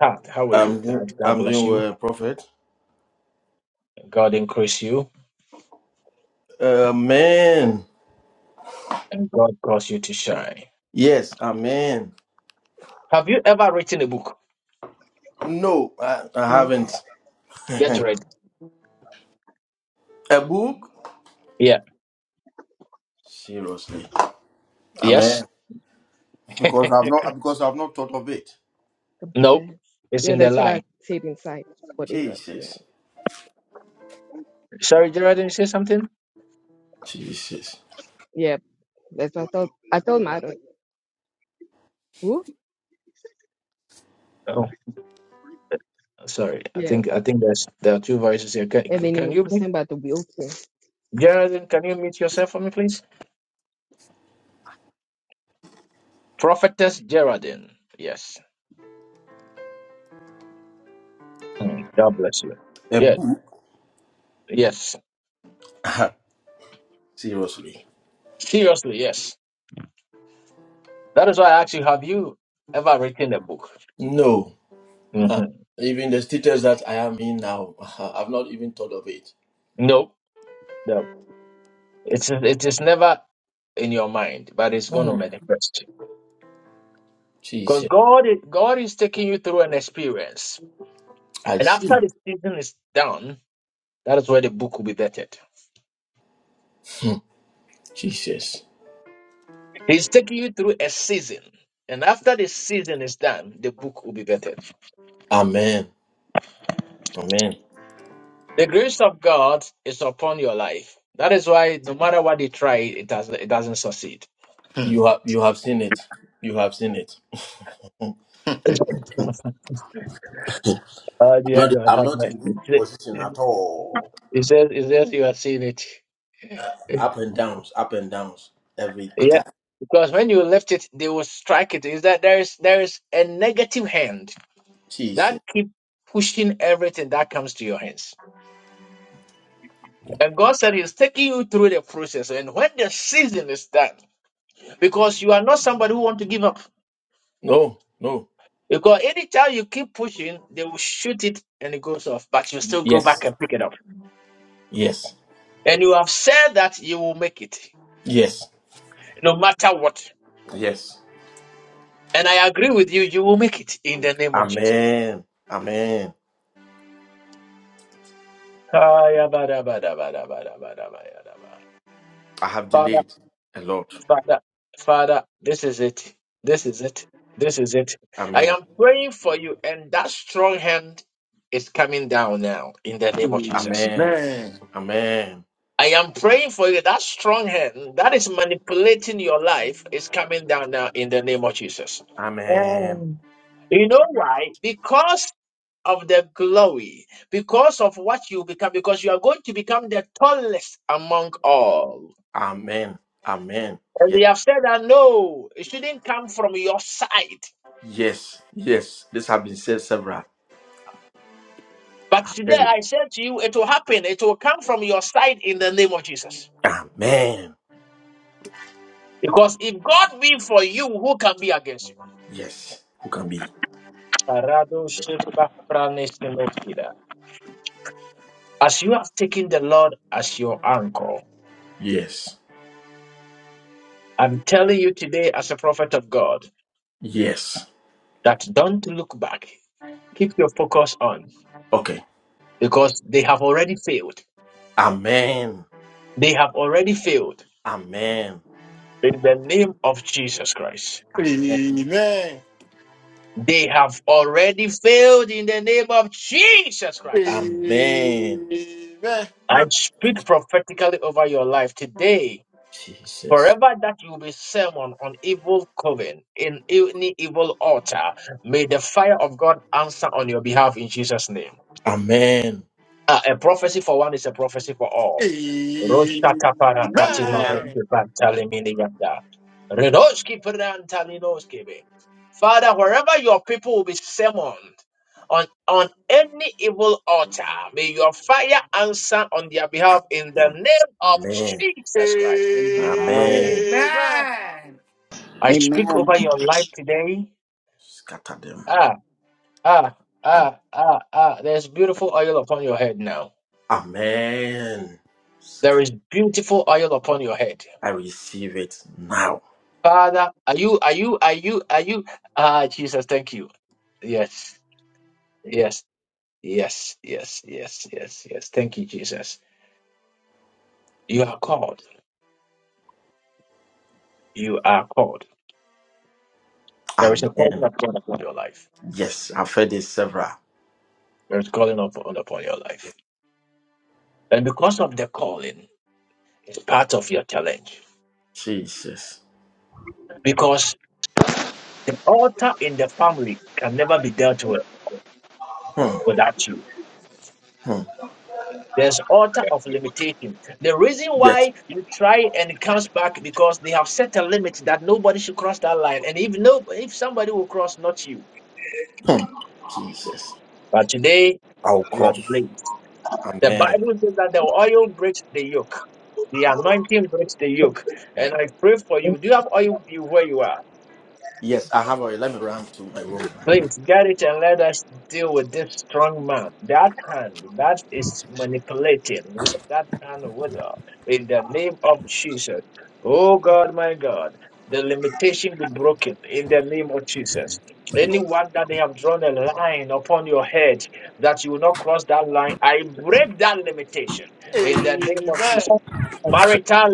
Speaker 1: Tad, how are you?
Speaker 22: I'm, do-
Speaker 1: Tad, God
Speaker 22: I'm
Speaker 1: bless
Speaker 22: doing
Speaker 1: you.
Speaker 22: well, Prophet.
Speaker 1: God increase you
Speaker 22: Amen.
Speaker 1: and God cause you to
Speaker 20: Oh,
Speaker 1: shine.
Speaker 22: Yes, amen.
Speaker 1: Have you ever written a book?
Speaker 22: No, I, I
Speaker 20: oh,
Speaker 22: haven't.
Speaker 20: okay. Oh,
Speaker 1: Get
Speaker 20: wow.
Speaker 1: ready.
Speaker 22: A book?
Speaker 1: Yeah.
Speaker 22: Seriously.
Speaker 1: Yes.
Speaker 22: Amen.
Speaker 1: *laughs*
Speaker 22: Because I've not because I've not thought of it.
Speaker 20: Come to
Speaker 1: no.
Speaker 20: pass.
Speaker 1: It's
Speaker 20: Yeah,
Speaker 1: in the
Speaker 20: that's what I
Speaker 1: line.
Speaker 20: said inside. Whatever. Yeah,
Speaker 22: Jesus.
Speaker 1: Sorry, Gerard, did you say something?
Speaker 22: Jesus.
Speaker 20: yeah. That's what I thought. I told my daughter, who?
Speaker 1: Sorry, I
Speaker 20: Yeah.
Speaker 1: think I think there's there are two voices here. Can
Speaker 20: And then
Speaker 1: can
Speaker 20: it
Speaker 1: you
Speaker 20: was
Speaker 1: meet
Speaker 20: sent by the wheelchair.
Speaker 1: Geraldine? Can you meet yourself for me, please? Prophetess Geraldine. Yes. Mm, God bless you.
Speaker 22: A
Speaker 1: Yeah.
Speaker 22: book?
Speaker 1: Yes.
Speaker 22: *laughs* Seriously.
Speaker 1: Seriously. Yes. That is why I asked you. Have you ever written a book?
Speaker 22: No.
Speaker 1: hmm
Speaker 22: Uh, even the status that I am in now, *laughs* I've not even thought of it.
Speaker 1: No. No. It's it is never in your mind, but it's going to
Speaker 22: Mhm.
Speaker 1: manifest. Because
Speaker 22: Jesus,
Speaker 1: God, is- God is taking you through an experience,
Speaker 22: I
Speaker 1: and
Speaker 22: see.
Speaker 1: after the season is done, that is where the book will be vetted.
Speaker 22: Hmm. Jesus,
Speaker 1: He's taking you through a season. And after the season is done, the book will be better.
Speaker 22: Amen, Amen.
Speaker 1: The grace of God is upon your life. That is why no matter what they try, it doesn't it doesn't succeed.
Speaker 3: Hmm.
Speaker 22: You have you have seen it. You have seen it. *laughs* I'm
Speaker 1: *laughs* Oh, dear
Speaker 22: not
Speaker 1: God,
Speaker 22: I'm
Speaker 1: have
Speaker 22: not in good
Speaker 1: mercy.
Speaker 22: position at all.
Speaker 1: He says, he says you are seeing it.
Speaker 22: Up and downs, up and downs every
Speaker 1: Yeah.
Speaker 22: time.
Speaker 1: Because when you lift it, they will strike it. Is that there is there is a negative hand
Speaker 22: Jesus.
Speaker 1: that keep pushing everything that comes to your hands. And God said He's taking you through the process. And when the season is done, because you are not somebody who want to give up.
Speaker 22: No, no.
Speaker 1: Because anytime you keep pushing, they will shoot it and it goes off, but you still go back
Speaker 22: Yes.
Speaker 1: and pick it up.
Speaker 22: Yes.
Speaker 1: And you have said that you will make it,
Speaker 22: Yes.
Speaker 1: no matter what.
Speaker 22: Yes.
Speaker 1: And I agree with you, you will make it in the name of Jesus.
Speaker 22: Amen. Amen.
Speaker 1: Ayabadabadabadabadabadabadabadaba.
Speaker 22: I have
Speaker 1: Father,
Speaker 22: delayed a lot.
Speaker 1: Father, Father, this is it. This is it. This is it. I
Speaker 22: Amen.
Speaker 1: am praying for you, and that strong hand is coming down now in the name of Jesus.
Speaker 22: Amen.
Speaker 3: Amen.
Speaker 22: Amen.
Speaker 1: I am praying for you. That strong hand that is manipulating your life is coming down now in the name of Jesus.
Speaker 22: Amen.
Speaker 11: Amen.
Speaker 1: You know why? Because of the glory, because of what you become, because you are going to become the tallest among all.
Speaker 22: Amen. Amen.
Speaker 1: And
Speaker 22: Yes.
Speaker 1: they have said that no, it shouldn't come from your side.
Speaker 22: Yes. Yes. This has been said several.
Speaker 1: But
Speaker 22: I
Speaker 1: today
Speaker 22: said it.
Speaker 1: I said to you, it will happen. It will come from your side in the name of Jesus.
Speaker 22: Amen.
Speaker 1: Because if God be for you, who can be against you?
Speaker 22: Yes. Who can be?
Speaker 1: Arado Sheba Pranes Nemokida. As you have taken the Lord as your anchor,
Speaker 22: Yes.
Speaker 1: I'm telling you today, as a prophet of God,
Speaker 22: Yes.
Speaker 1: that don't look back. Keep your focus on
Speaker 22: Okay.
Speaker 1: because they have already failed.
Speaker 22: Amen.
Speaker 1: They have already failed
Speaker 22: Amen.
Speaker 1: in the name of Jesus Christ.
Speaker 3: Amen.
Speaker 22: Amen.
Speaker 3: Amen.
Speaker 1: They have already failed in the name of Jesus Christ.
Speaker 22: Amen.
Speaker 1: I
Speaker 22: Thank you,
Speaker 1: speak prophetically over your life today
Speaker 22: Jesus.
Speaker 1: Forever that you be sermon on evil coven, in any evil altar, may the fire of God answer on your behalf in Jesus' name.
Speaker 22: Amen.
Speaker 1: Ah, a prophecy for one is a prophecy for all. Rosha kapara katino Father, wherever your people will be summoned on, on any evil altar, may your fire answer on their behalf in the
Speaker 22: Amen.
Speaker 1: name of
Speaker 22: Amen.
Speaker 1: Jesus Christ.
Speaker 19: Amen.
Speaker 22: Amen.
Speaker 18: Amen.
Speaker 1: I speak
Speaker 23: Amen.
Speaker 1: over your life today
Speaker 22: Scatter them.
Speaker 1: Ah, ah, ah, ah, ah. There's beautiful oil upon your head now.
Speaker 22: Amen.
Speaker 1: There is beautiful oil upon your head.
Speaker 22: I receive it now.
Speaker 1: Father, are you, are you, are you, are you? Ah, Jesus, thank you. Yes, yes, yes, yes, yes, yes, yes. Thank you, Jesus. You are called. You are called. There is a
Speaker 22: Amen.
Speaker 1: calling of God upon your life.
Speaker 22: Yes, I've heard it several.
Speaker 1: There is calling upon, upon your life. And because of the calling, it's part of your challenge.
Speaker 22: Jesus.
Speaker 1: Because the altar in the family can never be dealt with
Speaker 22: Hmm,
Speaker 1: without you.
Speaker 22: hmm.
Speaker 1: There's altar of limitation. The reason
Speaker 22: Yes.
Speaker 1: why you try and it comes back because they have set a limit that nobody should cross that line. And if no, if somebody will cross, not you.
Speaker 22: Hmm. Jesus.
Speaker 1: But today
Speaker 22: I'll
Speaker 1: you are
Speaker 22: cross.
Speaker 1: the blessed. The
Speaker 22: Amen.
Speaker 1: Bible says that the oil breaks the yoke. The anointing breaks the yoke.
Speaker 22: Hmm.
Speaker 1: And I pray for
Speaker 11: And
Speaker 1: you. Do you have oil with you where you are?
Speaker 22: Yes, I have a. Let me run to my room.
Speaker 1: Please get it and let us deal with this strong man. That hand that is manipulating with that hand with her in the name of Jesus. Oh God, my God. The limitation be broken in the name of Jesus. Anyone that they have drawn a line upon your head that you will not cross that line, I break that limitation
Speaker 3: Amen.
Speaker 1: in the name of
Speaker 3: Amen.
Speaker 11: thank
Speaker 1: Jesus.
Speaker 11: God.
Speaker 1: Marital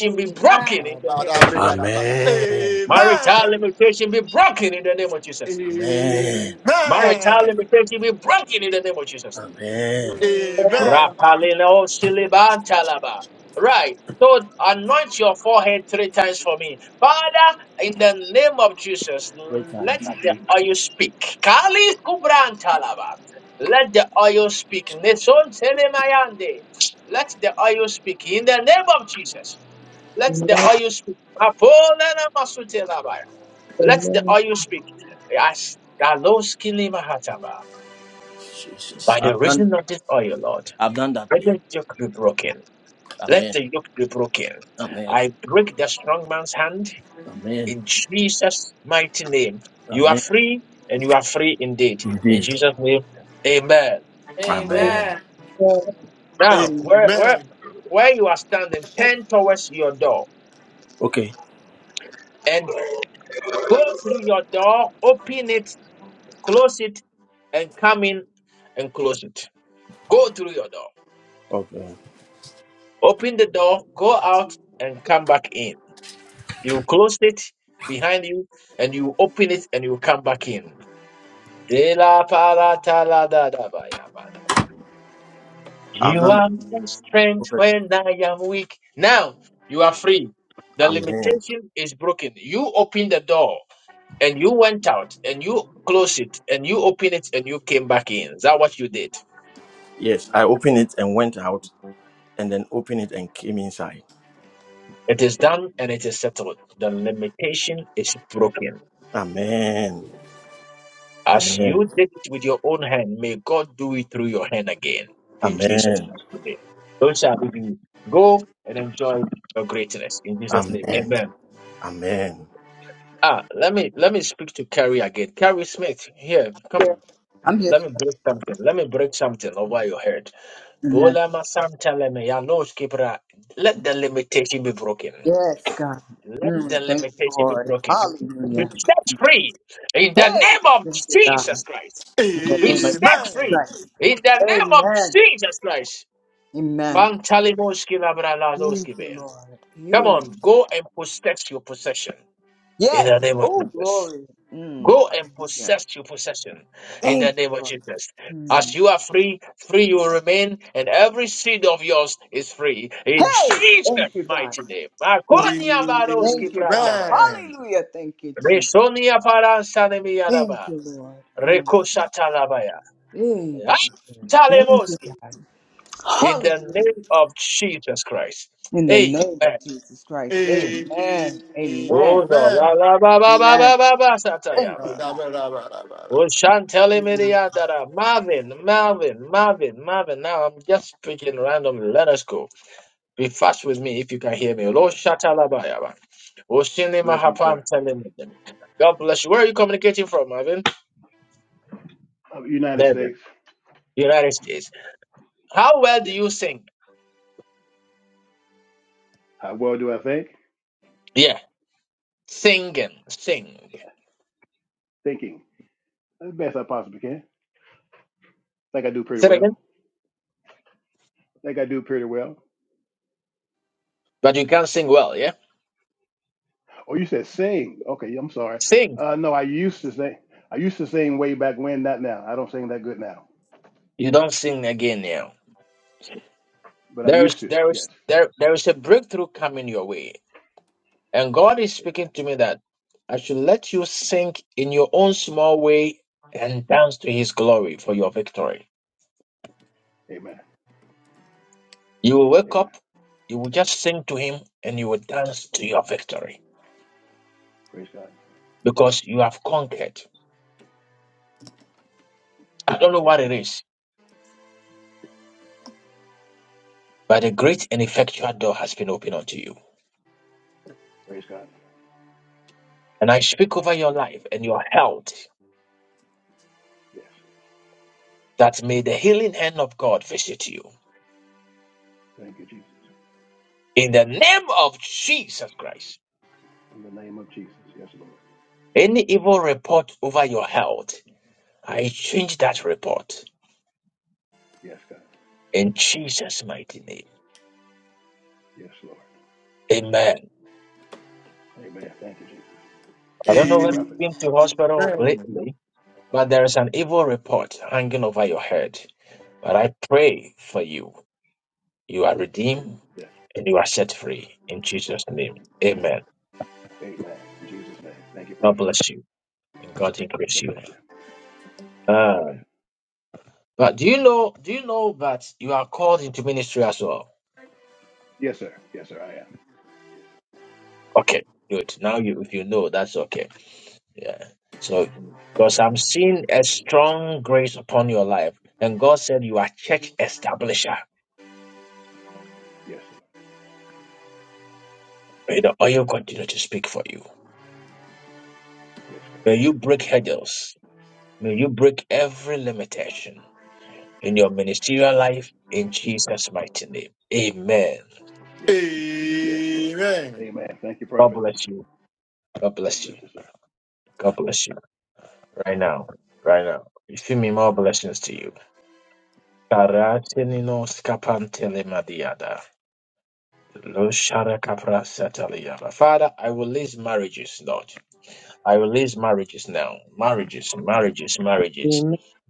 Speaker 18: Amen.
Speaker 1: be broken
Speaker 18: Amen.
Speaker 1: in the name of Jesus.
Speaker 3: Yadababa.
Speaker 22: Amen.
Speaker 1: Marital
Speaker 3: Amen.
Speaker 1: limitation be broken in the name of
Speaker 3: Amen.
Speaker 1: Jesus.
Speaker 3: Amen.
Speaker 22: Amen.
Speaker 1: Marital
Speaker 3: Amen. Amen.
Speaker 1: limitation be broken in the name of Jesus.
Speaker 22: Amen.
Speaker 1: Rapalino silibantalaba. Right. So anoint your forehead three times for me. Father, in the name of Jesus,
Speaker 22: Three
Speaker 1: let
Speaker 22: times.
Speaker 1: the oil speak. Kali kubrantalaba. Let the oil speak. Neson telemayande. Let the oil speak. In the name of Jesus, let the
Speaker 11: Amen.
Speaker 1: oil speak. Apolena masutelaba. Let the
Speaker 11: Amen.
Speaker 1: oil speak. Yes. Daloskili mahataba.
Speaker 22: Jesus.
Speaker 1: By
Speaker 22: I've
Speaker 1: the
Speaker 22: done that.
Speaker 1: reason of this oil, Lord,
Speaker 22: I've done that
Speaker 1: let
Speaker 22: play.
Speaker 1: the yoke be broken. Let
Speaker 22: Amen.
Speaker 1: the yoke be broken.
Speaker 22: Amen.
Speaker 1: I break the strong man's hand
Speaker 22: Amen.
Speaker 1: in Jesus' mighty name. You are
Speaker 22: Amen.
Speaker 1: free and you are free indeed. In
Speaker 22: Indeed.
Speaker 1: Jesus' name, amen.
Speaker 18: Amen.
Speaker 22: Amen.
Speaker 11: Amen.
Speaker 1: Now, where, where, where you are standing, turn towards your door
Speaker 22: Okay.
Speaker 1: and go through your door, open it, close it, and come in and close it. Go through your door.
Speaker 22: Okay.
Speaker 1: Open the door, go out, and come back in. You close it behind you and you open it and you come back in. Ela para ta la da da ba ya ba da.
Speaker 22: I've
Speaker 1: You
Speaker 22: done that.
Speaker 1: are my strength
Speaker 22: Perfect.
Speaker 1: when I am weak. Now you are free. The
Speaker 22: Amen.
Speaker 1: limitation is broken. You open the door and you went out and you close it and you open it and you came back in. Is that what you did?
Speaker 22: Yes, I opened it and went out, and then opened it and came inside.
Speaker 1: It is done and it is settled. The limitation is broken.
Speaker 22: Amen.
Speaker 1: As
Speaker 22: Amen.
Speaker 1: you did it with your own hand, may God do it through your hand again. In Jesus'
Speaker 22: Amen.
Speaker 1: mighty name. today. Don't shall be beat. Go and enjoy your greatness. In Jesus' name.
Speaker 22: Amen.
Speaker 1: Amen.
Speaker 22: Amen.
Speaker 1: Ah, let me let me speak to Carrie again. Carrie Smith, here, come
Speaker 23: Here.
Speaker 1: on.
Speaker 23: I'm here,
Speaker 1: Let me
Speaker 23: sir.
Speaker 1: break something. Let me break something over your head.
Speaker 23: Amen.
Speaker 1: Bola masam chaleme ya nos kibra. Let the limitation be broken.
Speaker 23: Yes, God.
Speaker 1: Let the
Speaker 23: Mm, thank you,
Speaker 1: limitation be
Speaker 23: Lord.
Speaker 1: broken. Be
Speaker 23: Hallelujah.
Speaker 1: set free in the
Speaker 23: Hey,
Speaker 1: name of
Speaker 23: thank you, God.
Speaker 1: Jesus Christ.
Speaker 23: In the
Speaker 1: Be
Speaker 23: name of
Speaker 1: set
Speaker 23: Jesus
Speaker 1: free
Speaker 23: Christ.
Speaker 1: in the name of
Speaker 23: Amen.
Speaker 1: Jesus Christ.
Speaker 23: Amen.
Speaker 1: Fantalimoski
Speaker 23: Thank
Speaker 1: labralazoski
Speaker 23: you,
Speaker 1: bea.
Speaker 23: Lord.
Speaker 1: Come
Speaker 23: Hey.
Speaker 1: on, go and possess your possession in
Speaker 23: Yes.
Speaker 1: the name of
Speaker 23: Oh,
Speaker 1: Jesus.
Speaker 23: glory. Mm,
Speaker 1: Go and
Speaker 23: hallelujah.
Speaker 1: possess your possession in the
Speaker 23: Thank you,
Speaker 1: name of
Speaker 23: Lord.
Speaker 1: Jesus. As
Speaker 23: Mm.
Speaker 1: you are free, free you will remain, and every seed of yours is free in
Speaker 23: Hey,
Speaker 1: Jesus'
Speaker 23: thank you, God.
Speaker 1: mighty name. Makonia baroski
Speaker 23: Thank you, God.
Speaker 1: pratanaya.
Speaker 23: Hallelujah. Thank you, Jesus.
Speaker 1: Resonia paransanemi
Speaker 23: Thank
Speaker 1: yadaba.
Speaker 23: you, Lord. Mm.
Speaker 1: Rekoshatalabaya.
Speaker 23: Hey, Thank you,
Speaker 1: Talemoski.
Speaker 23: God.
Speaker 1: in the
Speaker 23: Hallelujah.
Speaker 1: name of Jesus Christ.
Speaker 23: In the
Speaker 1: Amen.
Speaker 23: name of Jesus Christ.
Speaker 1: Mm.
Speaker 23: Amen. Amen.
Speaker 1: Oh, no. La, la, ba, ba, ba,
Speaker 23: Amen.
Speaker 1: ba, ba, ba,
Speaker 23: Thank you,
Speaker 1: satayaba.
Speaker 23: God.
Speaker 1: Oh, Shantele
Speaker 23: Amen.
Speaker 1: Miriadara. Marvin, Marvin, Marvin, Marvin. Now I'm just speaking randomly. Let us go. Be fast with me if you can hear me. Oh,
Speaker 24: Yes,
Speaker 1: Lord
Speaker 24: sir.
Speaker 1: Shatalabayaba. Oh, Shini
Speaker 24: Blessing,
Speaker 1: Mahapam
Speaker 24: sir.
Speaker 1: Telemedem. God bless you. Where are you communicating from, Marvin?
Speaker 24: Of United
Speaker 1: Melbourne,
Speaker 24: States.
Speaker 1: United States. How well do
Speaker 24: Yes.
Speaker 1: you sing?
Speaker 24: How well do I think?
Speaker 1: Yeah. Singing. Sing.
Speaker 24: Thinking. As best I possibly can. Think I do pretty
Speaker 1: Say it again.
Speaker 24: well. Think I do pretty well.
Speaker 1: But you can't sing well, yeah?
Speaker 24: Oh, you said sing. Okay, I'm sorry. Uh, no, I used to sing. I used to sing way back when, not now. I don't sing that good now,
Speaker 1: You don't sin again now.
Speaker 24: but I
Speaker 1: There
Speaker 24: used
Speaker 1: is
Speaker 24: to.
Speaker 1: there
Speaker 24: Yes.
Speaker 1: is there there is a breakthrough coming your way. And God is
Speaker 24: Amen.
Speaker 1: speaking to me that I should let you sink in your own small way and dance to his glory for your victory.
Speaker 24: Amen.
Speaker 1: You will wake
Speaker 24: Amen.
Speaker 1: up, you will just sing to him and you will dance to your victory
Speaker 24: Praise God.
Speaker 1: because you have conquered. I don't know
Speaker 24: Yes,
Speaker 1: what it
Speaker 24: Lord.
Speaker 1: is, but a great and effectual door has been opened unto you.
Speaker 24: Praise God.
Speaker 1: And I speak over your
Speaker 24: Yes,
Speaker 1: life
Speaker 24: Lord.
Speaker 1: and your health
Speaker 24: Yes.
Speaker 1: that may the healing hand of God visit you.
Speaker 24: Thank you, Jesus.
Speaker 1: In the name of Jesus Christ,
Speaker 24: In the name of Jesus. Yes, Lord.
Speaker 1: any evil report over your health, I change that report
Speaker 24: Yes, God.
Speaker 1: in Jesus' mighty name.
Speaker 24: Yes, Lord.
Speaker 1: Amen.
Speaker 24: Amen. Thank you, Jesus.
Speaker 1: I don't know
Speaker 24: Thank you,
Speaker 1: when you've
Speaker 24: prophet.
Speaker 1: been to hospital
Speaker 3: Amen.
Speaker 1: lately, but there is an evil report hanging over your head. But I pray for you. You are redeemed
Speaker 24: Yes.
Speaker 1: and you are set free in Jesus' name. Amen.
Speaker 24: Amen. In Jesus' name. Thank you,
Speaker 1: God
Speaker 24: Prophet.
Speaker 1: bless you and God increase
Speaker 24: God
Speaker 1: you.
Speaker 24: bless you. Amen.
Speaker 1: Um, but do you know? Do you know that you are called into ministry as well?
Speaker 24: Yes, sir. Yes, sir. I am.
Speaker 1: Okay, good. Now you if you know that's okay. Yeah. So
Speaker 24: Yes,
Speaker 1: because
Speaker 24: sir.
Speaker 1: I'm seeing a strong grace upon your life, and God said you are church establisher.
Speaker 24: Yes, Lord.
Speaker 1: May the oil continue to speak for you.
Speaker 24: Yes, God.
Speaker 1: May you break hurdles. May you break every limitation in your
Speaker 24: Yes,
Speaker 1: ministerial
Speaker 24: Lord.
Speaker 1: life in Jesus' mighty name. Amen.
Speaker 24: Yes, yes, Lord.
Speaker 3: Amen.
Speaker 24: Amen. Thank you,
Speaker 1: God
Speaker 24: Prophet.
Speaker 1: bless you. God
Speaker 24: God
Speaker 1: bless
Speaker 24: bless
Speaker 1: you.
Speaker 24: you, sir.
Speaker 1: God bless you. Right now. Right now. You feel me? More blessings to you. Karatinino skapante lemadiada. No shara kapra sataliya. Father, I will release marriages, Lord. I will release marriages now. Marriages, marriages, marriages.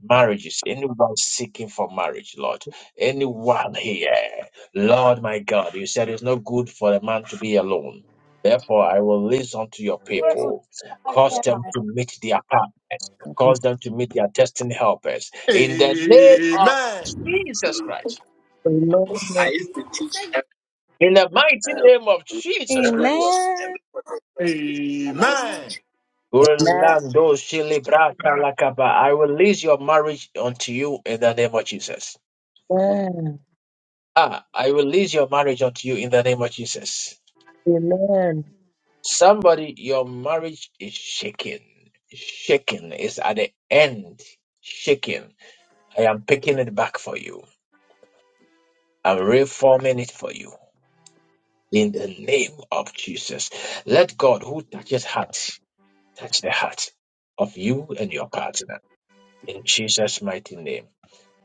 Speaker 1: Marriages, anyone seeking for marriage, Lord, anyone here, Lord my God, you said it's not good for a man to be alone. Therefore, I will release unto your people, cause them to meet their partners, cause them to meet their destiny helpers. In the name
Speaker 3: Amen.
Speaker 1: of
Speaker 25: I
Speaker 1: Jesus Christ,
Speaker 11: Amen.
Speaker 25: used to teach
Speaker 1: in the mighty name of
Speaker 25: uh,
Speaker 1: Jesus Christ.
Speaker 25: Amen.
Speaker 3: Amen.
Speaker 23: Amen.
Speaker 1: Orlando Shilibrata Lakaba. I will release your marriage unto you in the name of Jesus.
Speaker 11: Amen.
Speaker 1: Ah, I will release your marriage unto you in the name of Jesus.
Speaker 11: Amen.
Speaker 1: Somebody, your marriage is shaking. Shaking is at the end. Shaking. I am picking it back for you. I'm reforming it for you. In the name of Jesus. Let God who touches heart touch the heart of you and your partner. In Jesus' mighty name.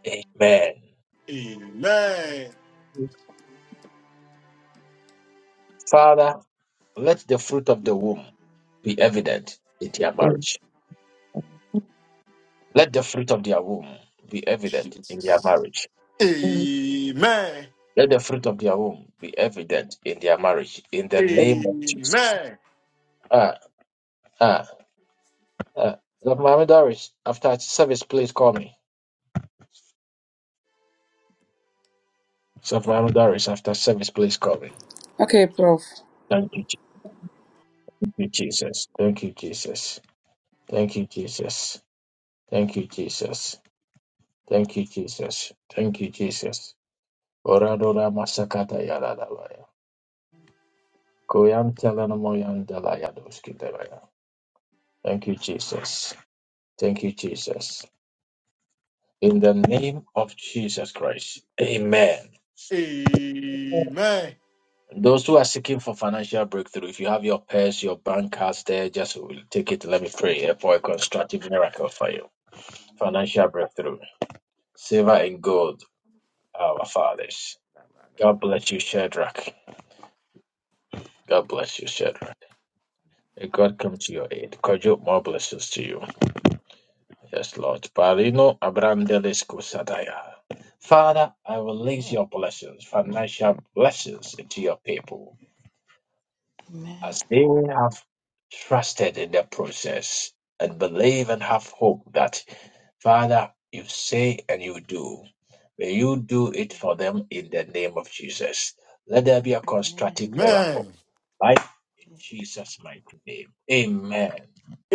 Speaker 1: Amen.
Speaker 3: Amen.
Speaker 1: Father, let the fruit of the womb be evident in their marriage. Let the fruit of their womb be evident in their marriage.
Speaker 11: Amen.
Speaker 3: Amen.
Speaker 1: Let the fruit of their womb be evident in their marriage. In
Speaker 3: Amen.
Speaker 1: the
Speaker 3: Amen.
Speaker 1: name of Jesus. Ah, ah, ah. Dr. Mohammed Doris, after service, please call me. Dr. Mohammed Doris, after service, please call me.
Speaker 26: Okay, Prof.
Speaker 1: Thank you, Je- thank you, Jesus. Thank you, Jesus. Thank you, Jesus. Thank you, Jesus. Thank you, Jesus. Thank you, Jesus. Oradora masakata yarada Koyam telenomoyan delayadoski delaya. Thank you, Jesus. Thank you, Jesus. In the name of Jesus Christ. Amen.
Speaker 3: Amen. Amen.
Speaker 1: Those who are seeking for financial breakthrough, if you have your purse, your bank cards there, just take it. Let me pray for a constructive miracle for you. Financial breakthrough. Silver and gold, our fathers. God bless you, Shadrach. God bless you, Shadrach. May God come to your aid. Kojo, more blessings to you. Yes, Lord. Parino Abrandelis Kusadaya. Father, I release your blessings, financial blessings into your people
Speaker 14: Amen.
Speaker 1: as they have trusted in the process and believe and
Speaker 14: Please.
Speaker 1: have hope that, Father, you say and you do. May you do it for them in the name of Jesus. Let there be a
Speaker 14: Amen.
Speaker 1: constructive miracle. Right? In
Speaker 14: Please.
Speaker 1: Jesus' mighty name. Amen.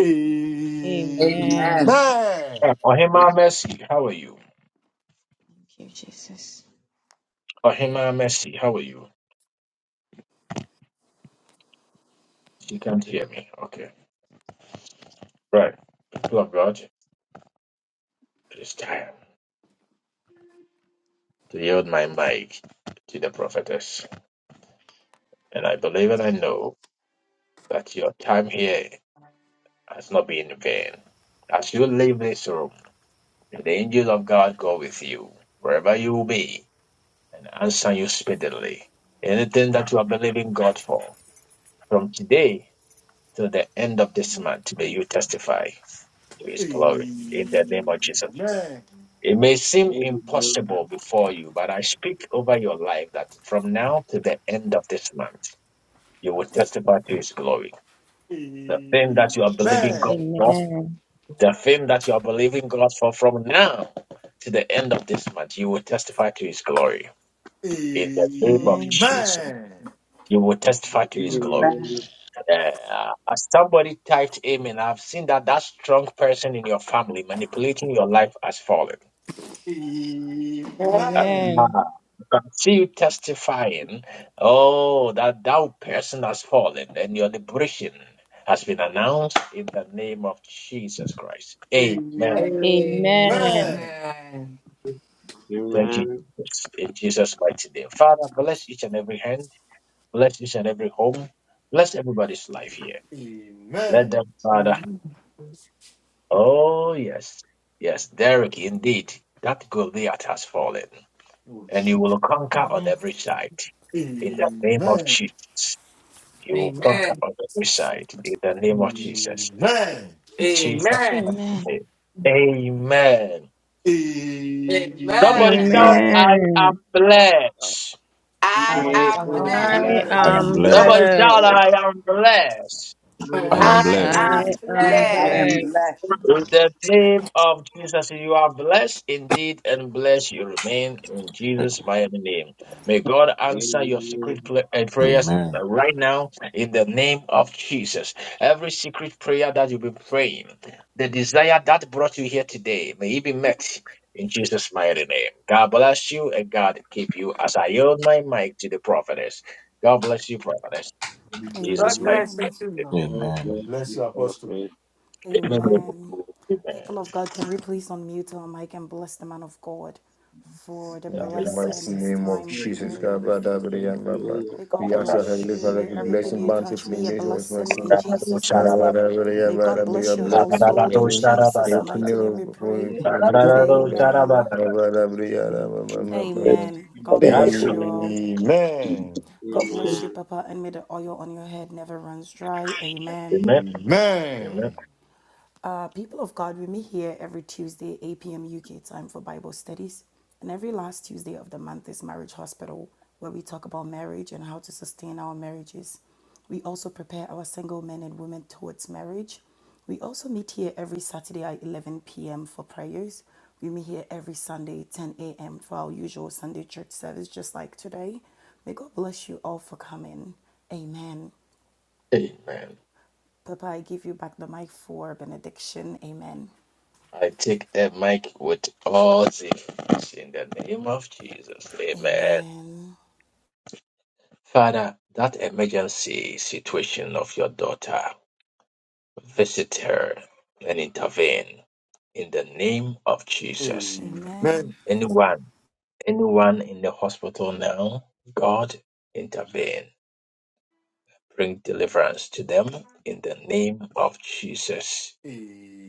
Speaker 3: Amen. Amen.
Speaker 23: Amen.
Speaker 14: Amen.
Speaker 1: Eh, Ohima Mercy, how are you?
Speaker 14: Thank you, Jesus.
Speaker 1: Ohima Mercy, how are you? You can't hear me. Okay. Right. People of God, it is time to yield my mic to the prophetess. And I believe and I know that your time here has not been in vain. As you leave this room, may the angel of God go with you, wherever you will be, and answer you speedily. Anything that you are believing God for, from today till the end of this month, may you testify to his glory. In the name of Jesus. It may seem impossible before you, but I speak over your life that from now to the end of this month, you will testify to His glory.
Speaker 3: Amen.
Speaker 1: The thing that you are believing
Speaker 3: Amen.
Speaker 1: God for,
Speaker 14: Amen.
Speaker 1: the thing that you are believing God for from now to the end of this month, you will testify to His glory. In the name of
Speaker 14: Amen.
Speaker 1: Jesus, you will testify to His glory.
Speaker 14: Amen.
Speaker 19: Amen.
Speaker 1: Uh, as somebody typed Amen, I've seen that that strong person in your family manipulating your life has fallen. Uh,
Speaker 14: Amen.
Speaker 1: I see you testifying, oh, that thou person has fallen and your liberation has been announced in the name of Jesus Christ. Amen.
Speaker 14: Amen.
Speaker 3: Amen.
Speaker 18: Amen.
Speaker 1: Thank you,
Speaker 19: Amen.
Speaker 1: Jesus. In Jesus' mighty name. Father, bless each and every hand, bless each and every home, bless everybody's life here. Let
Speaker 3: Amen.
Speaker 1: them, Father, oh, yes, yes, Derek, indeed, that Goliath has fallen
Speaker 3: Oh,
Speaker 1: and you
Speaker 3: shit.
Speaker 1: will conquer on
Speaker 14: Amen.
Speaker 1: every side in the name of
Speaker 3: Amen.
Speaker 1: Jesus. You will conquer
Speaker 18: Amen.
Speaker 1: on every side in the name of Jesus.
Speaker 3: Amen.
Speaker 1: In Jesus'
Speaker 18: Amen.
Speaker 1: mighty
Speaker 14: Amen.
Speaker 1: name. Amen.
Speaker 3: Amen.
Speaker 1: Somebody
Speaker 18: Amen.
Speaker 1: shout, I am
Speaker 14: Amen.
Speaker 1: blessed.
Speaker 23: Amen.
Speaker 18: I
Speaker 19: Pray
Speaker 18: am
Speaker 2: I
Speaker 19: and
Speaker 2: am
Speaker 18: blessed.
Speaker 14: I
Speaker 19: believe.
Speaker 23: I
Speaker 27: I
Speaker 23: am
Speaker 2: blessed.
Speaker 27: am
Speaker 14: am
Speaker 1: Somebody
Speaker 27: blessed.
Speaker 23: blessed.
Speaker 1: shout,
Speaker 14: blessed.
Speaker 1: I am blessed.
Speaker 27: I
Speaker 2: I
Speaker 19: Amen.
Speaker 27: am
Speaker 11: I
Speaker 2: am
Speaker 18: I
Speaker 27: blessed.
Speaker 14: I
Speaker 18: am
Speaker 19: Amen.
Speaker 2: blessed.
Speaker 14: am
Speaker 23: I am
Speaker 14: blessed.
Speaker 18: blessed.
Speaker 23: blessed.
Speaker 1: In the name of Jesus, you are blessed indeed, and blessed you remain in Jesus' mighty name. May God answer your secret pla- uh, prayers uh,
Speaker 27: Amen.
Speaker 1: right now in the name of Jesus. Every secret prayer that you've been praying, the desire that brought you here today, may it be met in Jesus' mighty name. God bless you and God keep you as I yield my mic to the prophetess. God bless you, prophetess.
Speaker 18: God
Speaker 1: Jesus'
Speaker 19: Amen.
Speaker 1: mighty
Speaker 18: bless you
Speaker 2: Amen.
Speaker 1: name.
Speaker 18: too.
Speaker 19: God
Speaker 27: Amen.
Speaker 19: bless
Speaker 3: Bless
Speaker 19: you,
Speaker 3: you, Apostle.
Speaker 19: prophet.
Speaker 1: Amen.
Speaker 2: Amen.
Speaker 1: Amen.
Speaker 2: People of God, can we please unmute our mic and bless the man of God for the
Speaker 3: In
Speaker 1: Yeah,
Speaker 3: the
Speaker 2: blessing,
Speaker 3: mighty
Speaker 2: his
Speaker 3: name of
Speaker 2: time. May
Speaker 3: Jesus,
Speaker 19: Amen.
Speaker 3: God, blah, blah, blah, blah, blah, blah.
Speaker 2: God
Speaker 3: we
Speaker 1: yeah.
Speaker 3: ask our
Speaker 19: Amen.
Speaker 2: bless
Speaker 3: Heavenly
Speaker 2: you.
Speaker 3: Father
Speaker 2: May
Speaker 3: to bless
Speaker 2: everything
Speaker 3: and
Speaker 2: you touch
Speaker 3: bountifully in
Speaker 2: be a
Speaker 3: this was my
Speaker 2: blessing in
Speaker 1: Yes,
Speaker 3: son.
Speaker 1: Lord.
Speaker 2: Jesus'
Speaker 3: Blah,
Speaker 2: mighty
Speaker 3: blah,
Speaker 2: name.
Speaker 3: blah, blah, blah,
Speaker 2: May God
Speaker 3: blah, blah. May
Speaker 19: The
Speaker 2: bless
Speaker 3: your
Speaker 2: your
Speaker 19: grace
Speaker 3: blessings
Speaker 19: of
Speaker 3: be
Speaker 19: the
Speaker 2: household
Speaker 19: Lord and
Speaker 3: upon
Speaker 2: in
Speaker 3: him.
Speaker 19: the church
Speaker 2: Jesus'
Speaker 19: of
Speaker 3: Open the
Speaker 2: mighty
Speaker 19: his
Speaker 2: name,
Speaker 3: road
Speaker 2: we
Speaker 3: before
Speaker 2: pray.
Speaker 3: you,
Speaker 19: life
Speaker 3: Lord
Speaker 11: will
Speaker 3: Jesus,
Speaker 19: is with
Speaker 3: upon
Speaker 19: you.
Speaker 3: him.
Speaker 19: Please
Speaker 2: Amen.
Speaker 19: take
Speaker 3: Blah,
Speaker 19: this
Speaker 3: blah, blah, blah, blah, blah, blah, blah,
Speaker 28: Re-
Speaker 3: blah.
Speaker 2: Amen.
Speaker 28: ba-
Speaker 2: God bless you all.
Speaker 28: Mm.
Speaker 3: Amen.
Speaker 2: God bless you, Papa, and may the oil on your head never runs dry. Amen.
Speaker 1: Amen. Amen.
Speaker 3: Amen.
Speaker 2: Uh, people of God, we meet here every Tuesday, 8 p.m. UK time for Bible studies. And every last Tuesday of the month is Marriage Hospital, where we talk about marriage and how to sustain our marriages. We also prepare our single men and women towards marriage. We also meet here every Saturday at 11 p.m. for prayers. We meet here every Sunday, 10 a.m., for our usual Sunday church service, just like today. May God bless you all for coming. Amen.
Speaker 1: Amen.
Speaker 2: Papa, I give you back the mic for benediction. Amen.
Speaker 1: I take the mic with all things in the name of Jesus. Amen.
Speaker 2: Amen.
Speaker 1: Father, that emergency situation of your daughter, visit her and intervene in the name of Jesus.
Speaker 2: Amen.
Speaker 3: Amen.
Speaker 1: Anyone, anyone in the hospital now, God, intervene Bring deliverance to them in the name of Jesus.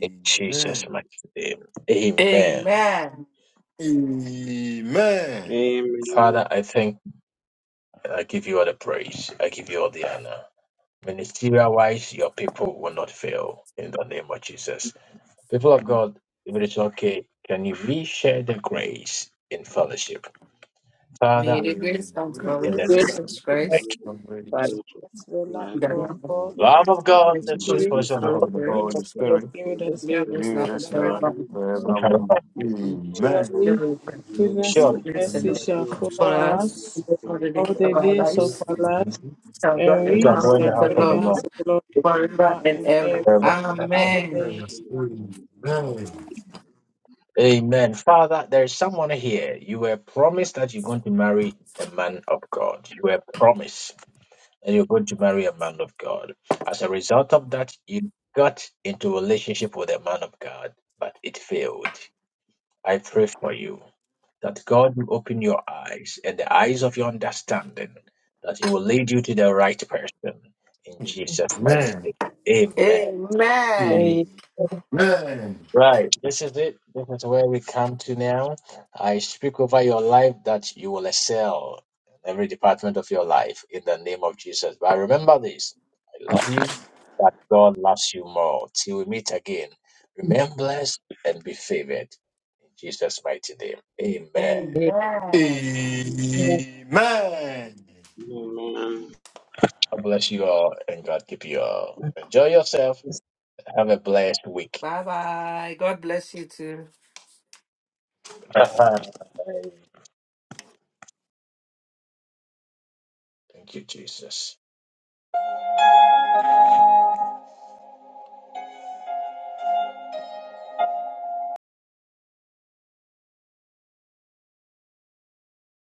Speaker 1: In Jesus' mighty name. Amen.
Speaker 18: Amen.
Speaker 3: Amen. Mary,
Speaker 1: Father, I thank I give you all the praise. I give you all the honor. Ministerial wise, your people will not fail in the name of Jesus. People of God, if it is okay, can you reshare the grace in fellowship?
Speaker 18: May
Speaker 1: Father,
Speaker 18: the
Speaker 3: the
Speaker 18: grace of our
Speaker 3: great
Speaker 1: in
Speaker 18: Lord
Speaker 1: the name of
Speaker 11: take
Speaker 18: Jesus
Speaker 1: thank
Speaker 18: Christ,
Speaker 1: you.
Speaker 3: congregation,
Speaker 11: advice.
Speaker 4: That's the love
Speaker 18: the
Speaker 3: the
Speaker 4: of
Speaker 18: love of
Speaker 4: God.
Speaker 1: Love of God, the
Speaker 18: the
Speaker 1: sweet
Speaker 18: Holy
Speaker 4: Spirit,
Speaker 3: Spirit
Speaker 1: voice of the
Speaker 3: of
Speaker 4: the
Speaker 1: Holy
Speaker 3: the
Speaker 18: Spirit,
Speaker 4: Holy
Speaker 1: Spirit.
Speaker 3: Holy
Speaker 19: to
Speaker 4: Spirit,
Speaker 3: Spirit,
Speaker 4: give
Speaker 19: conclude.
Speaker 4: us
Speaker 18: be
Speaker 4: now
Speaker 19: The
Speaker 18: with
Speaker 3: be
Speaker 19: Lord
Speaker 18: us
Speaker 3: with
Speaker 18: now
Speaker 19: is
Speaker 4: and
Speaker 18: and
Speaker 3: us
Speaker 4: forever.
Speaker 3: now and
Speaker 18: forever.
Speaker 19: with us
Speaker 3: forevermore.
Speaker 19: and with
Speaker 18: Amen.
Speaker 3: Amen.
Speaker 18: Dear
Speaker 4: Surely
Speaker 18: Lord, pray
Speaker 19: you forever.
Speaker 4: goodness
Speaker 18: the
Speaker 4: and
Speaker 1: Surely,
Speaker 4: mercy
Speaker 18: blessing
Speaker 4: shall
Speaker 18: for
Speaker 4: follow
Speaker 18: us,
Speaker 4: us
Speaker 18: for the day
Speaker 4: all the
Speaker 18: of our
Speaker 4: days of
Speaker 18: lives,
Speaker 4: our lives,
Speaker 18: shall dwell
Speaker 4: and
Speaker 1: we
Speaker 18: in the
Speaker 4: we
Speaker 1: shall go
Speaker 18: house
Speaker 1: in
Speaker 4: shall
Speaker 1: the
Speaker 18: of the
Speaker 1: house
Speaker 4: dwell in
Speaker 1: of the
Speaker 4: the
Speaker 18: Lord
Speaker 4: house
Speaker 1: Lord
Speaker 4: of the Lord
Speaker 18: forever
Speaker 4: forever
Speaker 18: and
Speaker 4: and
Speaker 18: ever.
Speaker 4: ever.
Speaker 1: forever
Speaker 18: Amen.
Speaker 4: Amen.
Speaker 3: Amen. Amen.
Speaker 1: Amen. Father, there is someone here. You were promised that you're going to marry a man of God. You were promised that you're going to marry a man of God. As a result of that, you got into a relationship with a man of God, but it failed. I pray for you that God will open your eyes and the eyes of your understanding, that He will lead you to the right person in Jesus' mighty name.
Speaker 18: Amen.
Speaker 3: Amen.
Speaker 1: Right. This is it. This is where we come to now. I speak over your life that you will excel in every department of your life in the name of Jesus. But remember this I love you, but God loves you more. Till we meet again, remain blessed and be favored. In Jesus' mighty name. Amen.
Speaker 18: Amen.
Speaker 3: Amen.
Speaker 19: Amen.
Speaker 1: God bless you all and God keep you all. Enjoy yourself. Have a blessed week.
Speaker 18: Bye bye. God bless you too.
Speaker 1: *laughs* Thank you, Jesus.